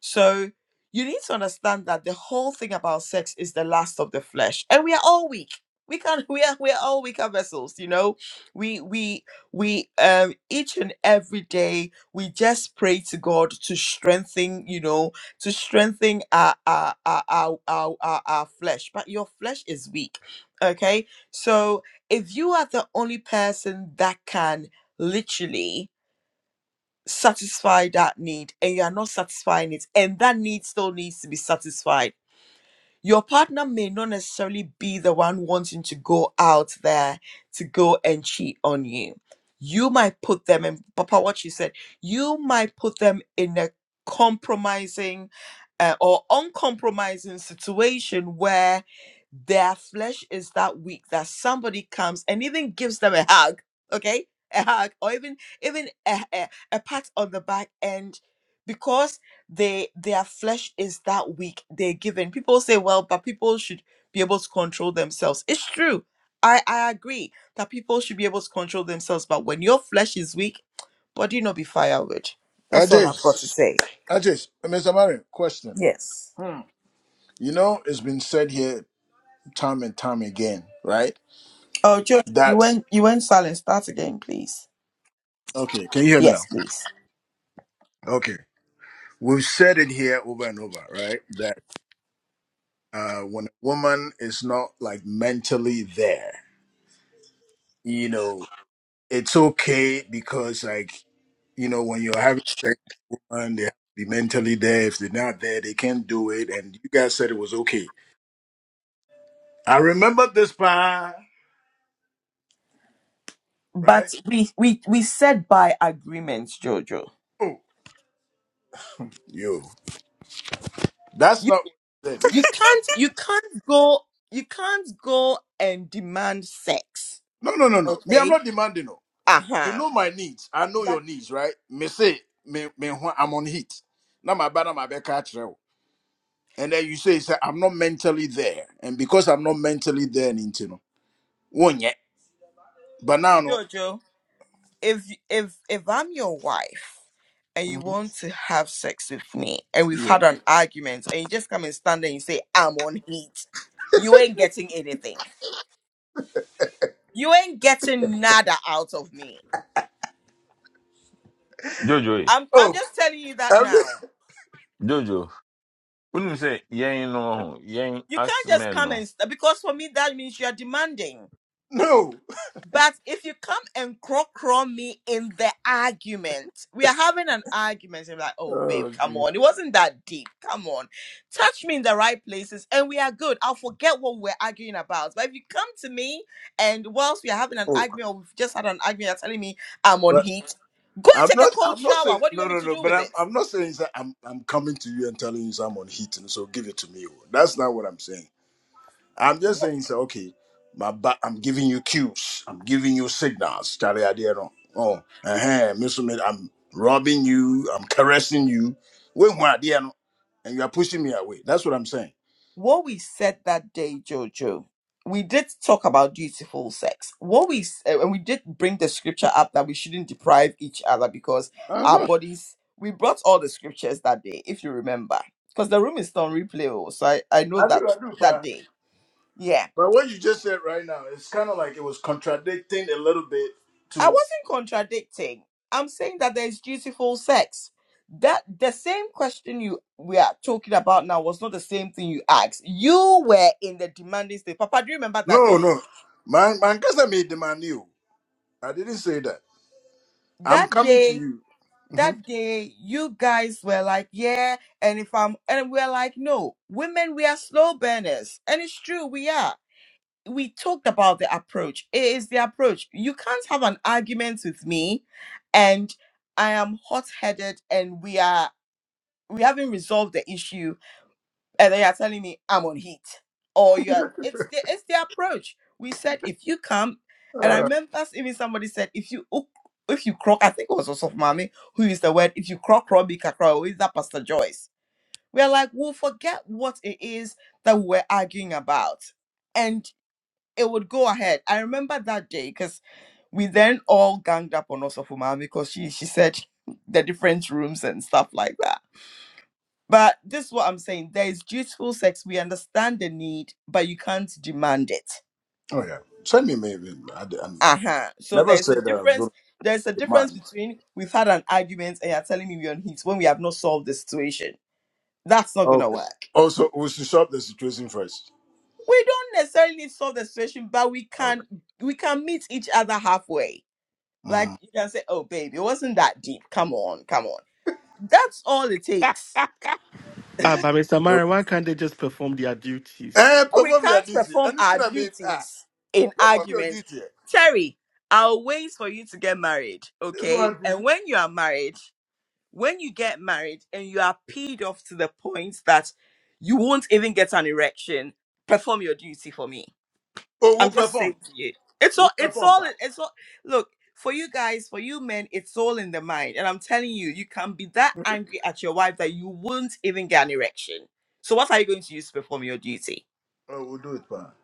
S1: So you need to understand that the whole thing about sex is the lust of the flesh, and we are all weak. We can we are we are all weaker vessels, you know. We we we um each and every day we just pray to God to strengthen, you know, to strengthen our our our our, our, our, our flesh. But your flesh is weak. Okay. So if you are the only person that can literally satisfy that need and you are not satisfying it and that need still needs to be satisfied your partner may not necessarily be the one wanting to go out there to go and cheat on you. You might put them in, Papa, what you said, you might put them in a compromising uh, or uncompromising situation where their flesh is that weak that somebody comes and even gives them a hug, okay? A hug or even even a, a, a pat on the back end they their flesh is that weak they're given people say well but people should be able to control themselves it's true i i agree that people should be able to control themselves but when your flesh is weak body not be firewood that's all i've got
S8: Ajay,
S1: to say
S8: Ajay, Mr. Marion, question.
S1: yes
S8: Hmm. You know, it's been said here time and time again, right?
S1: Oh, George, you
S8: That's
S1: went you went silent. Start again, please.
S8: okay. Can you hear me
S1: yes
S8: now?
S1: please
S8: Okay. We've said it here over and over, right? That uh, when a woman is not like mentally there, you know, it's okay because, like, you know, when you're having sex with one, they have to be mentally there. If they're not there, they can't do it. And you guys said it was okay. I remember this part, right?
S1: But we we we said by agreement, Jojo.
S8: Oh, yo, that's
S1: you
S8: not what you said. oh.
S1: you can't you can't go you can't go and demand sex
S8: No, no, no, no. Me, I'm
S1: okay
S8: not demanding. oh. you
S1: Uh-huh.
S8: know my needs. I know
S1: But
S8: your needs, right? Me say me me ho- I'm on heat. Now my bad, my back catch you. And then you say, say I'm not mentally there, and because I'm not mentally there, into no one yet. But now no.
S1: Jojo, if if if I'm your wife and you
S8: Mhm.
S1: want to have sex with me and we've
S8: Yeah.
S1: had an argument and you just come and stand there and say I'm on heat, you ain't getting anything. You ain't getting nada out of me.
S2: Jojo, eh,
S1: I'm I'm
S8: Oh,
S1: just telling you that
S8: every,
S1: now.
S2: Jojo, when you say, yang no, yang
S1: You
S2: us
S1: can't just
S2: men
S1: come
S2: no.
S1: and st- because for me that means you are demanding.
S8: no.
S1: But if you come and crow crow me in the argument, we are having an argument. And I'm like, oh babe,
S8: Oh,
S1: come
S8: gee.
S1: on. It wasn't that deep. Come on. Touch me in the right places and we are good. I'll forget what we're arguing about. But if you come to me and whilst we are having an
S8: oh,
S1: argument or we've just had an argument, you're telling me I'm on
S8: but
S1: heat, go and
S8: I'm
S1: take a
S8: not.
S1: cold
S8: I'm not
S1: shower.
S8: saying
S1: What do you
S8: no,
S1: want me
S8: no,
S1: to
S8: no.
S1: do
S8: But
S1: with
S8: I'm. I'm
S1: it?
S8: not saying that I'm. I'm coming to you and telling you say I'm on heat, and so give it to me. oh. That's not what I'm saying. I'm just saying, so okay, my ba- I'm giving you cues, I'm giving you signals. Charlie Adiero. Oh, uh-huh, Mr. Mid, I'm robbing you, I'm caressing you. Wait, what, dear, no? and you are pushing me away. That's what I'm saying.
S1: what we said that day, Jojo, we did talk about dutiful sex. What we s- uh, and we did bring the scripture up that we shouldn't deprive each other because our
S8: Uh-huh.
S1: bodies. We brought all the scriptures that day, if you remember, because the room is still on replay. oh, So I I know
S8: I
S1: that
S8: do, I do,
S1: that
S8: But
S1: day. Yeah,
S8: But what you just said right now, it's kind of like it was contradicting a little bit
S1: I
S8: to.
S1: wasn't contradicting. I'm saying that there is dutiful sex. That the same question you we are talking about now was not the same thing you asked. You were in the demanding state. Papa, do you remember that
S8: No,
S1: day?
S8: no. My my cousin made demand you. I didn't say that. I'm
S1: that
S8: coming to
S1: day
S8: you. Mhm.
S1: that day you guys were like yeah and if i'm and we're like no women we are slow burners and it's true we are we talked about the approach it is the approach you can't have an argument with me and i am hot-headed and we are we haven't resolved the issue and they are telling me I'm on heat. Or you are it's the it's the approach. We said if you come, and I
S8: Uh,
S1: remember even somebody said if you ook- if you croak, I think it was also mommy who used the word if you croak Robbie Kakra, or is that Pastor Joyce? We're like, we'll forget what it is that we we're arguing about. And it would go ahead. I remember that day because we then all ganged up on Osofumami because she she said the different rooms and stuff like that but this is what I'm saying. There is dutiful sex. We understand the need, but you can't demand it.
S8: oh yeah. Send me maybe. I, I
S1: Uh-huh. So
S8: never
S1: there's a
S8: said that.
S1: difference. There's a
S8: The
S1: difference
S8: man.
S1: between we've had an argument and you're telling me we're on heat when we have not solved the situation. That's not gonna
S8: Okay.
S1: work.
S8: Also, we should solve the situation first.
S1: We don't necessarily need to solve the situation, but we can
S8: Okay.
S1: we can meet each other halfway. Like
S8: Mhm.
S1: you can say, Oh babe, it wasn't that deep. Come on, come on. That's all it takes
S7: Uh, but Mr.
S8: You-
S7: Marin, why can't they just perform their duties?
S8: Eh,
S1: We
S8: perform your
S1: can't
S8: duty.
S1: perform our
S8: Anything I mean, ah,
S1: duties in
S8: perform your
S1: arguments.
S8: duty.
S1: Terry, I'll wait for you to get married,
S8: This
S1: okay?
S8: one
S1: And
S8: thing.
S1: when you are married, when you get married and you are peed off to the point that you won't even get an erection, perform your duty for me.
S8: Oh, we'll
S1: I'm just saying
S8: perform.
S1: to you. It's
S8: We'll
S1: all it's
S8: perform,
S1: all
S8: pa.
S1: it's all look for you guys, for you men, it's all in the mind. And I'm telling you, you can be that angry at your wife that you won't even get an erection. So what are you going to use to perform your duty?
S8: Oh, we'll do it, pa.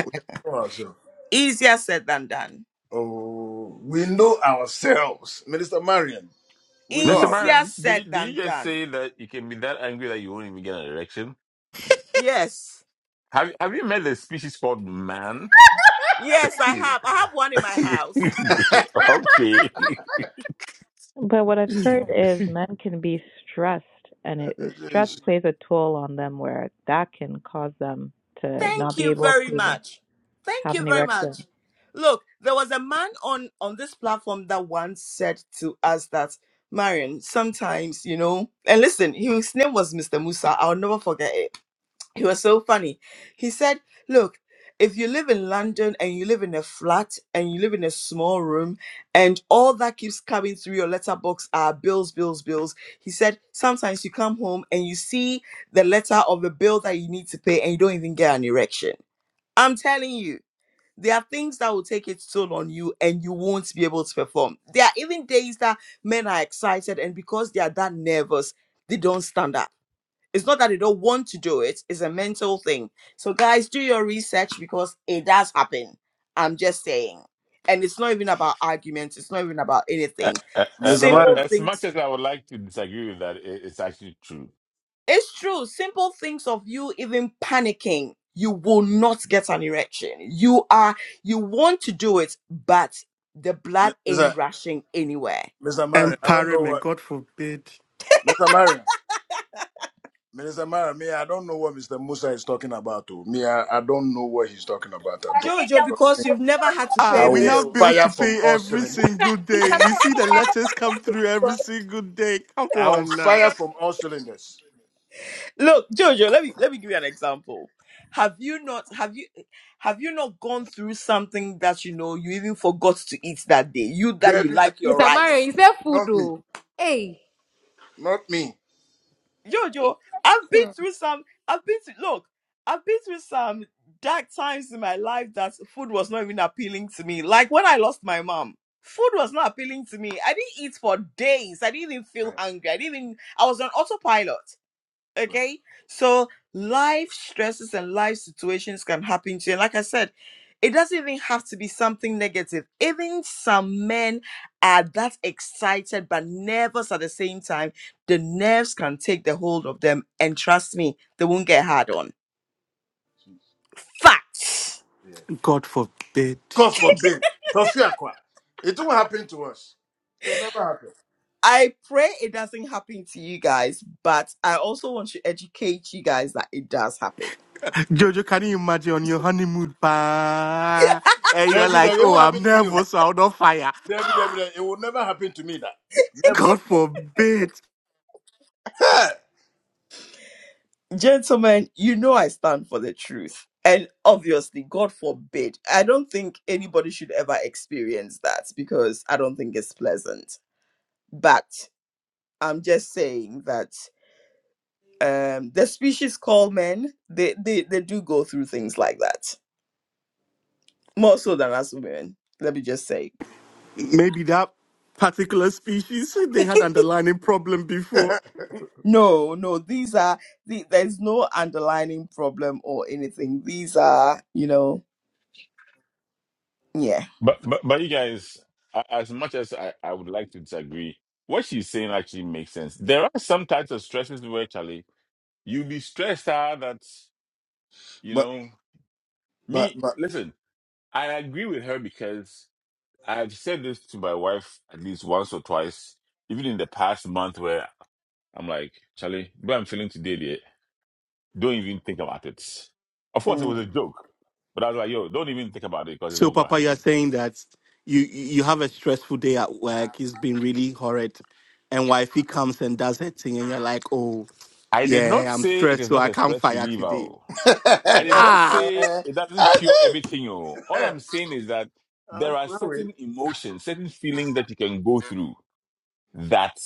S8: We'll perform ourselves.
S1: Easier said than done.
S8: Oh, we know ourselves. Minister Marion, we know
S2: Mr.
S8: ourselves.
S1: Easier
S2: Byron, did
S1: said
S2: you, did
S1: than
S2: you just
S1: done.
S2: say that you can be that angry that you won't even get an erection?
S1: Yes.
S2: Have, have you met the species called man?
S1: Yes, I have. I have one in my house.
S2: okay.
S9: But what I've heard is men can be stressed, and it, stress
S8: Jeez.
S9: plays a toll on them where that can cause them to not
S1: Thank
S9: be
S1: you
S9: able
S1: very
S9: to
S1: much. Thank
S9: have
S1: you
S9: an
S1: very
S9: erection.
S1: much. Look, there was a man on on this platform that once said to us that Marion, sometimes, you know, and listen, his name was Mr. Musa. I'll never forget it He was so funny. He said, Look, if you live in London and you live in a flat and you live in a small room and all that keeps coming through your letterbox are bills, bills, bills. He said, Sometimes you come home and you see the letter of a bill that you need to pay and you don't even get an erection. I'm telling you. There are things that will take its toll on you and you won't be able to perform. There are even days that men are excited and because they are that nervous, they don't stand up it's not that they don't want to do it, it's a mental thing. So, guys, do your research because it does happen. I'm just saying. And it's not even about arguments, it's not even about anything.
S2: A- a-
S8: Mr.
S2: a-
S8: Marion,
S1: Simple
S2: As much
S1: things.
S2: as I would like to disagree with that, i- it's actually true.
S1: It's true. Simple things of you even panicking, you will not get an erection. You are, you want to do it, but the blood ain't
S8: Mr.
S1: rushing anywhere.
S8: Mr. Marion,
S7: And
S8: I don't
S7: Parry,
S8: know
S7: may
S8: what.
S7: God forbid.
S8: Mr. Marion. Minister Mara, me, I don't know what Mr. Musa is talking about. Oh. Me, I, I don't know what he's talking about at all.
S5: Minister
S1: Jojo,
S8: But Me,
S1: because you've never had to
S7: Ah,
S8: I
S1: pay
S7: we
S8: will
S7: have
S1: bills.
S7: bills
S8: fire
S7: to
S8: from
S7: pay
S8: all
S7: every
S8: cylinders.
S7: single
S5: Minister
S7: day. We
S5: Marion,
S7: see
S5: look,
S7: the
S5: I have a
S7: letters come
S5: question
S7: through every
S5: because
S7: single day. Come
S8: I will
S7: on now.
S8: fire from all cylinders.
S1: Look, Jojo, let me let me give you an example. Have you not have you have you not gone through something that you know you even forgot to eat that day? You that
S8: They
S1: you
S8: did that.
S1: like your
S5: Mr. Mario,
S1: rice.
S5: you said food,
S8: Not me.
S5: oh. Hey,
S8: Not me.
S5: hey,
S1: Jojo, I've been
S5: hmm.
S1: through some I've been through look, I've been through some dark times in my life that food was not even appealing to me. Like when I lost my mom. Food was not appealing to me. I didn't eat for days. I didn't even feel
S8: Right,
S1: hungry. I didn't even I was on autopilot.
S8: right.
S1: Okay. So life stresses and life situations can happen to you. And like I said, it doesn't even have to be something negative. Even some men are that excited but nervous at the same time. The nerves can take the hold of them. And trust me, they won't get hard on. Facts.
S8: Yeah.
S7: God forbid.
S8: God forbid. Tofiakwa. It won't happen to us. It can never happen.
S1: I pray it doesn't happen to you guys, but I also want to educate you guys that it does happen
S7: Jojo, can you imagine on your honeymoon? Pa? And you're
S8: Debbie,
S7: like,
S8: Debbie, it
S7: oh,
S8: won't
S7: I'm
S8: happen to me. Oh.
S7: nervous, so I'll not fire.
S8: Debbie, Debbie, Debbie, it will never happen to me. That never.
S7: God forbid.
S8: Hey!
S1: Gentlemen, you know I stand for the truth. And obviously, God forbid, I don't think anybody should ever experience that because I don't think it's pleasant. But I'm just saying that um, the species called men, they, they, they do go through things like that, more so than us women. Let me just say.
S7: maybe that particular species they had underlying problem before.
S1: No, no, these are, the, there's no underlining problem or anything. These are, you know, yeah.
S2: But but, but you guys, a- as much as I, I would like to disagree, what she's saying actually makes sense. There are some types of stresses where Charlie, you'll be stressed out that you
S8: but,
S2: know
S8: but,
S2: me.
S8: but.
S2: Listen, I agree with her because I've said this to my wife at least once or twice, even in the past month, where I'm like, Charlie, what I'm feeling today. Don't even think about it. Of course, it was a
S1: Mm.
S2: joke, but I was like, yo, don't even think about it because it's
S7: So,
S2: not going to
S7: Papa, you're
S2: happen.
S7: saying that you you have a stressful day at work. It's been really horrid, and wifey comes and does her thing, and you're like, oh,
S2: I did not
S7: yeah, I'm
S2: say it
S7: stressed,
S2: is
S7: so
S2: not
S7: I
S2: a
S7: can't
S2: stress
S7: fire
S2: reliever.
S7: today.
S2: oh. I did not
S7: Ah.
S2: say it doesn't
S8: I
S2: cure
S8: did.
S2: everything. oh. All I'm saying is that
S8: Uh,
S2: there are
S8: glory.
S2: certain emotions, certain feelings that you can go through that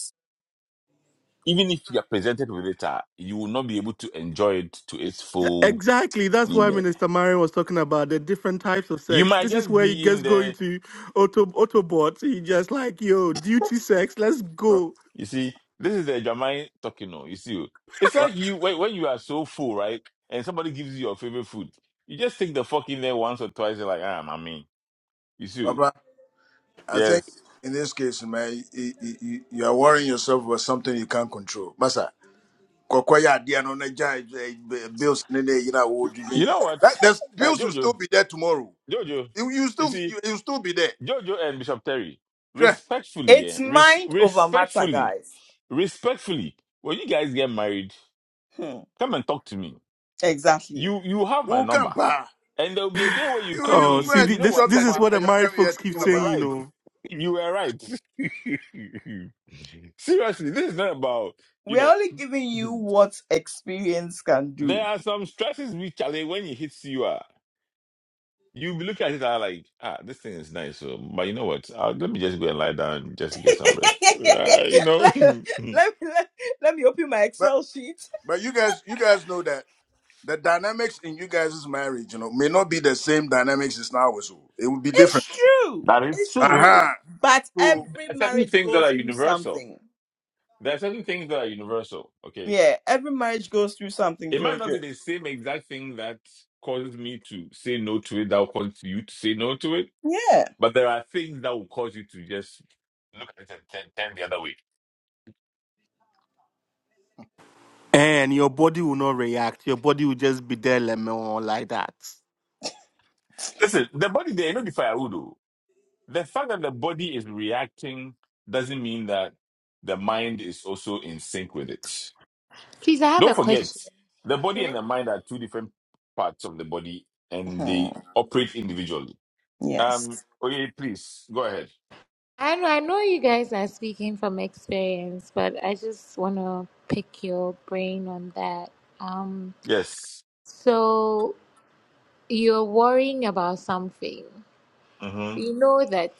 S2: even if you are presented with it, ah, you will not be able to enjoy it to its full.
S7: Exactly. That's why
S2: nene.
S7: Minister Marion was talking about the different types of
S2: You
S7: sex.
S2: might
S7: This is
S2: just
S7: where he
S2: be in
S7: gets going
S2: there
S7: to auto Autobots. He just like, yo, duty sex, let's go.
S2: You see, this is the Jamaican talking. oh. you see, oh. it's
S8: Well,
S2: like you when, when you are so full, right? And somebody gives you your favorite food, you just take the fuck in there once or twice. You're like, ah, I you see, oh.
S8: Papa, I think
S2: yes.
S8: in this case, man, you, you, you you are worrying yourself over something you can't control. Masa, kokoya idea no na jai- eh, bills in the you know would you
S2: You know what,
S8: That there's
S2: Eh,
S8: bills will still
S2: Jojo,
S8: be there tomorrow.
S2: Jojo,
S8: You, you
S2: you
S8: still
S2: see,
S8: you, you still be there.
S2: Jojo and Bishop Terry,
S8: Sure,
S2: respectfully,
S1: It's
S2: yeah, res-
S1: mind over matter,
S2: respectfully,
S1: guys.
S2: respectfully, when you guys get married,
S1: Hmm.
S2: come and talk to me.
S1: Exactly.
S2: You you have my
S8: who can
S2: number,
S8: pa?
S2: and there will be a day where you
S8: You
S2: call me
S7: Oh,
S2: and
S8: you
S2: you say,
S8: go
S7: see,
S8: and
S7: thi-
S2: you know
S7: this
S8: drop
S2: what,
S7: this
S8: that
S7: is
S8: thing
S2: Papa.
S7: what
S8: that
S7: the
S8: you are
S7: married
S8: coming here
S7: folks keep
S8: thinking
S2: You were
S7: saying,
S8: about
S7: you
S2: right.
S8: bills.
S7: know.
S2: You were right. Seriously, this is not about, you
S1: We're
S2: know,
S1: only giving you what experience can
S2: there
S1: do.
S2: are some stresses which are like when it hits you, uh, you look at it and are like, ah, this thing is nice. So, but you know what? Uh, let me just go and lie down just to get some rest. Uh, you know,
S1: let,
S2: there
S1: let, me, let, let me open my
S8: But
S1: Excel sheet.
S8: but you guys you guys know that the dynamics in you guys' marriage, you know, may not be the same dynamics as now. So it will be
S1: It's
S8: different.
S1: true.
S2: That is
S1: It's
S2: true.
S1: true.
S8: Uh
S1: But
S8: huh.
S1: every
S2: are certain
S1: marriage
S2: things that
S1: goes
S2: are
S1: through
S2: universal.
S1: something.
S2: There are certain things that are universal. Okay.
S1: Yeah, every marriage goes through something,
S2: It might not
S1: Jojo.
S2: be the same exact thing that causes me to say no to it, that will cause you to say no to it.
S1: Yeah.
S2: But there are things that will cause you to just look at it and turn, turn the other way.
S7: And your body will not react. Your body will just be there lemon like that.
S2: Listen, the body there, not the fire udo. The fact that the body is reacting doesn't mean that the mind is also in sync with it.
S5: please, I have
S2: Don't
S5: a
S2: forget,
S5: question.
S2: the body and the mind are two different parts of the body and they
S1: Hmm.
S2: operate individually. Um,
S1: Yes.
S2: Oye, please go ahead.
S5: I know, I know you guys are speaking from experience, but I just want to pick your brain on that. Um,
S2: Yes.
S5: so you're worrying about something.
S2: Mm-hmm.
S5: You know that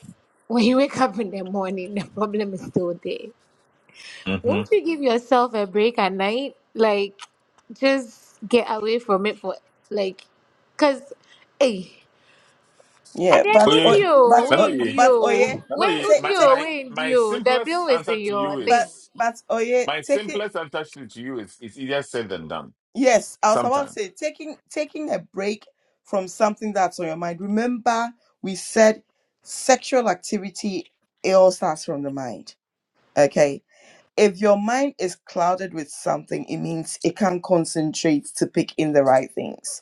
S5: when you wake up in the morning, the problem is still there.
S2: Mm-hmm.
S5: Won't you give yourself a break at night? Like, just get away from it for like, cause, hey, and
S1: Yeah,
S5: then
S1: but o-
S2: Oye,
S5: Udio,
S1: but o-
S5: when
S2: Nanoye,
S1: but oye,
S5: Udio, when
S2: Nanoye,
S1: ta-
S2: my,
S5: Udio,
S2: my,
S1: taking
S5: when
S2: my
S5: Udio, the
S2: simplest
S5: bill is
S2: answer
S5: in
S2: to you
S5: your thing.
S1: but
S2: is
S1: but oye,
S2: My
S1: taking
S2: simplest answer to you is it's easier said than done.
S1: Yes, I was about to
S2: Sometimes
S1: say taking taking a break from something that's on your mind. Remember, we said sexual activity it all starts from the mind. Okay. If your mind is clouded with something, it means it can't concentrate to pick in the right things.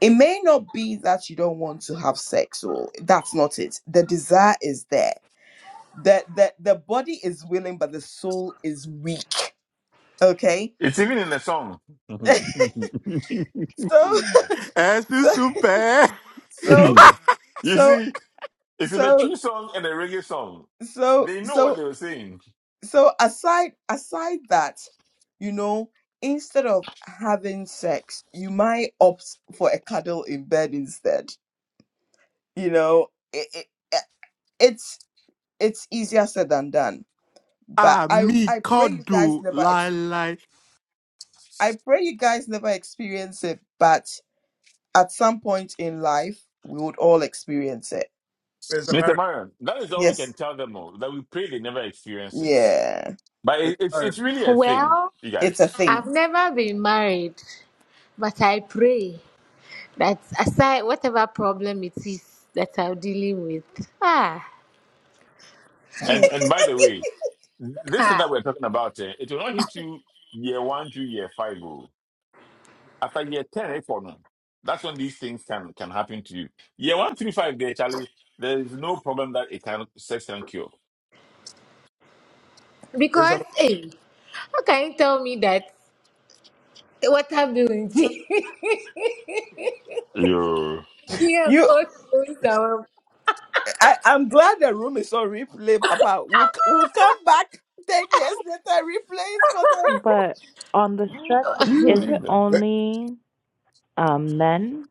S1: It may not be that you don't want to have sex, or that's not it. The desire is there. The the, the body is willing, but the soul is weak. Okay.
S2: it's even in a song. you
S1: so
S7: Eh, si
S1: so
S7: super.
S1: so so
S2: see, it's in a
S1: so
S2: true song and a reggae song.
S1: so
S2: They know what
S1: so
S2: they were saying,
S1: so aside aside that you know instead of having sex you might opt for a cuddle in bed instead you know it, it, eh, it's it's easier said than done but
S7: Ah,
S1: i
S7: me,
S1: i pray you guys
S7: cuddle,
S1: never
S7: lie,
S1: ex-
S7: lie.
S1: i pray you guys never experience it but at some point in life we would all experience it
S8: Mr.
S2: Mister
S8: Marion,
S2: Marion. That is all we can
S1: yes
S2: tell them all. That we pray they never experience it.
S1: yeah
S2: But
S8: Mr.
S2: it, it's
S8: Marion,
S2: it's really a thing,
S5: Well,
S2: you
S1: it's a
S2: guys.
S5: I've
S1: thing
S5: never been married, but I pray that aside whatever problem it is that I'm dealing with, ah, hmm,
S2: And and by the way, this thing
S5: ah,
S2: that we're talking about, eh, it will not hit you year one to year five. oh. After year 10, eh, for now, that's when these things can, can happen to you. Year 135, there, Charlie, there is no problem that it can, sex can cure.
S8: Mr.
S5: because hey, how can you tell me that water bill is
S2: You,
S5: Yeah,
S1: You.
S5: go through
S1: I, I'm glad the room is on replay, Papa. We'll, c- we'll come back 10 years later, replays for the
S9: But on the stress,
S2: you
S9: is it
S2: leave them.
S8: Mar-
S9: only um, men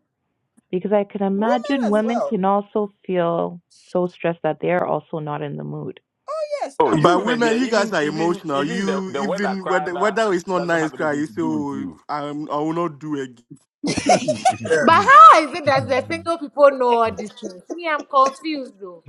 S9: Because I can
S1: women
S9: imagine
S1: as
S9: women
S1: well.
S9: can also feel so stressed that they are also not in the mood.
S1: Yes,
S2: Oh, you
S7: But
S2: women
S7: women,
S1: absolutely.
S2: there,
S7: you guys
S2: even
S7: are
S2: even
S7: emotional.
S2: even the,
S7: You
S2: the weather
S7: even
S2: crowd
S7: whether
S2: that
S7: whether it's not
S2: doesn't
S7: nice,
S2: have
S7: cry.
S2: anything
S7: You
S2: to
S7: say,
S2: do with
S7: oh,
S2: you.
S7: I'm, I will not do again.
S8: yeah,
S5: But how is it that the single people know all these things? Me, I'm confused though.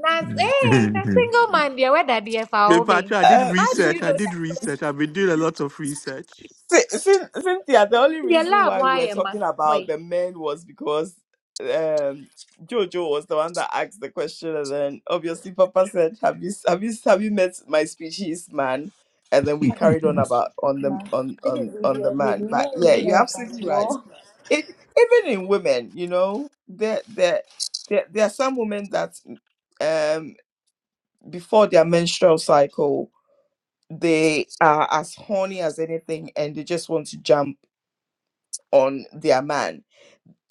S5: Nas, hey, the single man, there, where that the
S7: In
S5: FAO
S7: fact,
S5: being?
S7: I did
S1: Uh,
S5: How did
S1: Cyn-
S7: research.
S5: you
S7: I
S5: know
S7: did research. I've
S5: that?
S7: been doing a lot of research.
S1: Cyn- Cyn- Cynthia, the only
S5: They
S1: reason
S5: love
S1: why we
S5: why
S1: were
S5: am I?
S1: talking about
S5: boy?
S1: the men was because um, Jojo was the one that asked the question, and then obviously Papa said, "Have you have you have you met my species man?" And then we carried on about on the on on on the man. But yeah, you're
S5: else
S1: absolutely
S5: I
S1: right.
S5: know.
S1: it, even in women, you know, there there there, there are some women that um before their menstrual cycle they are as horny as anything and they just want to jump on their man.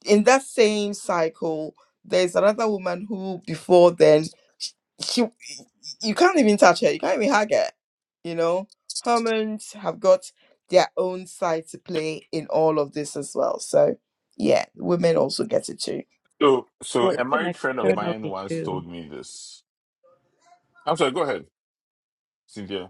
S1: In that same cycle, there's another woman who before then sh- she you can't even touch her, you can't even hug her. You know, hormones have got their own side to play in all of this as well. So yeah, women also get it too.
S2: so so
S9: Well,
S8: yeah,
S2: a
S9: even
S2: married friend of
S8: yeah.
S2: mine
S9: externally
S2: once
S9: too.
S2: told me this. I'm sorry, go ahead, Cynthia.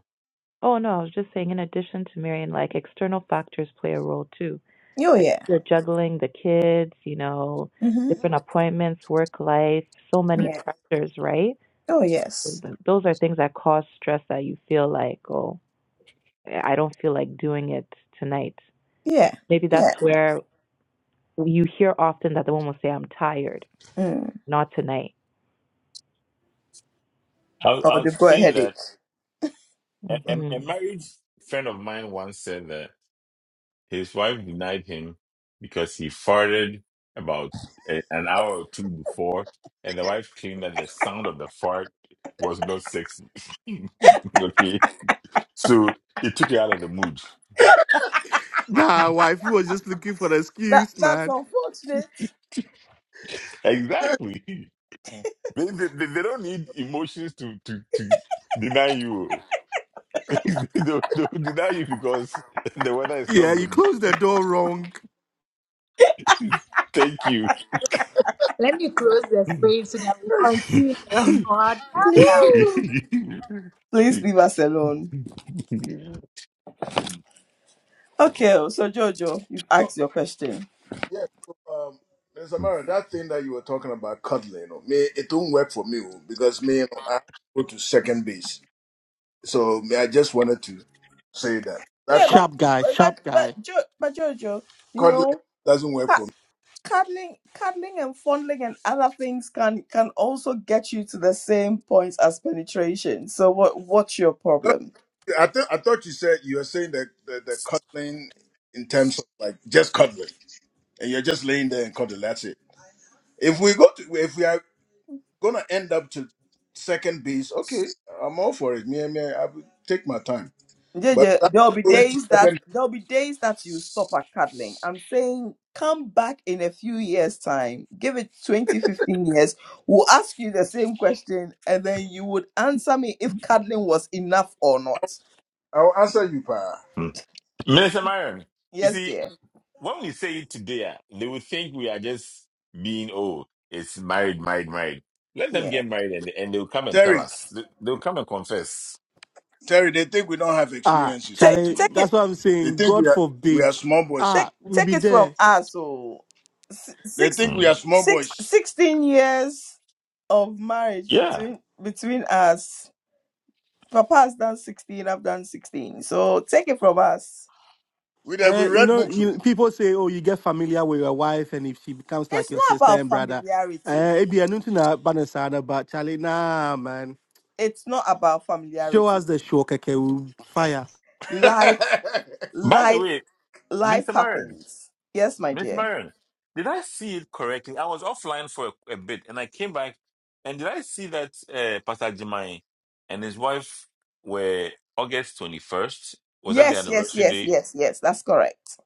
S9: Oh no, I was just saying in addition to marrying, like external factors play a role too.
S1: Oh
S9: Like
S1: yeah.
S9: if you're juggling the kids, you know,
S1: hmm
S9: different appointments, work life, so many
S1: Yeah.
S9: pressures, right?
S1: Oh yes.
S9: Th- Those are things that cause stress that you feel like, oh, I don't feel like doing it tonight.
S1: Yeah.
S9: Maybe that's
S1: Yeah.
S9: where you hear often that the woman will say, I'm tired,
S1: Mm.
S9: not tonight
S2: I, was- I
S1: Oh,
S2: was
S1: they've got a
S2: saying that.
S1: headache.
S2: A,
S8: But-
S9: hmm
S2: a- a married friend of mine once said that his wife denied him because he farted about a, an hour or two before, and the wife claimed that the sound of the fart was not sexy. okay, so it took her out of the mood.
S7: Nah, wife, you was just looking for an
S1: That
S7: excuse,
S1: that's
S7: man.
S1: unfortunate.
S2: exactly. They, they, they they don't need emotions to, to, to deny you. they'll, they'll deny you because the weather is not
S7: Yeah, you
S2: good.
S7: closed the door wrong.
S2: Thank you.
S5: Let me close the frame so that we continue. What happened?
S1: Please leave us alone.
S2: Minister
S1: Okay. oh, So Jojo, you've
S8: So
S1: asked your question.
S8: yeah, so, um, Mr. Marion, that thing that you were talking about cuddling, you know, me it don't work for me oh, because me you know, I go to second base, so me I just wanted to say that that
S1: Yeah,
S8: cu-
S1: but
S7: Sharp guy,
S1: but
S7: sharp
S1: but
S7: guy.
S1: but, jo- but Jojo, you
S8: cuddling
S1: know.
S8: doesn't work for me.
S1: cuddling cuddling and fondling and other things can can also get you to the same points as penetration so what what's your
S8: No,
S1: problem
S8: I thought I thought you said you were saying that the, the cuddling in terms of like just cuddling, and you're just laying there and cuddling. That's it. If we go to if we are gonna end up to second base, okay, I'm all for it. Me, me, I will take my time. But
S1: JJ,
S8: that
S1: there'll be
S8: going to
S1: days
S8: second,
S1: that
S8: base,
S1: there'll be days that you stop at cuddling i'm saying come back in a few years time give it 20, 15 years we'll ask you the same question and then you would answer me if cuddling was enough or not
S8: I'll answer you, pa.
S2: Marion, you
S1: Yes,
S2: see,
S1: dear.
S2: when we say it today, ah, they would think we are just being, oh, it's married, married, married. Let them
S1: Yeah.
S2: get married and, and they'll come and tell
S8: Terry,
S2: us. They- They'll come and confess.
S8: Terry, they think we don't have
S7: Ah,
S8: experiences. So
S1: Take
S7: Charlie,
S1: take
S7: that's
S1: it
S7: what I'm
S8: they
S7: saying.
S8: think we
S7: God
S8: are we
S7: forbid.
S8: are small boys.
S1: take
S7: Ah, we'll
S1: take
S7: be
S1: it from
S7: there.
S1: us. So
S8: They
S1: six
S8: think we are
S2: Mm.
S8: small
S1: six
S8: boys.
S1: sixteen years of marriage
S2: Yeah.
S1: between between us. Papa has done sixteen. I've done sixteen. So take it from us.
S8: We that we
S7: Eh, you
S8: read
S7: know,
S8: books.
S7: you,
S8: oh.
S7: people say, oh, you get familiar with your wife, and if she becomes like
S1: It's
S7: your
S1: not
S7: sister
S1: about
S7: and brother, eh,
S1: familiarity.
S7: it be a new thing about the side about Charlie. Nah, man.
S1: It's not about
S7: Show
S1: familiarity.
S7: us the show, okay? We'll fire.
S1: Life
S2: By the
S1: life
S2: way,
S1: life
S2: Minister Marion.
S1: happens. Yes, my
S2: Miss
S1: dear.
S2: Marion, did I see it correctly? I was offline for a, a bit and I came back. And did I see that uh, Pastor Jimai and his wife were August 21st? Was that the
S1: Yes, yes,
S2: anniversary
S1: yes,
S2: date?
S1: yes, yes. That's correct.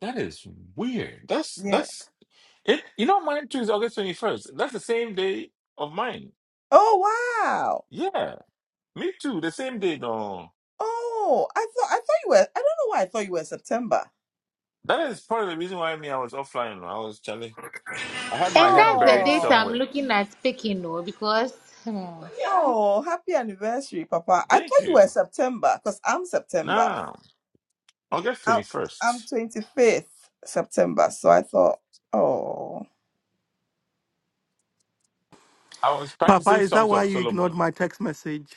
S2: That is weird. That's,
S1: Yeah.
S2: that's it. You know, mine too is August 21st. That's the same day of mine.
S1: Oh wow.
S2: Yeah, me too. The same day. No,
S1: Oh, I thought I thought you were. I don't know why I thought you were September.
S2: that is part of the reason why me, I was offline. I was Charlie. I had my
S5: and
S2: head
S5: that's the
S2: buried
S5: date I'm
S1: Oh,
S2: somewhere.
S5: looking at speaking, no, because hmm,
S1: oh, happy anniversary, Papa. I thought
S2: Thank
S1: you
S2: you.
S1: were September because I'm September.
S2: Now, August
S1: I'm I'm
S2: 21st.
S1: 25th September, so I thought, oh,
S2: I was
S7: Papa,
S2: practicing
S7: is that
S2: Songs
S7: why
S2: of
S7: you
S2: Solomon.
S7: ignored my text message?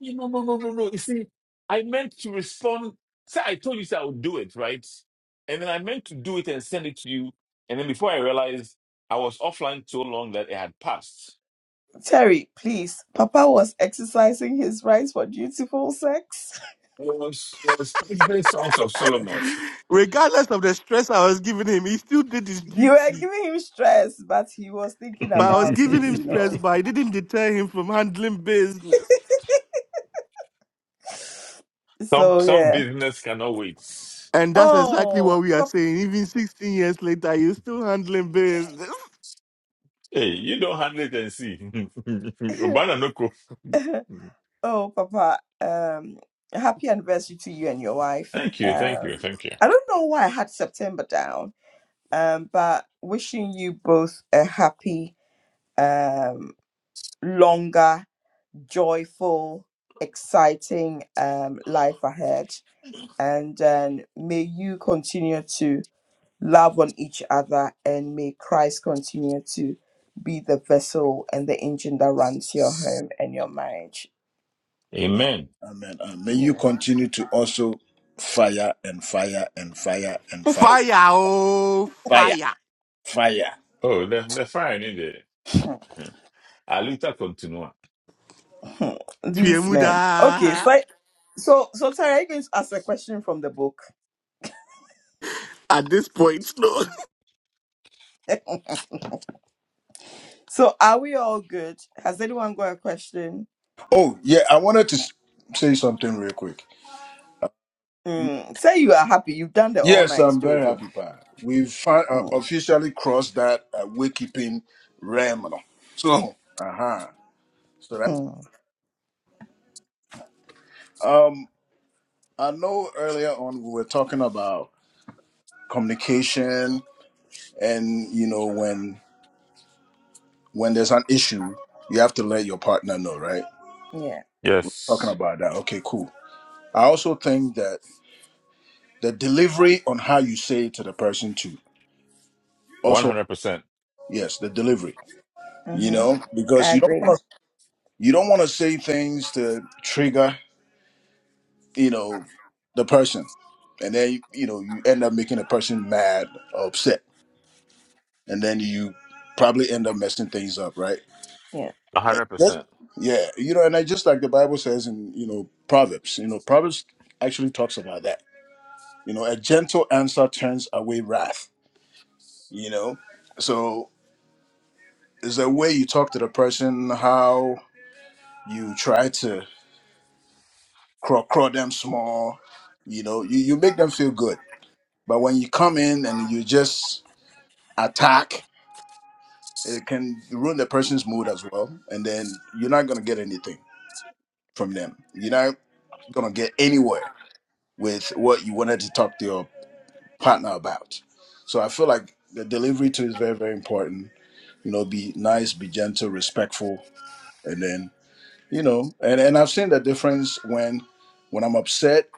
S2: You know, no, no, no, no. You see, I meant to respond. Say, I told you say I would do it, right? And then I meant to do it and send it to you. And then before I realized, I was offline so long that it had passed.
S1: Terry, please. Papa was exercising his rights for dutiful sex.
S2: I was, I was practicing Songs of Solomon.
S7: Regardless of the stress I was giving him, he still did his
S1: You were
S7: duty.
S1: giving him stress, but he was thinking
S7: But I was
S1: about
S7: giving
S1: his,
S7: him
S1: you
S7: stress,
S1: know.
S7: but I didn't deter him from handling business.
S2: Some
S1: So
S2: some
S1: yeah.
S2: business cannot wait.
S7: And that's exactly
S1: Oh,
S7: what we are saying. Even 16 years later, you're still handling business.
S2: Hey, you don't handle it and see.
S1: Papa.
S2: Obana no ko.
S1: Oh, Papa, um, happy anniversary to you and your wife.
S2: Thank you, thank you,
S1: Um,
S2: thank you.
S1: I don't know why I had September down, um, but wishing you both a happy, um, longer, joyful, exciting um, life ahead. And um, may you continue to love on each other, and may Christ continue to be the vessel and the engine that runs your home and your marriage.
S8: Ah,
S2: Amen.
S8: Amen. And may you continue to also fire and fire and fire and fire,
S7: Fire, oh,
S8: fire,
S7: fire.
S8: fire.
S2: Oh, the the fire in there. Alita continua.
S1: Hmm, These men. Okay,
S7: Twiemuda.
S1: so I- so so Tara, are you going to ask a question from the book?
S7: At this point, no.
S1: so are we all good? Has anyone got a question?
S8: Oh yeah, I wanted to s- say something real quick.
S1: Mm, say you are happy. You've done the all
S8: Yes,
S1: nights,
S8: I'm very
S1: Jojo.
S8: happy, Pa. We've fi- uh,
S1: Mm,
S8: officially crossed that uh, waykeeping realm. now. So, uh-huh. So that
S1: mm,
S8: um, I know earlier on we were talking about communication, and you know when when there's an issue, you have to let your partner know, right?
S1: Yeah.
S8: Talking
S2: Yes.
S8: about that. Okay, cool. I also think that the delivery on how you say it to the person too. Also,
S2: 100%.
S8: yes, the delivery. You
S1: Mm-hmm.
S8: know,
S1: I
S8: because you don't
S1: agree.
S8: want to you don't want to say things to trigger you know, the person. And then, you you know, you end up making a person mad or upset. And then you probably end up messing things up, right?
S1: Yeah.
S2: a
S8: Yes.
S2: 100%.
S8: Yeah. You know, and I just like the Bible says in, you know, Proverbs, you know, Proverbs actually talks about that. You know, a gentle answer turns away wrath, you know? So it's the way you talk to the person, how you try to crawl, crawl them small, you know, you, you make them feel good. But when you come in and you just attack it can ruin the person's mood as well and then you're not going to get anything from them you're not going to get anywhere with what you wanted to talk to your partner about so i feel like the delivery too is very very important you know be nice be gentle respectful and then you know and, and i've seen the difference when when i'm upset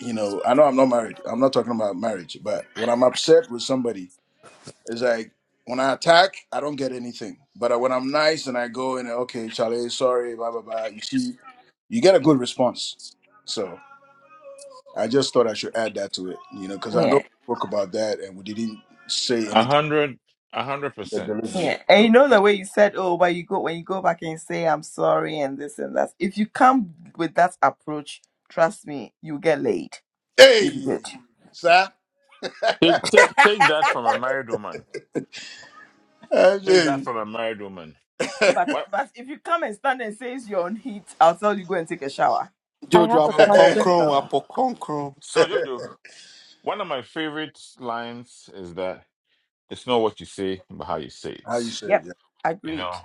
S8: you know i know i'm not married i'm not talking about marriage but when i'm upset with somebody It's like when I attack, I don't get anything. But when I'm nice and I go and okay, Charlie, sorry, blah blah blah. You see, you get a good response. So I just thought I should add that to it, you know, because I know
S1: Yeah.
S8: we spoke about that and we didn't say
S2: a
S8: anything
S2: 100
S8: about the delivery.
S2: 100%.
S1: Yeah. And you
S8: So
S1: know the way you said, oh, but you go when you go back and say I'm sorry and this and that. If you come with that approach, trust me, you get laid. You
S8: hey,
S1: good.
S8: sir,
S2: Take take take that from a married woman.
S8: Hey,
S2: Take that
S8: James.
S2: from a married woman.
S1: But
S2: What?
S1: but if you come and stand and say you're on heat, I'll tell you go and take a shower.
S9: I have
S7: Jojo,
S9: a
S2: So
S8: how
S2: so,
S9: question
S7: apokonkron,
S9: though.
S7: apokonkron.
S2: so Jojo, one of my favorite lines is that it's not what you say, but how you say
S8: you
S2: it.
S8: say it?
S1: Yep,
S8: Yeah,
S2: You
S1: agreed.
S2: know,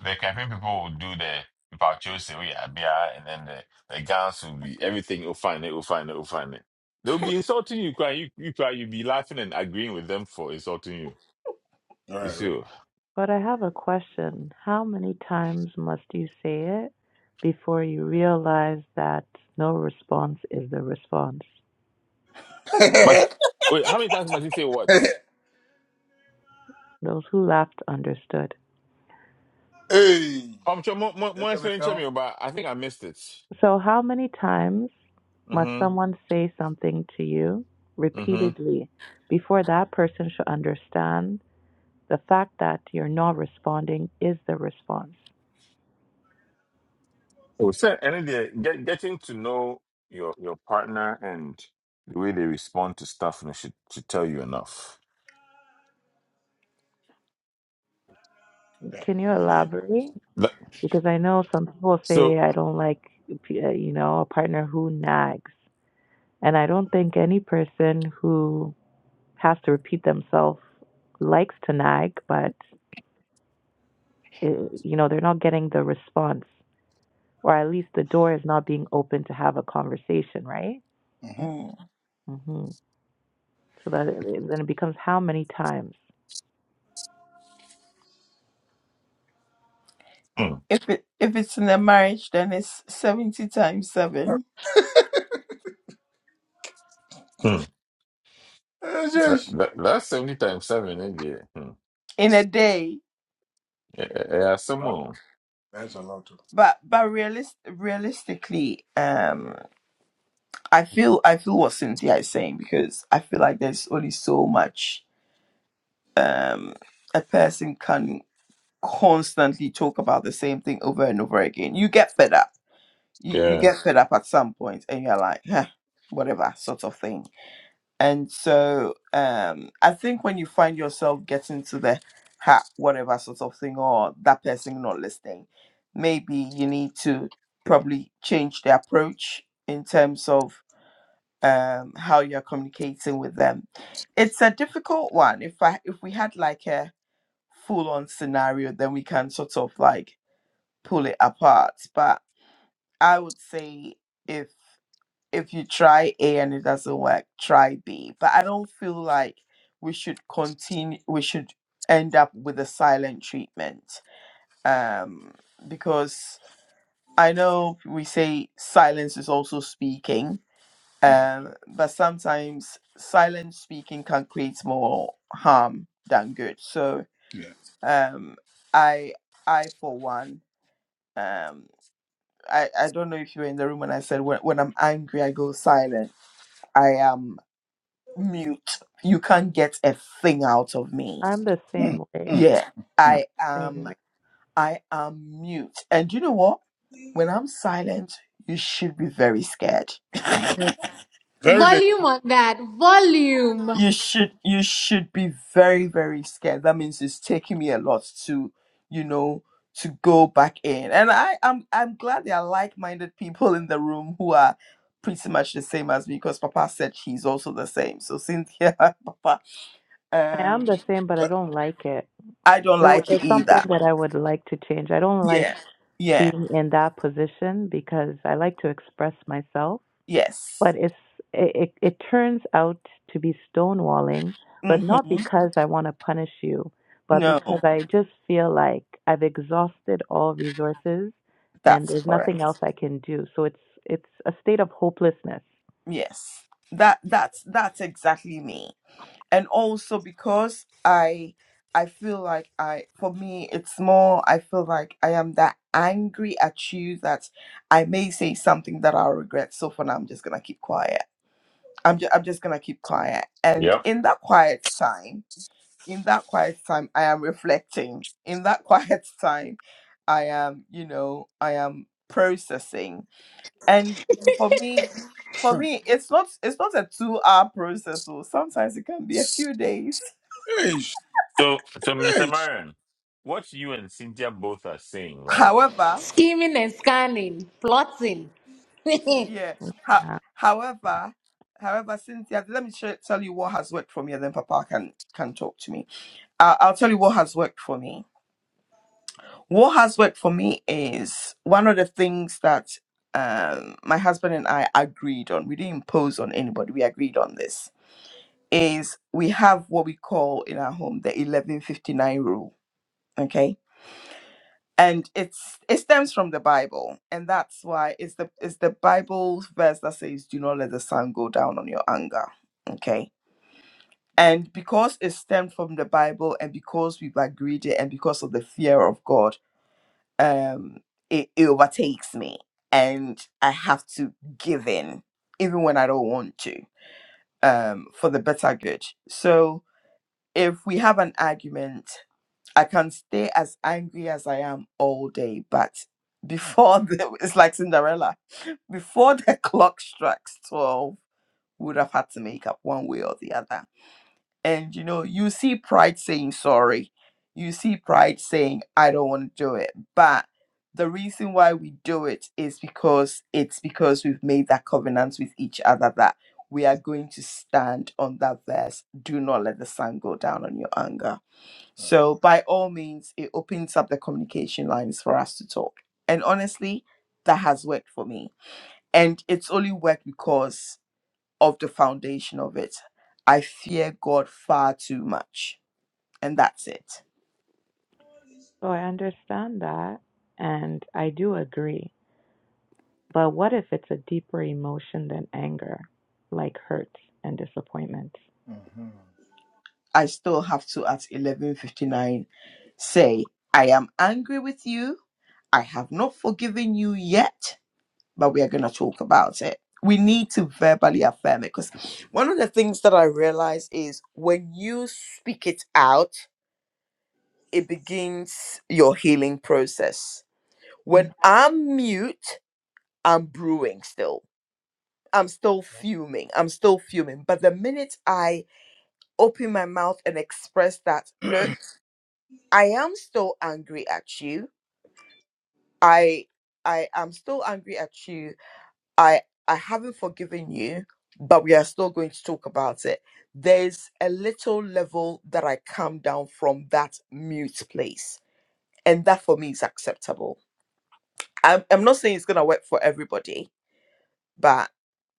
S2: the campaign people will do the about you say we are Abia, and then the the guns will be everything. You'll find it. You'll find it. You'll find it. They'll
S8: right,
S2: be insulting you, crying. You you cry. You'll be laughing and agreeing with them for insulting you.
S8: all
S2: You see,
S8: right,
S2: oh.
S9: But I have a question. How many times must you say it before you realize that no response is the response?
S2: but
S8: right.
S2: wait, how many times must you say what?
S9: Those who laughed understood.
S8: hey,
S2: I'm sure more more
S8: that's
S2: more
S8: how they
S2: explaining to me,
S8: count.
S2: oh, but I think I missed it.
S9: So, how many times must
S2: Mm-hmm.
S9: someone say something to you
S2: Mm-hmm.
S9: repeatedly before that person should understand the fact that you're not responding is the response?
S2: Oh, so Any day, get, getting to know your your partner and the way they respond to stuff and should should tell you enough.
S8: Yeah,
S9: Can you
S8: me there.
S9: elaborate?
S2: That,
S9: because I know some people say
S2: so
S9: I don't like uh, you know a partner who nags, and I don't think any person who has to repeat themselves likes to nag, but uh you know they're not getting the response, or at least the door is not being open to have a conversation, right?
S8: Mm-hmm.
S1: Mm.
S9: hmm So that uh, it, then it becomes how many times?
S2: mm,
S1: If it if it's in a marriage, then it's seventy times seven
S2: mm.
S8: That's
S2: That,
S8: just-
S2: that, that's seventy times seven, isn't it? Mm.
S1: in a day.
S2: Yeah, yeah, some
S8: Wow,
S2: more.
S8: that's a lot. Too.
S1: But but realist realistically, um, I feel I feel what Cynthia is saying because I feel like there's only so much um a person can constantly talk about the same thing over and over again. You get fed up. You you
S2: Yeah.
S1: get fed up at some point, and you're like, huh, whatever, sort of thing And so um, I think when you find yourself getting to the ha whatever sort of thing or that person not listening, maybe you need to probably change the approach in terms of um, how you're communicating with them. It's a difficult one. If I if we had like a full on scenario, then we can sort of like pull it apart. But I would say if if you try A and it doesn't work, try B. But I don't feel like we should continue. We should end up with a silent treatment, um, because I know we say silence is also speaking,
S8: Mm-hmm.
S1: um, but sometimes silent speaking can create more harm than good. So
S8: Yeah.
S1: um, I, I for one, um, I, I don't know if you were in the room when I said when, when I'm angry I go silent. I am. mute. You can't get a thing out of me.
S9: I'm the
S8: Mm,
S9: same way.
S8: mm,
S1: Yeah,
S8: mm,
S9: I'm
S1: I
S9: the same
S1: am.
S9: way.
S1: I am mute. And you know what? When I'm silent, you should be very scared.
S8: mm. Very dangerous.
S5: volume on that, volume,
S1: you should. You should be very, very scared. That means it's taking me a lot to, you know, to go back in. And I am. I'm, I'm glad there are like-minded people in the room who are pretty much the same as me because Papa said he's also the same. So Cynthia, Papa,
S9: I
S1: um,
S9: am the same, but I don't like it.
S1: I don't
S9: it w-
S1: like it
S9: it's something
S1: either.
S9: that I would like to change. I don't like
S1: Yeah. Yeah.
S9: being in that position because I like to express myself,
S1: Yes.
S9: but it's it, it, it turns out to be stonewalling, but not
S1: Mm-hmm.
S9: because I want to punish you, but
S1: No,
S9: because I just feel like I've exhausted all resources and
S1: that's
S9: there's nothing
S1: correct.
S9: else I can do. So it's it's a state of hopelessness.
S1: Yes. That that's that's exactly me. And also because I I feel like I for me it's more I feel like I am that angry at you that I may say something that I'll regret. So for now I'm just gonna keep quiet. I'm just I'm just gonna keep quiet. And
S2: Yep.
S1: in that quiet time in that quiet time i am reflecting in that quiet time i am you know i am processing and for me for
S8: Mm,
S1: me it's not it's not a two hour process so sometimes it can be a few days
S8: Hey, sh-
S2: So so Mr.
S8: hey. sh-
S2: Marion, what you and Cynthia both are saying, right?
S1: however
S5: scheming and scanning, plotting. Mr.
S1: yeah ho-
S9: Yeah.
S1: however however cynthia let me sh- tell you what has worked for me and then papa can can talk to me uh, i'll tell you what has worked for me what has worked for me is one of the things that um, my husband and I agreed on. We didn't impose on anybody. We agreed on this. Is we have what we call in our home the eleven fifty nine rule. Okay, and it's it stems from the Bible, and that's why it's the it's the Bible verse that says, "Do not let the sun go down on your anger." Okay. And because it stemmed from the Bible, and because we've agreed it, and because of the fear of God, um it, it overtakes me and i have to give in even when i don't want to um for the better good so if we have an argument i can stay as angry as i am all day but before the, it's like cinderella before the clock strikes 12 we would have had to make up one way or the other and you know you see pride saying sorry you see pride saying i don't want to do it but the reason why we do it is because it's because we've made that covenant with each other that we are going to stand on that verse do not let the sun go down on your anger so by all means it opens up the communication lines for us to talk and honestly that has worked for me and it's only worked because of the foundation of it. I fear God far too much. And that's it.
S9: So I understand that and I do agree. But what if it's a deeper emotion than anger, like hurt and disappointment?
S8: mhm.
S1: I still have to at 11:59 say, I am angry with you. I have not forgiven you yet, but we are going to talk about it. We need to verbally affirm it because one of the things that I realize is when you speak it out, it begins your healing process. When I'm mute, I'm brewing still I'm still fuming. I'm still fuming. But the minute I open my mouth and express that, look, I am still angry at you. I I am still angry at you. I I haven't forgiven you, but we are still going to talk about it. There's a little level that I come down from that mute place. And that for me is acceptable. I'm, I'm not saying it's gonna work for everybody, but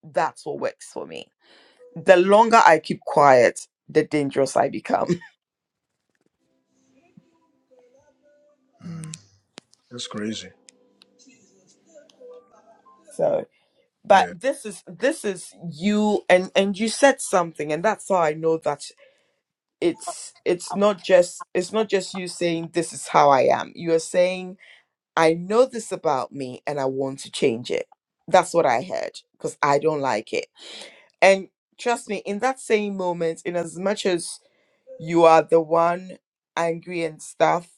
S1: that's what works for me the longer I keep quiet, the dangerous I become.
S9: Mhm.
S8: That's crazy.
S1: So, but
S8: Yeah.
S1: this is this is you, and and you said something, and that's how I know that it's it's not just it's not just you saying this is how I am. You are saying I know this about me, and I want to change it. That's what I heard because I don't like it, and trust me, in that same moment, in as much as You are the one angry and stuff.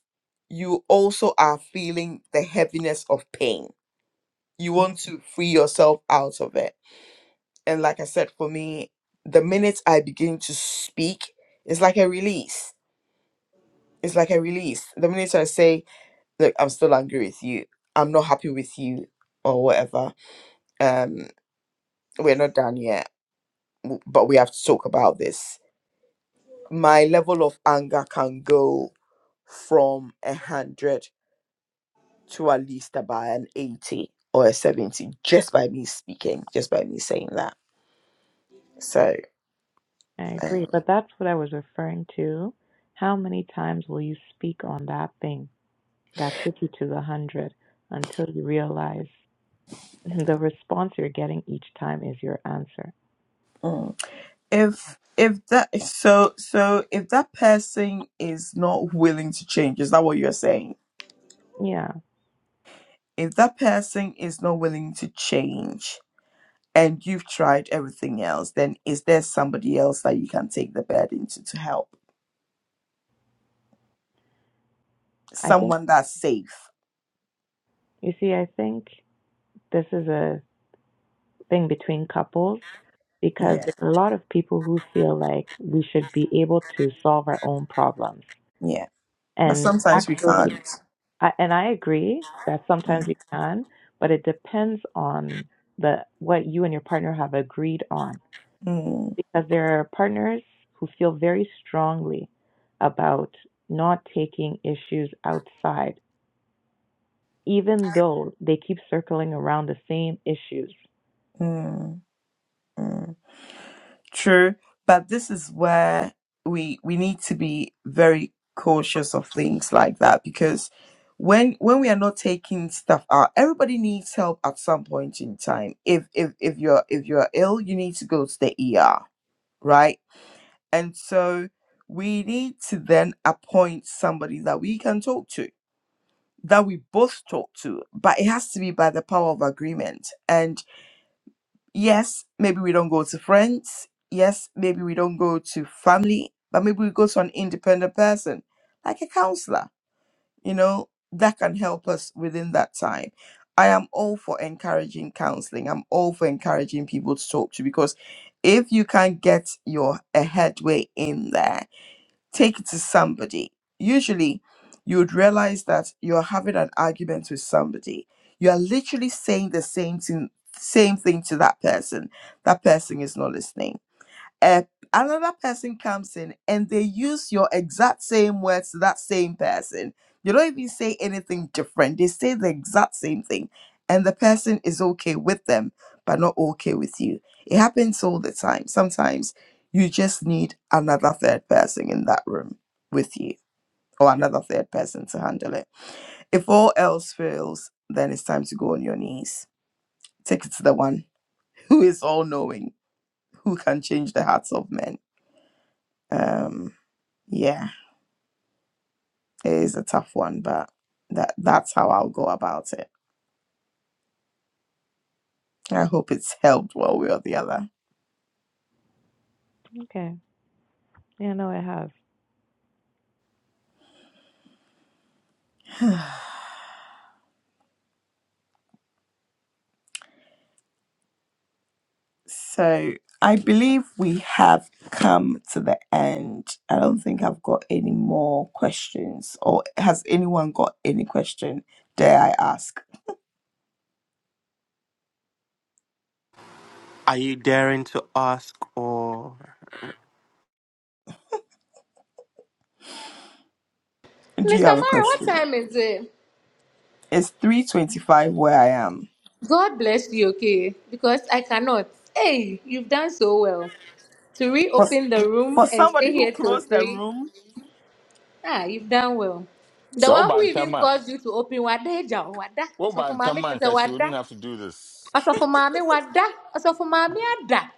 S1: You also are feeling the heaviness of pain. You want to free yourself out of it. And like I said, for me, the minute I begin to speak, it's like a release. It's like a release. The minute I say, look, I'm still angry with you. I'm not happy with you or whatever. Um, we're not done yet, w- but we have to talk about this. My level of anger can go from a hundred to at least about an 80 or a 70 just by me speaking, just by me saying that. So,
S9: I agree,
S1: um,
S9: but that's what I was referring to. How many times will you speak on that thing that took you to the hundred until you realize the response you're getting each time is your answer?
S1: mm. if if that so so if that person is not willing to change is that what you're saying
S9: Yeah,
S1: if that person is not willing to change and you've tried everything else then is there somebody else that you can take the burden to to help
S9: I think,
S1: someone that's safe
S9: you see, I think this is a thing between couples because
S1: yeah
S9: there are a lot of people who feel like we should be able to solve our own problems.
S1: yeah but
S9: And
S1: sometimes we
S9: actually,
S1: can't
S9: I, and I agree that sometimes
S1: mm,
S9: you can, but it depends on the what you and your partner have agreed on,
S1: mm,
S9: because there are partners who feel very strongly about not taking issues outside, even though they keep circling around the same issues.
S1: mm, mm. True, but this is where we we need to be very cautious of things like that because when when we are not taking stuff out, everybody needs help at some point in time. If if if you're if you're ill, you need to go to the ER, right? And so we need to then appoint somebody that we can talk to, that we both talk to, but it has to be by the power of agreement. and. Yes, maybe we don't go to friends. Yes, maybe we don't go to family, but maybe we go to an independent person, like a counselor, you know, that can help us within that time. I am all for encouraging counseling. I'm all for encouraging people to talk to because if you can get your a headway in there take it to somebody. Usually, you would realize that you're having an argument with somebody. You are literally saying the same thing, same thing to that person. That person is not listening uh, another person comes in and they use your exact same words to that same person. You don't even say anything different. They say the exact same thing. And the person is okay with them, but not okay with you. It happens all the time. Sometimes you just need another third person in that room with you or another third person to handle it. If all else fails, then it's time to go on your knees. Take it to the one who is all knowing, who can change the hearts of men. Um. Yeah, it is a tough one, but that that's how I'll go about it. I hope it's helped one way or the other.
S9: Okay. Yeah, no, I have
S1: So I believe we have come to the end. I don't think I've got any more questions. Or has anyone got any question? Dare I ask?
S7: Are you daring to ask for
S1: Do you have a
S5: Mara, what
S1: question?
S5: time is it?
S1: It's three twenty-five where I am.
S5: God bless you, okay? Because I cannot. Hey, you've done so well to
S1: For
S5: reopen the room
S1: for
S5: and stay
S1: somebody who
S5: here till
S1: closed the
S5: 3.
S1: room.
S5: Ah, you've done well. The
S2: So
S5: one who even
S2: Bantama.
S5: caused you to open Wada Eja, Wada.
S2: Wo
S5: So
S2: ba
S5: for mommy,
S2: ntam
S5: I
S2: a
S5: said
S2: nka she
S5: Wada.
S2: wouldn't have to do this.
S5: So for mommy, Wada. So for mommy, Ada.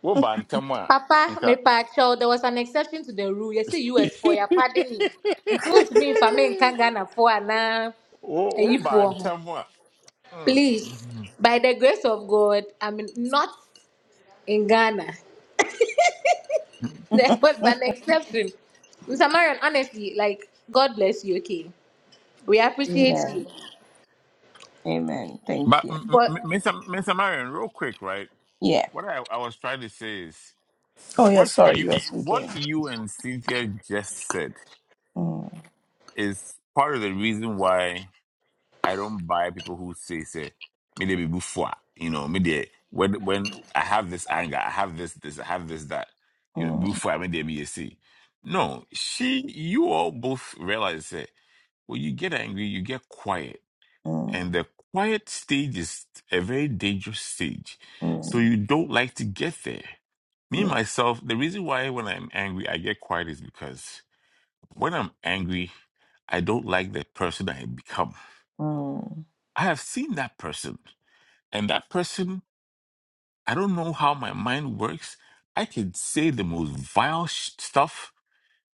S2: Wo ba ntam a
S5: Papa, me
S2: nka.
S5: pa child, there was an exception to the rule. Yes, You see, US for your pardon me. It's not to me if I mean Kangana for an uh,
S2: Wo wo
S5: if
S2: ba
S5: for
S2: ntam a. Mm.
S5: Please, by the grace of God, I'm not in Ghana. There was an exception. Mr. Marion, honestly, like, God bless you, okay? We appreciate you.
S1: Amen. Amen. Thank
S2: But
S1: you.
S2: M- M-
S5: But
S2: Mr. Mr. Marion, real quick, right?
S1: Yeah.
S2: What I, I was trying to say is
S1: Oh yeah.
S2: what
S1: Sorry,
S2: you
S1: you were
S2: what
S1: speaking.
S2: you and Cynthia just said
S1: Mm,
S2: is part of the reason why. I don't buy people who say say me dey be bufwa. You know, me dey when when I have this anger, I have this this, I have this that. You know,
S1: mm,
S2: Before I me dey be a see. No, she you all both realize that when you get angry, you get quiet,
S1: mm.
S2: and the quiet stage is a very dangerous stage. So
S1: Mm,
S2: you don't like to get there. Me
S1: yeah.
S2: myself, the reason why when I'm angry I get quiet is because when I'm angry, I don't like the person I become.
S1: Mm,
S2: I have seen that person. And that person, I don't know how my mind works. I can say the most vile sh- stuff.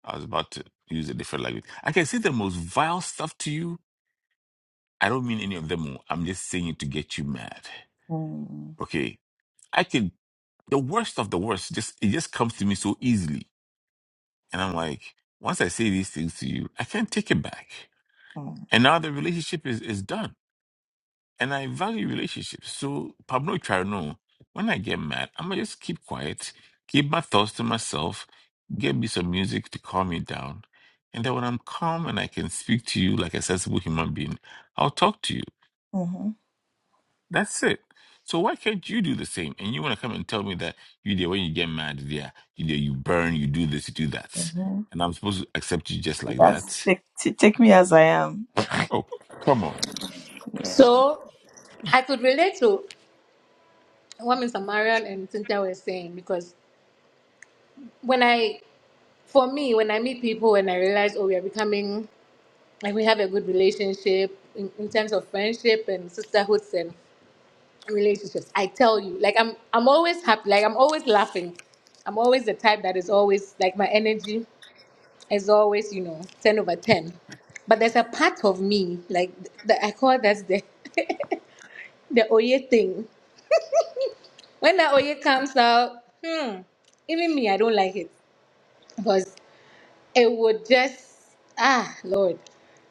S2: I was about to use a different language. I can say the most vile stuff to you. I don't mean any of them. oh, I'm just saying it to get you mad.
S1: mm,
S2: Okay. I can, the worst of the worst, just, it just comes to me so easily. And I'm like, once I say these things to you, I can't take it back.
S1: mm.
S2: And now the relationship is, is done and I value relationships. So Pablo Charno, when I get mad, I'm gonna just keep quiet, keep my thoughts to myself, get me some music to calm me down. And then when I'm calm and I can speak to you like a sensible human being, I'll talk to you.
S1: hmm
S2: That's it. So why can't you do the same? And you wanna come and tell me that you there when you get mad, yeah, you there, you burn, you do this, you do that. And I'm supposed to accept you just like that.
S1: Take, t- take me as I am.
S2: Oh, come on.
S1: Yeah.
S5: so I could relate to what Mr. Marian and Cynthia were saying because when I, for me, when I meet people and I realize, oh, we are becoming, like we have a good relationship in, in terms of friendship and sisterhoods and relationships, I tell you, like I'm, I'm always happy, like I'm always laughing. I'm always the type that is always, like my energy is always, you know, 10 over 10. But there's a part of me, like, th- that I call that's the, the Oye thing When that oil comes out, hmm, even me, I don't like it because it would just ah Lord.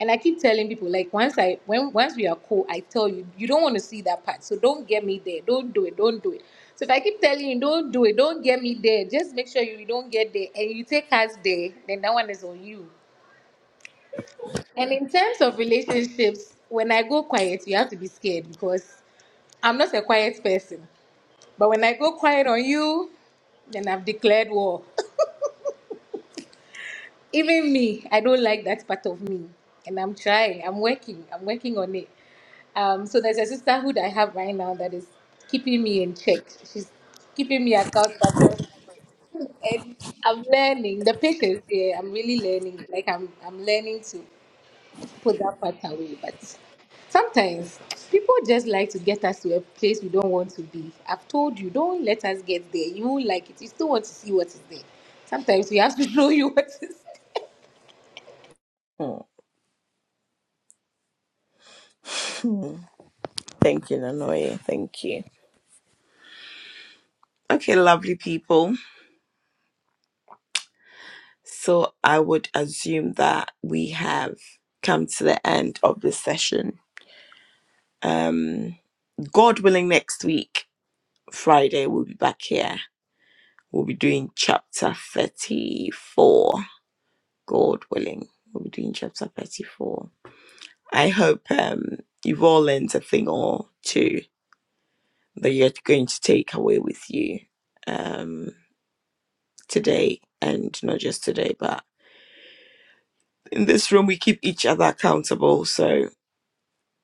S5: And I keep telling people like once I when once we are cool, I tell you you don't want to see that part, so don't get me there. Don't do it. Don't do it. So if I keep telling you don't do it, don't get me there. Just make sure you don't get there, and you take us there. Then that one is on you. And in terms of relationships, when I go quiet, you have to be scared because I'm not a quiet person. But when I go quiet on you, then I've declared war. Even me, I don't like that part of me. And I'm trying, I'm working, I'm working on it. Um, so there's a sisterhood I have right now that is keeping me in check. She's keeping me accountable. And I'm learning the patience, yeah, I'm really learning. Like I'm I'm learning to put that part away. But sometimes people just like to get us to a place we don't want to be. I've told you, don't let us get there. You won't like it. You still want to see what is there. Sometimes we have to show you what is.
S1: Mm. Mm. Thank you, Nanoye. Thank you. Okay, lovely people. So I would assume that we have come to the end of this session. Um, God willing, next week, Friday, we'll be back here. We'll be doing chapter 34, God willing. We'll be doing chapter 34. I hope um, you've all learned a thing or two that you're going to take away with you um, today, and not just today, but in this room, we keep each other accountable. So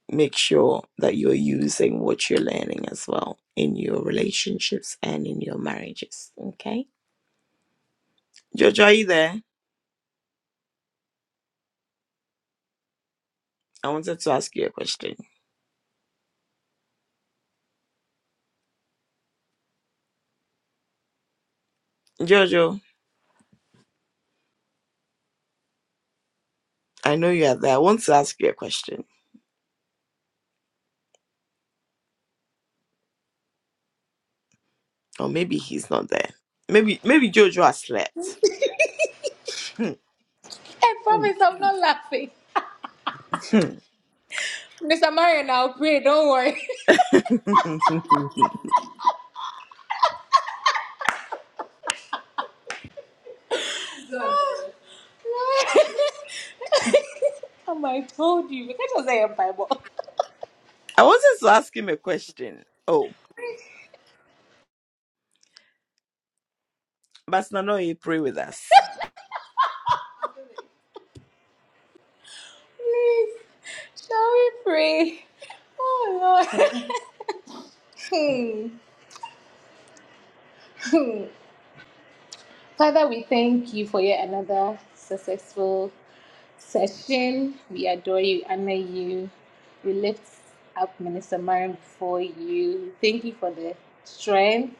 S1: make sure that you're using what you're learning as well in your relationships and in your marriages. Okay. Jojo, are you there? I wanted to ask you a question. Jojo. I know you are there. I want to ask you a question. Or maybe he's not there. Maybe maybe Jojo has slept. Hmm.
S5: I promise I'm not laughing.
S1: Hmm.
S5: Mr. Marion, I'll pray. Don't worry. Am I told you? Because was a Bible.
S1: I wanted to ask him a question. Oh, but no, you pray with us.
S5: Please, shall we pray? Oh Lord. Hmm. Father, we thank you for yet another successful session. We adore you, honor you. We lift up Minister Marion before you. Thank you for the strength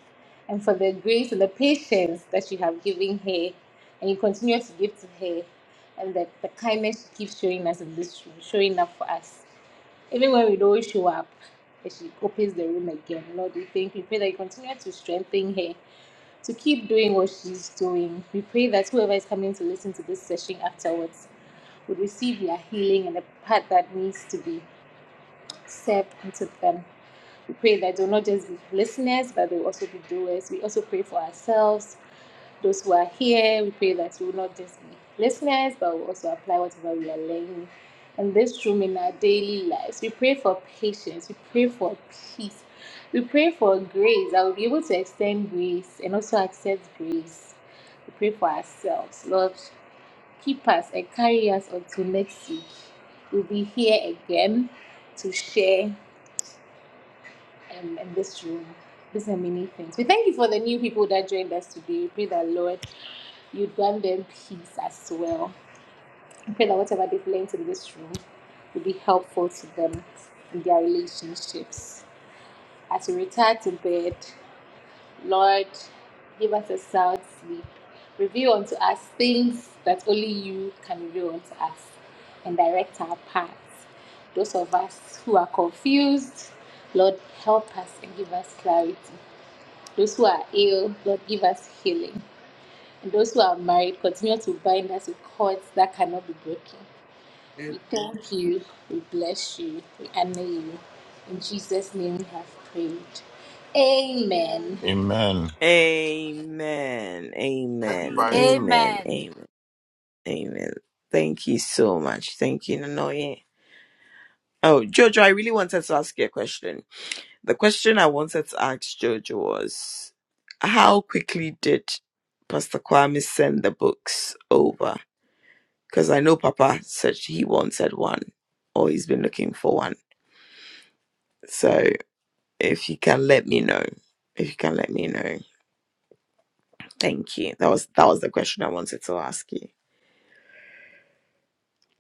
S5: and for the grace and the patience that you have given her and you continue to give to her and the, the kindness she keeps showing us in this room, showing up for us. Even when we don't show up, and she opens the room again. Lord, we thank you. Pray that you continue to strengthen her to keep doing what she's doing. We pray that whoever is coming to listen to this session afterwards would receive their healing and the part that needs to be served into them. We pray that they'll not just be listeners, but they'll also be doers. We also pray for ourselves those who are here, we pray that we will not just be listeners, but we will also apply whatever we are learning in this room in our daily lives. We pray for patience. We pray for peace. We pray for grace. I will be able to extend grace and also accept grace. We pray for ourselves. Lord, keep us and carry us until next week. We'll be here again to share um, in this room. These are many things. We thank you for the new people that joined us today. Pray that Lord, you grant them peace as well. I pray that whatever they've learned in this room will be helpful to them in their relationships. As we retire to bed, Lord, give us a sound sleep. Reveal unto us things that only you can reveal unto us and direct our paths. Those of us who are confused, Lord, help us and give us clarity. Those who are ill, Lord, give us healing. And those who are married, continue to bind us with cords that cannot be broken.
S1: Eh,
S5: We thank you. We bless you. We honor you. In Jesus' name we have prayed. Amen.
S2: Amen.
S1: Amen. Amen. Amen. Amen. Amen. Thank you so much. Thank you, Nanoye. Oh, Jojo, I really wanted to ask you a question. The question I wanted to ask Jojo was how quickly did Pastor Kwame send the books over? Because I know Papa said he wanted one or he's been looking for one. So if you can let me know. If you can let me know. Thank you. That was that was the question I wanted to ask you.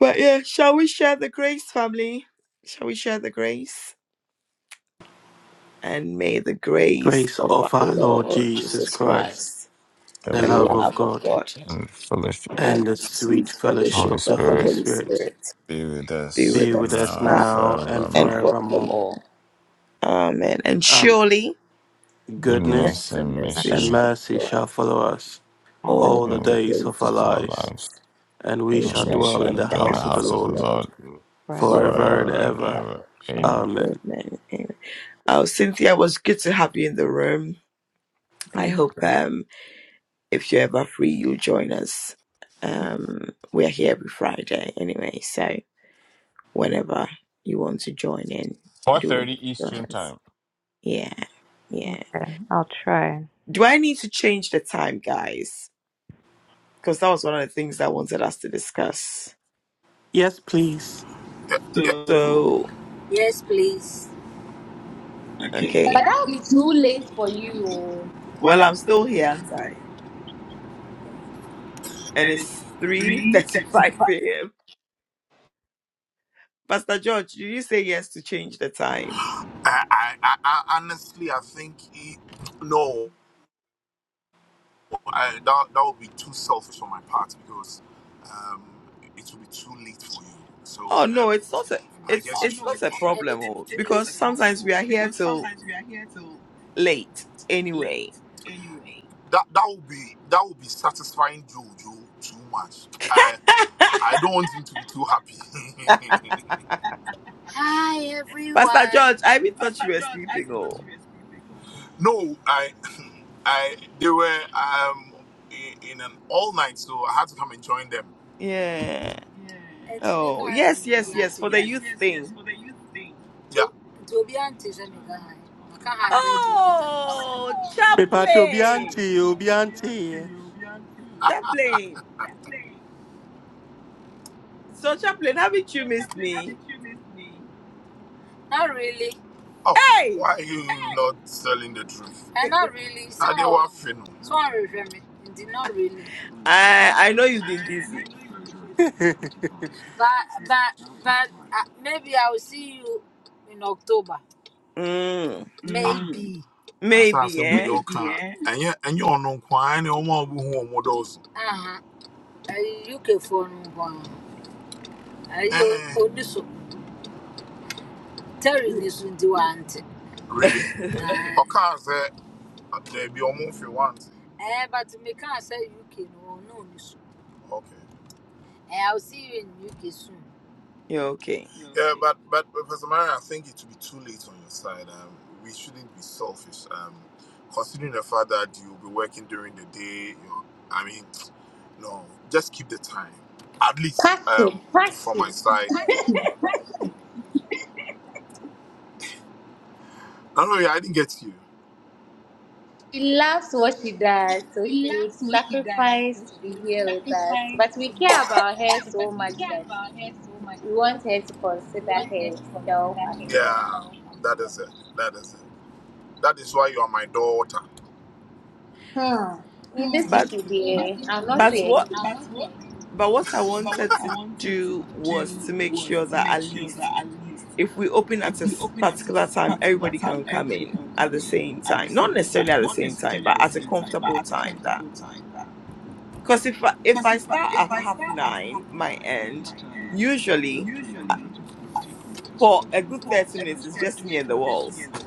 S1: But yeah, shall we share the grace, family? Shall we share the grace? And may the grace
S7: grace
S1: of our
S7: of our Lord
S1: Lord
S7: Jesus
S1: Jesus
S7: Christ,
S1: Christ,
S7: the
S1: the
S2: Of
S7: love
S2: God
S7: of
S1: love of
S7: God,
S1: God
S2: and fellowship.
S1: and
S7: and the
S1: the sweet
S7: sweet fellowship
S1: fellowship
S2: Holy
S7: of the
S1: of the
S7: Holy
S2: Spirit,
S1: Holy
S7: Spirit
S1: Spirit
S2: be with
S1: be
S2: us
S1: with
S7: be with
S1: us
S7: us
S2: now and
S1: now
S7: now and
S1: and
S2: forevermore.
S7: forevermore?
S1: forevermore. Amen. And
S7: Um,
S1: surely goodness
S9: Been
S2: Goodness
S7: goodness
S1: and
S2: and
S1: mercy
S7: and
S2: mercy
S1: shall
S7: mercy
S1: follow
S7: shall
S1: us
S7: follow us
S9: All the
S1: all
S7: all the
S2: and
S1: the
S2: we-
S7: days
S1: days
S7: of our
S1: of
S2: of
S1: our
S2: our
S7: lives,
S2: lives,
S1: lives,
S7: and we
S1: and we
S2: and
S7: shall
S2: we
S1: shall
S7: dwell
S2: shall
S1: dwell
S7: in the
S1: in the
S2: dwell in the
S7: house of the
S1: house
S2: house
S1: of
S2: of
S1: the
S2: the
S7: Lord
S1: Lord
S2: Lord
S9: forever.
S1: forever.
S7: forever and
S2: forever and
S7: ever.
S2: ever.
S9: same.
S2: Amen.
S7: Amen.
S1: Amen. Amen. Oh, Cynthia, it was good to have you in the room. I
S9: Thank
S1: hope um, if you're ever free, you'll join us. Um, we are here every Friday anyway, so. whenever you want to join in,
S2: Four
S1: do
S2: thirty
S1: join
S2: Eastern
S1: us.
S2: Time.
S1: Yeah, yeah.
S9: you. I'll try.
S1: Do I need to change the time, guys? Because that was one of the things I wanted us to discuss.
S7: Yes, please.
S1: So, okay.
S5: But that will be too late for you. oh.
S1: Well, I'm still here, aren't I? And it's 3.35 a.m. Pastor George, did you say yes to change the time? Oh no, it's not a it's it's not a problem oh, because sometimes we are here till late anyway. Pastor George, I even thought you were sleeping. Oh yeah. Oh yes, yes, yes. For the youth thing. Oh,
S7: Me patch
S1: Chaplain.
S7: obianti, obianti.
S1: Chaplain. So, Chaplain, haven't you missed me? Hey, I I know you've been busy. Mm, maybe, eh? You're okay.
S5: Passion, passion. She loves what she does, so she would sacrifice to be here with us. But we care about her so much that we want her to consider herself as well. Hmm. In this
S1: But
S5: issue, there, I'll not
S1: but
S5: say
S1: what
S5: again.
S1: but what I wanted to do was to make sure that at least if we open at a s- particular time, everybody can come in at the same time. Not necessarily at the same time, but at a comfortable time. that. Because if I, if I start at half nine, my end, usually uh, for a good 30 minutes, it's just me and the walls.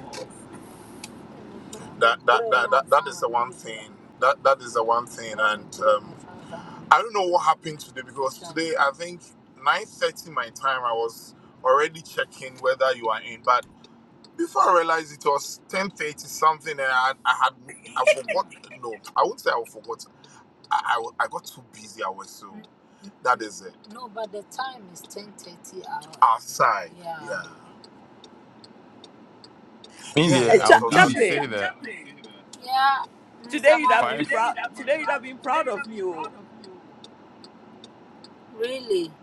S2: India,
S1: Hey,
S2: I
S1: Cha-
S2: would I would say
S1: Chaplain,
S2: that
S1: today you'd have been
S2: five.
S1: proud. Today you'd have been proud of me. oh.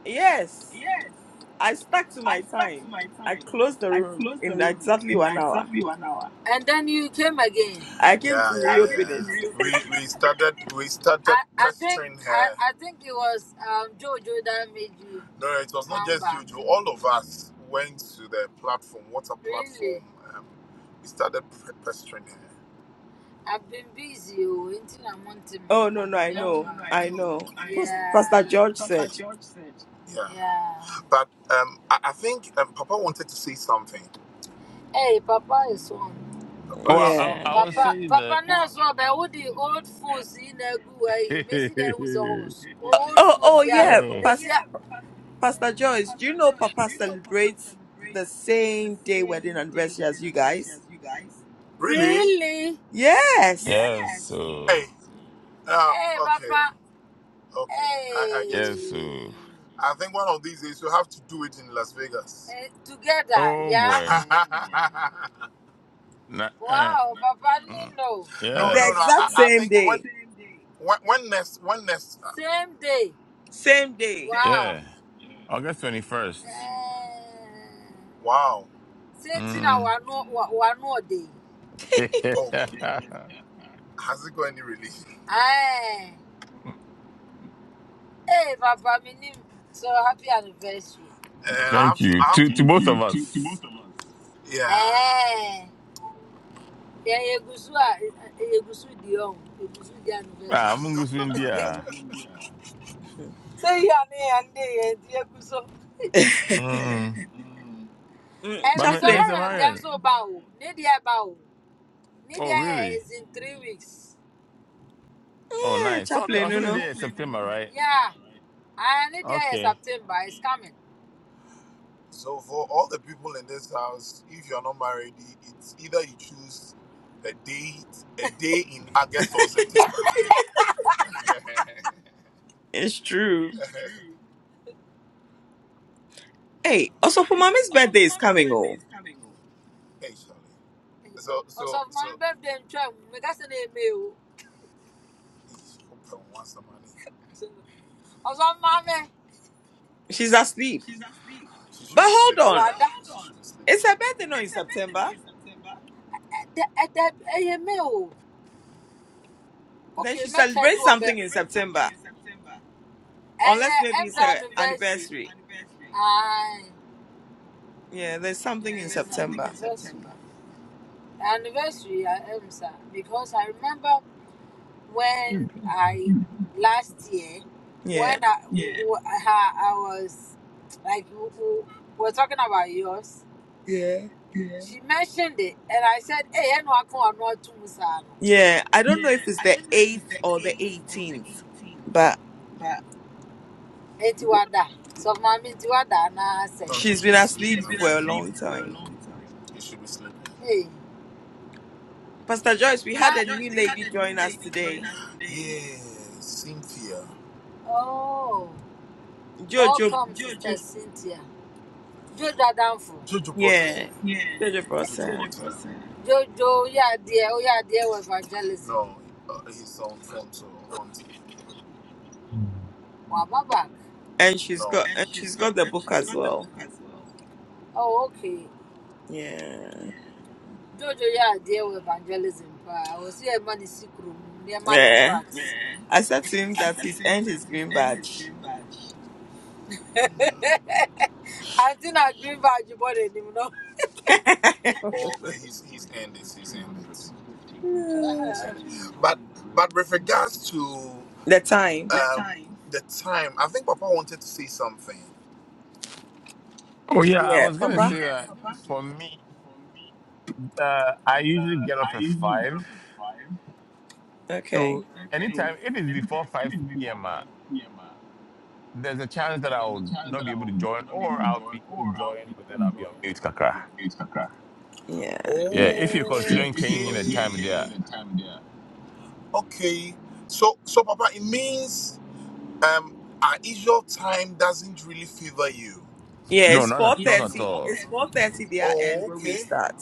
S1: Yes, I stuck to my time. I closed the room in exactly one hour. I came to reopen it. Oh no, no, I know, I know. Pastor George said,
S2: Well, I,
S1: "Yeah."
S2: I would say that.
S1: Oh, oh, yeah.
S2: oh,
S1: Pas- Pastor Joyce, do you know Papa celebrates the same day wedding anniversary as you guys? Yes,
S2: yes, so yes, so. Oh boy, nah, uh, mm.
S1: the
S2: yes.
S1: exact same day, same day.
S2: Yeah. August 21st. Mm. Thank you. To to both of us. Ah, I'm going to India. Mm.
S1: Mm,
S2: But Mi-
S1: Chaplain.
S2: Mr. Marion. Oh, really? Oh,
S1: Yeah,
S2: nice. So the
S1: chaplain, you
S2: also the
S1: know.
S2: day is September, right? Okay.
S1: It's true. Hey, also for mommy's birthday is coming, oh. She's asleep. But hold on. It's her birthday not in September. Then she celebrates something in September. Unless maybe it's her anniversary. Yeah, there's something in September.
S2: You-
S1: Yeah. yeah. Yeah. I don't know if it's the eighth or the eighteenth, but she's been asleep for a long time. Pastor Joyce, we had a new lady join us today. Jojo Yeah, Jojo brought her, and she's got and she's got the book as well. Yeah, yeah. I said to him that he's earned his green badge. No. the time.
S2: Oh, yeah. I
S1: Yeah,
S2: was going to
S1: Papa.
S2: say that for me, uh, I usually get off at 5.
S1: Okay.
S2: So anytime it is before 5 p.m., uh, there's a chance that I'll not be able to join or I'll be able to join, but then I'll be on mute, Kakra.
S1: Yeah.
S2: Yeah, if you're considering changing the time there,
S1: Yeah.
S2: no,
S1: It's
S2: not
S1: four
S2: at, not at
S1: thirty.
S2: all.
S1: It's four thirty their end when we start.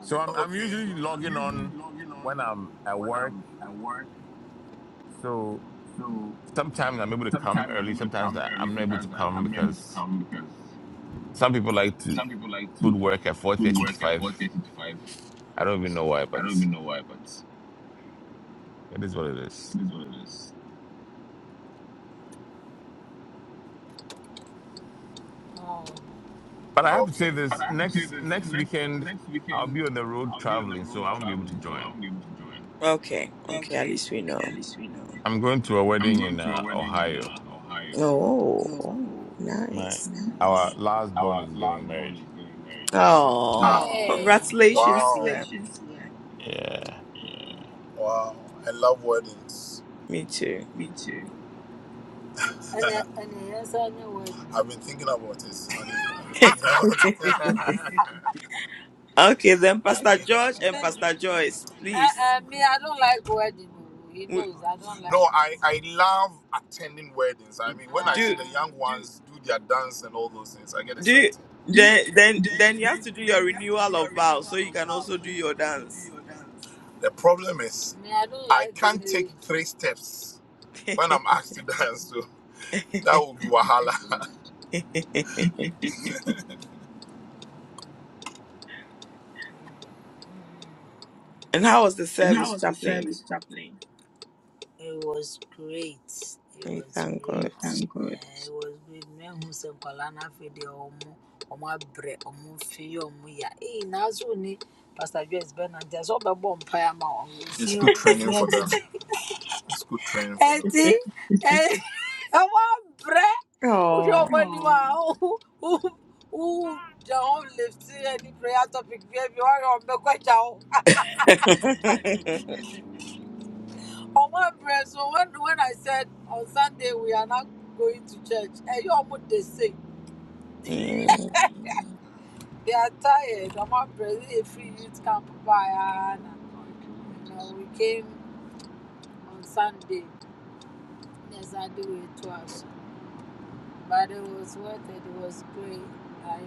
S2: So I'm I'm usually logging on when I'm at work. So sometimes I'm able to come early. Sometimes I- I'm not able to come because some people like to put work at four thirty to five. I don't even know why, but it is what it is. But I have to say this: next next weekend, I'll be on the road traveling, so I won't be able to join.
S1: Okay. Okay. At least we know.
S2: I'm going to a wedding in uh, Ohio.
S1: Oh,
S2: My
S1: nice.
S2: our last born is getting married.
S1: Oh, congratulations to them.
S2: Yeah.
S1: Me too. Okay, then Pastor George and Pastor Joyce, please w- do do then then then you have to do your renewal of vows so you can also do your dance. and how was the service, chaplain? We thank God. Oh, Mm,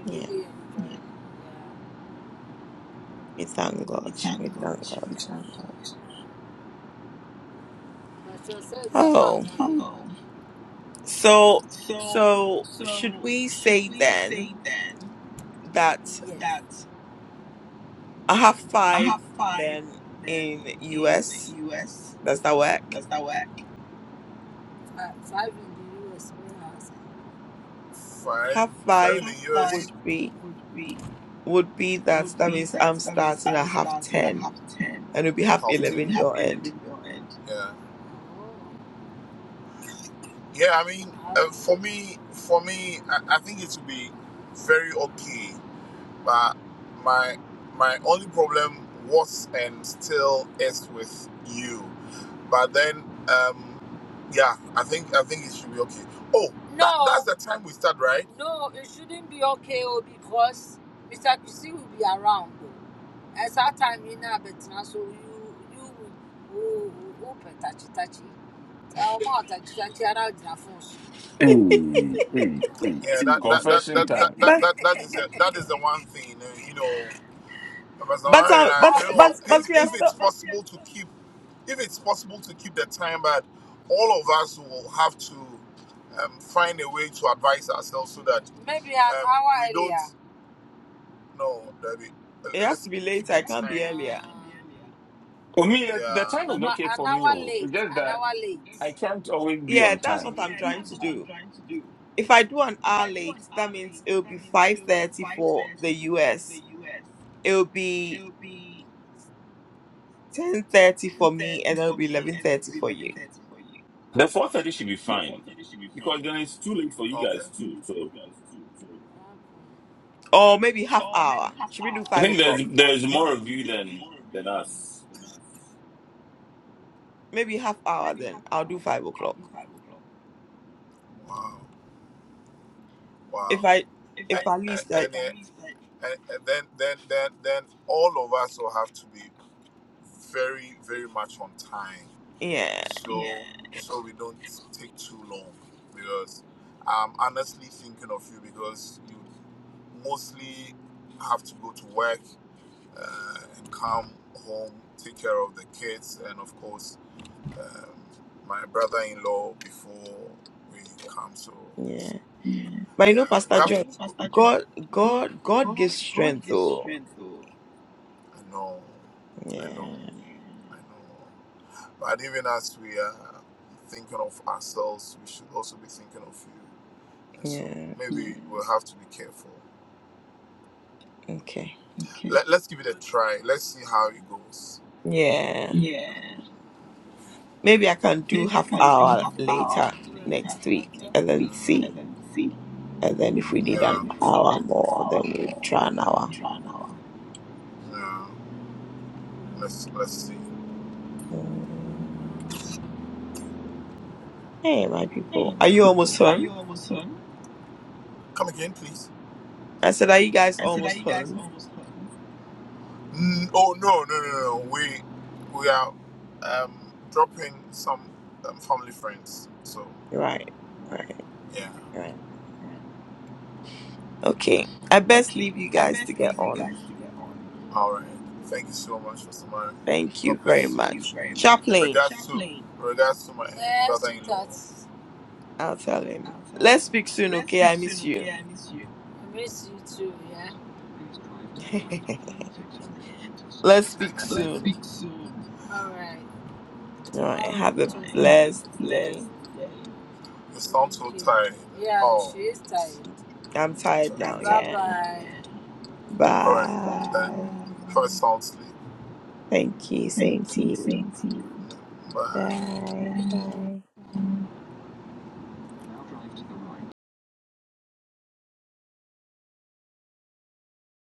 S1: yeah. We thank God. We thank God. Oh, so so should we say then that I have five then in US? Does that work? half five would be would be that that means I'm starting at half ten and it'll be half eleven your end.
S2: Hey, hey, hey. Confession time.
S1: But but uh, but but but we are still. It has to be later. I can't be earlier.
S2: For me, eh, the time is okay for me. oh. It's just that I can't always be
S1: Yeah,
S2: on
S1: that's
S2: time.
S1: what I'm trying to do. If I do an hour late, that means it'll be five thirty for the US. it will be 10.30 for me and it'll be 11.30 for you
S2: The four thirty should be fine because then it's too late for you guys too. So
S1: or maybe half hour should we do
S2: I
S1: five
S2: think
S1: o'clock
S2: there's there's more of you than than us.
S1: maybe half hour then i'll do five o'clock if i if at least i yeah yeah but you know pastor john god god god gives strength oh yeah yeah okay yeah maybe i can do half hour later next week and then see and then if we need an hour more then we'll try an hour Mm. Hey, my people. Are you almost home? I said, Are you guys almost home? Right, right, right. Okay. I best leave you guys to get on. Thank you very much. Chaplain, I'll tell him. Let's speak soon, okay? I miss you. Let's speak soon. All right. Have a blessed day. I'm tired now, yeah. Bye. Thank you. Same to you. Bye. Bye.